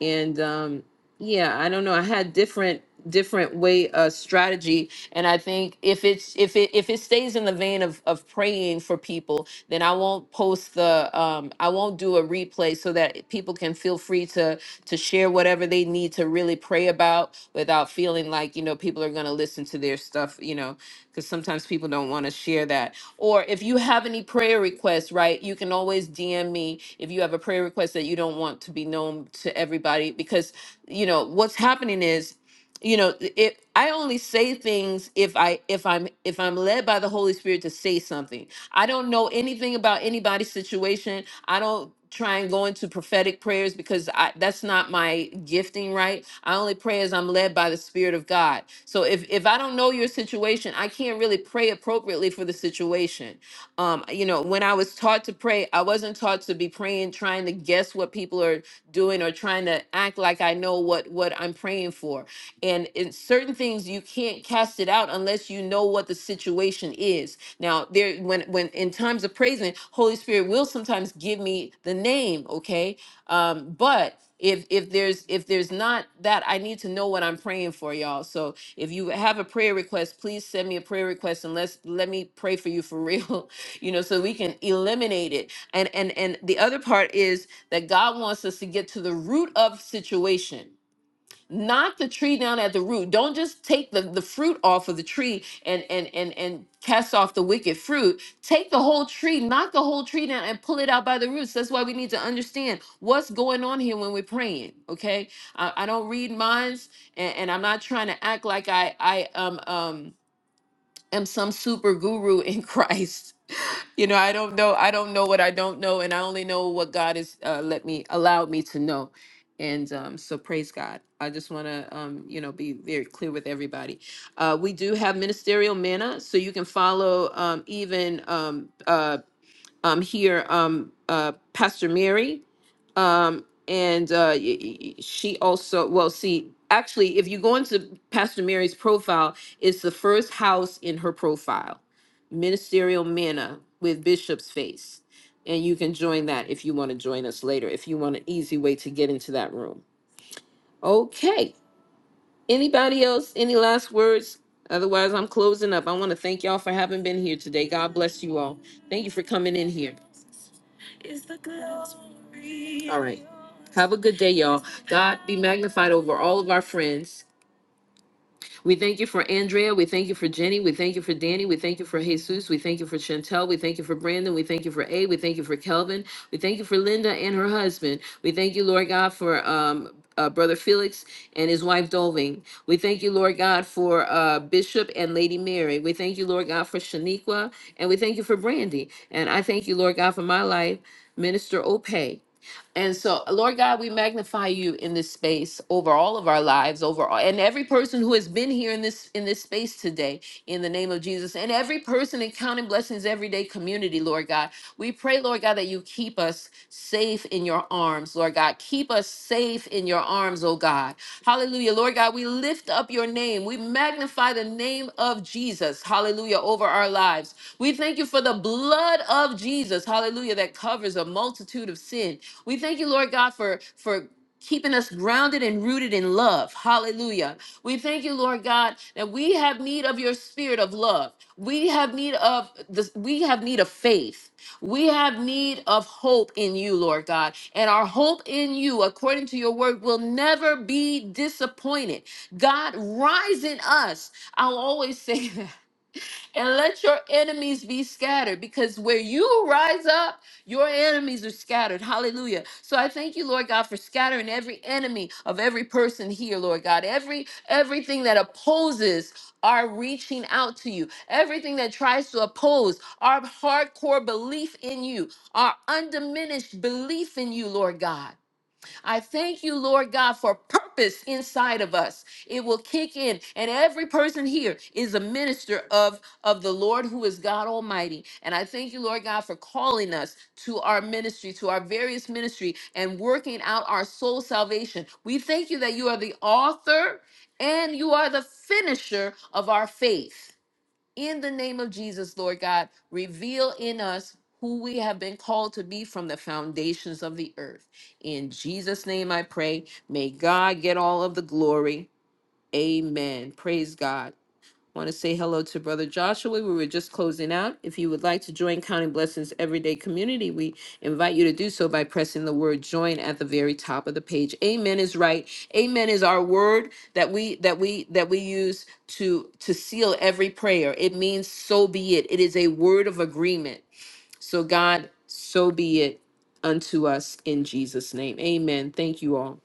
Speaker 1: and um yeah i don't know i had different different way uh strategy and i think if it's if it if it stays in the vein of of praying for people then i won't post the um i won't do a replay so that people can feel free to to share whatever they need to really pray about without feeling like you know people are going to listen to their stuff you know because sometimes people don't want to share that or if you have any prayer requests, right, you can always DM me if you have a prayer request that you don't want to be known to everybody. Because, you know, what's happening is, you know, it I only say things if I if I'm if I'm led by the Holy Spirit to say something. I don't know anything about anybody's situation. I don't try and go into prophetic prayers because I, that's not my gifting, right? I only pray as I'm led by the Spirit of God. So if if I don't know your situation, I can't really pray appropriately for the situation. Um, you know, when I was taught to pray, I wasn't taught to be praying, trying to guess what people are doing or trying to act like I know what what I'm praying for and in certain things you can't cast it out unless you know what the situation is now there when when in times of praising holy spirit will sometimes give me the name okay um but if if there's if there's not that i need to know what i'm praying for y'all so if you have a prayer request please send me a prayer request and let's let me pray for you for real you know so we can eliminate it and and and the other part is that god wants us to get to the root of situation knock the tree down at the root don't just take the, the fruit off of the tree and and and and cast off the wicked fruit take the whole tree knock the whole tree down and pull it out by the roots that's why we need to understand what's going on here when we're praying okay i, I don't read minds and, and i'm not trying to act like i i um um am some super guru in christ you know, I don't know. I don't know what I don't know, and I only know what God has uh, let me allowed me to know. And um, so, praise God. I just want to, um, you know, be very clear with everybody. Uh, we do have ministerial manna, so you can follow um, even um, uh, um, here, um, uh, Pastor Mary, um, and uh, y- y- she also, well, see, actually, if you go into Pastor Mary's profile, it's the first house in her profile, Ministerial Manna with Bishop's Face. And you can join that if you want to join us later, if you want an easy way to get into that room. Okay. Anybody else? Any last words? Otherwise, I'm closing up. I want to thank y'all for having been here today. God bless you all. Thank you for coming in here. All right. Have a good day, y'all. God be magnified over all of our friends. We thank you for Andrea. We thank you for Jenny. We thank you for Danny. We thank you for Jesus. We thank you for Chantel. We thank you for Brandon. We thank you for A. We thank you for Kelvin. We thank you for Linda and her husband. We thank you, Lord God, for um, uh, Brother Felix and his wife Dolving. We thank you, Lord God, for uh, Bishop and Lady Mary. We thank you, Lord God, for Shaniqua. And we thank you for Brandy. And I thank you, Lord God, for my life, Minister Opay. And so, Lord God, we magnify you in this space over all of our lives, over all, and every person who has been here in this in this space today, in the name of Jesus, and every person in Counting Blessings Everyday Community, Lord God, we pray, Lord God, that you keep us safe in your arms, Lord God, keep us safe in your arms, oh God, Hallelujah, Lord God, we lift up your name, we magnify the name of Jesus, Hallelujah, over our lives. We thank you for the blood of Jesus, hallelujah, that covers a multitude of sin. We thank you, Lord God, for for keeping us grounded and rooted in love. Hallelujah. We thank you, Lord God, that we have need of your spirit of love. We have need of this we have need of faith. We have need of hope in you, Lord God. And our hope in you, according to your word, will never be disappointed. God, rise in us. I'll always say that and let your enemies be scattered because where you rise up, your enemies are scattered. Hallelujah. So I thank you, Lord God, for scattering every enemy of every person here, Lord God. Every everything that opposes our reaching out to you, everything that tries to oppose our hardcore belief in you, our undiminished belief in you, Lord God. I thank you, Lord God, for purpose inside of us. It will kick in, and every person here is a minister of of the Lord who is God Almighty. And I thank you, Lord God, for calling us to our ministry, to our various ministry, and working out our soul salvation. We thank you that you are the author and you are the finisher of our faith in the name of Jesus, Lord God, reveal in us who we have been called to be from the foundations of the earth. In Jesus' name I pray. May God get all of the glory. Amen. Praise God. Want to say hello to Brother Joshua. We were just closing out. If you would like to join Counting Blessings Everyday Community, we invite you to do so by pressing the word join at the very top of the page. Amen is right. Amen is our word that we that we that we use to to seal every prayer. It means so be it. It is a word of agreement. So God, so be it unto us in Jesus name. Amen. Thank you all.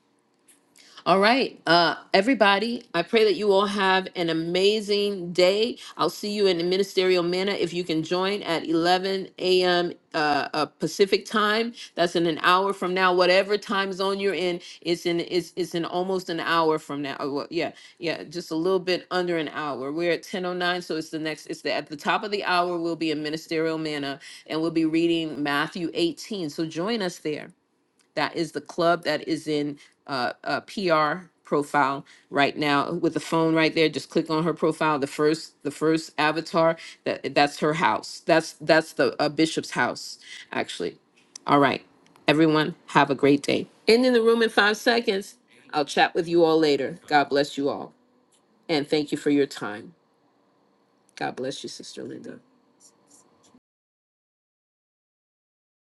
Speaker 1: All right, uh, everybody, I pray that you all have an amazing day. I'll see you in the ministerial manner if you can join at 11 a.m. Uh, uh, Pacific time. That's in an hour from now. Whatever time zone you're in, it's in it's it's in almost an hour from now. Oh, well, yeah, yeah, just a little bit under an hour. We're at 10:09, so it's the next. It's the at the top of the hour. We'll be in ministerial manner, and we'll be reading Matthew 18. So join us there. That is the club that is in uh, uh, PR profile right now with the phone right there. Just click on her profile. The first, the first avatar that that's her house. That's that's the uh, bishop's house actually. All right, everyone, have a great day. And in the room in five seconds. I'll chat with you all later. God bless you all, and thank you for your time. God bless you, Sister Linda.